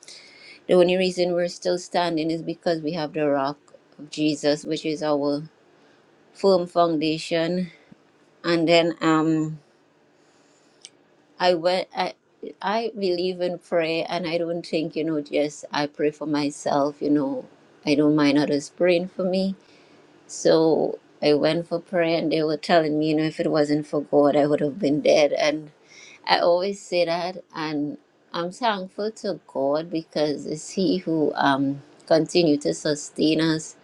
the only reason we're still standing is because we have the rock of Jesus, which is our firm foundation. And then um, I went. I, I believe in prayer, and I don't think you know. Just I pray for myself. You know, I don't mind others praying for me. So I went for prayer, and they were telling me, you know, if it wasn't for God, I would have been dead. And I always say that, and I'm thankful to God because it's He who um continue to sustain us,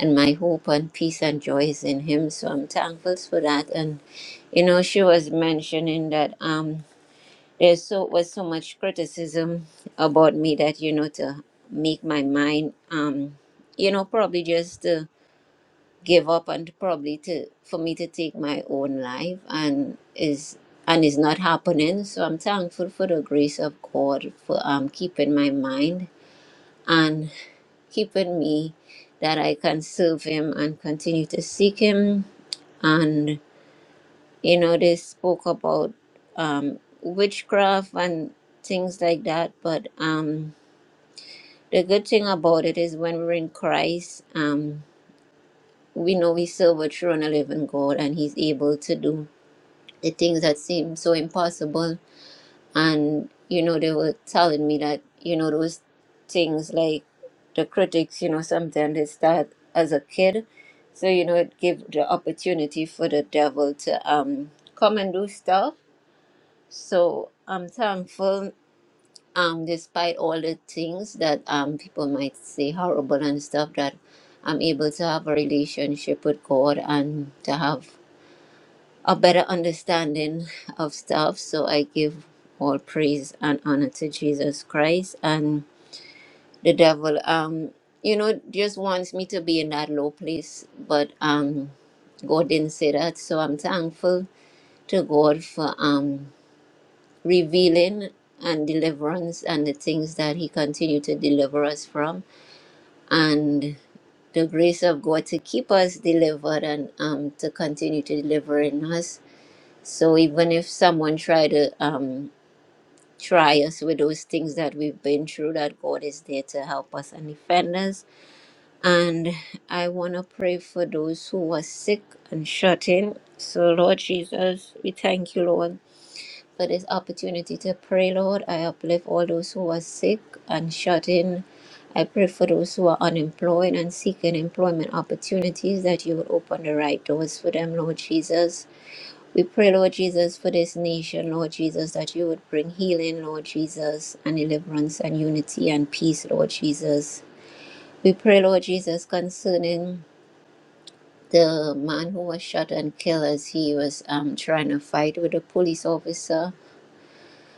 and my hope and peace and joy is in Him. So I'm thankful for that. And you know, she was mentioning that um there's so was so much criticism about me that you know to make my mind um you know probably just to give up and probably to for me to take my own life and is and is not happening so i'm thankful for the grace of god for um keeping my mind and keeping me that i can serve him and continue to seek him and you know they spoke about um witchcraft and things like that but um the good thing about it is when we're in christ um we know we serve a true and a living God, and He's able to do the things that seem so impossible. And you know, they were telling me that you know those things like the critics, you know, sometimes they start as a kid, so you know it gives the opportunity for the devil to um come and do stuff. So I'm thankful um, despite all the things that um, people might say horrible and stuff, that I'm able to have a relationship with God and to have a better understanding of stuff. So I give all praise and honor to Jesus Christ and the devil. Um, you know, just wants me to be in that low place, but um, God didn't say that. So I'm thankful to God for um revealing and deliverance and the things that he continued to deliver us from and the grace of god to keep us delivered and um, to continue to deliver in us so even if someone try to um, try us with those things that we've been through that god is there to help us and defend us and i want to pray for those who are sick and shut in so lord jesus we thank you lord for this opportunity to pray, Lord. I uplift all those who are sick and shut in. I pray for those who are unemployed and seeking employment opportunities that you will open the right doors for them, Lord Jesus. We pray, Lord Jesus, for this nation, Lord Jesus, that you would bring healing, Lord Jesus, and deliverance and unity and peace, Lord Jesus. We pray, Lord Jesus, concerning the man who was shot and killed as he was um, trying to fight with a police officer.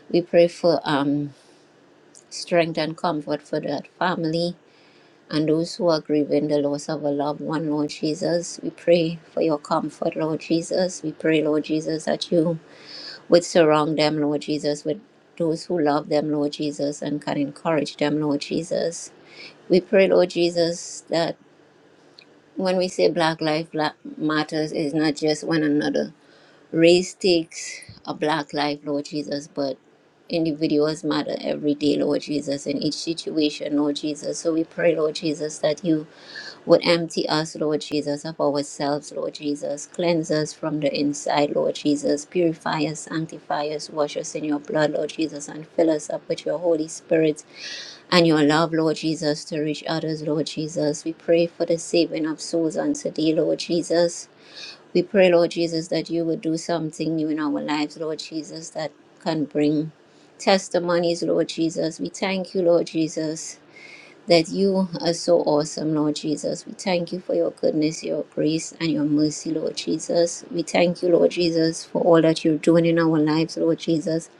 We pray for um, strength and comfort for that family and those who are grieving the loss of a loved one, Lord Jesus. We pray for your comfort, Lord Jesus. We pray, Lord Jesus, that you would surround them, Lord Jesus, with those who love them, Lord Jesus, and can encourage them, Lord Jesus. We pray, Lord Jesus, that when we say Black Life Matters, it's not just one another Race takes a black life, Lord Jesus, but individuals matter every day, Lord Jesus, in each situation, Lord Jesus. So we pray, Lord Jesus, that you would empty us, Lord Jesus, of ourselves, Lord Jesus. Cleanse us from the inside, Lord Jesus. Purify us, sanctify us, wash us in your blood, Lord Jesus, and fill us up with your Holy Spirit and your love, Lord Jesus, to reach others, Lord Jesus. We pray for the saving of souls on today, Lord Jesus. We pray, Lord Jesus, that you would do something new in our lives, Lord Jesus, that can bring testimonies, Lord Jesus. We thank you, Lord Jesus, that you are so awesome, Lord Jesus. We thank you for your goodness, your grace, and your mercy, Lord Jesus. We thank you, Lord Jesus, for all that you're doing in our lives, Lord Jesus.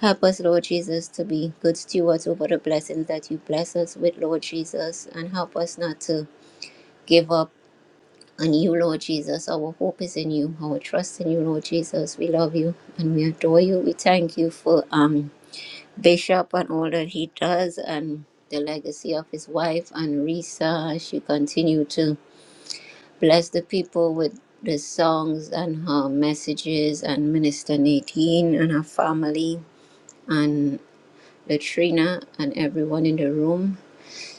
Help us, Lord Jesus, to be good stewards over the blessings that you bless us with, Lord Jesus, and help us not to give up and you, Lord Jesus, our hope is in you, our trust in you, Lord Jesus. We love you and we adore you. We thank you for um, Bishop and all that he does and the legacy of his wife and Risa as she continue to bless the people with the songs and her messages and Minister Nadine and her family and Latrina and everyone in the room.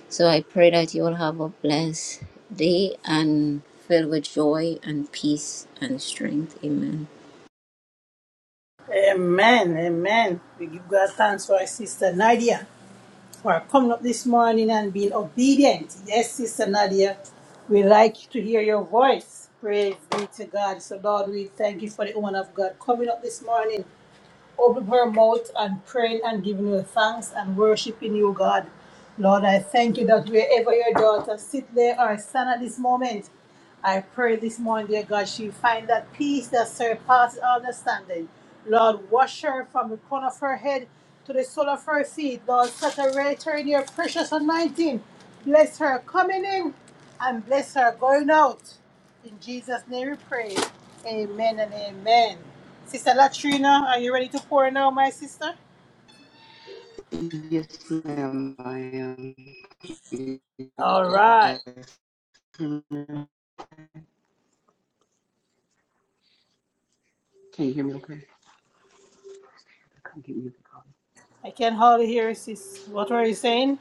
So I pray that you will have a blessed day and filled with joy and peace and strength. Amen.
Amen, amen. We give God thanks for our sister Nadia. for coming up this morning and being obedient. Yes, Sister Nadia, we like to hear your voice. Praise be to God. So, Lord, we thank you for the woman of God coming up this morning. Open her mouth and praying and giving you thanks and worshiping you, God. Lord, I thank you that wherever your daughter sit there or stand at this moment, I pray this morning, dear God, she find that peace that surpasses all understanding. Lord, wash her from the crown of her head to the sole of her feet. Lord, saturate her in your precious anointing. Bless her coming in and bless her going out. In Jesus' name we pray. Amen and amen. Sister Latrina, are you ready to pour now, my sister?
Yes, ma'am. I am. You
All right.
guys hear me? Can you hear me okay? Come get me.
I can hardly hear you, sis. What were you saying?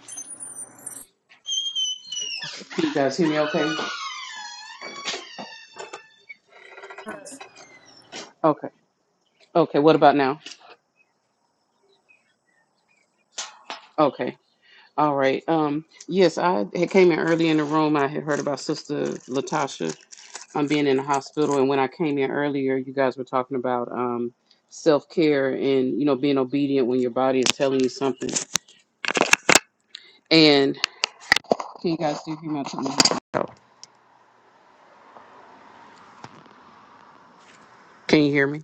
Can you guys hear me okay? Okay. Okay. What about now? Okay. All right. Um. Yes, I had came in early in the room. I had heard about Sister Latasha I'm being in the hospital. And when I came in earlier, you guys were talking about um, self care and you know being obedient when your body is telling you something. And can you guys do human anatomy? Can you hear me?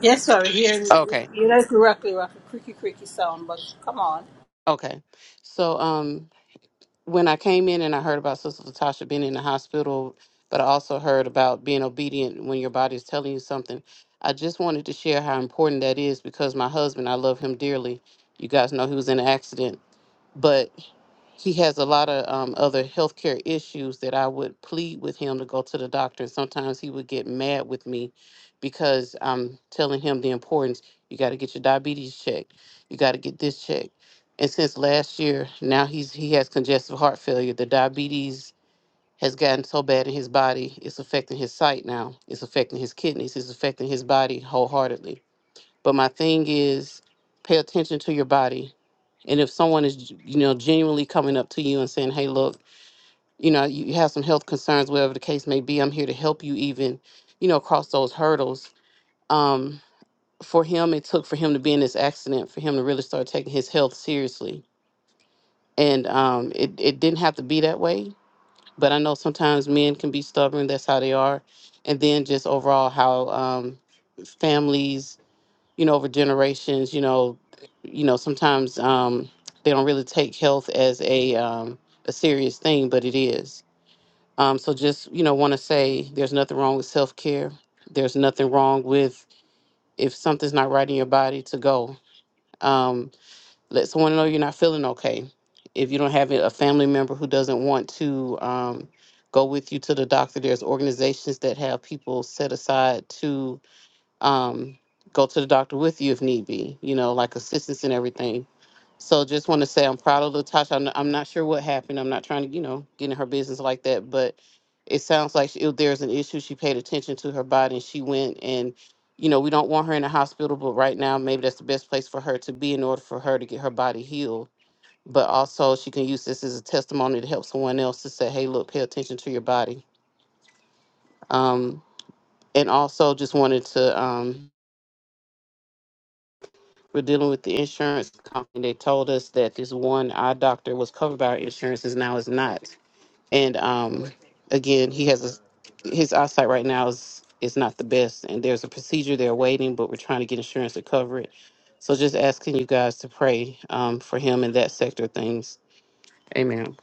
Yes, sir. We're hearing you
Okay,
you like the rocky, rocky, creaky, creaky sound, but come on.
okay. So um, when I came in and I heard about Sister Latasha being in the hospital, but I also heard about being obedient when your body is telling you something. I just wanted to share how important that is because my husband, I love him dearly. You guys know he was in an accident, but he has a lot of um, other healthcare issues that I would plead with him to go to the doctor. And sometimes he would get mad with me because I'm telling him the importance. You got to get your diabetes checked. You got to get this checked. And since last year, now he's he has congestive heart failure. The diabetes has gotten so bad in his body, it's affecting his sight now. It's affecting his kidneys. It's affecting his body wholeheartedly. But my thing is, pay attention to your body and if someone is, you know, genuinely coming up to you and saying, hey, look, you know, you have some health concerns, whatever the case may be, I'm here to help you even, you know, across those hurdles. Um, for him, it took for him to be in this accident for him to really start taking his health seriously. And um, it, it didn't have to be that way. But I know sometimes men can be stubborn. That's how they are. And then just overall, how um, families you know over generations you know you know sometimes um they don't really take health as a um a serious thing but it is um so just you know want to say there's nothing wrong with self-care there's nothing wrong with if something's not right in your body to go um let someone know you're not feeling okay if you don't have a family member who doesn't want to um go with you to the doctor there's organizations that have people set aside to um, go to the doctor with you if need be, you know, like assistance and everything. So just want to say I'm proud of Latasha. I'm, I'm not sure what happened. I'm not trying to, you know, get in her business like that, but it sounds like she, if there's an issue, she paid attention to her body and she went and, you know, we don't want her in the hospital, but right now maybe that's the best place for her to be in order for her to get her body healed. But also she can use this as a testimony to help someone else to say, hey, look, pay attention to your body. Um, and also just wanted to um, We're dealing with the insurance company. They told us that this one eye doctor was covered by our insurance, and now is not. And um, again, he has a, his eyesight right now is is not the best, and there's a procedure they're waiting, but we're trying to get insurance to cover it. So just asking you guys to pray um, for him in that sector of things. Amen.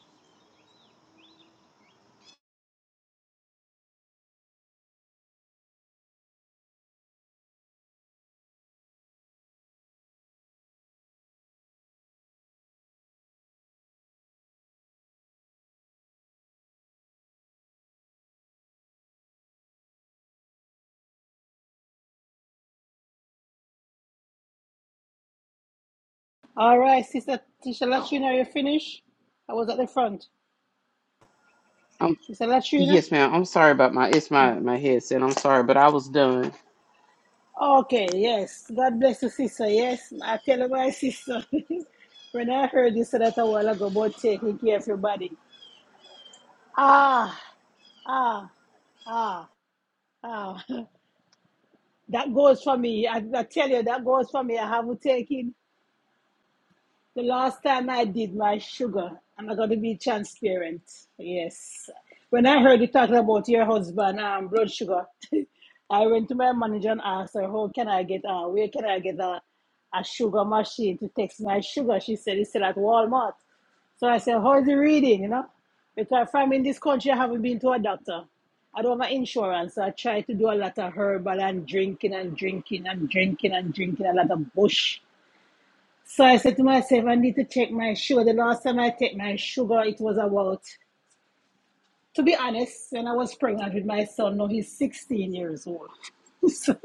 All right, Sister Tisha Latrina, are you finished? I was at the front.
Um,
Sister Latrina?
yes, ma'am. I'm sorry about my it's my my headset. I'm sorry, but I was done.
Okay, yes. God bless you, sister. Yes, I tell you, my sister. (laughs) when I heard you say that a while ago about taking care of your body, ah, ah. Ah, ah, (laughs) that goes for me. I, I tell you, that goes for me. I haven't taken the last time I did my sugar. I'm not going to be transparent. Yes. When I heard you talking about your husband, um, blood sugar, (laughs) I went to my manager and asked her, how can I get, uh, where can I get a, a sugar machine to test my sugar? She said, it's still at Walmart. So I said, How's the reading? You know? Because from in this country I haven't been to a doctor. I don't have insurance, so I try to do a lot of herbal and drinking and drinking and drinking and drinking a lot of bush. So I said to myself, I need to check my sugar. The last time I checked my sugar, it was about, to be honest, when I was pregnant with my son, now he's 16 years old. (laughs) so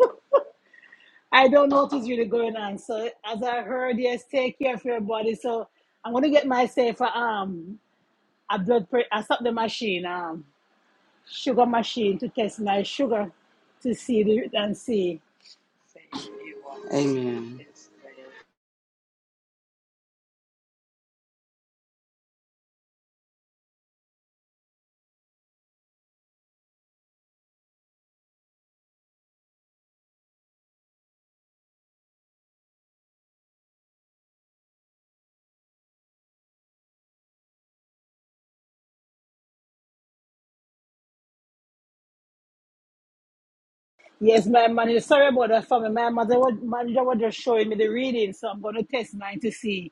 I don't know what is really going on. So as I heard, yes, take care of your body. So I'm gonna get myself a um a blood pressure. I stopped the machine, um, sugar machine, to test my sugar to see the and see.
Amen.
Yes, my manager. Sorry about that, family. My mother, was, manager was just showing me the reading, so I'm going to test mine to see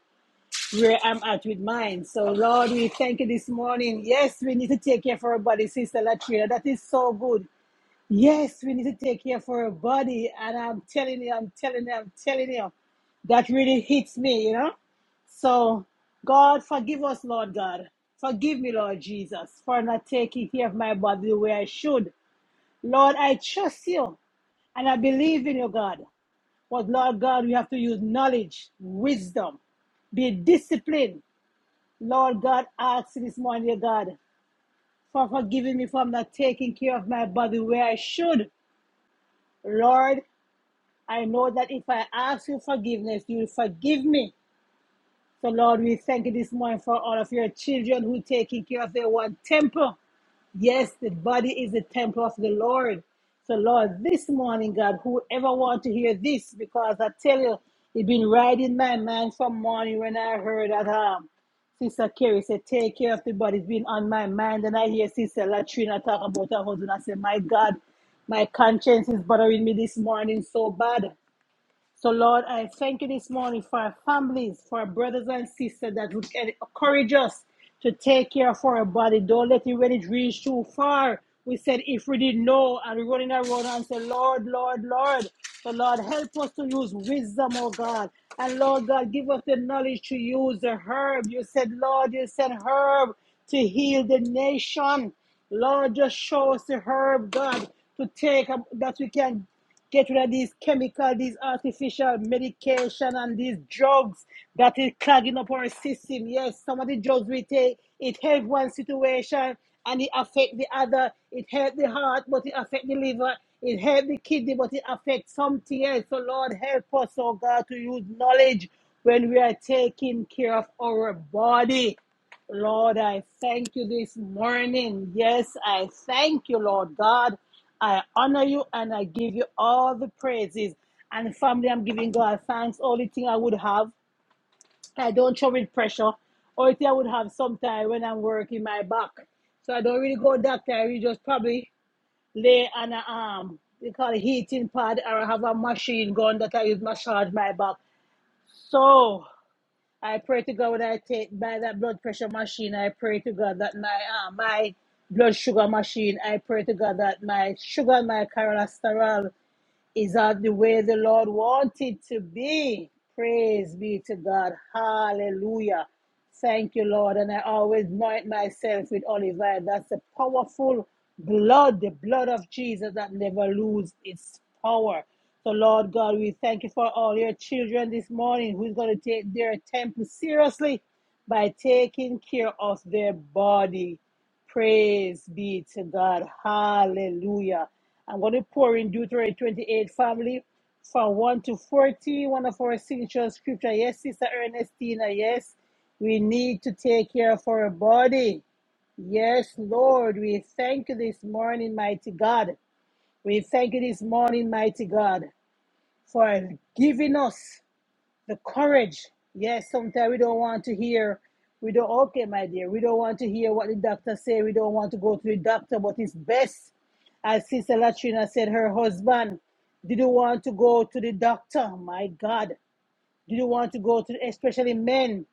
where I'm at with mine. So, Lord, we thank you this morning. Yes, we need to take care of our body, Sister Latrina. That is so good. Yes, we need to take care of our body, and I'm telling you, I'm telling you, I'm telling you, that really hits me, you know. So, God, forgive us, Lord God. Forgive me, Lord Jesus, for not taking care of my body the way I should. Lord, I trust you and I believe in you, God. But, Lord God, we have to use knowledge, wisdom, be disciplined. Lord God, ask you this morning, dear God, for forgiving me for not taking care of my body where I should. Lord, I know that if I ask you forgiveness, you will forgive me. So, Lord, we thank you this morning for all of your children who are taking care of their one temple. Yes, the body is the temple of the Lord. So, Lord, this morning, God, whoever want to hear this, because I tell you, it been right in my mind from morning when I heard that um, Sister Carrie said, take care of the body. It's been on my mind. And I hear Sister Latrina talk about her husband. I say, my God, my conscience is bothering me this morning so bad. So, Lord, I thank you this morning for our families, for our brothers and sisters that would encourage us to take care of our body. Don't let it when it reach too far. We said if we didn't know and we're running around and say, Lord, Lord, Lord. So Lord, help us to use wisdom, oh God. And Lord God, give us the knowledge to use the herb. You said, Lord, you said herb to heal the nation. Lord, just show us the herb, God, to take um, that we can Get rid of these chemical, these artificial medication and these drugs that is clogging up our system. Yes, some of the drugs we take, it help one situation and it affect the other. It help the heart, but it affect the liver. It help the kidney, but it affect something else. So Lord, help us, oh God, to use knowledge when we are taking care of our body. Lord, I thank you this morning. Yes, I thank you, Lord God. I honor you and I give you all the praises. And family, I'm giving God thanks. Only thing I would have, I don't show with pressure. Only thing I would have sometime when I'm working my back. So I don't really go doctor. I really just probably lay on a um, we call it heating pad or I have a machine gun that I use massage my back. So I pray to God when I take by that blood pressure machine. I pray to God that my uh, my blood sugar machine. I pray to God that my sugar and my cholesterol. Is that the way the Lord wanted to be? Praise be to God. Hallelujah. Thank you, Lord. And I always anoint myself with olive oil. That's the powerful blood, the blood of Jesus that never loses its power. So, Lord God, we thank you for all your children this morning who's going to take their temple seriously by taking care of their body. Praise be to God. Hallelujah. I'm going to pour in Deuteronomy 28, family, from 1 to 40, one of our signature scripture. Yes, Sister Ernestina, yes, we need to take care of our body. Yes, Lord, we thank you this morning, mighty God. We thank you this morning, mighty God, for giving us the courage. Yes, sometimes we don't want to hear. We don't. Okay, my dear, we don't want to hear what the doctor say. We don't want to go to the doctor, but it's best, as Sister Latrina said, her husband didn't want to go to the doctor. My God, didn't want to go to, especially men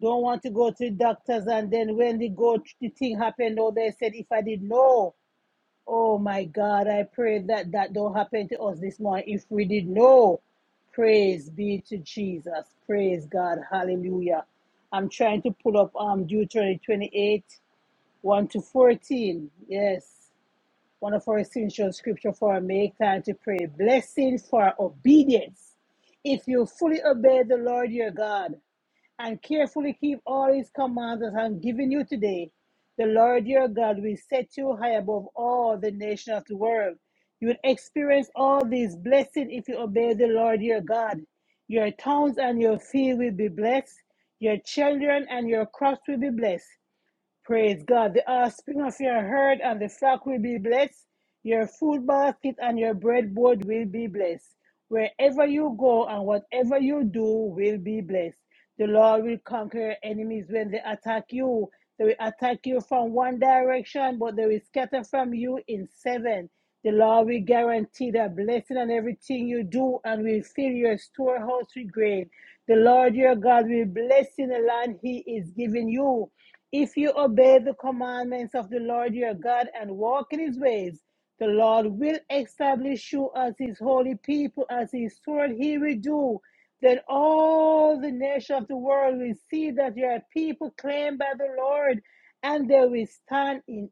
don't want to go to the doctors. And then when they go, the thing happened. Oh, they said, if I did know. Oh my God, I pray that that don't happen to us this morning. If we did know, praise be to Jesus. Praise God. Hallelujah. I'm trying to pull up um Deuteronomy 28, 1 to 14. Yes, one of our essential scripture for our make time to pray. Blessing for obedience. If you fully obey the Lord your God, and carefully keep all his commands that I'm giving you today, the Lord your God will set you high above all the nations of the world. You will experience all these blessings if you obey the Lord your God. Your towns and your field will be blessed. Your children and your crops will be blessed. Praise God. The offspring of your herd and the flock will be blessed. Your food basket and your breadboard will be blessed. Wherever you go and whatever you do will be blessed. The Lord will conquer your enemies when they attack you. They will attack you from one direction, but they will scatter from you in seven. The Lord will guarantee the blessing on everything you do and will fill your storehouse with grain. The Lord your God will bless in the land he is giving you. If you obey the commandments of the Lord your God and walk in his ways, the Lord will establish you as his holy people, as his sword he will do. Then all the nations of the world will see that you are people claimed by the Lord and they will stand in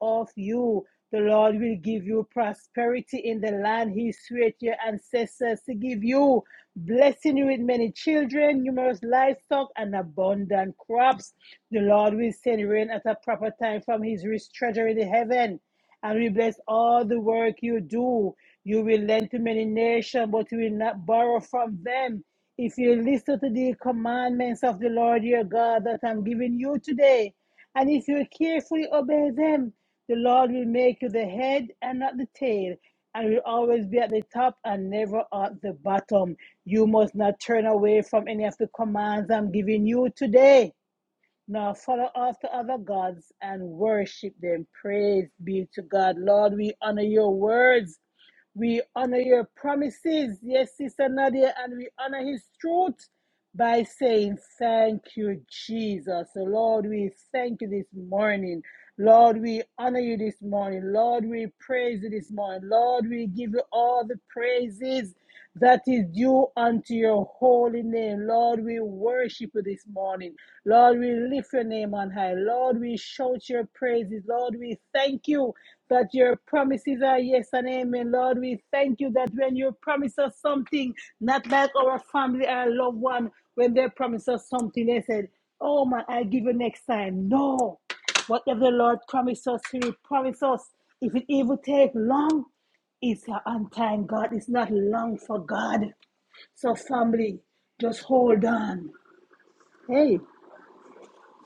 awe of you. The Lord will give you prosperity in the land He swore to your ancestors to give you, blessing you with many children, numerous livestock, and abundant crops. The Lord will send rain at a proper time from His rich treasure in the heaven and will bless all the work you do. You will lend to many nations, but you will not borrow from them. If you listen to the commandments of the Lord your God that I'm giving you today, and if you carefully obey them, the Lord will make you the head and not the tail, and will always be at the top and never at the bottom. You must not turn away from any of the commands I'm giving you today, nor follow after other gods and worship them. Praise be to God. Lord, we honor your words. We honor your promises. Yes, Sister Nadia, and we honor his truth by saying, Thank you, Jesus. So, Lord, we thank you this morning. Lord, we honor you this morning. Lord, we praise you this morning. Lord, we give you all the praises that is due unto your holy name. Lord, we worship you this morning. Lord, we lift your name on high. Lord, we shout your praises. Lord, we thank you that your promises are yes and amen. Lord, we thank you that when you promise us something, not like our family, our loved one, when they promised us something, they said, Oh man, I'll give you next time. No. Whatever the Lord promised us, He will promise us. If it even take long, it's on time, God. It's not long for God. So, family, just hold on. Hey,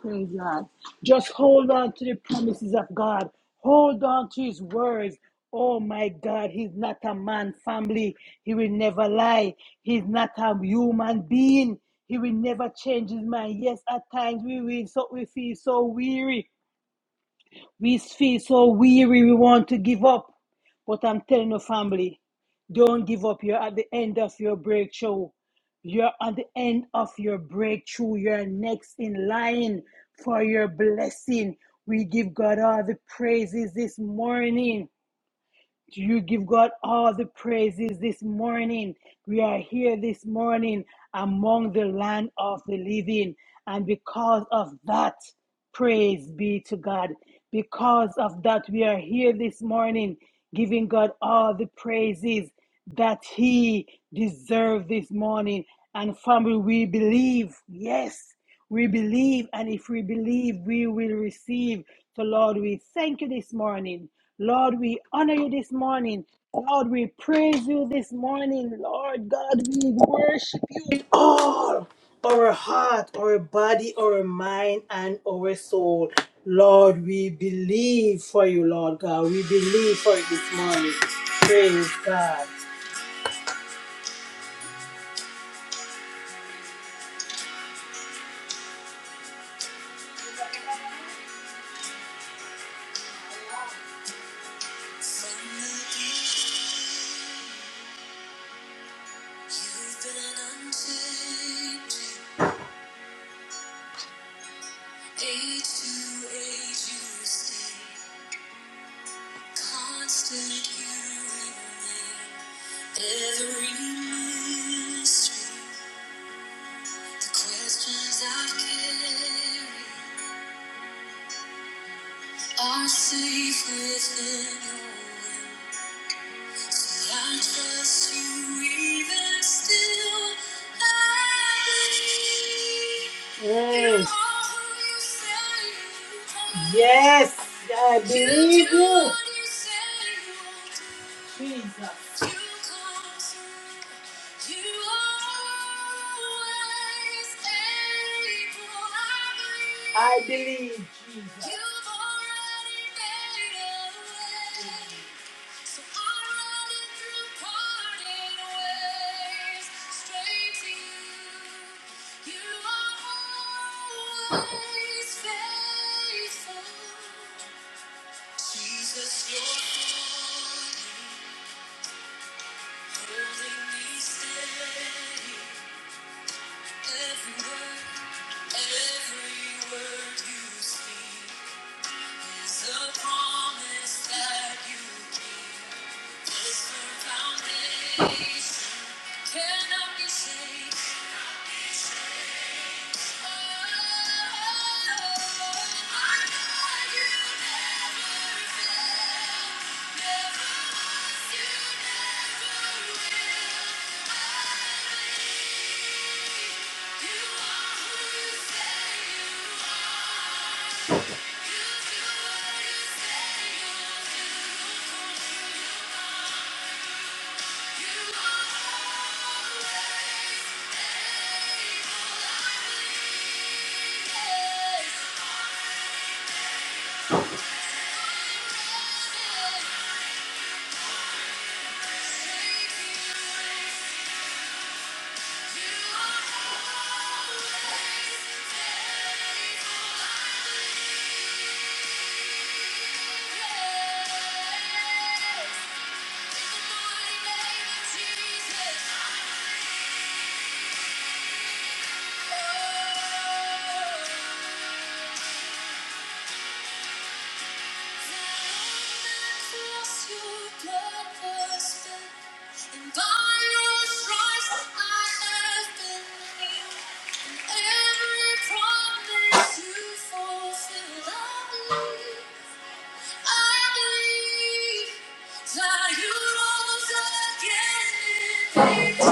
Praise God. Just hold on to the promises of God. Hold on to his words. Oh my God, he's not a man family. He will never lie. He's not a human being. He will never change his mind. Yes, at times we will so we feel so weary. We feel so weary, we want to give up. But I'm telling you, family, don't give up. You're at the end of your breakthrough. You're at the end of your breakthrough. You're next in line for your blessing. We give God all the praises this morning. You give God all the praises this morning. We are here this morning among the land of the living. And because of that, praise be to God. Because of that, we are here this morning giving God all the praises that He deserves this morning. And family, we believe, yes. We believe, and if we believe, we will receive. So, Lord, we thank you this morning. Lord, we honor you this morning. Lord, we praise you this morning. Lord God, we worship you with all our heart, our body, our mind, and our soul. Lord, we believe for you, Lord God. We believe for you this morning. Praise God. Age to age you stay, constant you remain. Every mystery, the questions I've carried are safe within your wings. I trust you even still. I believe you Yes. are who Yes, you say you are. Yes, I You believe do you. what you say you will do. I believe. So Jesus, you're holy. Never, never, you never will. Jesus. That you rose again in me.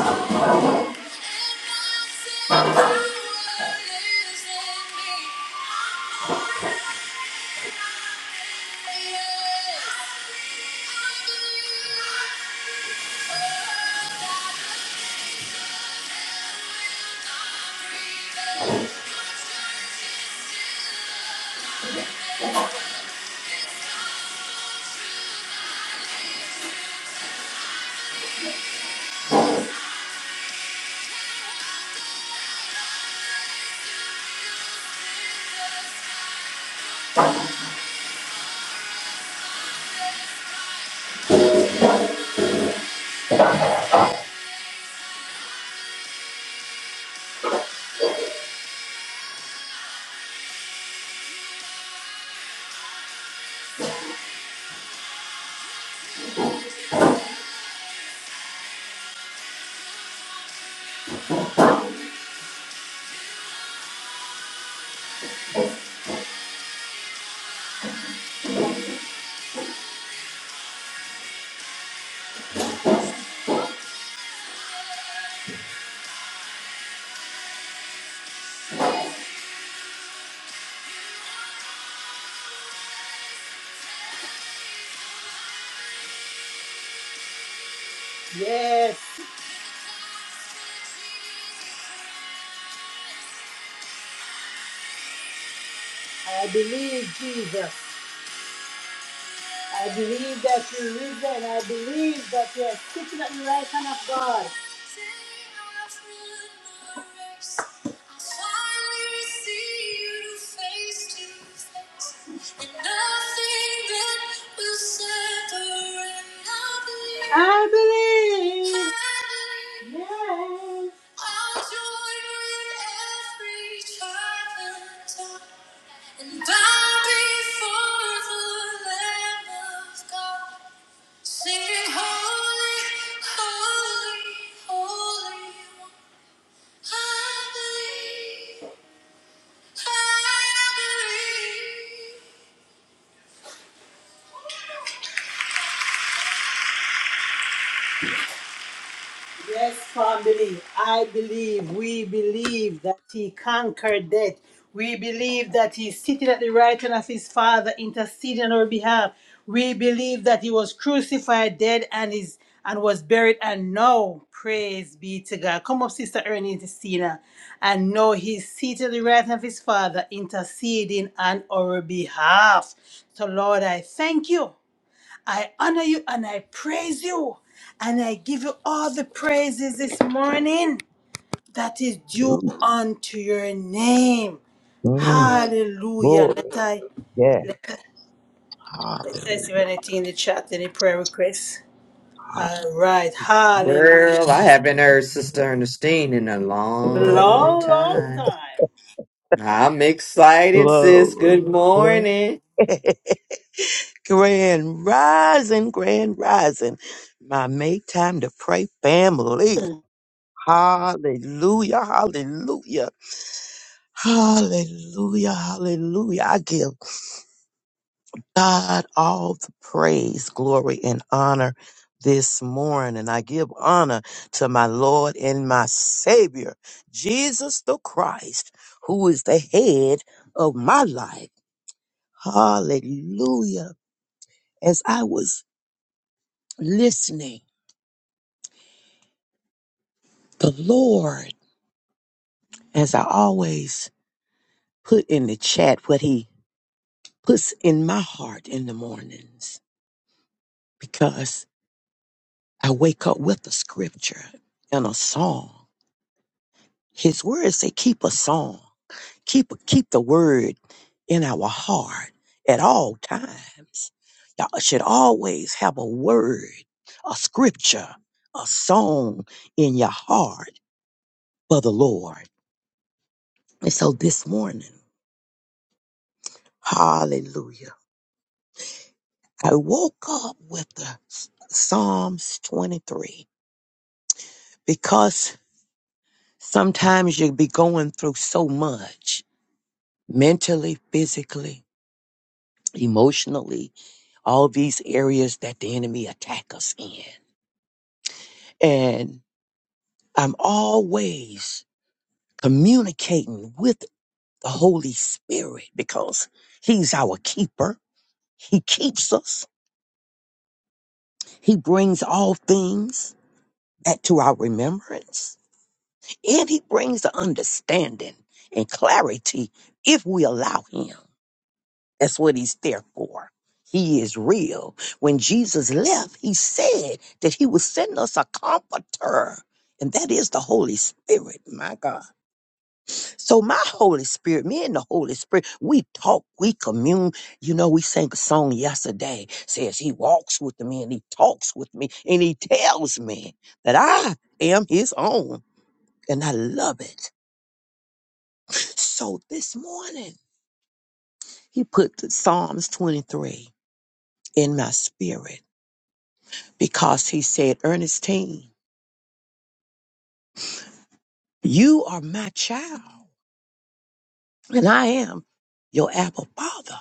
Yes, I believe Jesus. I believe that you're risen. I believe that you are sitting at the right hand of God. I believe. I'll join with every child and bow before the Lamb of God. Singing holy, holy, holy. one. I believe, I believe. Yes, family, I believe, we believe that he conquered death. We believe that he's sitting at the right hand of his Father, interceding on our behalf. We believe that he was crucified, dead, and is and was buried, and now, praise be to God. Come up, Sister Ernie Tina, and now he's seated at the right hand of his Father, interceding on our behalf. So, Lord, I thank you. I honor you and I praise you and I give you all the praises this morning that is due
Hallelujah.
unto your name.
Mm,
Hallelujah.
glory.
Let I
Yes.
let, I- let I
Hallelujah.
see anything in the chat, any prayer requests. All right. Hallelujah.
Girl, I haven't heard Sister Ernestine in a long
Long, long
time.
time.
I'm excited, sis. Good
Glory. Glory.
morning.
(laughs) grand rising, grand rising. My make time to pray family. Hallelujah. Hallelujah. Hallelujah. Hallelujah. I give. God all the praise, glory, and honor this morning. I give honor to my Lord and my Savior, Jesus the Christ, who is the head of my life. Hallelujah. As I was listening, the Lord, as I always put in the chat what he puts in my heart in the mornings, because I wake up with a scripture and a song His word say keep a song. Keep keep the word in our heart at all times. Y'all should always have a word, a scripture, a song in your heart for the Lord. And so this morning, hallelujah, I woke up with the S- Psalms 23 because sometimes you'll be going through so much mentally, physically, emotionally, all these areas that the enemy attack us in. And I'm always communicating with the Holy Spirit because he's our keeper. He keeps us. He brings all things back to our remembrance and he brings the understanding and clarity if we allow him. That's what he's there for. He is real. When Jesus left, he said that he would send us a comforter, and that is the Holy Spirit, my God. So, my Holy Spirit, me and the Holy Spirit, we talk, we commune. You know, we sang a song yesterday, says he walks with me and he talks with me and he tells me that I am his own, and I love it. So, this morning, he put the Psalms 23 in my spirit because he said, Ernestine, you are my child, and I am your apple father.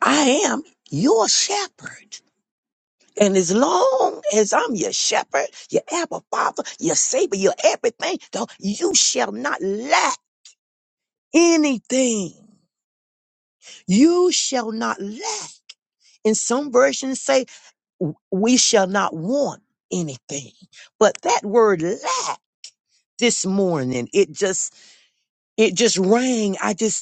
I am your shepherd. And as long as I'm your shepherd, your apple father, your savior, your everything, though, you shall not lack anything. You shall not lack. In some versions say, "W- we shall not want anything. But that word lack this morning, it just, it just rang. I just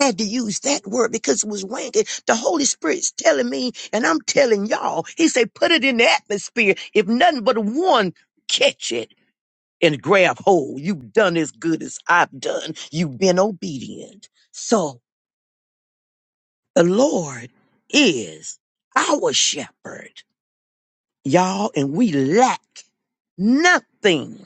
had to use that word because it was wanking. The Holy Spirit's telling me, and I'm telling y'all, he said, put it in the atmosphere. If nothing but one catch it and grab hold, you've done as good as I've done. You've been obedient. So the Lord is our shepherd, y'all, and we lack nothing.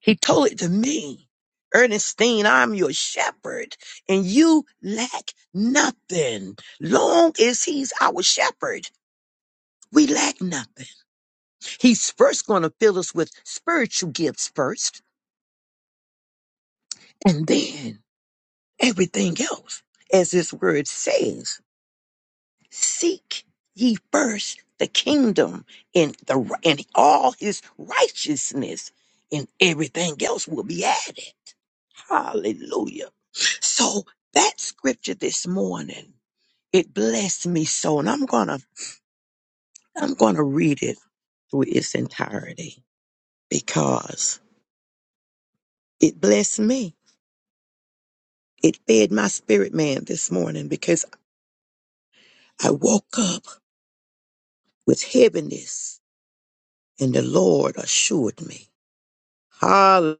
He told it to me. Ernestine, I'm your shepherd and you lack nothing. Long as he's our shepherd, we lack nothing. He's first going to fill us with spiritual gifts first and then everything else. As his word says, seek ye first the kingdom and the and all his righteousness and everything else will be added. Hallelujah. So that scripture this morning, it blessed me so, and I'm gonna I'm gonna read it through its entirety because it blessed me. It fed my spirit man this morning because I woke up with heaviness and the Lord assured me. Hallelujah.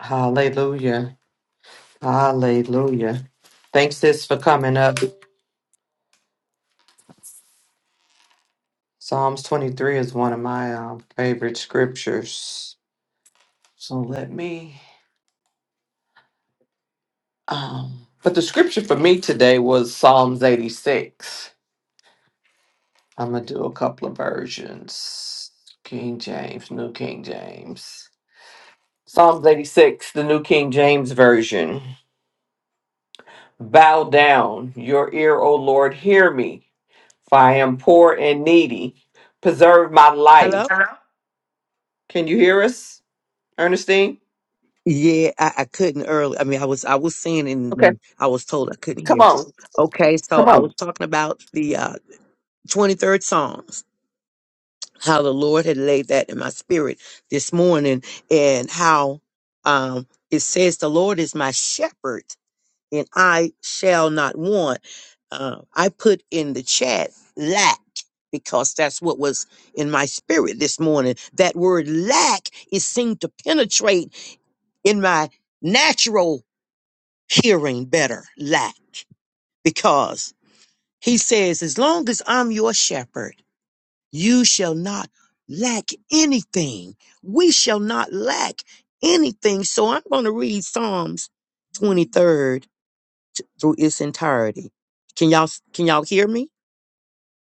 Hallelujah. Hallelujah. Thanks, sis, for coming up. Psalms 23 is one of my um, favorite scriptures. So let me Um, but the scripture for me today was Psalms 86. I'm going to do a couple of versions King James, New King James. Psalms 86, the New King James Version. Bow down, your ear, O Lord, hear me, for I am poor and needy. Preserve my life.
Hello?
Hello? Can you hear us, Ernestine?
Yeah, I, I couldn't early. I mean, I was I was saying and
Okay,
then I was told I couldn't
come
hear.
on,
Okay, so
come
I was
on.
talking about the uh, 23rd Psalms. how the Lord had laid that in my spirit this morning and how um, it says, The Lord is my shepherd and I shall not want. Uh, I put in the chat lack because that's what was in my spirit this morning. That word lack, it seemed to penetrate in my natural hearing better, lack, because he says, As long as I'm your shepherd, you shall not lack anything. We shall not lack anything. So I'm going to read Psalms 23rd through its entirety. Can y'all can y'all hear me?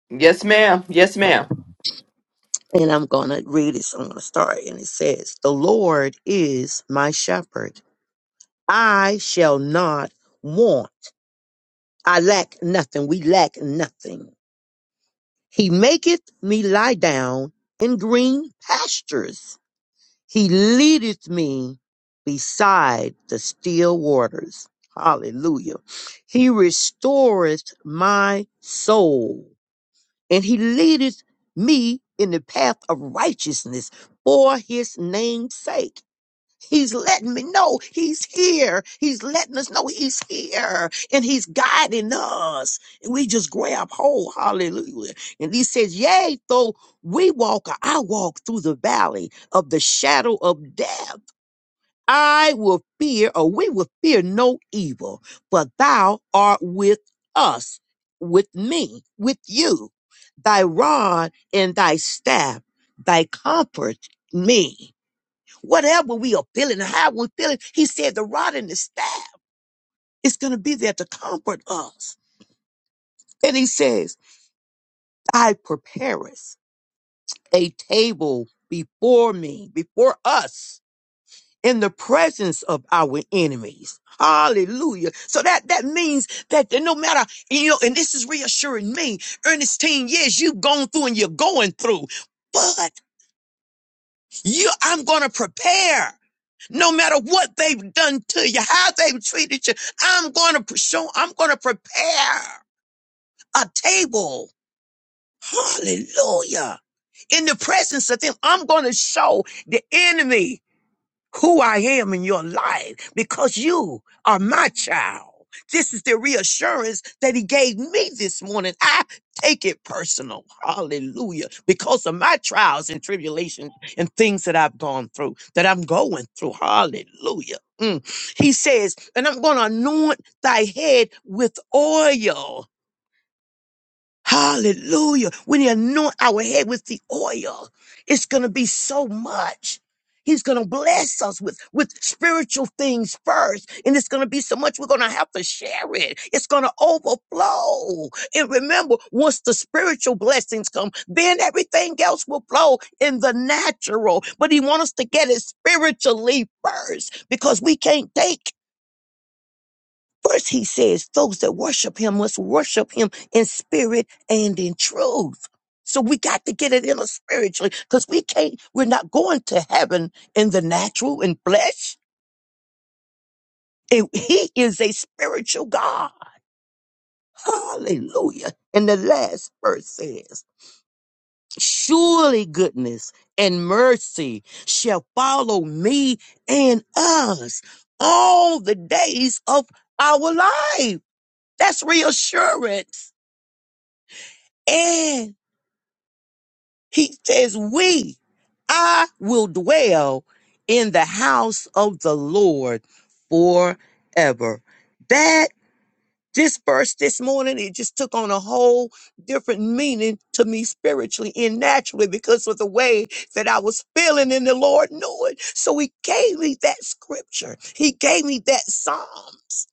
Yes, ma'am. Yes, ma'am.
And I'm going to read it. So I'm going to start and it says, "The Lord is my shepherd. I shall not want. I lack nothing. We lack nothing. He maketh me lie down in green pastures." He leadeth me beside the still waters. Hallelujah. He restoreth my soul, and he leadeth me in the path of righteousness for his name's sake. He's letting me know he's here. He's letting us know he's here and he's guiding us. And we just grab hold. Hallelujah. And he says, Yea, though we walk, or I walk through the valley of the shadow of death. I will fear, or we will fear no evil, for thou art with us, with me, with you. Thy rod and thy staff, thy comfort me whatever we are feeling and how we're feeling. He said the rod and the staff is going to be there to comfort us. And he says, I prepareth a table before me, before us in the presence of our enemies. Hallelujah. So that, that means that no matter, you know, and this is reassuring me, Ernestine, yes, you've gone through and you're going through, but. You, I'm going to prepare. No matter what they've done to you, how they've treated you, I'm going to show, I'm going to prepare a table. Hallelujah. In the presence of them, I'm going to show the enemy who I am in your life because you are my child. This is the reassurance that he gave me this morning. I take it personal. Hallelujah. Because of my trials and tribulations and things that I've gone through, that I'm going through. Hallelujah. Mm. He says, and I'm going to anoint thy head with oil. Hallelujah. When he anoint our head with the oil, it's going to be so much. He's going to bless us with, with spiritual things first. And it's going to be so much we're going to have to share it. It's going to overflow. And remember, once the spiritual blessings come, then everything else will flow in the natural. But he wants us to get it spiritually first because we can't take First, he says, those that worship him must worship him in spirit and in truth. So we got to get it in us spiritually because we can't, we're not going to heaven in the natural and flesh. And he is a spiritual God. Hallelujah. And the last verse says, surely goodness and mercy shall follow me and us all the days of our life. That's reassurance. and. He says, We, I will dwell in the house of the Lord forever. That dispersed this morning, it just took on a whole different meaning to me spiritually and naturally because of the way that I was feeling and the Lord knew it. So he gave me that scripture. He gave me that Psalms.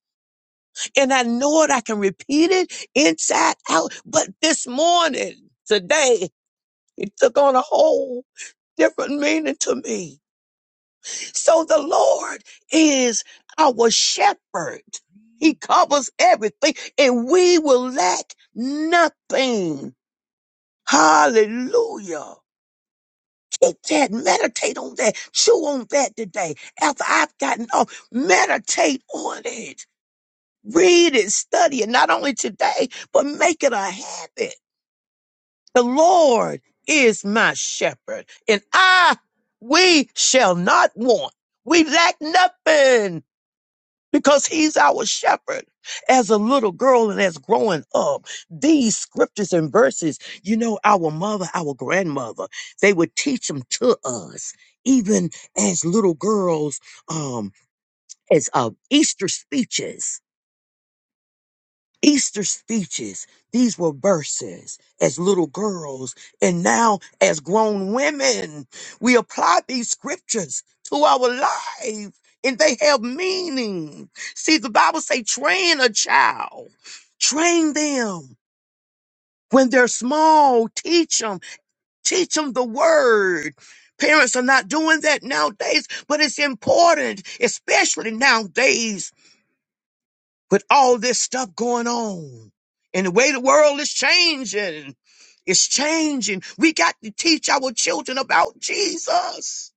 And I know it, I can repeat it inside out. But this morning, today, it took on a whole different meaning to me. So the Lord is our shepherd. He covers everything and we will lack nothing. Hallelujah. Get that. Meditate on that. Chew on that today. After I've gotten off, meditate on it. Read it, study it, not only today, but make it a habit. The Lord is my shepherd, and I, we shall not want. We lack nothing because he's our shepherd. As a little girl and as growing up, these scriptures and verses, you know, our mother, our grandmother, they would teach them to us, even as little girls, um, as uh, Easter speeches. Easter speeches. These were verses as little girls. And now, as grown women, we apply these scriptures to our life and they have meaning. See, the Bible say, train a child, train them when they're small, teach them, teach them the word. Parents are not doing that nowadays, but it's important, especially nowadays with all this stuff going on and the way the world is changing. It's changing. We got to teach our children about Jesus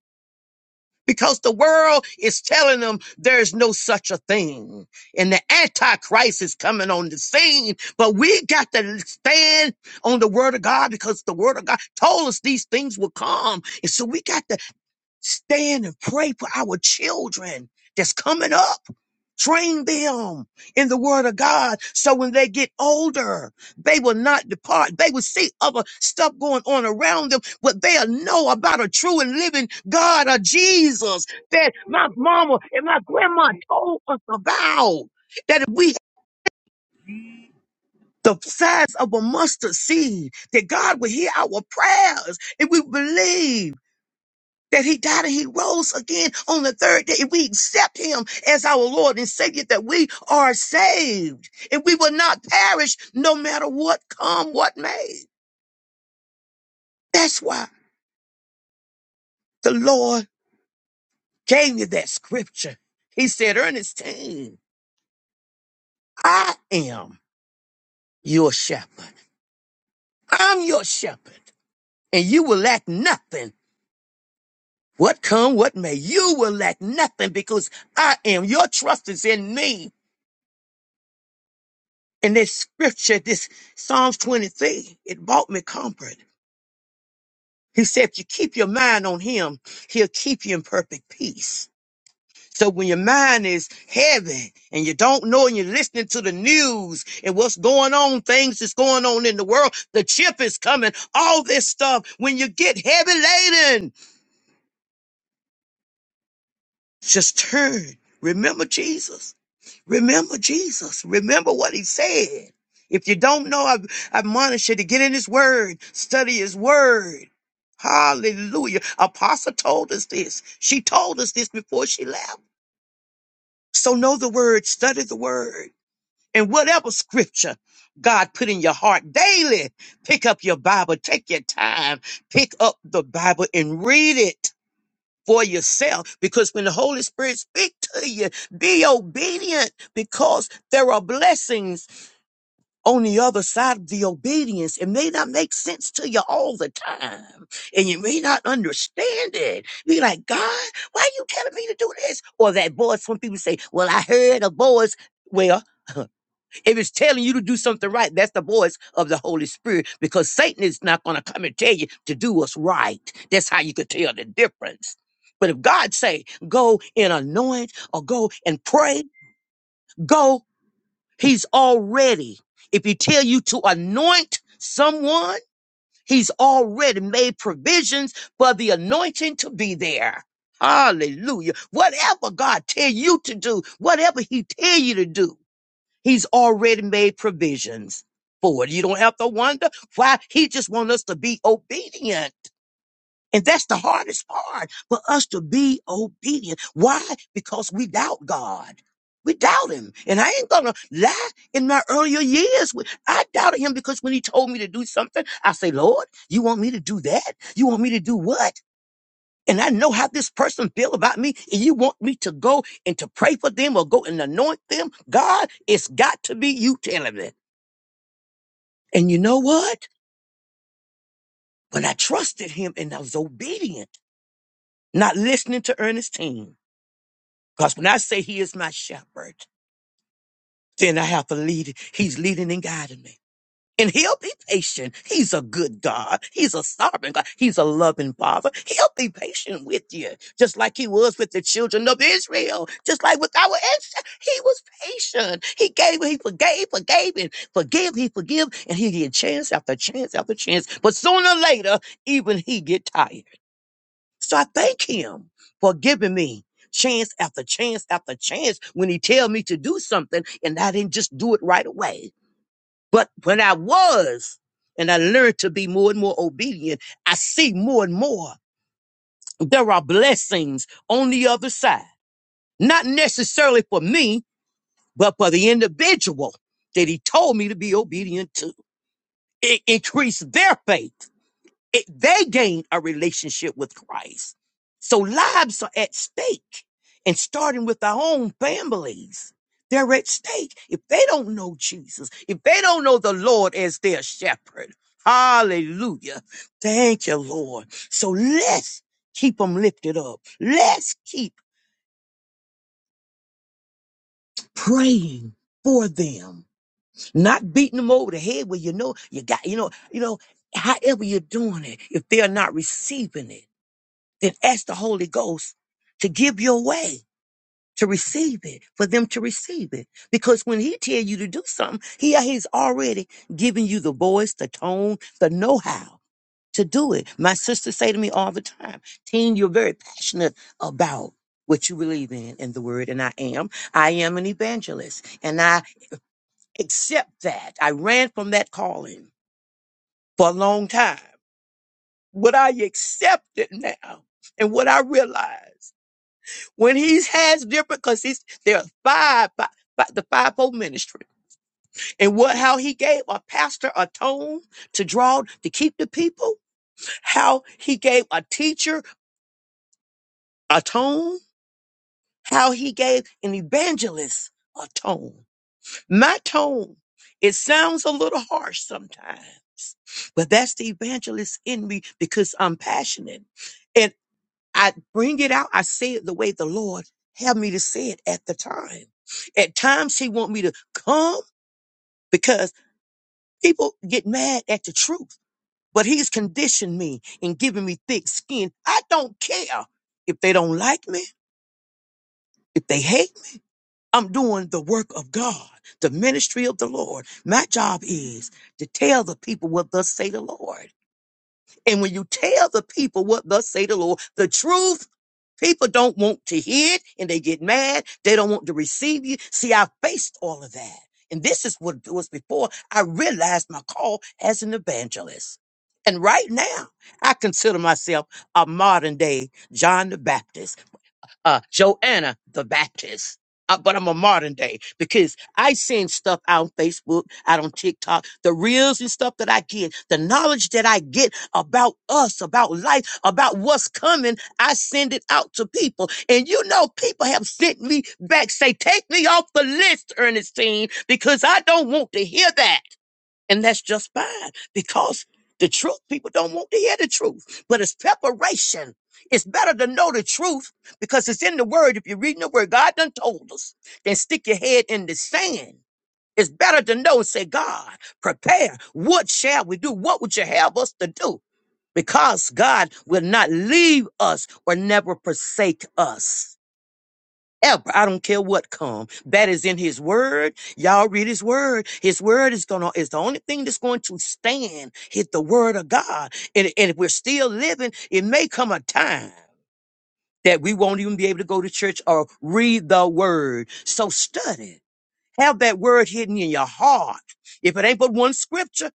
because the world is telling them there's no such a thing. And the Antichrist is coming on the scene, but we got to stand on the word of God because the word of God told us these things will come. And so we got to Stand and pray for our children that's coming up. Train them in the word of God so when they get older, they will not depart. They will see other stuff going on around them, but they'll know about a true and living God or Jesus that my mama and my grandma told us about. That if we the size of a mustard seed, that God will hear our prayers if we believe that he died and he rose again on the third day. If we accept him as our Lord and Savior, that we are saved and we will not perish no matter what come, what may. That's why the Lord gave you that scripture. He said, Ernestine, I am your shepherd. I'm your shepherd and you will lack nothing. What come, what may, you will lack nothing because I am. Your trust is in me. And this scripture, this Psalms 23, it brought me comfort. He said, if you keep your mind on him, he'll keep you in perfect peace. So when your mind is heavy and you don't know and you're listening to the news and what's going on, things that's going on in the world, the chip is coming, all this stuff. When you get heavy laden, just turn. Remember Jesus. Remember Jesus. Remember what he said. If you don't know, I, I admonish you to get in his word, study his word. Hallelujah. Apostle told us this. She told us this before she left. So know the word, study the word. And whatever scripture God put in your heart daily, pick up your Bible, take your time, pick up the Bible and read it for yourself because when the Holy Spirit speak to you, be obedient because there are blessings on the other side of the obedience. It may not make sense to you all the time and you may not understand it. Be like, God, why are you telling me to do this? Or that voice, when people say, well, I heard a voice. Well, if it's telling you to do something right, that's the voice of the Holy Spirit because Satan is not going to come and tell you to do what's right. That's how you could tell the difference. But if God say, go and anoint or go and pray, go, he's already. If he tell you to anoint someone, he's already made provisions for the anointing to be there. Hallelujah. Whatever God tell you to do, whatever he tell you to do, He's already made provisions for it. You don't have to wonder why. He just wants us to be obedient. And that's the hardest part for us to be obedient. Why? Because we doubt God. We doubt him. And I ain't gonna lie in my earlier years. we- I doubted him because when he told me to do something, I say, Lord, you want me to do that? You want me to do what? and I know how this person feel about me, and you want me to go and to pray for them or go and anoint them. God, it's got to be you telling me. And you know what? But I trusted him and I was obedient, not listening to Ernestine. Because when I say he is my shepherd, then I have to lead. He's leading and guiding me. And he'll be patient. He's a good God. He's a sovereign God. He's a loving father. He'll be patient with you, just like he was with the children of Israel, just like with our ancestors. He was patient. He gave, he forgave, forgave, and forgive, he forgive, and he get chance after chance after chance. But sooner or later, even he get tired. So I thank him for giving me chance after chance after chance when he tell me to do something and I didn't just do it right away. But when I was, and I learned to be more and more obedient, I see more and more there are blessings on the other side. Not necessarily for me, but for the individual that he told me to be obedient to. It increased their faith it, they gain a relationship with Christ. So lives are at stake. And starting with our own families, they're at stake. If they don't know Jesus, if they don't know the Lord as their shepherd, hallelujah. Thank you, Lord. So let's keep them lifted up. Let's keep praying for them, not beating them over the head where you know you got, you know, you know, however you're doing it, if they're not receiving it. Then ask the Holy Ghost to give you a way to receive it, for them to receive it. Because when he tell you to do something, he, he's already giving you the voice, the tone, the know-how to do it. My sisters say to me all the time, Teen, you're very passionate about what you believe in in the word and i am i am an evangelist and i accept that i ran from that calling for a long time what i accept it now and what i realize when he has different because he's there are five, five, five the fivefold ministry and what how he gave a pastor a tone to draw to keep the people how he gave a teacher a tone how he gave an evangelist a tone my tone it sounds a little harsh sometimes but that's the evangelist in me because i'm passionate I bring it out. I say it the way the Lord had me to say it at the time. At times he want me to come because people get mad at the truth, but he's conditioned me and giving me thick skin. I don't care if they don't like me, if they hate me. I'm doing the work of God, the ministry of the Lord. My job is to tell the people what thus say the Lord. And when you tell the people what thus say the Lord, the truth, people don't want to hear it and they get mad. They don't want to receive you. See, I faced all of that. And this is what was before I realized my call as an evangelist. And right now, I consider myself a modern day John the Baptist uh, Joanna the Baptist. Uh, but I'm a modern day because I send stuff out on Facebook, out on TikTok, the reels and stuff that I get, the knowledge that I get about us, about life, about what's coming. I send it out to people. And you know, people have sent me back, say, take me off the list, Ernestine, because I don't want to hear that. And that's just fine because the truth, people don't want to hear the truth, but it's preparation. It's better to know the truth because it's in the word. If you're reading the word, God done told us, then stick your head in the sand. It's better to know and say, God, prepare. What shall we do? What would you have us to do? Because God will not leave us or never forsake us ever. I don't care what come. That is in his word. Y'all read his word. His word is gonna is the only thing that's going to stand. Hit the word of God. And, and if we're still living, it may come a time that we won't even be able to go to church or read the word. So study. Have that word hidden in your heart. If it ain't but one scripture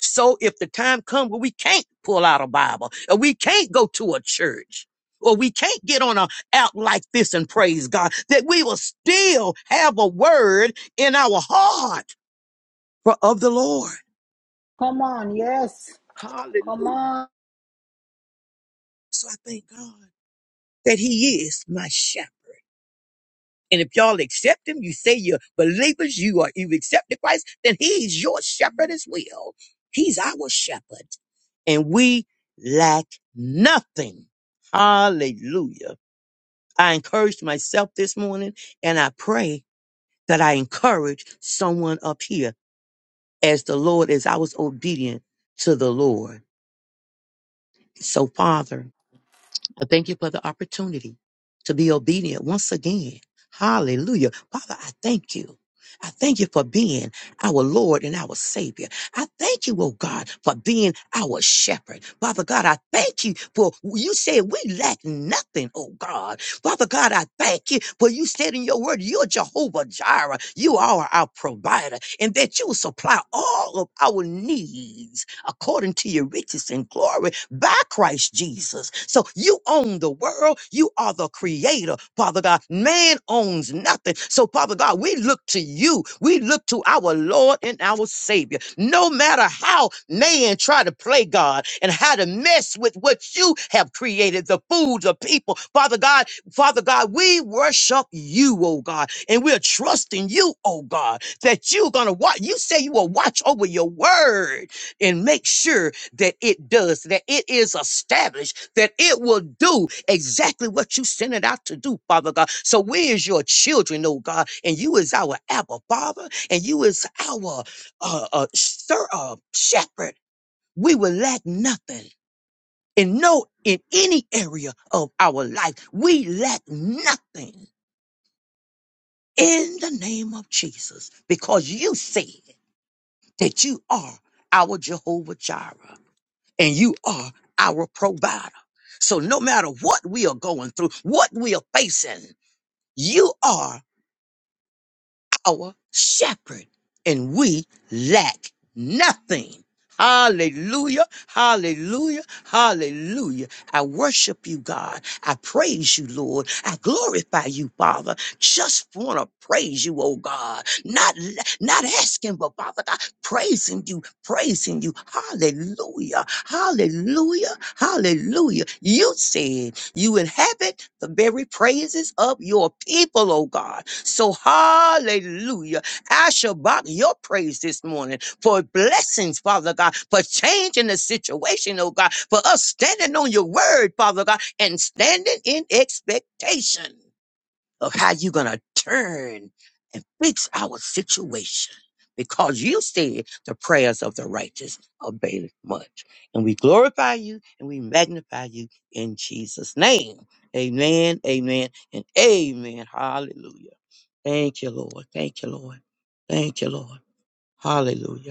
so if the time comes where we can't pull out a Bible, or we can't go to a church, or we can't get on a out like this and praise God, that we will still have a word in our heart for of the Lord.
Come on, yes.
Hallelujah.
Come on.
So I thank God that He is my shepherd. And if y'all accept him, you say you're believers, you are you've accepted Christ, then he's your shepherd as well. He's our shepherd. And we lack nothing. Hallelujah. I encouraged myself this morning and I pray that I encourage someone up here as the Lord, as I was obedient to the Lord. So, Father, I thank you for the opportunity to be obedient once again. Hallelujah. Father, I thank you. I thank you for being our Lord and our Savior. I thank you, oh God, for being our shepherd. Father God, I thank you for you said we lack nothing, oh God. Father God, I thank you for you said in your word, you're Jehovah Jireh. You are our provider, and that you will supply all of our needs according to your riches and glory by Christ Jesus. So you own the world. You are the creator, Father God. Man owns nothing. So, Father God, we look to you. We look to our Lord and our Savior. No matter how man try to play God and how to mess with what you have created, the food, the people, Father God, Father God, we worship you, oh God, and we're trusting you, oh God, that you're going to watch. You say you will watch over your word and make sure that it does, that it is established, that it will do exactly what you sent it out to do, Father God. So we is your children, oh God, and you is our Abba, Father, and you is our uh, uh, sir, uh, shepherd. We will lack nothing and know in any area of our life we lack nothing in the name of Jesus because you said that you are our Jehovah Jireh and you are our provider. So no matter what we are going through, what we are facing, you are our shepherd, and we lack nothing. Hallelujah, hallelujah, hallelujah. I worship you, God. I praise you, Lord. I glorify you, Father. Just want to praise you, oh God. Not, not asking, but Father God, praising you, praising you. Hallelujah, hallelujah, hallelujah. You said you inhabit the very praises of your people, oh God. So, hallelujah. I shall bark your praise this morning for blessings, Father God, for changing the situation, oh God, for us standing on your word, Father God, and standing in expectation of how you're going to turn and fix our situation. Because you said the prayers of the righteous avail much. And we glorify you and we magnify you in Jesus' name. Amen, amen, and amen. Hallelujah. Thank you, Lord. Thank you, Lord. Thank you, Lord. Hallelujah.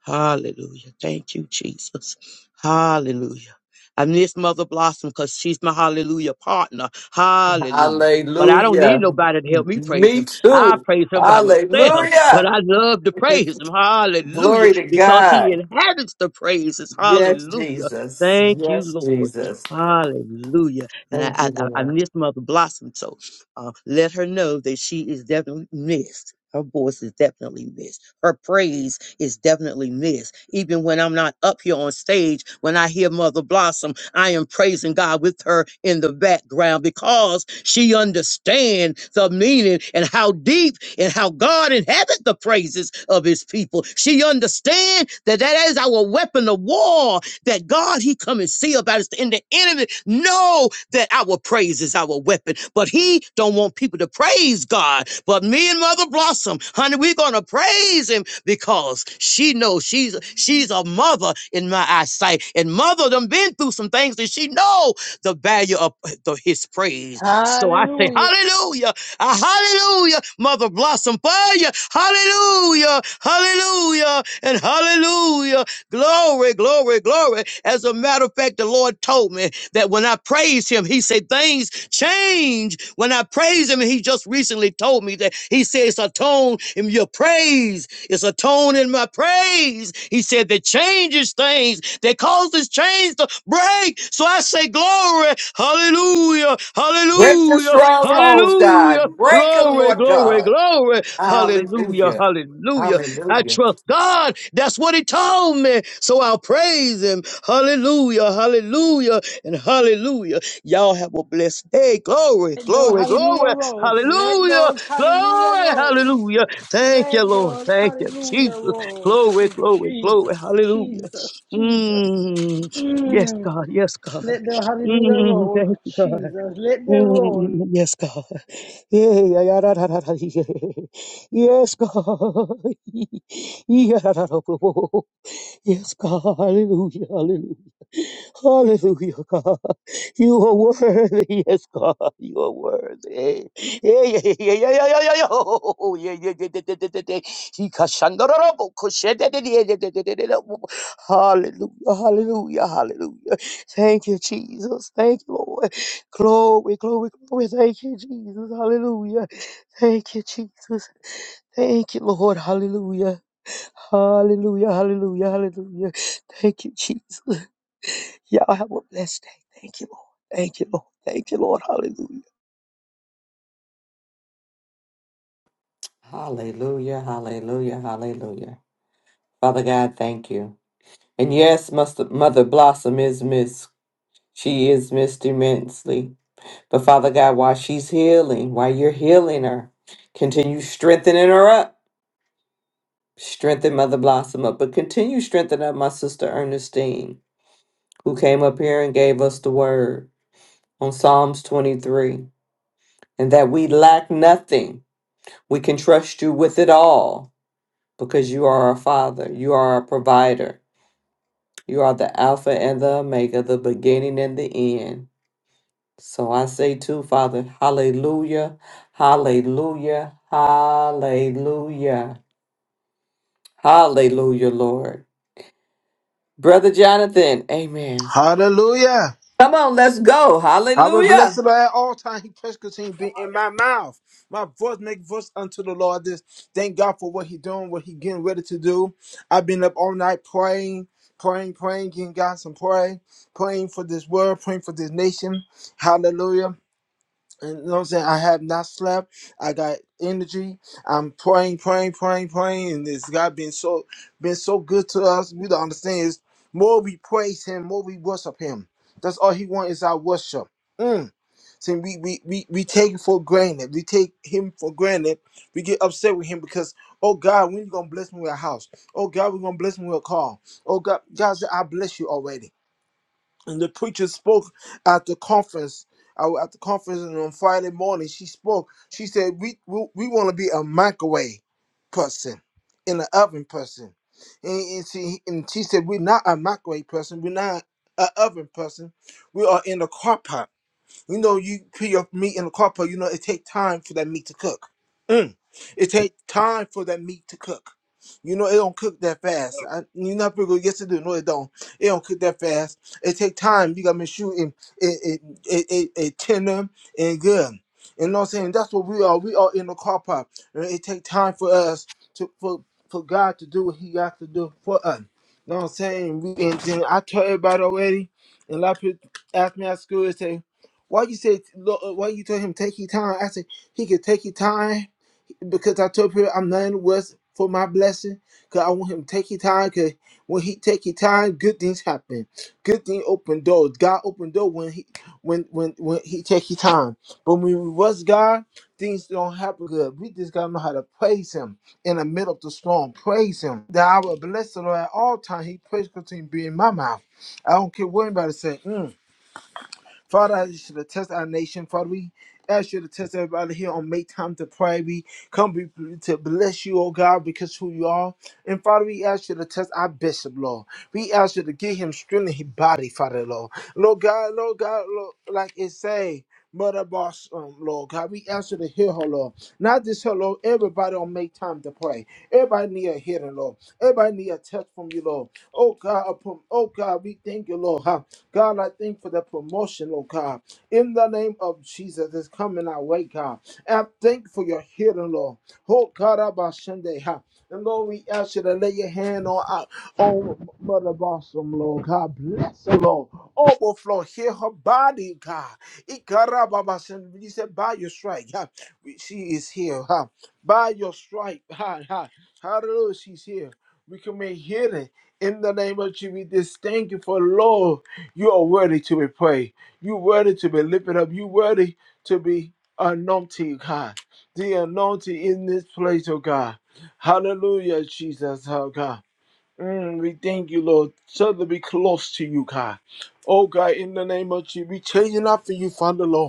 Hallelujah. Thank you, Jesus. Hallelujah. I miss Mother Blossom because she's my hallelujah partner. Hallelujah. But I don't need
Hallelujah.
nobody to help me praise
Me
him. I
too.
praise him by myself. But
Hallelujah.
I love to
(laughs)
praise him. Hallelujah.
Glory to
Because he
God.
inhabits the praises.
Yes,
Hallelujah.
Jesus.
Thank you,
Yes,
Lord.
Jesus.
Hallelujah. And I,
Thank you,
I, I I
Lord.
miss Mother Blossom. So uh, let her know that she is definitely missed. Her voice is definitely missed. Her praise is definitely missed. Even when I'm not up here on stage, when I hear Mother Blossom, I am praising God with her in the background because she understands the meaning and how deep and how God inhabits the praises of his people. She understands that that is our weapon of war that God, He come and see about us. And the enemy know that our praise is our weapon, but He don't want people to praise God. But me and Mother Blossom, honey, we're gonna praise Him because she knows she's she's a mother in my eyesight, and Mother done been through some things that she know the value of the, His praise. So I say,
Hallelujah.
Hallelujah. A hallelujah, Mother Blossom Fire. Hallelujah, hallelujah, and hallelujah. Glory, glory, glory. As a matter of fact, the Lord told me that when I praise him, he said things change. When I praise him, and he just recently told me that he said it's a tone in your praise. It's a tone in my praise. He said that changes things, that causes chains to break. So I say glory, hallelujah, hallelujah,
Oh,
hallelujah,
God. Good
glory,
Lord
glory,
God.
glory, hallelujah,
Yeah.
hallelujah. I trust God. That's what he told me. So I'll praise him. Hallelujah, hallelujah, and hallelujah. Y'all have a blessed day. Glory,
Let those
glory,
hallelujah
glory.
rolls. Let
Hallelujah,
those hallelujah
glory,
rolls.
hallelujah. Thank you,
Let
Lord.
those
Thank you,
hallelujah
Jesus.
rolls.
Glory, glory, glory.
Jesus,
Hallelujah.
Jesus, Jesus.
Mm. Yes,
Mm.
God. Yes, God.
Let the hallelujah
Mm.
roll.
Thank you, God.
Jesus, let them roll.
Mm, Yes, God. Yeah, yeah, yeah, da, da, da, da, yeah. Yes, God. (laughs) Yeah, da, da, da, da, Yes, God. Hallelujah. Hallelujah. Hallelujah, God. You are worthy. Yes, God. You are worthy. Yeah, yeah, yeah, yeah, yeah, yeah, yeah, yeah. Oh, yeah, yeah, yeah, yeah, yeah, yeah, yeah, yeah. Ikashandororobo, koshedededededededededebo. Hallelujah. Hallelujah. Hallelujah. Thank you, Jesus. Thank you, Lord. Glory, glory, glory. Thank you, Jesus. Hallelujah. Thank you, Jesus. Thank you, Lord. Hallelujah. Hallelujah, hallelujah, hallelujah. Thank you, Jesus. Y'all have a blessed day. Thank you, Lord. Thank you, Lord. Thank you, Lord. Hallelujah.
Hallelujah. Hallelujah. Hallelujah. Father God, thank you. And yes, Mus- Mother Blossom is missed. She is missed immensely. But Father God, while she's healing, while you're healing her, continue strengthening her up. Strengthen Mother Blossom up, but continue strengthening up my sister Ernestine, who came up here and gave us the word on Psalms 23, and that we lack nothing. We can trust you with it all because you are our Father, you are our provider, you are the Alpha and the Omega, the beginning and the end. So I say too, Father, hallelujah, hallelujah, hallelujah, hallelujah, Lord. Brother Jonathan, amen.
Hallelujah.
Come on, let's go.
I will bless
Hallelujah.
the Lord at all times. He press continue be in my mouth. My voice make voice unto the Lord. This thank God for what He doing, what He getting ready to do. I've been up all night praying, praying, praying, getting God some pray, praying for this world, praying for this nation. Hallelujah. And you know what I'm saying? I have not slept. I got energy. I'm praying, praying, praying, praying. And this God been so been so good to us. We don't understand is more we praise him, more we worship him. That's all he wants is our worship. Mm. See, we, we we we take it for granted. We take him for granted. We get upset with him because, oh God, when you gonna bless me with a house? Oh God, we're gonna bless me with a car. Oh God, God said, I bless you already and the preacher spoke at the conference. I was at the conference, and on Friday morning, she spoke. She said, "We we, we want to be a microwave person, in an oven person." And, and she and she said, "We're not a microwave person. We're not an oven person. We are in the crock pot." You know, you put your meat in the copper, you know, it take time for that meat to cook. Mm. It take time for that meat to cook. You know, it don't cook that fast. I, you not people go, yes it do. No, it don't. It don't cook that fast. It take time. You gotta make sure it it it, it, it, it tender and good. You know what I'm saying? That's what we are. We are in the car park. And It take time for us to for for God to do what He got to do for us. You know what I'm saying? We and then I told everybody already, and a lot of people ask me at school and say. Why you say? lo- uh, Why you told him take your time? I said he could take your time because I told him I'm not in the West for my blessing. Cause I want him to take your time. Cause when he take your time, good things happen. Good thing open doors. God open door when he when when when he take your time. But when we was God, things don't happen good. We just gotta know how to praise Him in the middle of the storm. Praise Him. That I will bless the Lord at all times. He praise continue to be in my mouth. I don't care what anybody say. Mm. Father, I ask you to test our nation. Father, we ask you to test everybody here on Make Time to Pray. We come be, to bless you, oh God, because who you are. And Father, we ask you to test our bishop, Lord. We ask you to give him strength in his body, Father, Lord. Lord God, Lord God, Lord, like it say. Mother boss, um, Lord God, we answer the hear, oh, Lord. Not this hill, Lord. Everybody don't make time to pray. Everybody need a hearing, Lord. Everybody need a touch from you, Lord. Oh God, upon, oh God, we thank you, Lord. Huh? God, I thank for the promotion, Lord God. In the name of Jesus, it's coming our way, God. And I thank for your hearing, Lord. Oh God, Abba Shende, huh? And Lord, we ask you to lay your hand on our on Mother Blossom, Lord. God bless her, Lord. Overflow, heal her body, God. Ikarababasan. You said by your strike, God. we- She is here, huh? By your stripe, ha, ha. Hallelujah, she's here. We can make healing in the name of Jesus. We just thank you for Lord. You are worthy to be praised. You worthy to be lifted up. You worthy to be anointed, God. The anointing in this place, oh God. Hallelujah, Jesus, oh God. Mm, we thank you, Lord. So that we close to you, God. Oh God, in the name of Jesus, we changing up for you, Father Lord.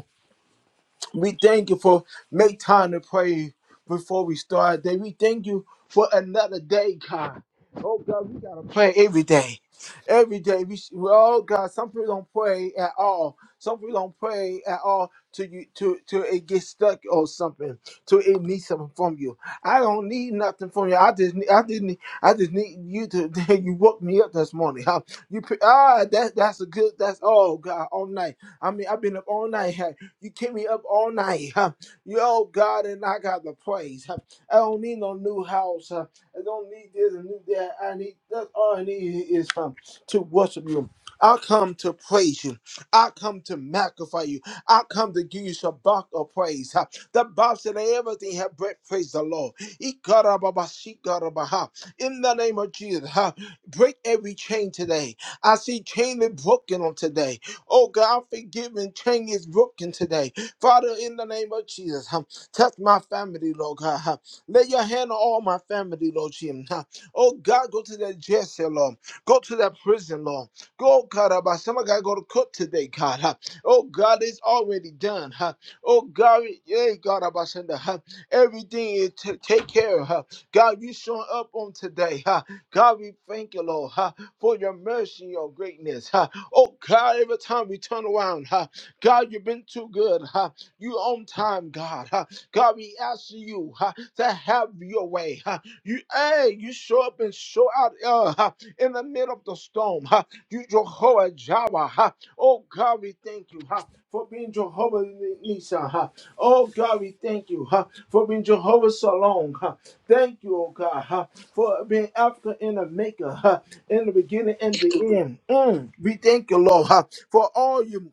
We thank you for make time to pray before we start our day. We thank you for another day, God. Oh God, we gotta pray every day. Every day, we should- well, oh God, some people don't pray at all. Some people don't pray at all till you to till till it gets stuck or something. Till it needs something from you. I don't need nothing from you. I just need, I just need, I just need you to. (laughs) You woke me up this morning. Huh? You pre- ah, that that's a good. That's all God all night. I mean, I've been up all night. You keep me up all night. Huh? Yo, God, and I got the praise. Huh? I don't need no new house. Huh? I don't need this and new that. I need that's all I need is um, to worship you. I come to praise you. I come to magnify you. I come to give you some bark of praise. Huh? The Bible said that everything have breath. Praise the Lord. Ikarababasikarabaha. In the name of Jesus, huh? break every chain today. I see chain is broken on today. Oh God, forgive and change is broken today. Father, in the name of Jesus, huh, touch my family, Lord God. huh. Lay your hand on all my family, Lord Jesus. huh. Oh God, go to that jail cell, Lord. Go to that prison, Lord. Go, God, about somebody got to go to court today, God. huh. Oh God, it's already done. huh. Oh God, yeah, God, about Sunday, huh. everything is to take care of. huh. God, you showing up on today. huh. God, we thank you, Lord, huh, for your mercy your greatness. huh. Oh God, every time we turn around, huh, God, you've been too good. Huh? You on time, God. Huh? God, we ask you huh, to have your way. Huh? You, hey, you show up and show out uh, huh, in the middle of the storm. Huh? You Jehovah Jireh. Huh? Oh God, we thank you huh, for being Jehovah Nisa. Huh. Oh God, we thank you huh, for being Jehovah Salon. Huh. Thank you, oh God, huh, for being Africa in the maker, huh, in the beginning and the end. Mm. We thank you, Lord, huh, for all you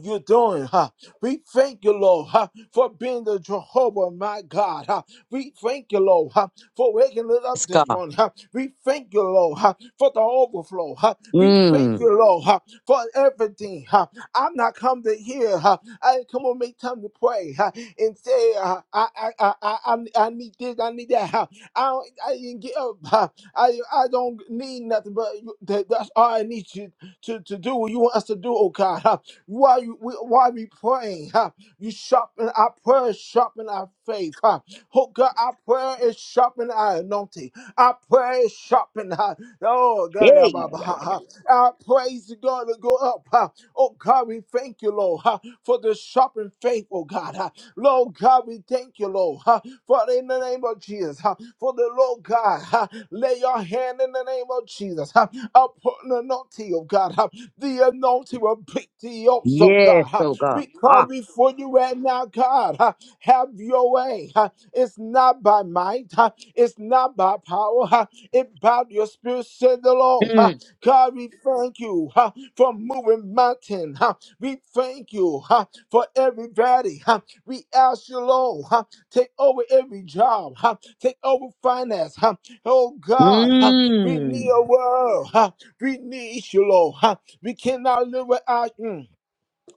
you're doing. Huh? We thank you, Lord, huh, for being the Jehovah, my God. Huh? We thank you, Lord, huh, for waking us up
Yes,
this
God.
morning. Huh? We thank you, Lord, huh, for the overflow. Huh? We thank
Mm.
you, Lord, huh, for everything. Huh? I'm not come to hear. Huh? I come on, make time to pray huh, and say, uh, I, I, I, I, I I need this, I need that. Huh? I, don't, I didn't get up. Huh? I, I don't need nothing, but you, that, that's all I need you to, to do. What you want us to do, oh God. Huh? While you we, while we praying, huh? You sharpen our prayer, sharpen our faith, huh? Oh God, our prayer is sharpen our anointing. Our prayer is sharpen, huh? Oh God, yeah,
Hey, yeah,
Baba,
yeah,
huh,
yeah, yeah.
huh. our praise God to go up, huh? Oh God, we thank you, Lord, huh? for the sharpened faith, oh God. huh? Lord God, we thank you, Lord, huh, for in the name of Jesus, huh, for the Lord God, huh, lay your hand in the name of Jesus huh, upon the anointing of God, huh, the anointing will pick thee up, so
Yes,
God, huh.
oh God.
we
Ah.
come before you right now, God, huh, have your way. huh. It's not by might, huh, it's not by power, huh, it by your spirit, said the Lord. huh.
Mm.
God, we thank you huh, for moving mountain. huh. We thank you huh, for everybody. We ask you, Lord, huh, take over every job, huh, take over finance. Huh, oh God, huh, we need
Mm.
a world. Huh, we need you, Lord. Huh, we cannot live without you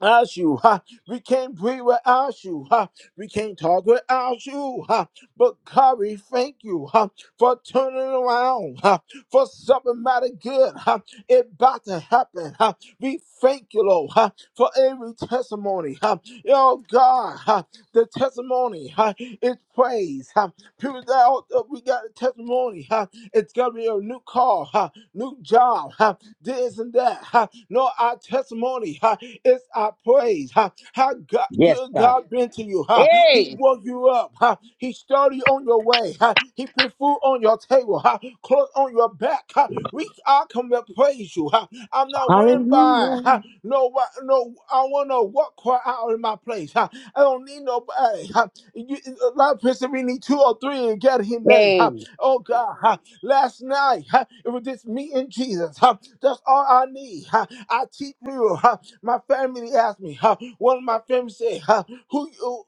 without you. Ha. We can't breathe without you. Ha. We can't talk without you. Ha. But God, we thank you ha, for turning around, ha, for something matter good. Ha. It about to happen. Ha. We thank you, Lord, ha, for every testimony. Ha. Oh God, ha, the testimony ha, is praise. Ha. People that out there, we got a testimony. Ha. It's gonna be a new car. ha new job, huh, this and that. huh. No, our testimony huh, is our praise. huh. How God,
Yes,
good
God.
God been to you. huh.
Hey.
He woke you up. huh. He started you on your way. huh. He put food on your table, huh. clothes on your back. huh. We I come to praise you. huh. I'm not worried by
Hallelujah.
huh, no what no I want to walk quiet out in my place. huh. I don't need nobody. huh. You, a lot of people we need two or three and get his name.
Hey.
huh. Oh God, huh last night. huh, It was just me and Jesus. huh, That's all I need. huh. I teach people. huh, My family asked me. huh, One of my family said, huh, "Who, you-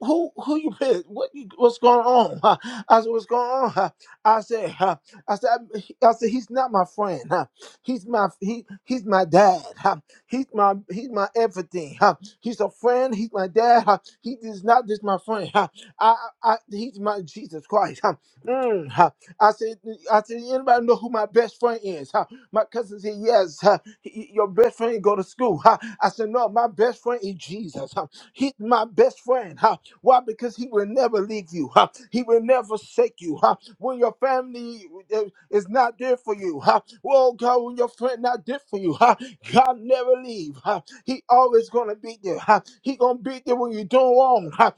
who, who you with? What, you- what's going on?" huh? I said, "What's going on?" huh?" I said, huh, "I said, I said he's not my friend. huh. He's my he, he's my dad. huh. He's my he's my everything. huh. He's a friend. He's my dad. huh. He is not just my friend. huh. I, I, I- he's my Jesus Christ. huh. Mm, huh. I said, I said, anybody know who my best friend is? Huh? My cousin said, yes, huh? He- your best friend go to school. Huh? I said, no, my best friend is Jesus. Huh? He's my best friend. Huh? Why? Because he will never leave you. Huh? He will never forsake you. Huh? When your family uh, is not there for you, huh? well, God, when your friend not there for you, huh? God never leave. Huh? He always gonna be there. Huh? He gonna be there when you do wrong. Huh?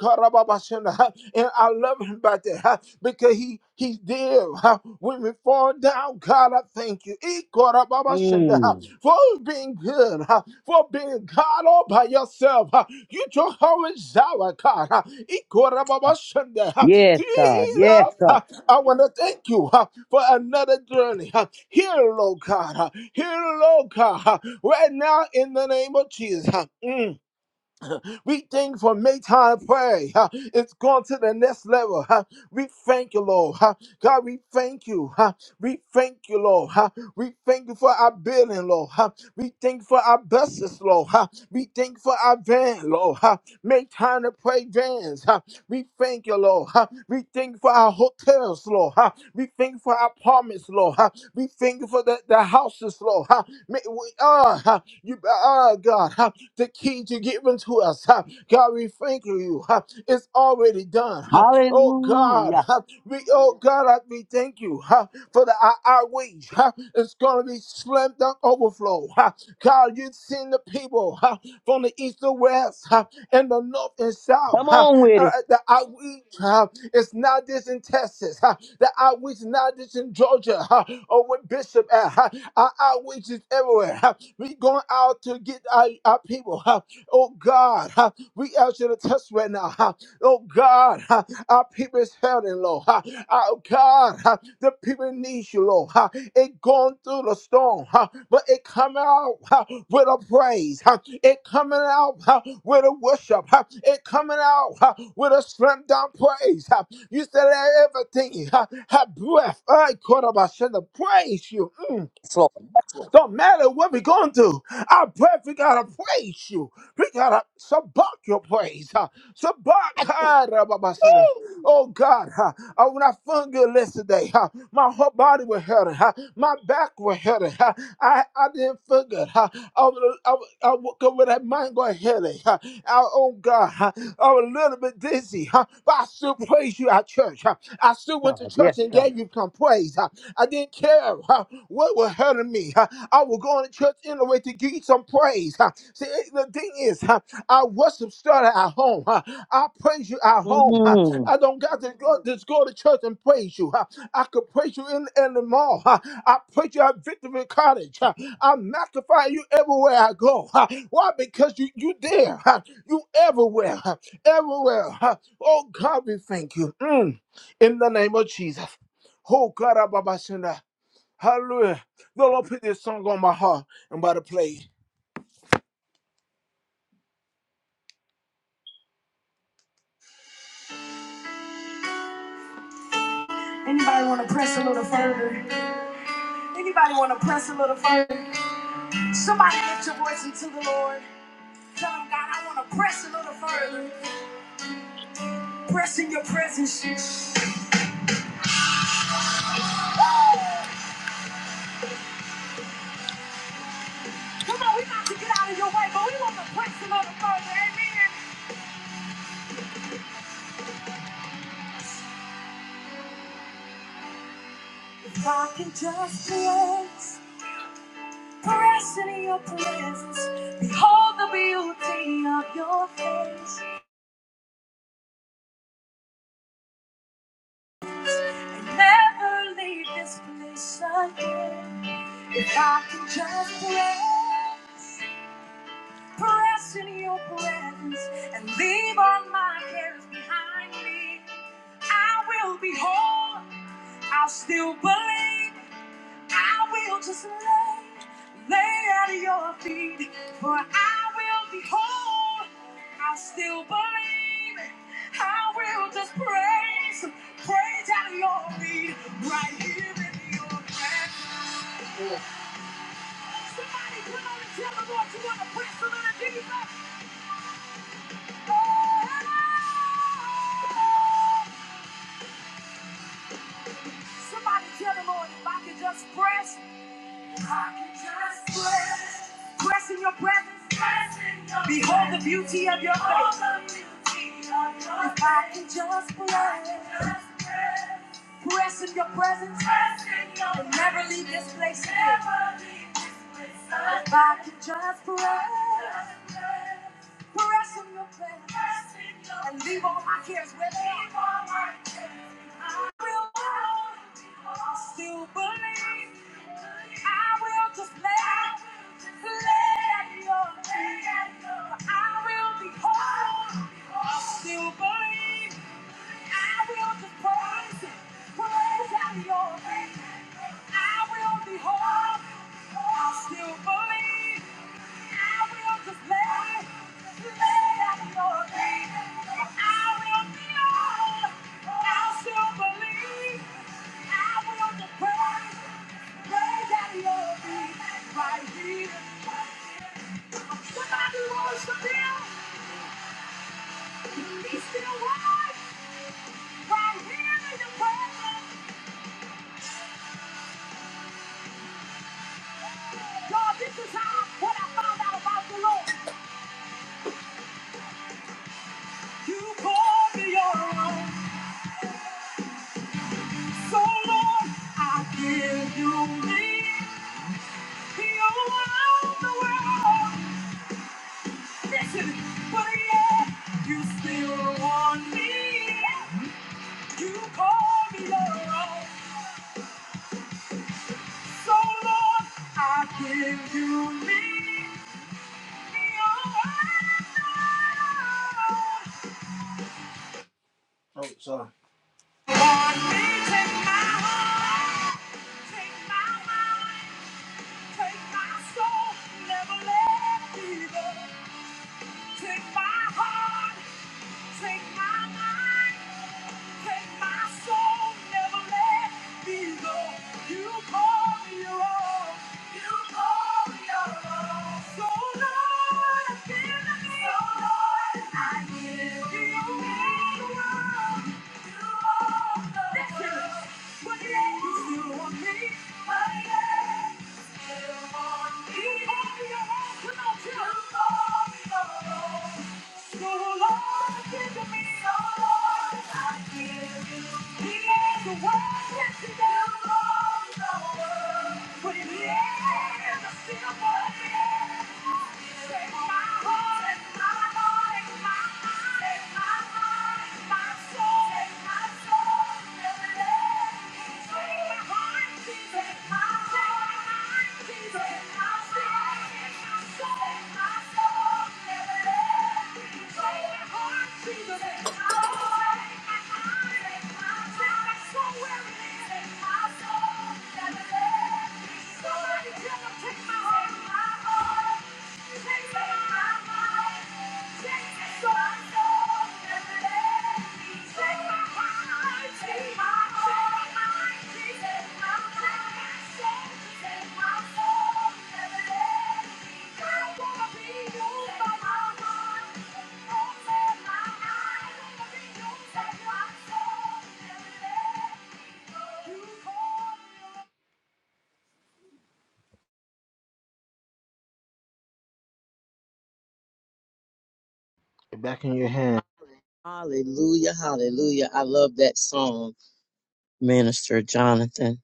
Ikarababashana. And I love him about that huh, because he he's there. huh. When we fall down, God, I thank you. Ikarababashana, huh,
Mm.
For being good, huh, for being God all by yourself. huh. You Jehovah Jireh, God. huh. Ikarababashana, huh.
Yes, God. Yes,
Jesus,
God.
huh, I want to thank you huh, for another journey. huh. Here, Lord God. huh. Here, Lord God. huh. Right now, in the name of Jesus. huh. Mm. We thank for make time to pray. huh? It's gone to the next level. huh? We thank you, Lord. huh? God, we thank you. huh? We thank you, Lord. huh? We thank you for our building, Lord. huh? We thank you for our buses, Lord. huh? We thank you for our van, Lord. huh? Make time to pray vans. huh? We thank you, Lord. huh? We thank you for our hotels, Lord. huh? We thank you for our apartments, Lord. huh? We thank you for the, the the houses, Lord. huh, may we, uh, huh, you, uh, God, huh, the key to given to us. huh. God, we thank you. huh, It's already done. huh. Oh God,
Hallelujah.
huh, we, oh God, I- we thank you huh, for the our, our wage. huh, It's gonna be slammed down overflow. huh. God, you've seen the people huh, from the east to west huh, and the north and south.
Come
huh?
on
uh,
with
uh,
it.
the outreach uh, is not this in Texas. Uh, the outreach is not this in Georgia uh, or with Bishop. at uh, our outreach is everywhere. Uh, we going out to get our, our people. Uh, oh God, uh, we ask you to touch right now. huh? Oh God, (laughs) ha, our people is hurting, Lord. (laughs) ha. Oh God, (laughs) ha, the people need you, Lord. (laughs) ha. It gone through the storm, (laughs) ha, but it coming out (laughs) ha, with a praise. (laughs) ha. It coming out (laughs) ha, with a worship. (laughs) ha. It coming out (laughs) ha, with a slam down praise. (laughs) ha. You said that everything (laughs) ha, have breath. I could have I should have praised you.
Yes, Lord. Yes, Lord.
Don't matter what we're going through. Our breath, we gotta praise you. We gotta subbuck your praise. Huh? Subbuck, huh, da, ba, ba, sa, da. Oh God, huh? oh, when I felt good yesterday, huh? my whole body was hurting, huh? my back was hurting. Huh? I, I didn't feel good. Huh? I, was, I, was, I woke up with that mind going headache. Huh? I- oh God, huh? I was a little bit dizzy, huh? but I still praise you at church. Huh? I still
Yes,
went to
God. Yes,
church and
God.
gave you some praise. Huh? I didn't care huh, what was were hurting me. huh, I was going to church anyway to give you some praise. huh. See, eh, the thing is, huh, I worship started at home. huh. I praise you at home. huh.
Mm.
I don't got to go, just go to church and praise you. huh. I could praise you in, in the mall. huh. I praise you at Victory Cottage. huh. I magnify you everywhere I go. huh. Why? Because you you there. huh. You everywhere. huh. Everywhere. huh. Oh God, we thank you. Mm. In the name of Jesus. Oh God, Abba, Baba, Sinda. Hallelujah. The Lord put this song on my heart. I'm about to play. Anybody want to press a little further? Anybody want to press a little further? Somebody lift your voice into the Lord. Tell him, God, I want to press a little further. Press in your presence. Come on, we about to get out of your way, but we want to press a little further. Amen. If I can just press, press in your presence. Behold the beauty of your face. and never leave this place again. If I can just press, press in your presence and leave all my cares behind me, I will be whole. I'll still believe. I will just lay, lay at your feet, for I will be whole. I still believe. I will just praise, praise at your feet, right here in your presence. Yeah. Somebody put on and tell the Lord you want to press a little deeper. Somebody tell the Lord if I could just press. I can just press, press in your presence. press in your Behold the beauty of your face. If I can just press, Press in your presence and never leave this place. again. If I can just press, press in your presence and leave all my cares with you. I will. Still believe I will just lay, lay at your feet. I will be whole. I still believe I will just praise, praise at your feet. I will be whole. I still believe I will just lay, lay at your feet. I will be whole. I still believe I will the praise, praise that love me right here. Somebody wants to feel he's still alive right here in the presence. God, this is how what I found out about the Lord. You call me your own, so Lord, I give you me. You're the world. But yet, you still want me. You call me your own. So, Lord, I give you me. You're all I know. Oh, sorry. Lord, please take my heart, take my mind, take my soul, never let me go. Take my heart, take my mind. Can my soul never let me go? You call me your own. You call me your own. So Lord, i give been to me. So Lord, I give you the world. You own the Listen. world. But yet you still want me. But yet you still want me. Yeah. Somebody tell them, take my heart, my heart. Take my heart, my heart. Back in your hand.
Hallelujah, hallelujah. I love that song, Minister Jonathan.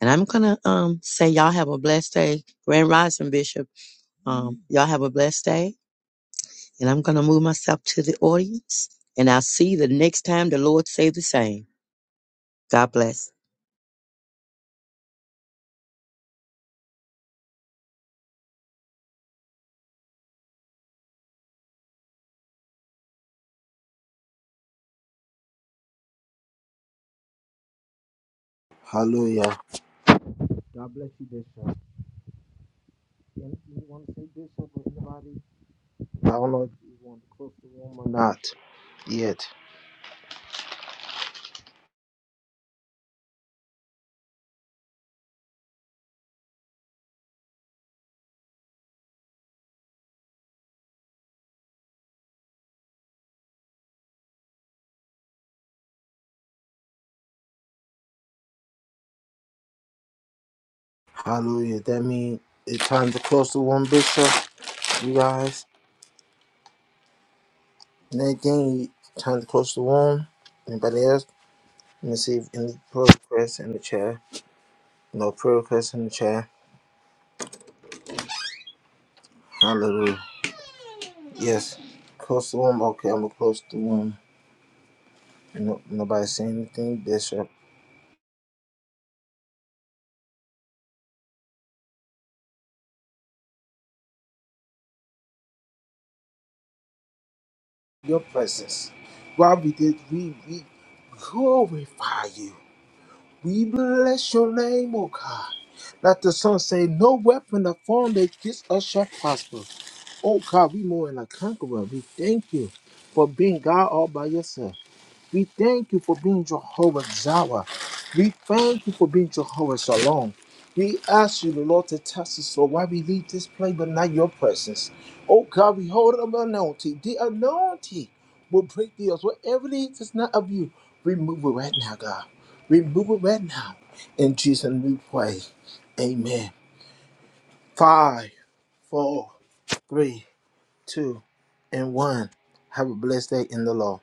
And I'm gonna um say y'all have a blessed day. Grand Rising Bishop. Um, y'all have a blessed day. And I'm gonna move myself to the audience. And I'll see you the next time the Lord say the same. God bless.
Hallelujah. God bless you, Bishop. Anyone say Bishop or anybody? I don't know if you want to close the room or not yet. Hallelujah. That means it's time to close the room, Bishop. You guys. Nadine, time to close the room. Anybody else? Let me see if any prayer requests in the chair. No prayer requests in the chair. Hallelujah. Yes. Close the room. Okay, I'm going to close the room. No, nobody saying anything, Bishop. Your presence. while we did. We, we glorify you. We bless your name, O God. Let the sun say, No weapon of form that gets us shall prosper. Oh God, we more than a conqueror. We thank you for being God all by yourself. We thank you for being Jehovah Jireh. We thank you for being Jehovah Shalom. We ask you, the Lord, to test us, Lord, why we leave this place but not your presence. Oh God, we hold up the anointing. The anointing will break the earth. Whatever it is that's not of you, remove it right now, God. Remove it right now. In Jesus' name we pray. Amen. Five, four, three, two, and one. Have a blessed day in the Lord.